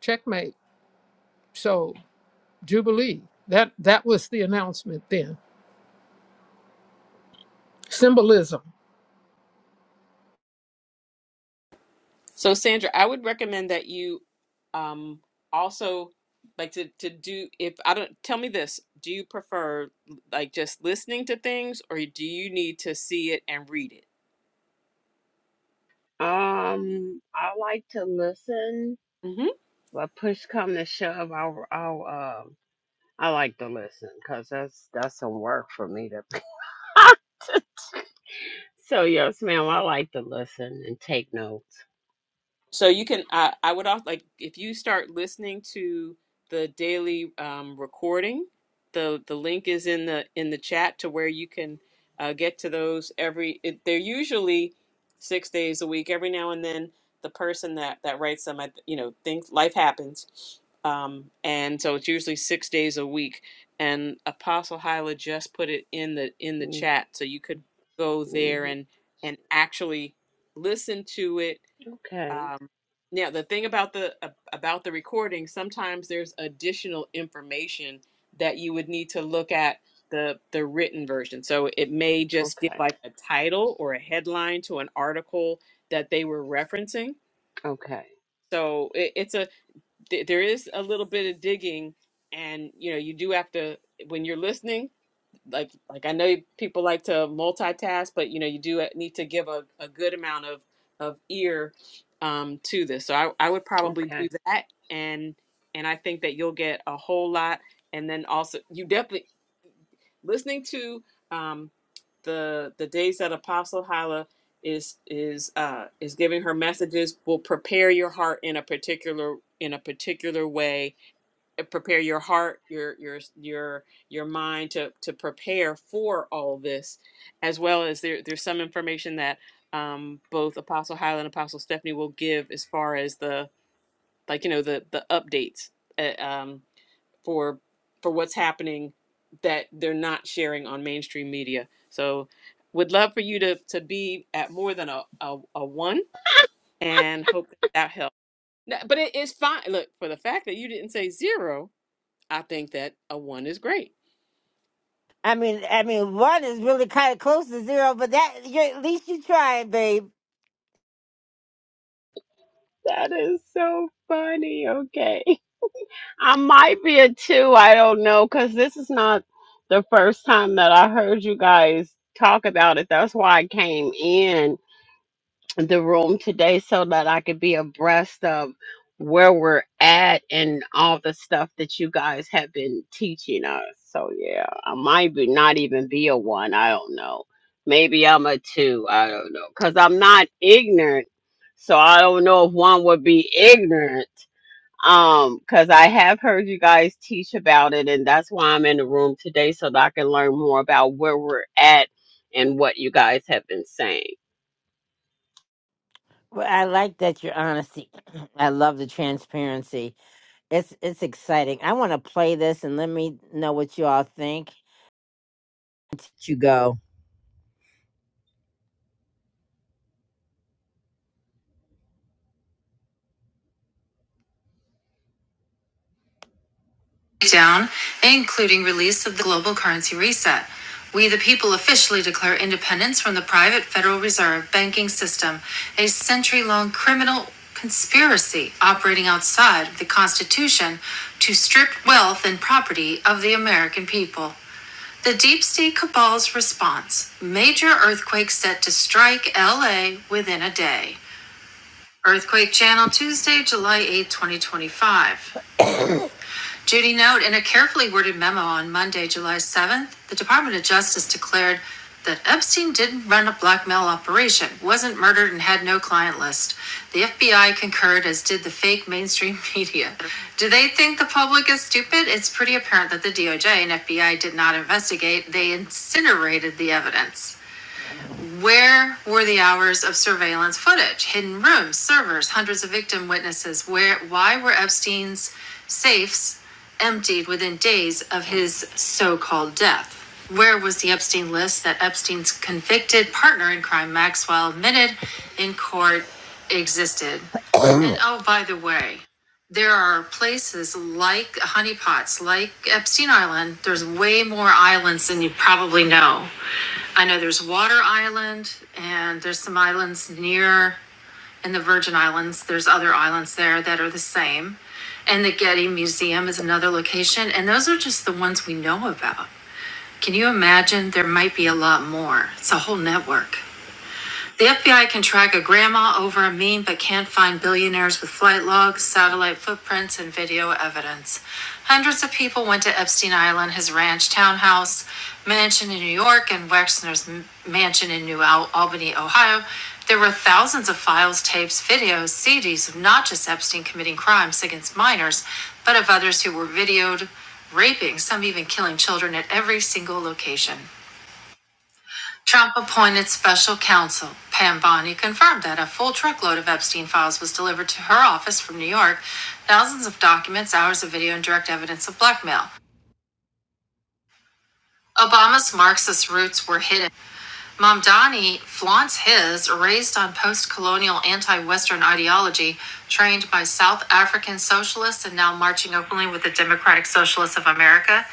[SPEAKER 4] Checkmate. So, Jubilee. That, that was the announcement then. Symbolism.
[SPEAKER 20] So, Sandra, I would recommend that you um, also like to to do if I don't tell me this, do you prefer like just listening to things or do you need to see it and read it?
[SPEAKER 17] Um, I like to listen, but push come to shove, I'll, I'll, um, I like to listen because that's, that's some work for me to. so, yes, ma'am, I like to listen and take notes.
[SPEAKER 20] So you can, I, I would also like if you start listening to the daily um, recording, the the link is in the in the chat to where you can uh, get to those every. It, they're usually six days a week. Every now and then, the person that that writes them, at, you know, things life happens, um, and so it's usually six days a week. And Apostle Hyla just put it in the in the chat, so you could go there
[SPEAKER 17] Mhm.
[SPEAKER 20] and and actually listen to it
[SPEAKER 17] Okay.
[SPEAKER 20] um, now, the thing about the ab- about the recording, sometimes there's additional information that you would need to look at the the written version. So it may just give
[SPEAKER 17] Okay.
[SPEAKER 20] like a title or a headline to an article that they were referencing.
[SPEAKER 17] Okay.
[SPEAKER 20] So it, it's a th- there is a little bit of digging, and you know you do have to when you're listening like like I know people like to multitask, but you know you do uh, need to give a, a good amount of of ear um, to this. So I, I would probably do
[SPEAKER 17] Okay.
[SPEAKER 20] that, and and I think that you'll get a whole lot. And then also you definitely listening to um, the the days that Apostle Hala is is uh, is giving her messages will prepare your heart in a particular in a particular way uh, prepare your heart your your your your mind to to prepare for all this as well as there there's some information that um both apostle highland and apostle stephanie will give as far as the like you know the the updates uh, um for for what's happening that they're not sharing on mainstream media so would love for you to to be at more than a a, a one and hope that, that helps No, but it is fine look for the fact that you didn't say zero I think that a one is great.
[SPEAKER 1] I mean, I mean, one is really kind of close to zero, but that you're, at least you tried, babe.
[SPEAKER 17] That is so funny. Okay. I might be a two. I don't know. Because this is not the first time that I heard you guys talk about it. That's why I came in the room today so that I could be abreast of where we're at and all the stuff that you guys have been teaching us. So yeah, I might be not even be a one. I don't know. Maybe I'm a two. I don't know. Cause I'm not ignorant. So I don't know if one would be ignorant. Um, cause I have heard you guys teach about it and that's why I'm in the room today so that I can learn more about where we're at and what you guys have been saying.
[SPEAKER 1] Well, I like that your honesty. I love the transparency. It's it's exciting. I want to play this and let me know what you all think. You go. Down, including release of the global currency reset. We the people officially declare independence from the private Federal Reserve banking system, a century-long criminal conspiracy operating outside of the Constitution to strip wealth and property of the American people. The deep state cabal's response major earthquake set to strike LA within a day. Earthquake Channel, Tuesday, July 8, 2025. Judy note in a carefully worded memo on Monday, July 7th, the Department of Justice declared that Epstein didn't run a blackmail operation, wasn't murdered, and had no client list. The FBI concurred, as did the fake mainstream media. Do they think the public is stupid? It's pretty apparent that the DOJ and FBI did not investigate, they incinerated the evidence. Where were the hours of surveillance footage, hidden rooms, servers, hundreds of victim witnesses? Where why were Epstein's safes emptied within days of his so-called death? Where was the Epstein list that Epstein's convicted partner in crime Maxwell admitted in court existed? and oh, by the way, there are places like honeypots, like Epstein Island. There's way more islands than you probably know I know there's Water Island and there's some islands near in the Virgin Islands. There's other islands there that are the same. And the Getty Museum is another location. And those are just the ones we know about. Can you imagine? There might be a lot more. It's a whole network. The FBI can track a grandma over a meme but can't find billionaires with flight logs, satellite footprints, and video evidence. Hundreds of people went to Epstein Island, his ranch, townhouse, mansion in New York, and Wexner's mansion in New Al- Albany, Ohio. There were thousands of files, tapes, videos, CDs of not just Epstein committing crimes against minors, but of others who were videoed raping, some even killing children at every single location. Trump appointed special counsel. Pam Bondi confirmed that a full truckload of Epstein files was delivered to her office from New York, thousands of documents, hours of video, and direct evidence of blackmail. Obama's Marxist roots were hidden. Mamdani flaunts his, raised on post colonial anti Western ideology, trained by South African socialists and now marching openly with the Democratic Socialists of America.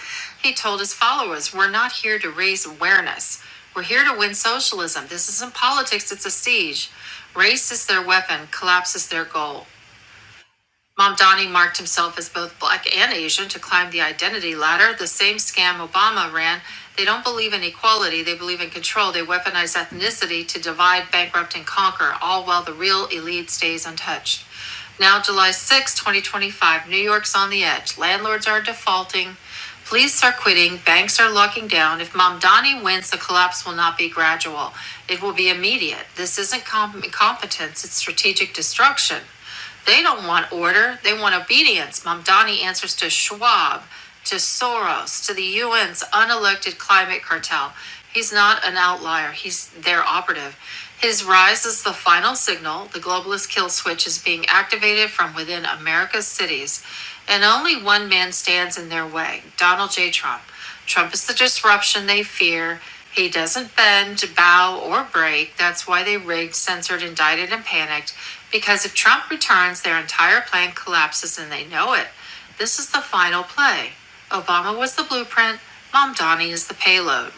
[SPEAKER 1] He told his followers, We're not here to raise awareness. We're here to win socialism. This isn't politics, it's a siege. Race is their weapon, collapse is their goal. Mamdani marked himself as both black and Asian to climb the identity ladder, the same scam Obama ran. They don't believe in equality, they believe in control. They weaponize ethnicity to divide, bankrupt, and conquer, all while the real elite stays untouched. Now, July sixth, 2025, New York's on the edge. Landlords are defaulting, police are quitting, banks are locking down. If Mamdani wins, the collapse will not be gradual, it will be immediate. This isn't com- incompetence, it's strategic destruction. They don't want order, they want obedience. Mamdani answers to Schwab, to Soros, to the UN's unelected climate cartel. He's not an outlier, he's their operative. His rise is the final signal the globalist kill switch is being activated from within America's cities. And only one man stands in their way Donald J. Trump. Trump is the disruption they fear. He doesn't bend, bow, or break. That's why they rigged, censored, indicted, and panicked. Because if Trump returns, their entire plan collapses and they know it. This is the final play. Obama was the blueprint, Mamdani is the payload.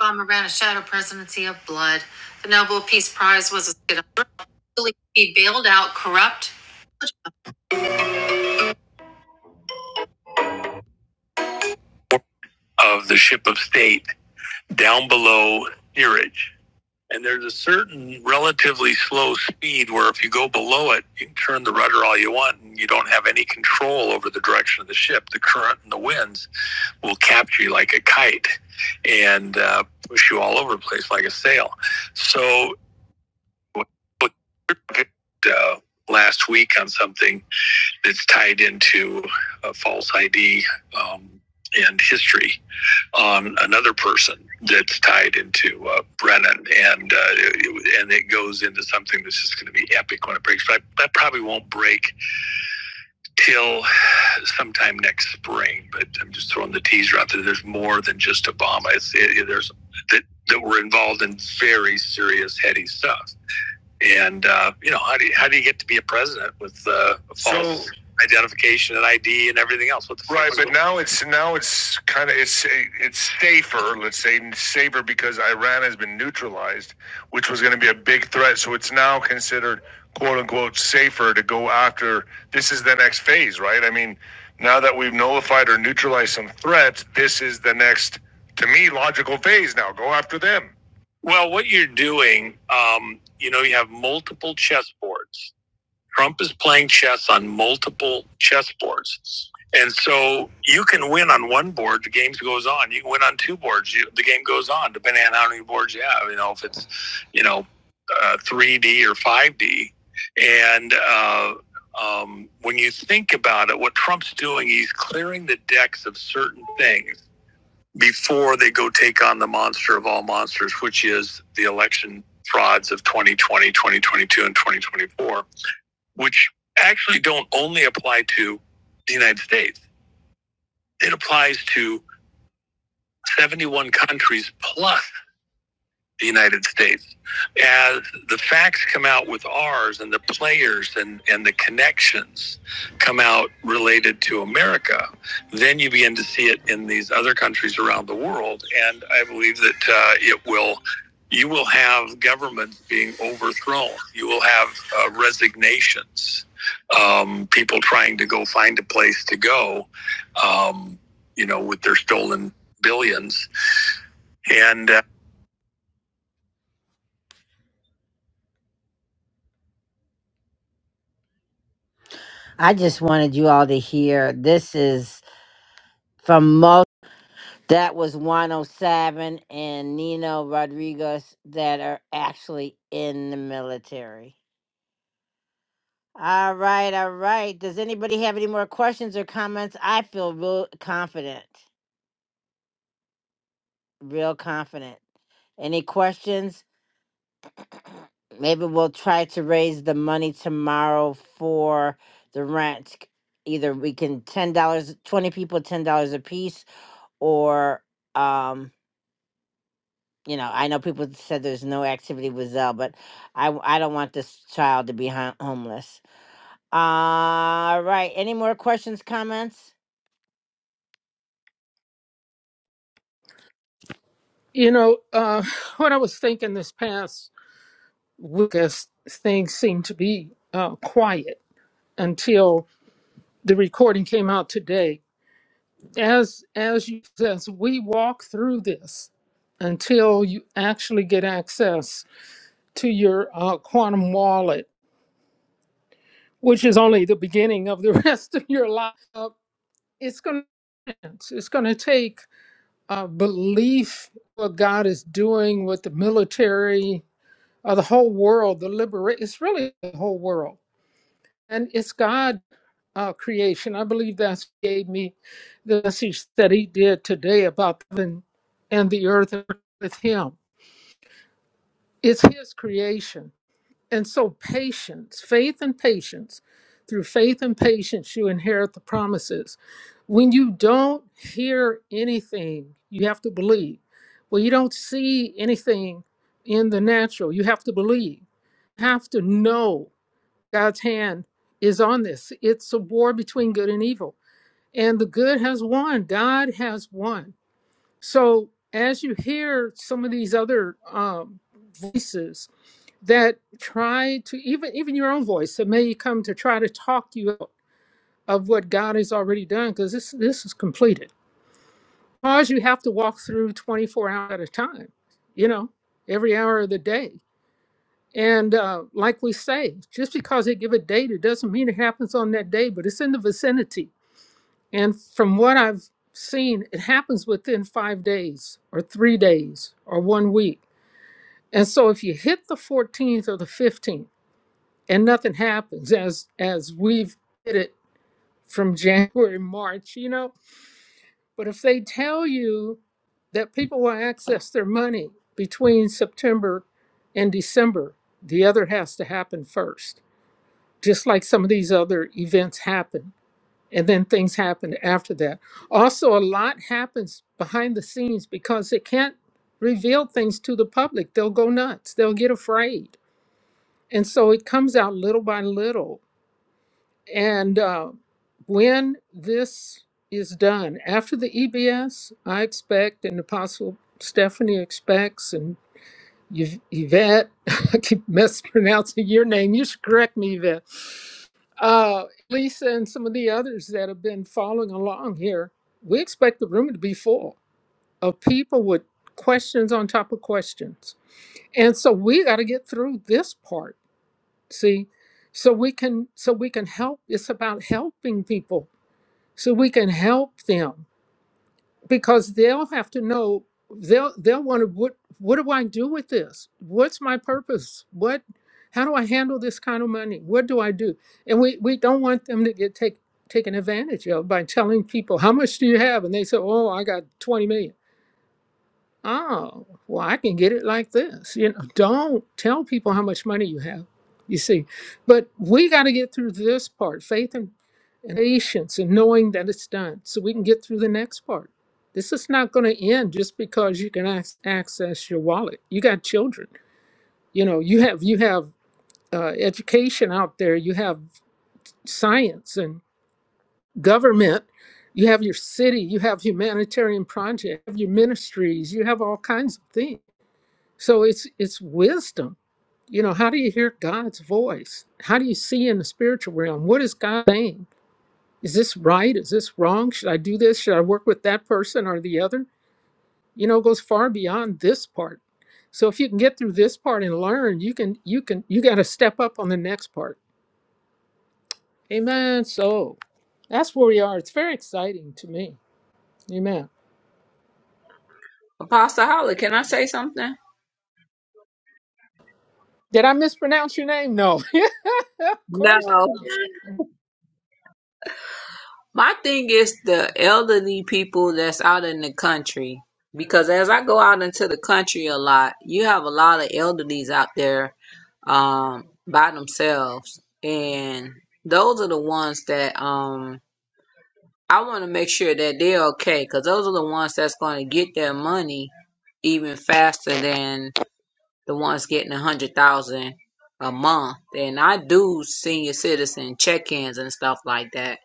[SPEAKER 1] Obama ran a shadow presidency of blood. The Nobel Peace Prize was a skit. He bailed out corrupt. Of the ship of state down below steerage And there's a certain relatively slow speed where if you go below it, you can turn the rudder all you want and you don't have any control over the direction of the ship. The current and the winds will capture you like a kite and uh, push you all over the place like a sail. So, uh, last week on something, it's tied into a false ID um, and history on another person that's tied into uh, Brennan, and uh, it- and it goes into something that's just going to be epic when it breaks. But I, that probably won't break till sometime next spring. But I'm just throwing the teaser out there. There's more than just Obama. It's it, it- there's that that are involved in very serious heady stuff. And uh, you know, how do you, how do you get to be a president with uh, a false So- identification and ID and everything else? What the Right, but now it's now it's kind of it's it's safer. Let's say safer because Iran has been neutralized, which was going to be a big threat. So it's now considered quote unquote safer to go after. This is the next phase, right? I mean, now that we've nullified or neutralized some threats, this is the next to me logical phase. Now go after them. Well, what you're doing, um, you know, you have multiple chessboards. Trump is playing chess on multiple chessboards. And so you can win on one board, the game goes on. You can win on two boards, you, the game goes on, depending on how many boards you have. You know, if it's, you know, uh, 3D or 5D. And uh, um, when you think about it, what Trump's doing, he's clearing the decks of certain things before they go take on the monster of all monsters, which is the election frauds of 2020, 2022, and 2024, which actually don't only apply to the United States. It applies to 71 countries plus the United States. As the facts come out with ours and the players and, and the connections come out related to America, then you begin to see it in these other countries around the world. And I believe that uh, it will. You will have governments being overthrown. You will have uh, resignations, um, people trying to go find a place to go, um, you know, with their stolen billions. And uh, I just wanted you all to hear this is from Mo. That was 107 and Nino Rodriguez that are actually in the military. All right, all right. Does anybody have any more questions or comments? I feel real confident, real confident. Any questions? Maybe we'll try to raise the money tomorrow for the rent. Either we can $10, dollars, 20 people, $10 apiece or um you know i know people said there's no activity with zell but i w- i don't want this child to be ho- homeless all right any more questions comments
[SPEAKER 4] You know, uh, when I was thinking this past week, as things seemed to be uh, quiet until the recording came out today. As as you says, we walk through this until you actually get access to your uh, quantum wallet, which is only the beginning of the rest of your life. Uh, it's going to it's going to take uh, belief what God is doing with the military uh, the whole world, the liberate. It's really the whole world, and it's God's uh, creation. I believe that's what gave me the message that He did today about heaven and the earth with Him. It's His creation, and so patience, faith, and patience. Through faith and patience, you inherit the promises. When you don't hear anything, you have to believe. When you don't see anything in the natural, you have to believe You have to know. God's hand is on this. It's a war between good and evil. And the good has won. God has won. So as you hear some of these other um, voices that try to even even your own voice that may come to try to talk you out of what God has already done, because this this is completed. Cause you have to walk through 24 hours at a time, you know, every hour of the day. And uh, like we say, just because they give a date, it doesn't mean it happens on that day, but it's in the vicinity. And from what I've seen, it happens within five days or three days or one week. And so if you hit the 14th or the 15th and nothing happens, as as we've hit it from January, March, you know, but if they tell you that people will access their money between September and December, the other has to happen first. just like some of these other events happen. And then things happen after that. Also, a lot happens behind the scenes because they can't reveal things to the public. They'll go nuts, they'll get afraid. And so it comes out little by little. And uh, when this is done, after the EBS, I expect, and Apostle Stephanie expects, and Yv- Yvette, I keep mispronouncing your name. You should correct me, Yvette Uh, Lisa and some of the others that have been following along here, we expect the room to be full of people with questions on top of questions. And so we got to get through this part, see, so we can so we can help. It's about helping people, so we can help them because they'll have to know they'll they'll want to what what do I do with this? What's my purpose? What how do I handle this kind of money? What do I do? And we we don't want them to get take, taken advantage of by telling people how much do you have and they say oh I got 20 million oh, well, I can get it like this. You know, don't tell people how much money you have. You see, but we got to get through this part, faith and, and patience, and knowing that it's done, so we can get through the next part. This is not going to end just because you can ac- access your wallet. You got children. You know, you have you have uh, education out there. You have science and government. You have your city. You have humanitarian projects. You have your ministries. You have all kinds of things so it's it's wisdom. You know, how do you hear God's voice? How do you see in the spiritual realm? What is God saying? Is this right? Is this wrong? Should I do this? Should I work with that person or the other? You know, it goes far beyond this part. So if you can get through this part and learn, you can you can you got to step up on the next part. Amen. So that's where we are. It's very exciting to me. Amen.
[SPEAKER 9] Apostle Holly, can I say something?
[SPEAKER 4] Did I mispronounce your name? No. of course.
[SPEAKER 9] No.
[SPEAKER 4] Okay.
[SPEAKER 9] My thing is the elderly people that's out in the country. Because as I go out into the country a lot, you have a lot of elderlies out there um, by themselves. And those are the ones that um, I want to make sure that they're okay. Because those are the ones that's going to get their money even faster than the ones getting a hundred thousand a month. And I do senior citizen check-ins and stuff like that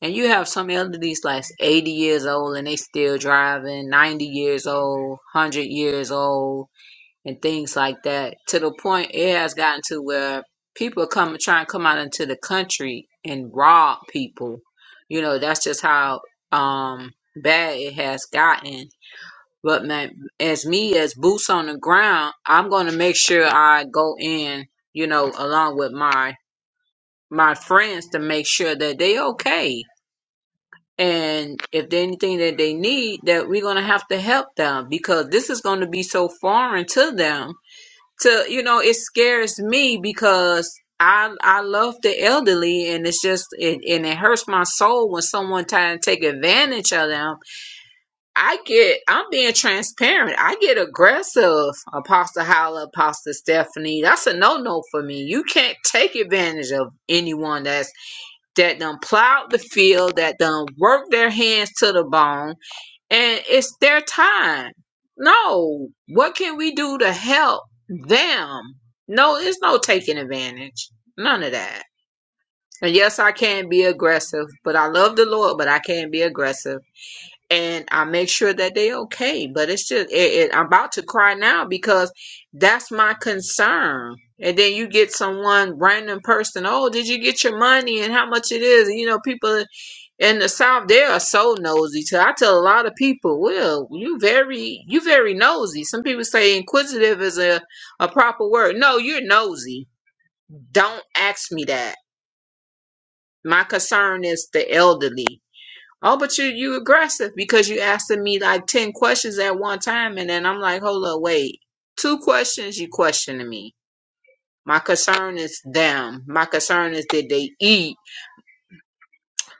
[SPEAKER 9] and you have some elderlies like 80 years old and they still driving, 90 years old, 100 years old, and things like that. To the point it has gotten to where people come try and come out into the country and rob people. You know, that's just how um bad it has gotten. But man, as me as boots on the ground, I'm going to make sure I go in, you know, along with my my friends to make sure that they okay and if there's anything that they need, that we're gonna have to help them because this is gonna be so foreign to them. To you know, it scares me because I I love the elderly, and it's just it, and it hurts my soul when someone try to take advantage of them. I get I'm being transparent. I get aggressive, Apostle Holla, Apostle Stephanie. That's a no no for me. You can't take advantage of anyone that's that done plowed the field, that done worked their hands to the bone, and it's their time. No, what can we do to help them? No, it's no taking advantage. None of that. And yes, I can be aggressive, but I love the Lord, but I can be aggressive. And I make sure that they okay. But it's just, it, it, I'm about to cry now because that's my concern. And then you get someone random person, oh, did you get your money and how much it is? And, you know, people in the South, they are so nosy. So I tell a lot of people, well, you very you very nosy. Some people say inquisitive is a, a proper word. No, you're nosy. Don't ask me that. My concern is the elderly. Oh, but you you aggressive because you asking me like ten questions at one time, and then I'm like, hold up, wait. Two questions you questioning me. My concern is them. My concern is did they eat?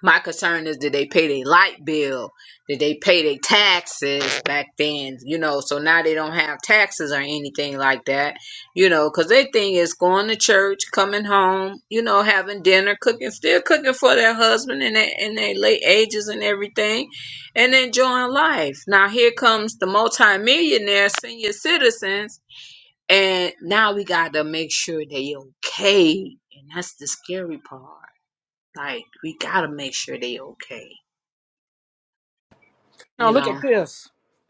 [SPEAKER 9] My concern is did they pay their light bill? Did they pay their taxes back then? You know, so now they don't have taxes or anything like that. You know, because their thing is going to church, coming home, you know, having dinner, cooking, still cooking for their husband in their, in their late ages and everything, and enjoying life. Now here comes the multimillionaire senior citizens, and now we got to make sure they okay, and that's the scary part like we gotta make sure they okay,
[SPEAKER 4] Now
[SPEAKER 9] you
[SPEAKER 4] look at
[SPEAKER 9] know.
[SPEAKER 4] this.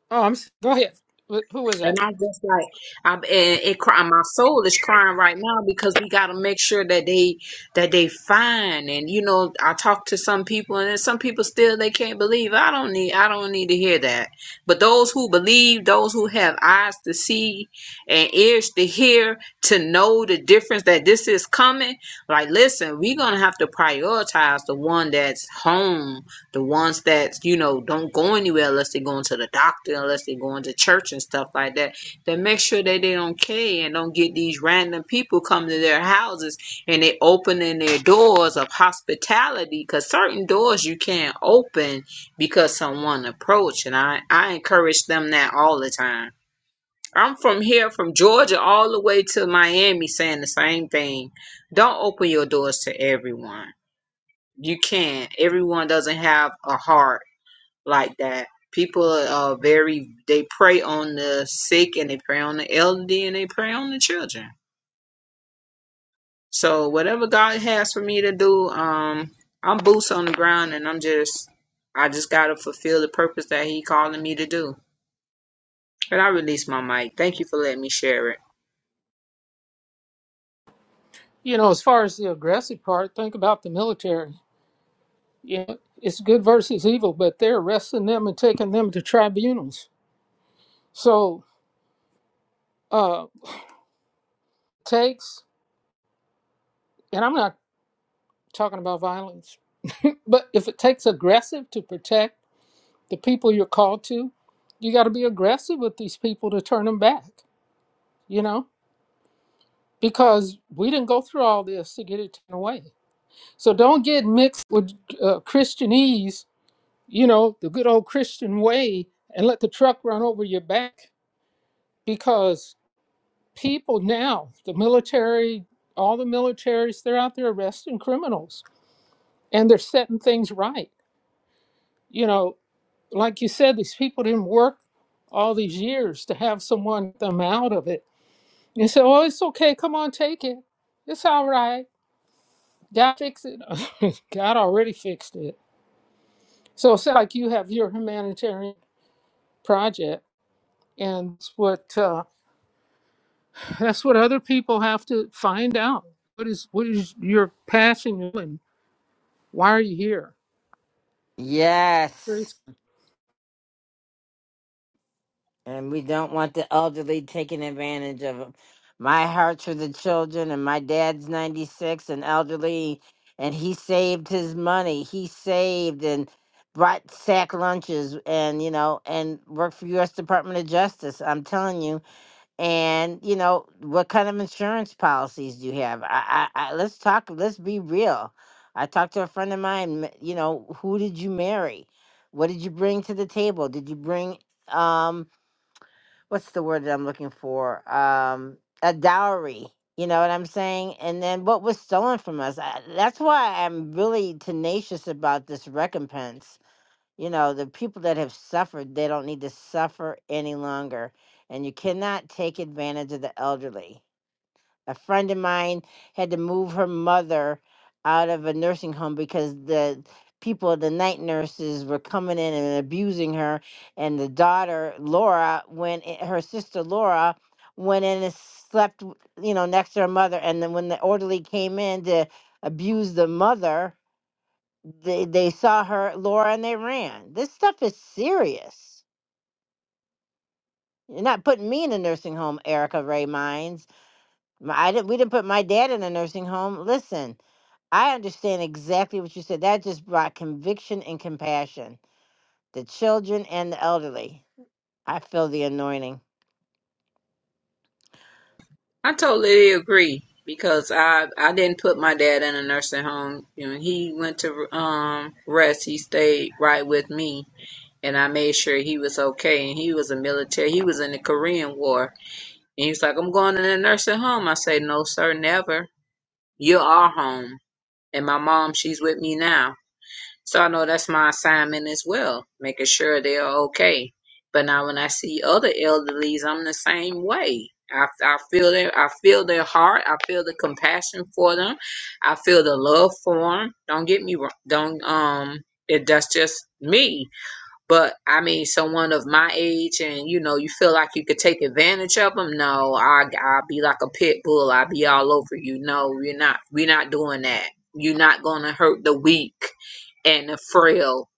[SPEAKER 4] Oh, go ahead. Wh- Who was
[SPEAKER 9] And
[SPEAKER 4] that?
[SPEAKER 9] I just like I'm and it cry my soul is crying right now because we gotta make sure that they that they fine. And you know, I talk to some people and then some people still they can't believe. I don't need I don't need to hear that. But those who believe, those who have eyes to see and ears to hear, to know the difference that this is coming, like listen, we're gonna have to prioritize the one that's home The ones that, you know, don't go anywhere unless they're going to the doctor, unless they're going to church and stuff like that, then make sure that they don't care and don't get these random people coming to their houses and they opening their doors of hospitality because certain doors you can't open because someone approached. And I, I encourage them that all the time. I'm from here, from Georgia all the way to Miami, saying the same thing. Don't open your doors to everyone. You can't. Everyone doesn't have a heart like that. People are uh, very they prey on the sick and they prey on the elderly and they prey on the children. So whatever God has for me to do, um, I'm boots on the ground and I'm just I just gotta fulfill the purpose that He calling me to do. And I release my mic. Thank you for letting me share it.
[SPEAKER 4] You know, as far as the aggressive part, think about the military. You know, it's good versus evil, but they're arresting them and taking them to tribunals. So uh, it takes, and I'm not talking about violence, but if it takes aggressive to protect the people you're called to, you got to be aggressive with these people to turn them back. You know, because we didn't go through all this to get it taken away. So don't get mixed with uh, Christianese you know, the good old Christian way and let the truck run over your back because people now, the military, all the militaries, they're out there arresting criminals and they're setting things right. You know, like you said, these people didn't work all these years to have someone get them out of it. You say, oh, it's okay. Come on, take it. It's all right. God fix it. God already fixed it. So it's like you have your humanitarian project, and it's what uh, That's what other people have to find out. What is what is your passion and why are you here?
[SPEAKER 1] yes and we don't want the elderly taking advantage of 'em. my heart's for the children and my dad's 96 and elderly and he saved his money he saved and brought sack lunches and you know and worked for us department of justice i'm telling you and you know what kind of insurance policies do you have I, I i let's talk let's be real i talked to a friend of mine m- you know who did you marry what did you bring to the table did you bring um what's the word that i'm looking for um a dowry you know what i'm saying and then what was stolen from us I, that's why i'm really tenacious about this recompense you know the people that have suffered they don't need to suffer any longer and you cannot take advantage of the elderly a friend of mine had to move her mother out of a nursing home because the people the night nurses were coming in and abusing her and the daughter laura went i- her sister laura went in and slept w- you know next to her mother and then when the orderly came in to abuse the mother they they saw her Laura and they ran. This stuff is serious. You're not putting me in a nursing home, Erica Ray Mines. M- I didn't. We didn't put my dad in a nursing home. Listen, I understand exactly what you said. That just brought conviction and compassion. The children and the elderly. I feel the anointing,
[SPEAKER 9] I totally agree because I I didn't put my dad in a nursing home. You know, he went to um rest. He stayed right with me and I made sure he was okay. And he was a military. He was in the Korean War. And he was like, "I'm going to the nursing home." I say, "No, sir, never. You are home." And my mom, she's with me now, so I know that's my assignment as well, making sure they are okay. But now, when I see other elderlies, I'm the same way. I, I feel their I feel their heart. I feel the compassion for them. I feel the love for them. Don't get me wrong. Don't um. It, that's just me but I mean, someone of my age, and you know, you feel like you could take advantage of them. No, I I'll be like a pit bull. I'll be all over you. No, you're not. We're not doing that. You're not gonna hurt the weak and the frail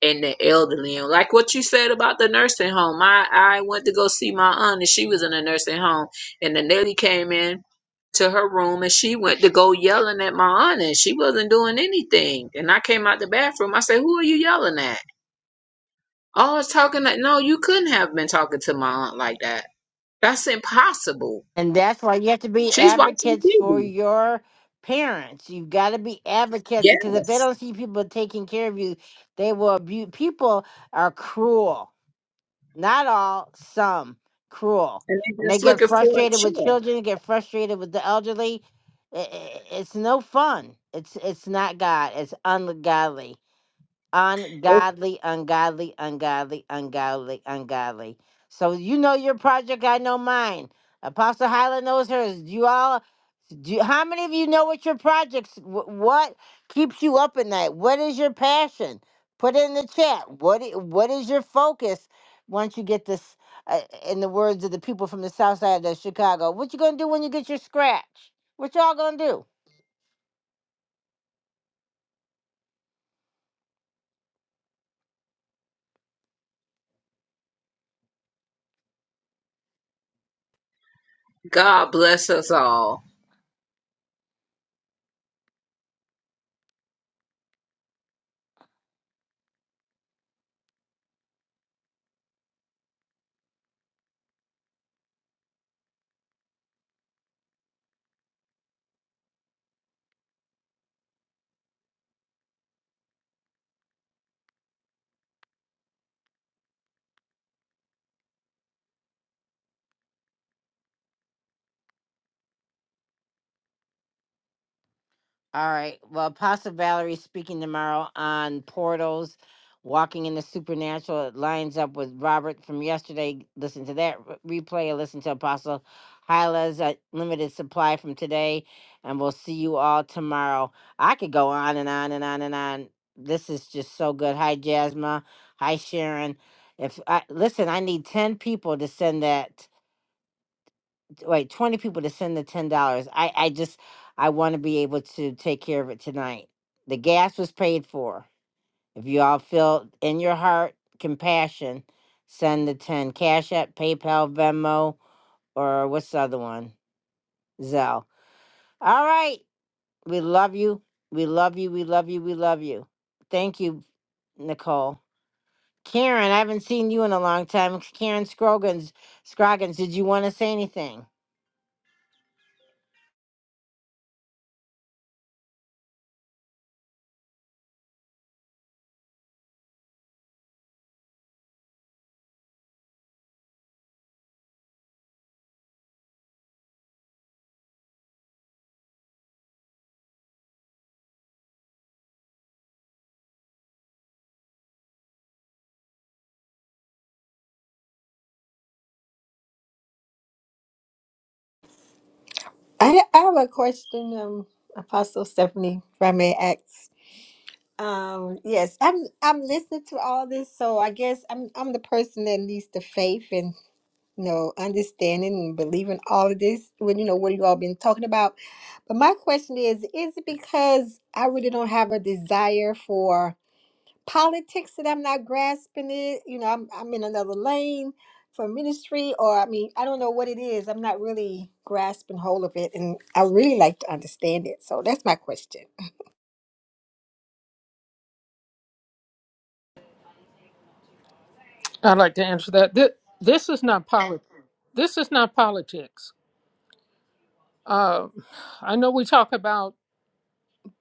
[SPEAKER 9] and the elderly. And like what you said about the nursing home, I I went to go see my aunt, and she was in a nursing home, and the lady came in to her room, and she went to go yelling at my aunt, and she wasn't doing anything. And I came out the bathroom. I said, "Who are you yelling at?" Oh, talking like no, you couldn't have been talking to my aunt like that. That's impossible.
[SPEAKER 1] and that's why you have to be
[SPEAKER 9] She's watching
[SPEAKER 1] advocates for
[SPEAKER 9] TV.
[SPEAKER 1] your parents. You've got to be advocates because if they
[SPEAKER 9] Yes.
[SPEAKER 1] don't see people taking care of you, they will abuse. People are cruel Not all, some cruel.
[SPEAKER 9] And they're
[SPEAKER 1] And they
[SPEAKER 9] just
[SPEAKER 1] get
[SPEAKER 9] looking for a
[SPEAKER 1] frustrated with
[SPEAKER 9] check.
[SPEAKER 1] children, get frustrated with the elderly. I- i- It's no fun. It's it's not God. It's ungodly ungodly, ungodly, ungodly, ungodly, ungodly. So you know your project, I know mine. Apostle Hyla knows hers. Do you all, do you- how many of you know what your projects, wh- what keeps you up at night? What is your passion? Put it in the chat. What i- What is your focus once you get this, uh, in the words of the people from the south side of Chicago? What you going to do when you get your scratch? What y'all going to do?
[SPEAKER 9] God bless us all.
[SPEAKER 1] All right. Well, Apostle Valerie is speaking tomorrow on portals, walking in the supernatural. It lines up with Robert from yesterday. Listen to that re- replay. Or listen to Apostle Hyla's uh, limited supply from today, and we'll see you all tomorrow. I could go on and on and on and on. This is just so good. Hi, Jasma. Hi, Sharon. If I listen, I need ten people to send that wait, 20 people to send the $10. I, I just, I want to be able to take care of it tonight. The gas was paid for. If you all feel in your heart compassion, send the 10 Cash App, PayPal, Venmo, or what's the other one? Zelle. All right. We love you. We love you. We love you. We love you. Thank you, Nicole. Karen, I haven't seen you in a long time. Karen Scroggins, Scroggins, did you want to say anything?
[SPEAKER 18] I, I have a question, um, Apostle Stephanie, if I may ask. Um, yes, I'm I'm listening to all this, so I guess I'm I'm the person that needs the faith and you know understanding and believing all of this. When you know what you all been talking about, but my question is: Is it because I really don't have a desire for? politics that I'm not grasping it. You know, I'm I'm in another lane for ministry, or I mean, I don't know what it is. I'm not really grasping hold of it, and I really like to understand it. So that's my question.
[SPEAKER 4] I'd like to answer that. This, this is not politics. This is not politics. Uh, I know we talk about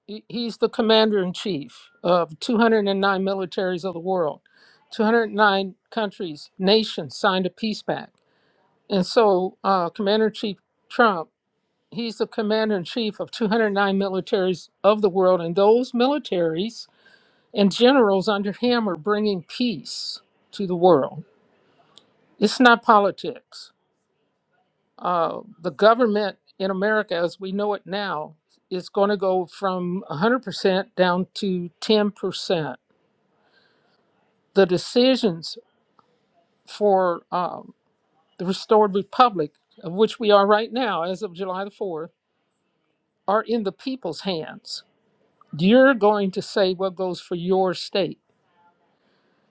[SPEAKER 4] he- he's the commander in chief of 209 militaries of the world. 209 countries, nations signed a peace pact. And so, uh, Commander in Chief Trump, he's the commander in chief of 209 militaries of the world. And those militaries and generals under him are bringing peace to the world. It's not politics. Uh, the government in America, as we know it now, is going to go from 100% down to 10%. The decisions for um, the restored republic, of which we are right now as of July the 4th, are in the people's hands. You're going to say what goes for your state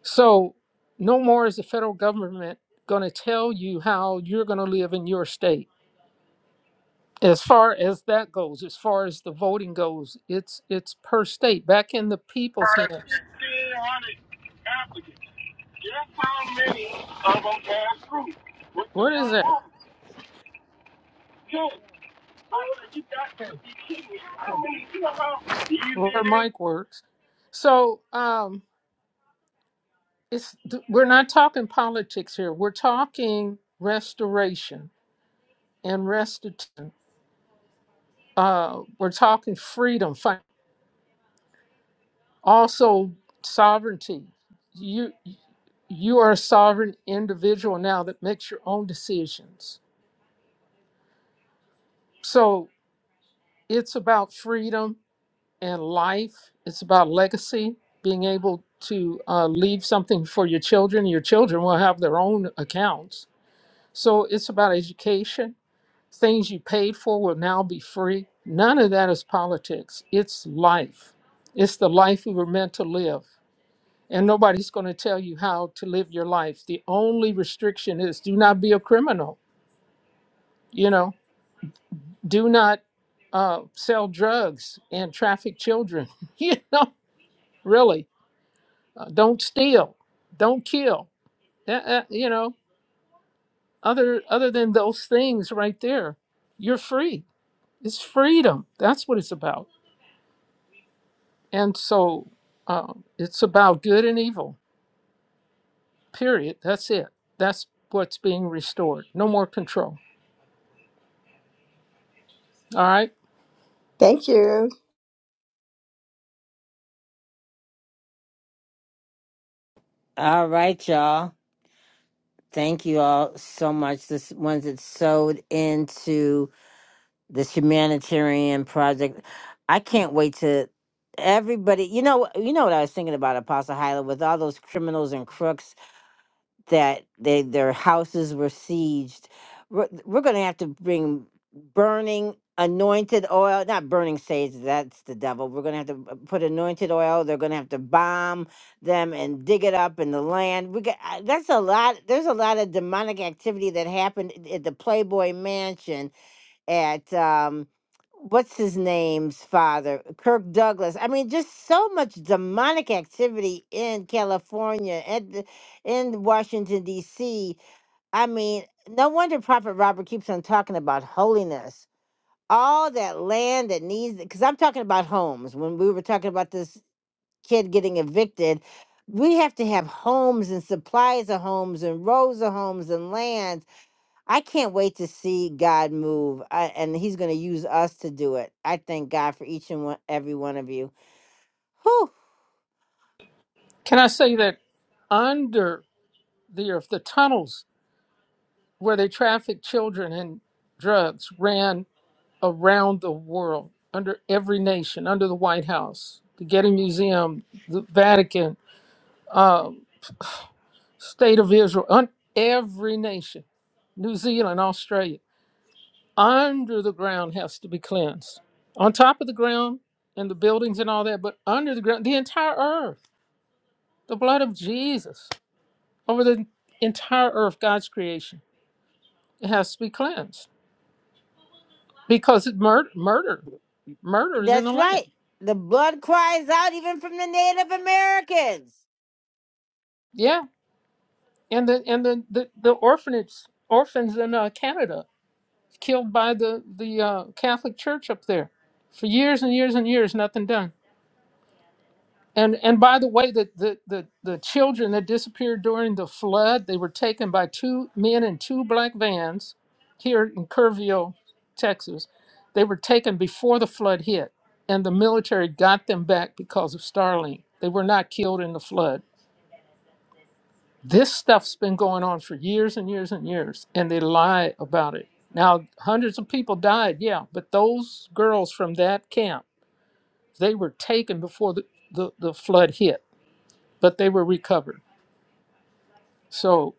[SPEAKER 4] So, no more is the federal government going to tell you how you're going to live in your state. As far as that goes, as far as the voting goes, it's it's per state, back in the people's
[SPEAKER 22] about
[SPEAKER 4] hands.
[SPEAKER 22] 1,500 applicants. Guess how many of them passed through? What's the
[SPEAKER 4] What is
[SPEAKER 22] young
[SPEAKER 4] that?
[SPEAKER 22] woman? Ten. So you got to be kidding me. How many? You know how easy
[SPEAKER 4] Where
[SPEAKER 22] it is
[SPEAKER 4] Mike works. So um, it's th- we're not talking politics here. We're talking restoration and restitution. Uh, we're talking freedom, Also, sovereignty. You you are a sovereign individual now that makes your own decisions. So it's about freedom and life. It's about legacy, being able to uh, leave something for your children. Your children will have their own accounts. So it's about education. Things you paid for will now be free. None of that is politics. It's life. It's the life we were meant to live. and nobody's going to tell you how to live your life. The only restriction is do not be a criminal, you know, do not uh, sell drugs and traffic children, you know, really. Uh, don't steal, don't kill, Uh, uh, you know, other, other than those things right there, you're free. It's freedom. That's what it's about. And so uh, it's about good and evil, period. That's it. That's what's being restored. No more control. All right.
[SPEAKER 18] Thank you.
[SPEAKER 1] All right, y'all. Thank you all so much. The s- ones that sewed into this humanitarian project. I can't wait to everybody. You know, you know what I was thinking about Apostle Hyla with all those criminals and crooks that they their houses were sieged. We're, we're going to have to bring burning anointed oil, not burning sage, that's the devil. We're going to have to uh, put anointed oil. They're going to have to bomb them and dig it up in the land. We got, uh, that's a lot. There's a lot of demonic activity that happened at the Playboy Mansion at um what's his name's father kirk douglas i mean just so much demonic activity in california and the- in washington d.c i mean no wonder prophet robert keeps on talking about holiness all that land that needs because i'm talking about homes when we were talking about this kid getting evicted we have to have homes and supplies of homes and rows of homes and land I can't wait to see God move, I, and He's going to use us to do it. I thank God for each and one, every one of you. Whew,
[SPEAKER 4] Can I say that under the earth, the tunnels where they trafficked children and drugs ran around the world, under every nation, under the White House, the Getty Museum, the Vatican, um, State of Israel, un- every nation, New Zealand, Australia, under the ground has to be cleansed. On top of the ground and the buildings and all that, but under the ground, the entire earth, the blood of Jesus over the entire earth, God's creation It has to be cleansed because it murder, murder, murder is in the
[SPEAKER 1] that's
[SPEAKER 4] land.
[SPEAKER 1] right. The blood cries out even from the Native Americans.
[SPEAKER 4] Yeah, and the and the the, the orphanage orphans in uh, Canada killed by the the uh, Catholic Church up there for years and years and years, nothing done. And and by the way, the, the the the children that disappeared during the flood, they were taken by two men in two black vans here in Kerrville, Texas. They were taken before the flood hit, and the military got them back because of Starlink. They were not killed in the flood. This stuff's been going on for years and years and years, and they lie about it. Now, hundreds of people died, yeah, but those girls from that camp, they were taken before the, the, the flood hit, but they were recovered. So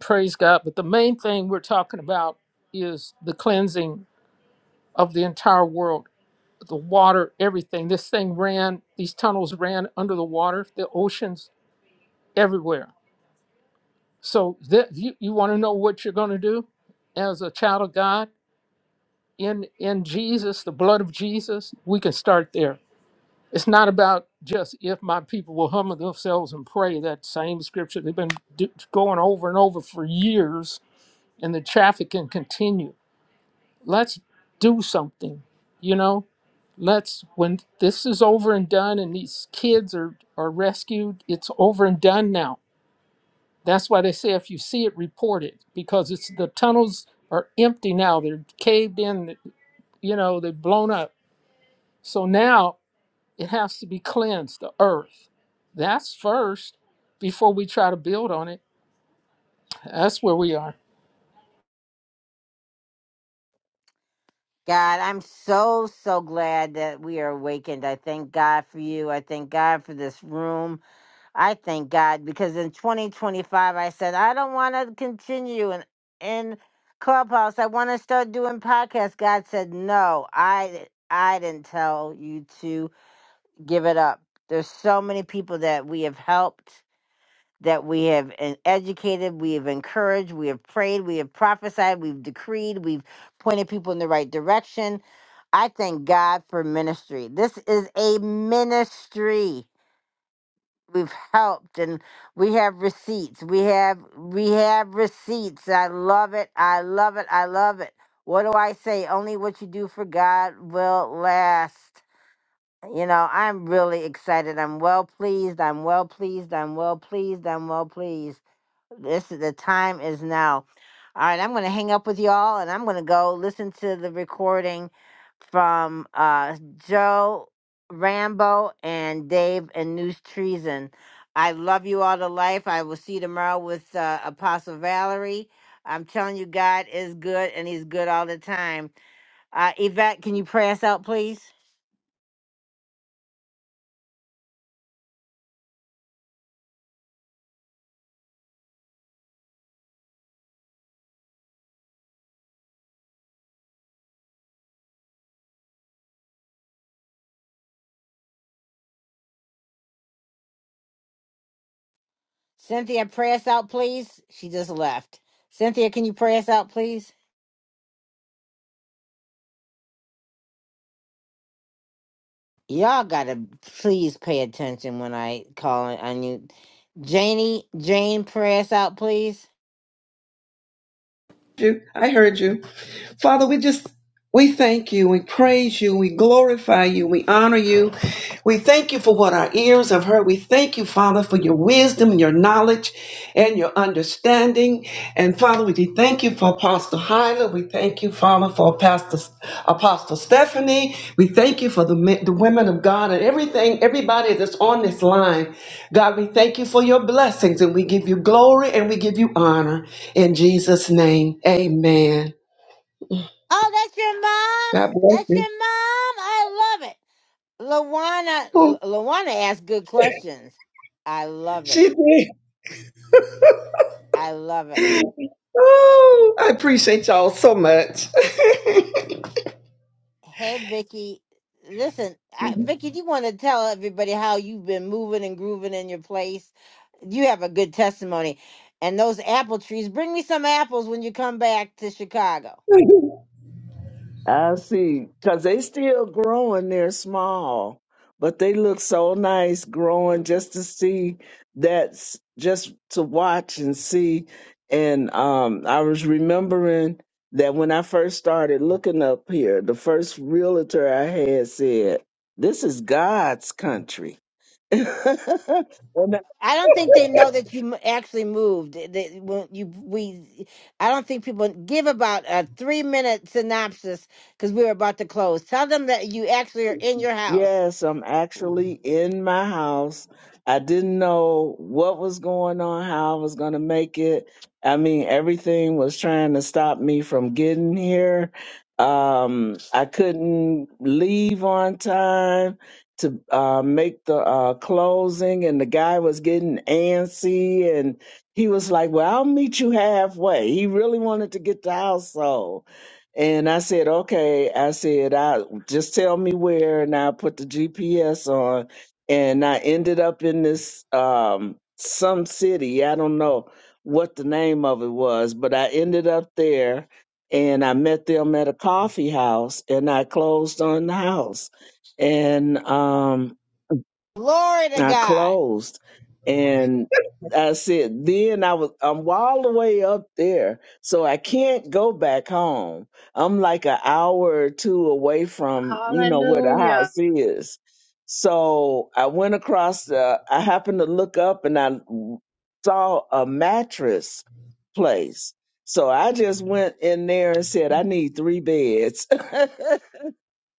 [SPEAKER 4] praise God. But the main thing we're talking about is the cleansing of the entire world, the water, everything. This thing ran, these tunnels ran under the water, the oceans, everywhere. So that you, you want to know what you're going to do as a child of God in in Jesus, the blood of Jesus, we can start there. It's not about just if my people will humble themselves and pray that same scripture they've been do, going over and over for years and the traffic can continue Let's do something, you know? Let's, when this is over and done and these kids are, are rescued, it's over and done now. That's why they say if you see it, report it because it's the tunnels are empty now. They're caved in, you know, they've blown up. So now it has to be cleansed, the earth. That's first before we try to build on it. That's where we are.
[SPEAKER 1] God, I'm so, so glad that we are awakened. I thank God for you. I thank God for this room. I thank God because in 2025 I said I don't want to continue in in clubhouse. I want to start doing podcasts. God said no. I I didn't tell you to give it up. There's so many people that we have helped, that we have en- educated, we have encouraged, we have prayed, we have prophesied, we've decreed, we've pointed people in the right direction. I thank God for ministry. This is a ministry we've helped and we have receipts we have we have receipts i love it i love it i love it what do i say only what you do for god will last you know i'm really excited i'm well pleased i'm well pleased i'm well pleased i'm well pleased this the time is now. All right, I'm going to hang up with y'all, and I'm going to go listen to the recording from uh, Joe Rambo and Dave and News Treason. I love you all to life. I will see you tomorrow with uh, Apostle Valerie. I'm telling you, God is good, and He's good all the time. Uh, Yvette, can you pray us out, please? Cynthia, pray us out, please. She just left. Cynthia, can you pray us out, please? Y'all gotta please pay attention when I call on on you. Janie, Jane, pray us out, please.
[SPEAKER 21] you. I heard you. Father, we just we thank you, we praise you, we glorify you, we honor you. We thank you for what our ears have heard. We thank you, Father, for your wisdom and your knowledge and your understanding. And Father, we do thank you for Apostle Hyla. We thank you, Father, for Pastor Apostle Stephanie. We thank you for the, men- the women of God and everything, everybody that's on this line. God, we thank you for your blessings and we give you glory and we give you honor. In Jesus' name, amen.
[SPEAKER 1] Oh, that's your
[SPEAKER 21] God
[SPEAKER 1] mom.
[SPEAKER 21] bless
[SPEAKER 1] That's
[SPEAKER 21] you.
[SPEAKER 1] your mom. I love it. Lawana,
[SPEAKER 21] Oh,
[SPEAKER 1] L- Lawana asked good questions. I love it.
[SPEAKER 21] she
[SPEAKER 1] I love it.
[SPEAKER 21] did. Oh, I appreciate y'all so much.
[SPEAKER 1] Hey, Vicky. Listen, I, Vicky, do you want to tell everybody how you've been moving and grooving in your place? You have a good testimony. And those apple trees, bring me some apples when you come back to Chicago.
[SPEAKER 23] I see. Because they still growing, they're small, but they look so nice growing just to see that's just to watch and see. And um, I was remembering that when I first started looking up here, the first realtor I had said, This is God's country. and
[SPEAKER 1] I don't think they know that you m- actually moved. They, when you we, I don't think people give about a three minute synopsis because we were about to close. Tell them that you actually are in your house.
[SPEAKER 23] Yes, I'm actually in my house. I didn't know what was going on, how I was going to make it. I mean, everything was trying to stop me from getting here. Um, I couldn't leave on time to uh, make the uh, closing, and the guy was getting antsy, and he was like, "Well, I'll meet you halfway." He really wanted to get the house sold and I said, okay. I said, I just tell me where, and I put the GPS on, and I ended up in this um some city. I don't know what the name of it was, but I ended up there, and I met them at a coffee house, and I closed on the house, and um
[SPEAKER 1] Glory to
[SPEAKER 23] I
[SPEAKER 1] God.
[SPEAKER 23] closed, and I said, then I was I'm all the way up there, so I can't go back home. I'm like an hour or two away from you know where the
[SPEAKER 17] Hallelujah.
[SPEAKER 23] house is. So I went across the. I happened to look up and I saw a mattress place. So I just went in there and said, I need three beds.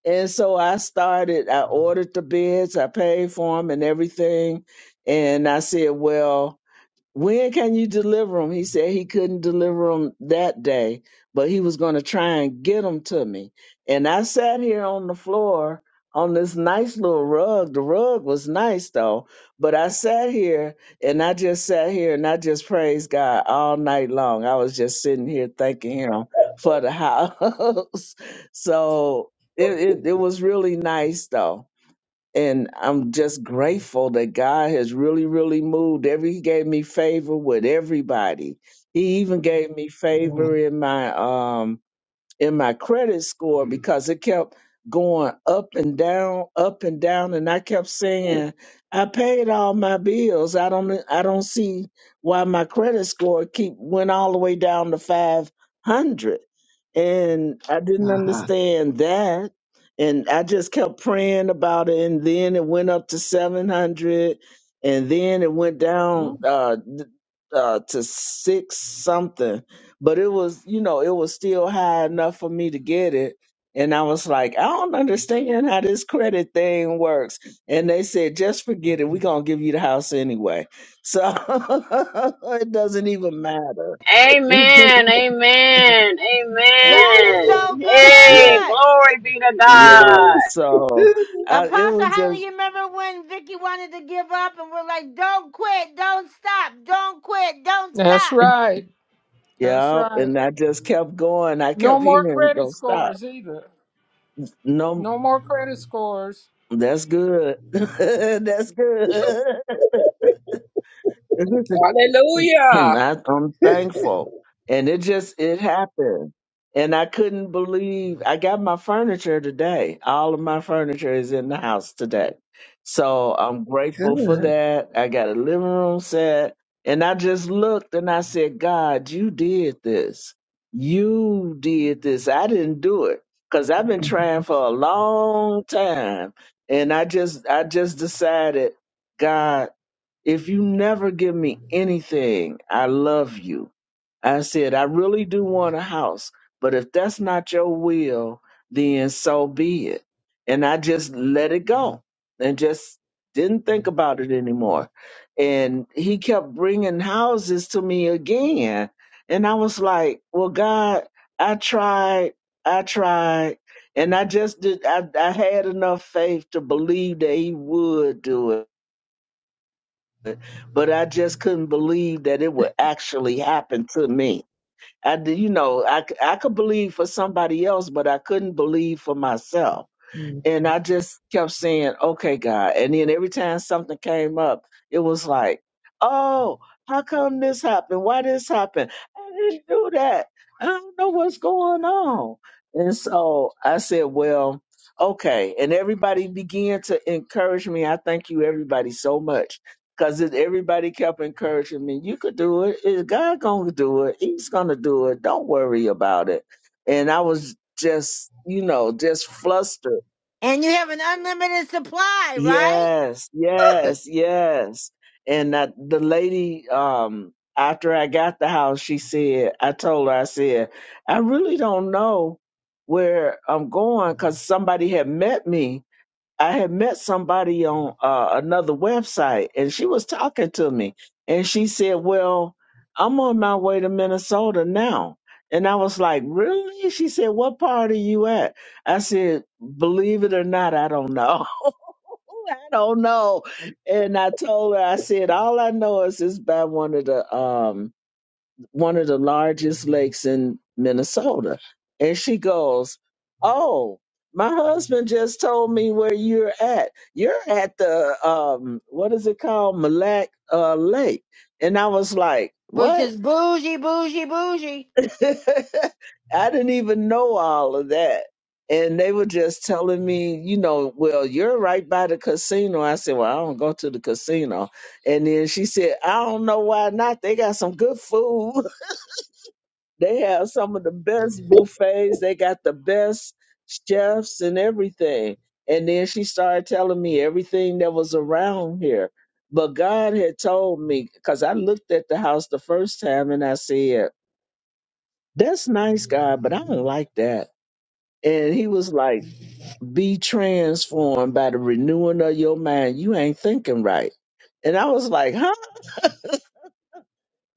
[SPEAKER 23] And so I started, I ordered the beds, I paid for them and everything. And I said, well, when can you deliver them? He said he couldn't deliver them that day, but he was going to try and get them to me. And I sat here on the floor on this nice little rug. The rug was nice though, but I sat here and I just sat here and I just praised God all night long. I was just sitting here thanking him for the house. so it, it, it was really nice though and I'm just grateful that God has really, really moved. Every He gave me favor with everybody. He even gave me
[SPEAKER 21] Yeah,
[SPEAKER 23] favor in my um in my credit score because it kept going up and down, up and down, and I kept saying, "I paid all my bills. I don't, I don't see why my credit score keep went all the way down to five hundred, and I didn't
[SPEAKER 21] uh-huh.
[SPEAKER 23] understand that." And I just kept praying about it, and then it went up to seven hundred, and then it went down uh, th- uh, to six something, but it was you know it was still high enough for me to get it and i was like i don't understand how this credit thing works and they said just forget it we're going to give you the house anyway so it doesn't even matter
[SPEAKER 17] Amen. Amen.
[SPEAKER 1] God is
[SPEAKER 17] Amen.
[SPEAKER 1] so
[SPEAKER 23] yeah
[SPEAKER 17] Hey,
[SPEAKER 1] good.
[SPEAKER 17] glory be to
[SPEAKER 23] yeah
[SPEAKER 17] God.
[SPEAKER 23] so uh, it
[SPEAKER 1] Apostle
[SPEAKER 23] was just
[SPEAKER 1] Holly, you remember when Vicky wanted to give up and we're like, "Don't quit, don't stop, don't quit, don't
[SPEAKER 4] That's
[SPEAKER 1] stop,"
[SPEAKER 4] right. That's
[SPEAKER 23] yeah
[SPEAKER 4] right.
[SPEAKER 23] and i just kept going i
[SPEAKER 4] No
[SPEAKER 23] kept
[SPEAKER 4] more
[SPEAKER 23] hearing
[SPEAKER 4] credit
[SPEAKER 23] go stop
[SPEAKER 4] scores either.
[SPEAKER 23] no
[SPEAKER 4] No more credit scores.
[SPEAKER 23] that's good that's good
[SPEAKER 9] Hallelujah.
[SPEAKER 23] I, I'm thankful. And it just it happened. And I couldn't believe I got my furniture today. All of my furniture is in the house today. So I'm grateful for that. I got a living room set. And I just looked and I said, God, you did this. You did this. I didn't do it. Cause I've been trying for a long time. And I just I just decided, God, if you never give me anything, I love you. I said, I really do want a house, but if that's not your will, then so be it. And I just let it go and just didn't think about it anymore. And he kept bringing houses to me again. And I was like, well, God, I tried, I tried. And I just did, I, I had enough faith to believe that he would do it but I just couldn't believe that it would actually happen to me. I did, you know, I, c- I could believe for somebody else, but I couldn't believe for myself and I just kept saying, okay, God. And then every time something came up, it was like, oh, how come this happened? Why this happened? I didn't do that. I don't know what's going on. And so I said, well, okay. And everybody began to encourage me. I thank you, everybody, so much. Because everybody kept encouraging me, you could do it. Is God going to do it? He's going to do it. Don't worry about it. And I was just, you know, just flustered
[SPEAKER 1] and you have an unlimited supply, right?
[SPEAKER 23] Yes, yes, yes. And that the lady, um, after I got the house, she said, I told her, I said, I really don't know where I'm going because somebody had met me. I had met somebody on uh, another website and she was talking to me. And she said, Well, I'm on my way to Minnesota now. And I was like, Really? She said, What part are you at? I said, Believe it or not, I don't know. Ooh, I don't know. And I told her, I said, all I know is it's by one of the um one of the largest lakes in Minnesota. And she goes, Oh, my husband just told me where you're at. You're at the um what is it called? Malak uh Lake. And I was like,
[SPEAKER 1] Which
[SPEAKER 23] What?
[SPEAKER 1] is bougie, bougie, bougie.
[SPEAKER 23] I didn't even know all of that. And they were just telling me, you know, well, you're right by the casino. I said, well, I don't go to the casino. And then she said, I don't know why not. They got some good food. They have some of the best buffets. They got the best chefs and everything. And then she started telling me everything that was around here. But God had told me, because I looked at the house the first time and I said, that's nice, guy, but I don't like that. And he was like, be transformed by the renewing of your mind. You ain't thinking right. And I was like, huh?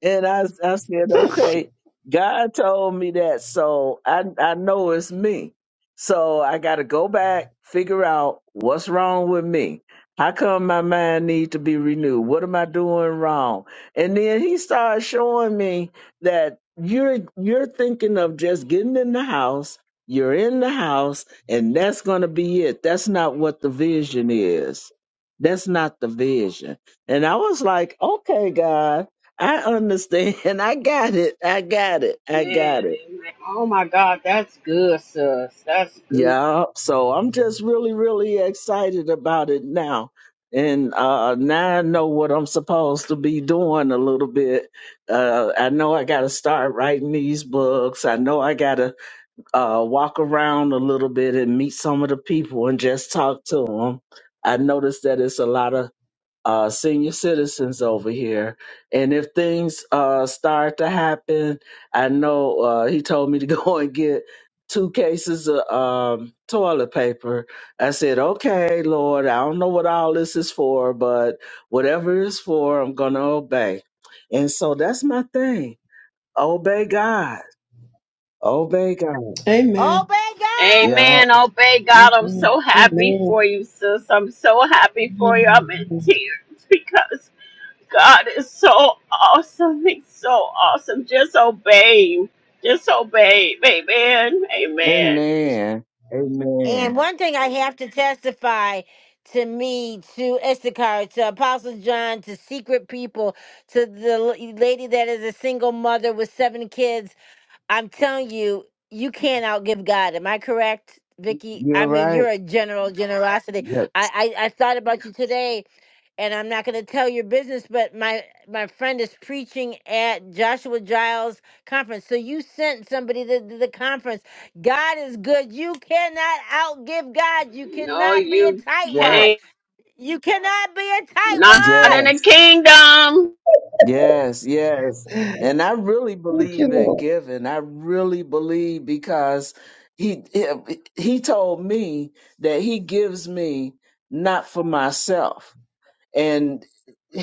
[SPEAKER 23] And I, I said, okay, God told me that, so I, I know it's me. So I got to go back, figure out what's wrong with me. How come my mind needs to be renewed? What am I doing wrong? And then he started showing me that you're you're thinking of just getting in the house. You're in the house, and that's going to be it. That's not what the vision is. That's not the vision. And I was like, okay, God. I understand. I got it. I got it.
[SPEAKER 17] Man,
[SPEAKER 23] I got it.
[SPEAKER 17] amen. Oh my God, that's good, sis. That's good.
[SPEAKER 23] Yeah. So I'm just really, really excited about it now. And uh, now I know what I'm supposed to be doing a little bit. Uh, I know I got to start writing these books. I know I got to uh, walk around a little bit and meet some of the people and just talk to them. I noticed that it's a lot of uh, senior citizens over here. And if things uh, start to happen, I know uh, he told me to go and get two cases of um, toilet paper. I said, okay, Lord, I don't know what all this is for, but whatever it's for, I'm going to obey. And so that's my thing. Obey God. Obey God.
[SPEAKER 21] Amen.
[SPEAKER 1] Obey God.
[SPEAKER 23] Yeah.
[SPEAKER 17] Amen. Obey God. I'm so happy
[SPEAKER 21] Amen.
[SPEAKER 17] for you, sis. I'm so happy for you. I'm in
[SPEAKER 21] Amen.
[SPEAKER 17] tears because God is so awesome. He's so awesome. Just obey him. Just obey. him. Amen. Amen.
[SPEAKER 23] Amen. Amen.
[SPEAKER 1] And one thing I have to testify to me, to Issachar, to Apostle John, to secret people, to the l- lady that is a single mother with seven kids. I'm telling you, you can't outgive God. Am I correct, Vicky?
[SPEAKER 23] You're
[SPEAKER 1] I mean,
[SPEAKER 23] right.
[SPEAKER 1] you're a general generosity.
[SPEAKER 23] Yep.
[SPEAKER 1] I I, I thought about you today, and I'm not going to tell your business, but my my friend is preaching at Joshua Giles conference. So you sent somebody to, to the conference. God is good. You cannot outgive God. You
[SPEAKER 17] No,
[SPEAKER 1] cannot be a
[SPEAKER 17] you
[SPEAKER 23] Yep.
[SPEAKER 1] tightwad.
[SPEAKER 17] can't.
[SPEAKER 1] You cannot be a
[SPEAKER 17] Not
[SPEAKER 1] tightwad.
[SPEAKER 17] in the
[SPEAKER 23] Yes.
[SPEAKER 17] kingdom.
[SPEAKER 23] Yes, yes. And I really
[SPEAKER 21] Thank you,
[SPEAKER 23] believe in
[SPEAKER 21] Lord.
[SPEAKER 23] giving. I really believe because he he he told me that he gives me not for myself. And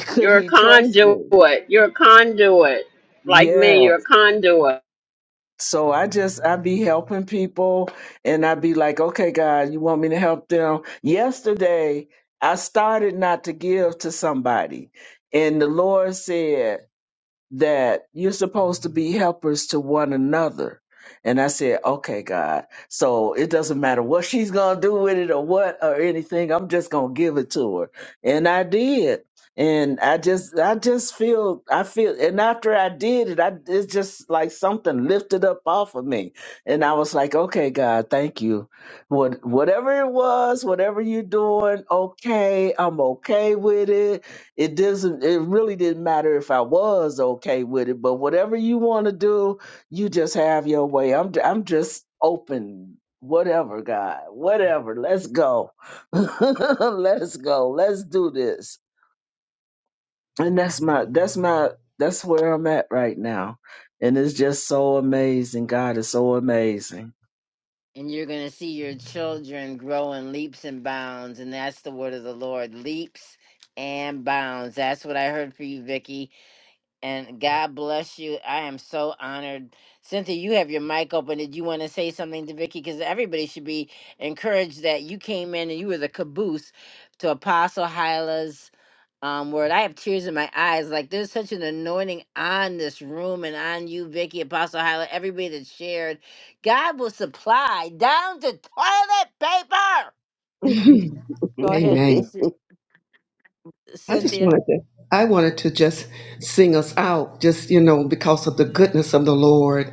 [SPEAKER 23] could
[SPEAKER 17] You're a
[SPEAKER 23] he trust me?
[SPEAKER 17] conduit. You're a conduit. Like me,
[SPEAKER 23] Yeah.
[SPEAKER 17] you're a conduit.
[SPEAKER 23] So I just I be helping people and I be like, "Okay, God, you want me to help them?" Yesterday, I started not to give to somebody. And the Lord said. that you're supposed to be helpers to one another. And I said, okay, God. So it doesn't matter what she's going to do with it or what or anything. I'm just going to give it to her. And I did. And I just, I just feel, I feel, and after I did it, I, it's just like something lifted up off of me. And I was like, okay, God, thank you. What, whatever it was, whatever you're doing, okay, I'm okay with it it doesn't it really didn't matter if I was okay with it, but whatever you want to do, you just have your way. I'm I'm just open. Whatever, God. Whatever. Let's go. Let's go. Let's do this. And that's my that's my that's where I'm at right now. And it's just so amazing. God is so amazing.
[SPEAKER 1] and you're going to see your children grow in leaps and bounds and that's the word of the lord leaps and bounds that's what i heard for you vicky and god bless you i am so honored cynthia you have your mic open did you want to say something to vicky because everybody should be encouraged that you came in and you were the caboose to apostle hyla's um, word. I have tears in my eyes. Like there's such an anointing on this room and on you, Vicky, Apostle Hyla, everybody that shared. God will supply down to toilet paper. Go ahead,
[SPEAKER 21] Amen.
[SPEAKER 1] Cyn-
[SPEAKER 21] I just
[SPEAKER 1] Cynthia.
[SPEAKER 21] wanted to I wanted to just sing us out, just you know, because of the goodness of the Lord.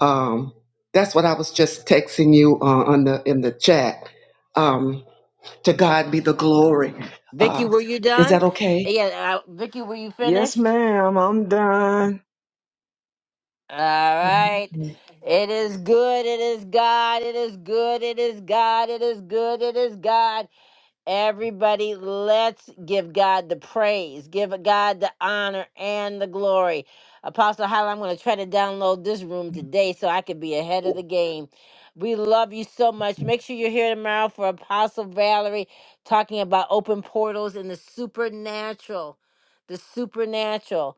[SPEAKER 21] Um, that's what I was just texting you uh, on the in the chat. Um, to God be the glory.
[SPEAKER 1] Vicky,
[SPEAKER 21] Uh,
[SPEAKER 1] were you
[SPEAKER 21] is that
[SPEAKER 1] done?
[SPEAKER 21] okay?
[SPEAKER 1] Yeah, uh, Vicky, were you
[SPEAKER 23] yes,
[SPEAKER 1] finished?
[SPEAKER 23] ma'am. I'm done.
[SPEAKER 1] All right.
[SPEAKER 21] Amen.
[SPEAKER 1] It is good. It is God. It is good. It is God. It is good. It is God. Everybody, let's give God the praise, give God the honor and the glory. Apostle Hyla, I'm going to try to download this room today so I could be ahead of the game. We love you so much. Make sure you're here tomorrow for Apostle Valerie talking about open portals and the supernatural. The supernatural.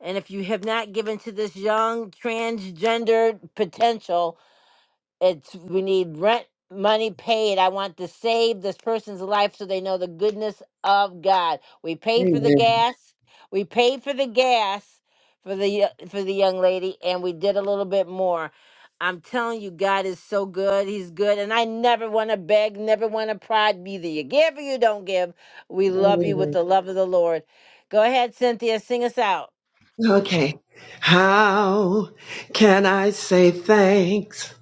[SPEAKER 1] And if you have not given to this young transgendered potential, it's we need rent money paid i want to save this person's life so they know the goodness of god we pay for the gas we paid for the gas for the y- for the young lady and we did a little bit more i'm telling you god is so good he's good and i never want to beg never want to pride either you give or you don't give we love you with
[SPEAKER 21] Amen.
[SPEAKER 1] the love of the lord go ahead cynthia sing us out
[SPEAKER 21] Okay. How can I say thanks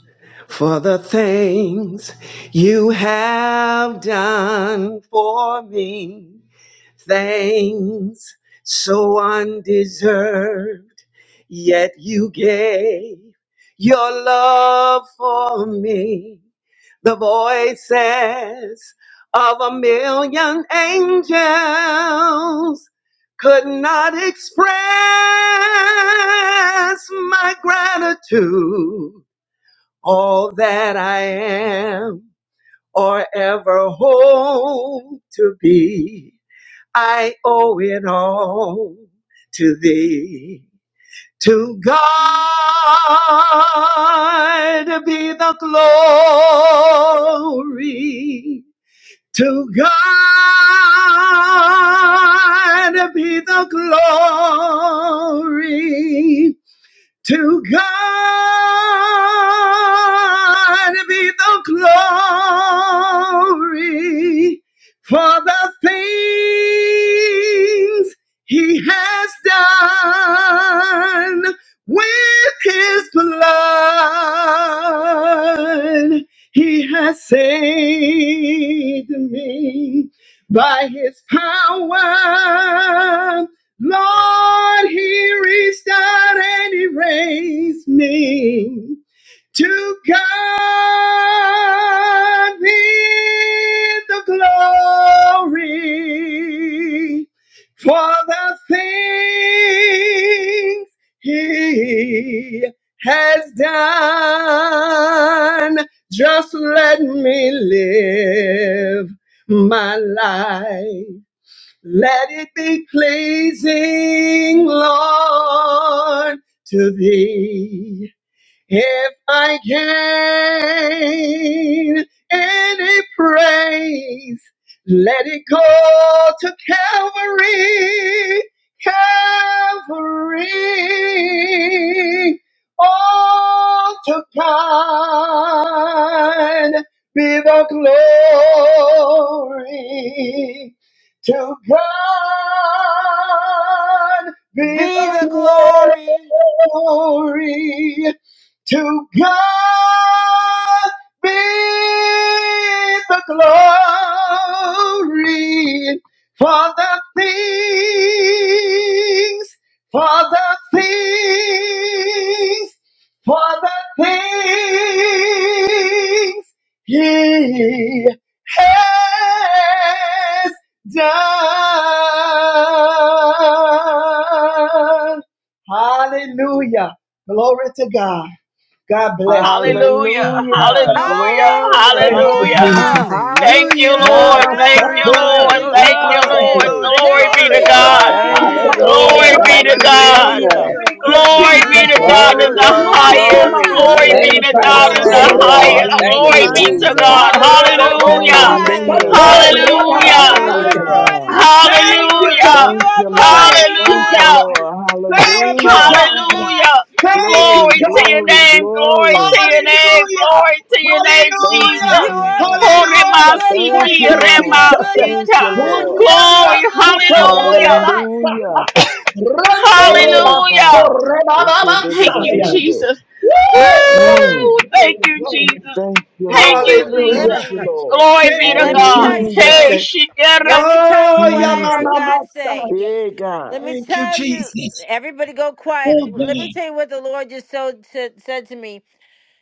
[SPEAKER 21] for the things you have done for me? Thanks so undeserved, yet you gave your love for me. The voices of a million angels could not express my gratitude. All that I am or ever hope to be. I owe it all to thee. To God be the glory. To God be the glory. To God be the glory for the things he has done with his blood. He has saved me by his power Lord, he reached out and he raised me to God be the glory for the things he has done. Just let me live my life let it be pleasing, Lord, to thee. If I gain any praise, let it go to Calvary, Calvary. All to God be the glory. To God be the glory. To God be the glory for the things, for the things, for the things He has done. Hallelujah. Glory to God. God bless you.
[SPEAKER 17] Hallelujah.
[SPEAKER 23] Hallelujah.
[SPEAKER 17] Hallelujah.
[SPEAKER 23] Glory.
[SPEAKER 21] Thank you,
[SPEAKER 17] Hallelujah.
[SPEAKER 21] Jesus.
[SPEAKER 1] Hallelujah!
[SPEAKER 4] Hallelujah.
[SPEAKER 17] Thank you,
[SPEAKER 23] Hallelujah.
[SPEAKER 14] Hallelujah.
[SPEAKER 17] Lord.
[SPEAKER 21] Ah,
[SPEAKER 17] Thank
[SPEAKER 21] stop
[SPEAKER 14] Glory,
[SPEAKER 17] you,
[SPEAKER 4] Thank
[SPEAKER 21] it,
[SPEAKER 4] you,
[SPEAKER 14] glory,
[SPEAKER 17] Lord.
[SPEAKER 21] everyone,
[SPEAKER 14] glory,
[SPEAKER 17] Thank you,
[SPEAKER 4] Jesus.
[SPEAKER 14] glory,
[SPEAKER 17] Lord.
[SPEAKER 21] outside.
[SPEAKER 23] Glory.
[SPEAKER 14] glory,
[SPEAKER 17] Glory be
[SPEAKER 1] thank
[SPEAKER 17] to
[SPEAKER 14] glory,
[SPEAKER 1] you
[SPEAKER 21] Oh,
[SPEAKER 17] God.
[SPEAKER 14] glory to
[SPEAKER 21] thank
[SPEAKER 23] Thank
[SPEAKER 21] you,
[SPEAKER 23] you,
[SPEAKER 14] God.
[SPEAKER 21] God.
[SPEAKER 4] Glory.
[SPEAKER 1] lord
[SPEAKER 9] Hallelujah.
[SPEAKER 17] Glory
[SPEAKER 23] Lord.
[SPEAKER 17] be
[SPEAKER 9] Thank
[SPEAKER 17] to
[SPEAKER 9] you,
[SPEAKER 21] Hallelujah.
[SPEAKER 17] God.
[SPEAKER 23] Hallelujah.
[SPEAKER 9] Jesus.
[SPEAKER 14] Hallelujah.
[SPEAKER 21] Thank you,
[SPEAKER 14] Worthy,
[SPEAKER 1] Hallelujah!
[SPEAKER 17] Glory be
[SPEAKER 21] Jesus.
[SPEAKER 14] worthy,
[SPEAKER 17] to God
[SPEAKER 9] Glory,
[SPEAKER 17] in the
[SPEAKER 14] worthy
[SPEAKER 23] Glory.
[SPEAKER 9] glory,
[SPEAKER 14] God.
[SPEAKER 21] Mucha
[SPEAKER 17] highest.
[SPEAKER 9] glory.
[SPEAKER 21] mamá,
[SPEAKER 9] We
[SPEAKER 17] Glory be
[SPEAKER 23] Thank
[SPEAKER 17] to
[SPEAKER 23] you,
[SPEAKER 9] magnify
[SPEAKER 21] Rebeca,
[SPEAKER 17] God
[SPEAKER 14] Hallelujah.
[SPEAKER 17] in
[SPEAKER 21] su
[SPEAKER 9] your
[SPEAKER 23] Lord.
[SPEAKER 17] the
[SPEAKER 9] name,
[SPEAKER 21] Rebeca,
[SPEAKER 14] Hallelujah.
[SPEAKER 9] Lord.
[SPEAKER 17] highest.
[SPEAKER 9] Thank
[SPEAKER 23] Hallelujah,
[SPEAKER 17] Glory
[SPEAKER 9] you,
[SPEAKER 17] be
[SPEAKER 21] saya.
[SPEAKER 17] to
[SPEAKER 23] God.
[SPEAKER 9] Jesus.
[SPEAKER 17] God.
[SPEAKER 14] Hallelujah.
[SPEAKER 1] Glory be
[SPEAKER 14] We
[SPEAKER 1] to
[SPEAKER 14] lift
[SPEAKER 21] Arrobo,
[SPEAKER 17] Hallelujah.
[SPEAKER 14] your
[SPEAKER 1] God. You're
[SPEAKER 23] Hallelujah,
[SPEAKER 14] name.
[SPEAKER 21] risato,
[SPEAKER 9] Hallelujah.
[SPEAKER 1] more
[SPEAKER 23] God.
[SPEAKER 1] than enough,
[SPEAKER 17] Hallelujah.
[SPEAKER 1] God.
[SPEAKER 23] Glory
[SPEAKER 21] rababasaya.
[SPEAKER 1] You're
[SPEAKER 23] to
[SPEAKER 9] Hallelujah.
[SPEAKER 4] Hallelujah.
[SPEAKER 1] more than
[SPEAKER 23] God.
[SPEAKER 1] enough.
[SPEAKER 21] Thank you,
[SPEAKER 17] Hallelujah.
[SPEAKER 4] Glory.
[SPEAKER 1] You
[SPEAKER 23] Thank
[SPEAKER 21] God.
[SPEAKER 1] are
[SPEAKER 23] you,
[SPEAKER 1] more
[SPEAKER 23] Lord.
[SPEAKER 21] Thank
[SPEAKER 1] than
[SPEAKER 23] Thank
[SPEAKER 21] you,
[SPEAKER 23] you,
[SPEAKER 1] enough.
[SPEAKER 17] Hallelujah.
[SPEAKER 21] God.
[SPEAKER 23] Lord.
[SPEAKER 1] You are
[SPEAKER 21] Thank you,
[SPEAKER 23] Hallelujah.
[SPEAKER 1] more
[SPEAKER 21] God.
[SPEAKER 1] than enough.
[SPEAKER 17] Hallelujah.
[SPEAKER 21] Thank
[SPEAKER 23] Glory,
[SPEAKER 21] you,
[SPEAKER 17] Glory to your
[SPEAKER 23] glory,
[SPEAKER 21] God.
[SPEAKER 17] name. Glory to
[SPEAKER 23] glory.
[SPEAKER 17] your name.
[SPEAKER 21] Hallelujah!
[SPEAKER 17] Glory to your name,
[SPEAKER 18] Hallelujah.
[SPEAKER 23] Thank you,
[SPEAKER 21] Hallelujah!
[SPEAKER 17] Jesus.
[SPEAKER 1] You are
[SPEAKER 23] Jesus.
[SPEAKER 1] more.
[SPEAKER 17] Oh,
[SPEAKER 1] You're a
[SPEAKER 21] Hallelujah!
[SPEAKER 1] good,
[SPEAKER 23] Thank
[SPEAKER 1] good
[SPEAKER 21] Thank
[SPEAKER 17] Remasiki,
[SPEAKER 23] you,
[SPEAKER 21] you,
[SPEAKER 1] God.
[SPEAKER 23] Lord.
[SPEAKER 1] You're a good,
[SPEAKER 21] Jesus.
[SPEAKER 23] Thank
[SPEAKER 1] good
[SPEAKER 17] Remasita.
[SPEAKER 23] you,
[SPEAKER 1] God.
[SPEAKER 23] Lord.
[SPEAKER 1] You're
[SPEAKER 21] Uriarra
[SPEAKER 17] Glory.
[SPEAKER 1] a good,
[SPEAKER 21] soto
[SPEAKER 1] good
[SPEAKER 17] Hallelujah.
[SPEAKER 1] God.
[SPEAKER 21] rebabasa.
[SPEAKER 23] Hallelujah.
[SPEAKER 21] Rando
[SPEAKER 23] Oh
[SPEAKER 17] Hallelujah.
[SPEAKER 21] rebaso
[SPEAKER 23] God.
[SPEAKER 17] Thank you,
[SPEAKER 21] rebababasaya.
[SPEAKER 17] Jesus.
[SPEAKER 21] Woo!
[SPEAKER 23] Hmm.
[SPEAKER 21] Glory,
[SPEAKER 17] Woo!
[SPEAKER 21] glory,
[SPEAKER 17] Thank you,
[SPEAKER 21] glory.
[SPEAKER 17] Jesus.
[SPEAKER 23] Thank you,
[SPEAKER 17] Thank you,
[SPEAKER 23] Lord.
[SPEAKER 1] L- l- Let
[SPEAKER 23] Thank
[SPEAKER 21] Hallelujah.
[SPEAKER 17] Jesus.
[SPEAKER 23] you,
[SPEAKER 1] me
[SPEAKER 23] Lord.
[SPEAKER 17] Glory be
[SPEAKER 21] Thank
[SPEAKER 17] to
[SPEAKER 21] you,
[SPEAKER 1] let me
[SPEAKER 17] God.
[SPEAKER 1] tell you
[SPEAKER 23] Hallelujah.
[SPEAKER 17] Hey,
[SPEAKER 1] something.
[SPEAKER 21] Jesus.
[SPEAKER 17] Shikara
[SPEAKER 1] Let me tell
[SPEAKER 21] Oh,
[SPEAKER 1] you what
[SPEAKER 21] yeah,
[SPEAKER 1] I
[SPEAKER 23] Jesus.
[SPEAKER 1] heard
[SPEAKER 21] mama,
[SPEAKER 1] God say.
[SPEAKER 21] Messiah.
[SPEAKER 23] Hey
[SPEAKER 1] Let
[SPEAKER 23] God.
[SPEAKER 1] me
[SPEAKER 21] Thank you,
[SPEAKER 1] tell you.
[SPEAKER 21] Jesus.
[SPEAKER 1] Everybody, go
[SPEAKER 21] Oh,
[SPEAKER 1] quiet. Let me
[SPEAKER 21] God.
[SPEAKER 1] tell you what the Lord just so, said said to me.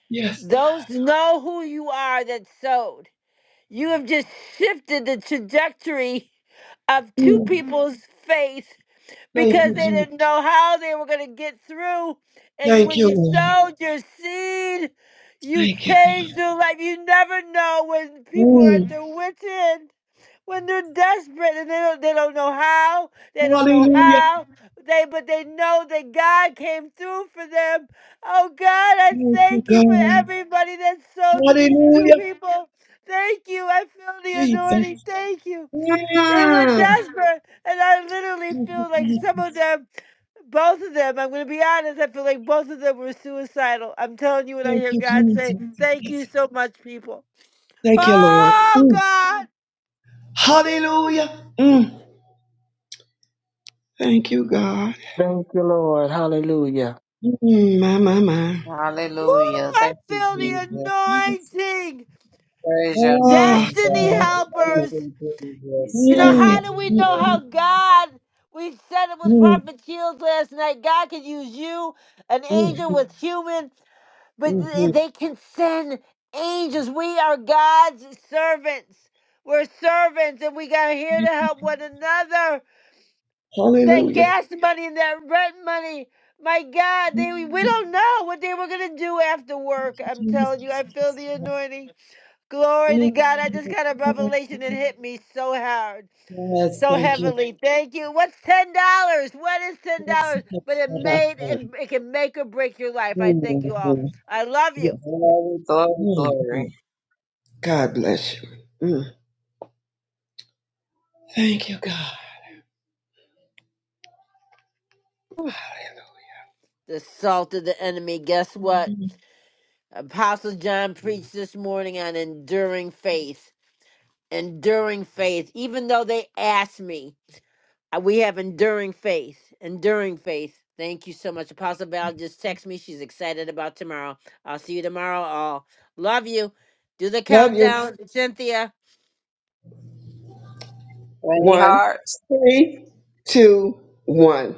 [SPEAKER 21] Yes.
[SPEAKER 1] Those know who you are that sowed. You have just shifted the trajectory of two
[SPEAKER 21] Mm.
[SPEAKER 1] people's faith
[SPEAKER 21] Thank you,
[SPEAKER 1] because they
[SPEAKER 21] Jesus.
[SPEAKER 1] didn't know how they were going to get through. And
[SPEAKER 21] Thank
[SPEAKER 1] when
[SPEAKER 21] you,
[SPEAKER 1] you
[SPEAKER 21] Lord.
[SPEAKER 1] sowed your seed, you
[SPEAKER 21] Thank you.
[SPEAKER 1] changed their life. You never know when people are
[SPEAKER 21] Mm.
[SPEAKER 1] at their wits' end when they're desperate and they don't they don't know how they don't know
[SPEAKER 21] Hallelujah.
[SPEAKER 1] how they but they know that God came through for them. Oh God, I
[SPEAKER 21] Thank you,
[SPEAKER 1] thank you for
[SPEAKER 21] God.
[SPEAKER 1] everybody that sold to these two
[SPEAKER 21] Hallelujah.
[SPEAKER 1] people. Thank you. I feel the
[SPEAKER 21] Jesus.
[SPEAKER 1] anointing. Thank you. They were
[SPEAKER 21] Mm.
[SPEAKER 1] desperate, and I
[SPEAKER 21] Thank
[SPEAKER 1] literally
[SPEAKER 21] you,
[SPEAKER 1] feel like some of
[SPEAKER 21] Jesus.
[SPEAKER 1] them, both of them. I'm going to be honest. I feel like both of them were suicidal. I'm telling you, when I
[SPEAKER 21] Thank
[SPEAKER 1] hear
[SPEAKER 21] you,
[SPEAKER 1] God say, "Thank you
[SPEAKER 21] Jesus.
[SPEAKER 1] so much, people."
[SPEAKER 21] Thank you, Lord.
[SPEAKER 1] Oh
[SPEAKER 21] Mm.
[SPEAKER 1] God.
[SPEAKER 21] Hallelujah. Mm. Thank you, God.
[SPEAKER 23] Thank you, Lord. Hallelujah.
[SPEAKER 21] Mm, my, my, my.
[SPEAKER 9] Hallelujah.
[SPEAKER 1] I
[SPEAKER 9] Thank you,
[SPEAKER 21] Thank you,
[SPEAKER 9] Jesus.
[SPEAKER 21] Jesus.
[SPEAKER 1] feel the anointing.
[SPEAKER 9] Praise your
[SPEAKER 21] Ah,
[SPEAKER 9] name,
[SPEAKER 21] God,
[SPEAKER 1] Destiny
[SPEAKER 21] I
[SPEAKER 9] God.
[SPEAKER 21] just feel-
[SPEAKER 1] helpers.
[SPEAKER 9] Thank you, Jesus.
[SPEAKER 1] You know,
[SPEAKER 9] Thank you,
[SPEAKER 1] how
[SPEAKER 21] Mm,
[SPEAKER 1] do we know
[SPEAKER 9] Jesus.
[SPEAKER 1] how
[SPEAKER 21] mm,
[SPEAKER 1] God, we said it was
[SPEAKER 21] mm,
[SPEAKER 1] Prophet Shields last night, God can use you, an angel
[SPEAKER 21] mm,
[SPEAKER 1] with human, but th-
[SPEAKER 21] mhm,
[SPEAKER 1] they can send angels. We are God's servants. We're servants and we got here to
[SPEAKER 21] mhm.
[SPEAKER 1] help one another. That
[SPEAKER 21] Hallelujah.
[SPEAKER 1] gas money and that rent money. My God, they we
[SPEAKER 21] Mm,
[SPEAKER 1] don't know what they were gonna do after work. I'm telling you, I
[SPEAKER 21] Jesus.
[SPEAKER 1] feel the anointing. Glory
[SPEAKER 21] Mm,
[SPEAKER 1] to God. I just
[SPEAKER 21] mm,
[SPEAKER 1] got a
[SPEAKER 21] mm.
[SPEAKER 1] revelation that
[SPEAKER 21] mm.
[SPEAKER 1] hit me so hard,
[SPEAKER 21] Yes,
[SPEAKER 1] so
[SPEAKER 21] thank you,
[SPEAKER 1] heavily. Thank you. What's ten dollars? What is ten
[SPEAKER 21] Yes,
[SPEAKER 1] dollars?
[SPEAKER 21] Abba,
[SPEAKER 1] But it
[SPEAKER 21] Father.
[SPEAKER 1] made it, it can make or break your life. I thank
[SPEAKER 21] Mm,
[SPEAKER 1] you all.
[SPEAKER 21] mm,
[SPEAKER 1] I love you.
[SPEAKER 21] Yes, Lord.
[SPEAKER 9] Glory, glory,
[SPEAKER 21] Mm,
[SPEAKER 9] glory.
[SPEAKER 21] mm. God bless you. Mm. Thank you, God. Hallelujah.
[SPEAKER 1] The salt of the enemy. Guess what? Apostle John preached this morning on enduring faith. Enduring faith. Even though they asked me. Uh, We have enduring faith. Enduring faith. Thank you so much. Apostle Val just texted me. She's excited about tomorrow. I'll see you tomorrow all. Love you. Do the
[SPEAKER 21] Love you.
[SPEAKER 1] countdown, Cynthia.
[SPEAKER 9] Any
[SPEAKER 21] One,
[SPEAKER 9] heart?
[SPEAKER 21] three, two, one.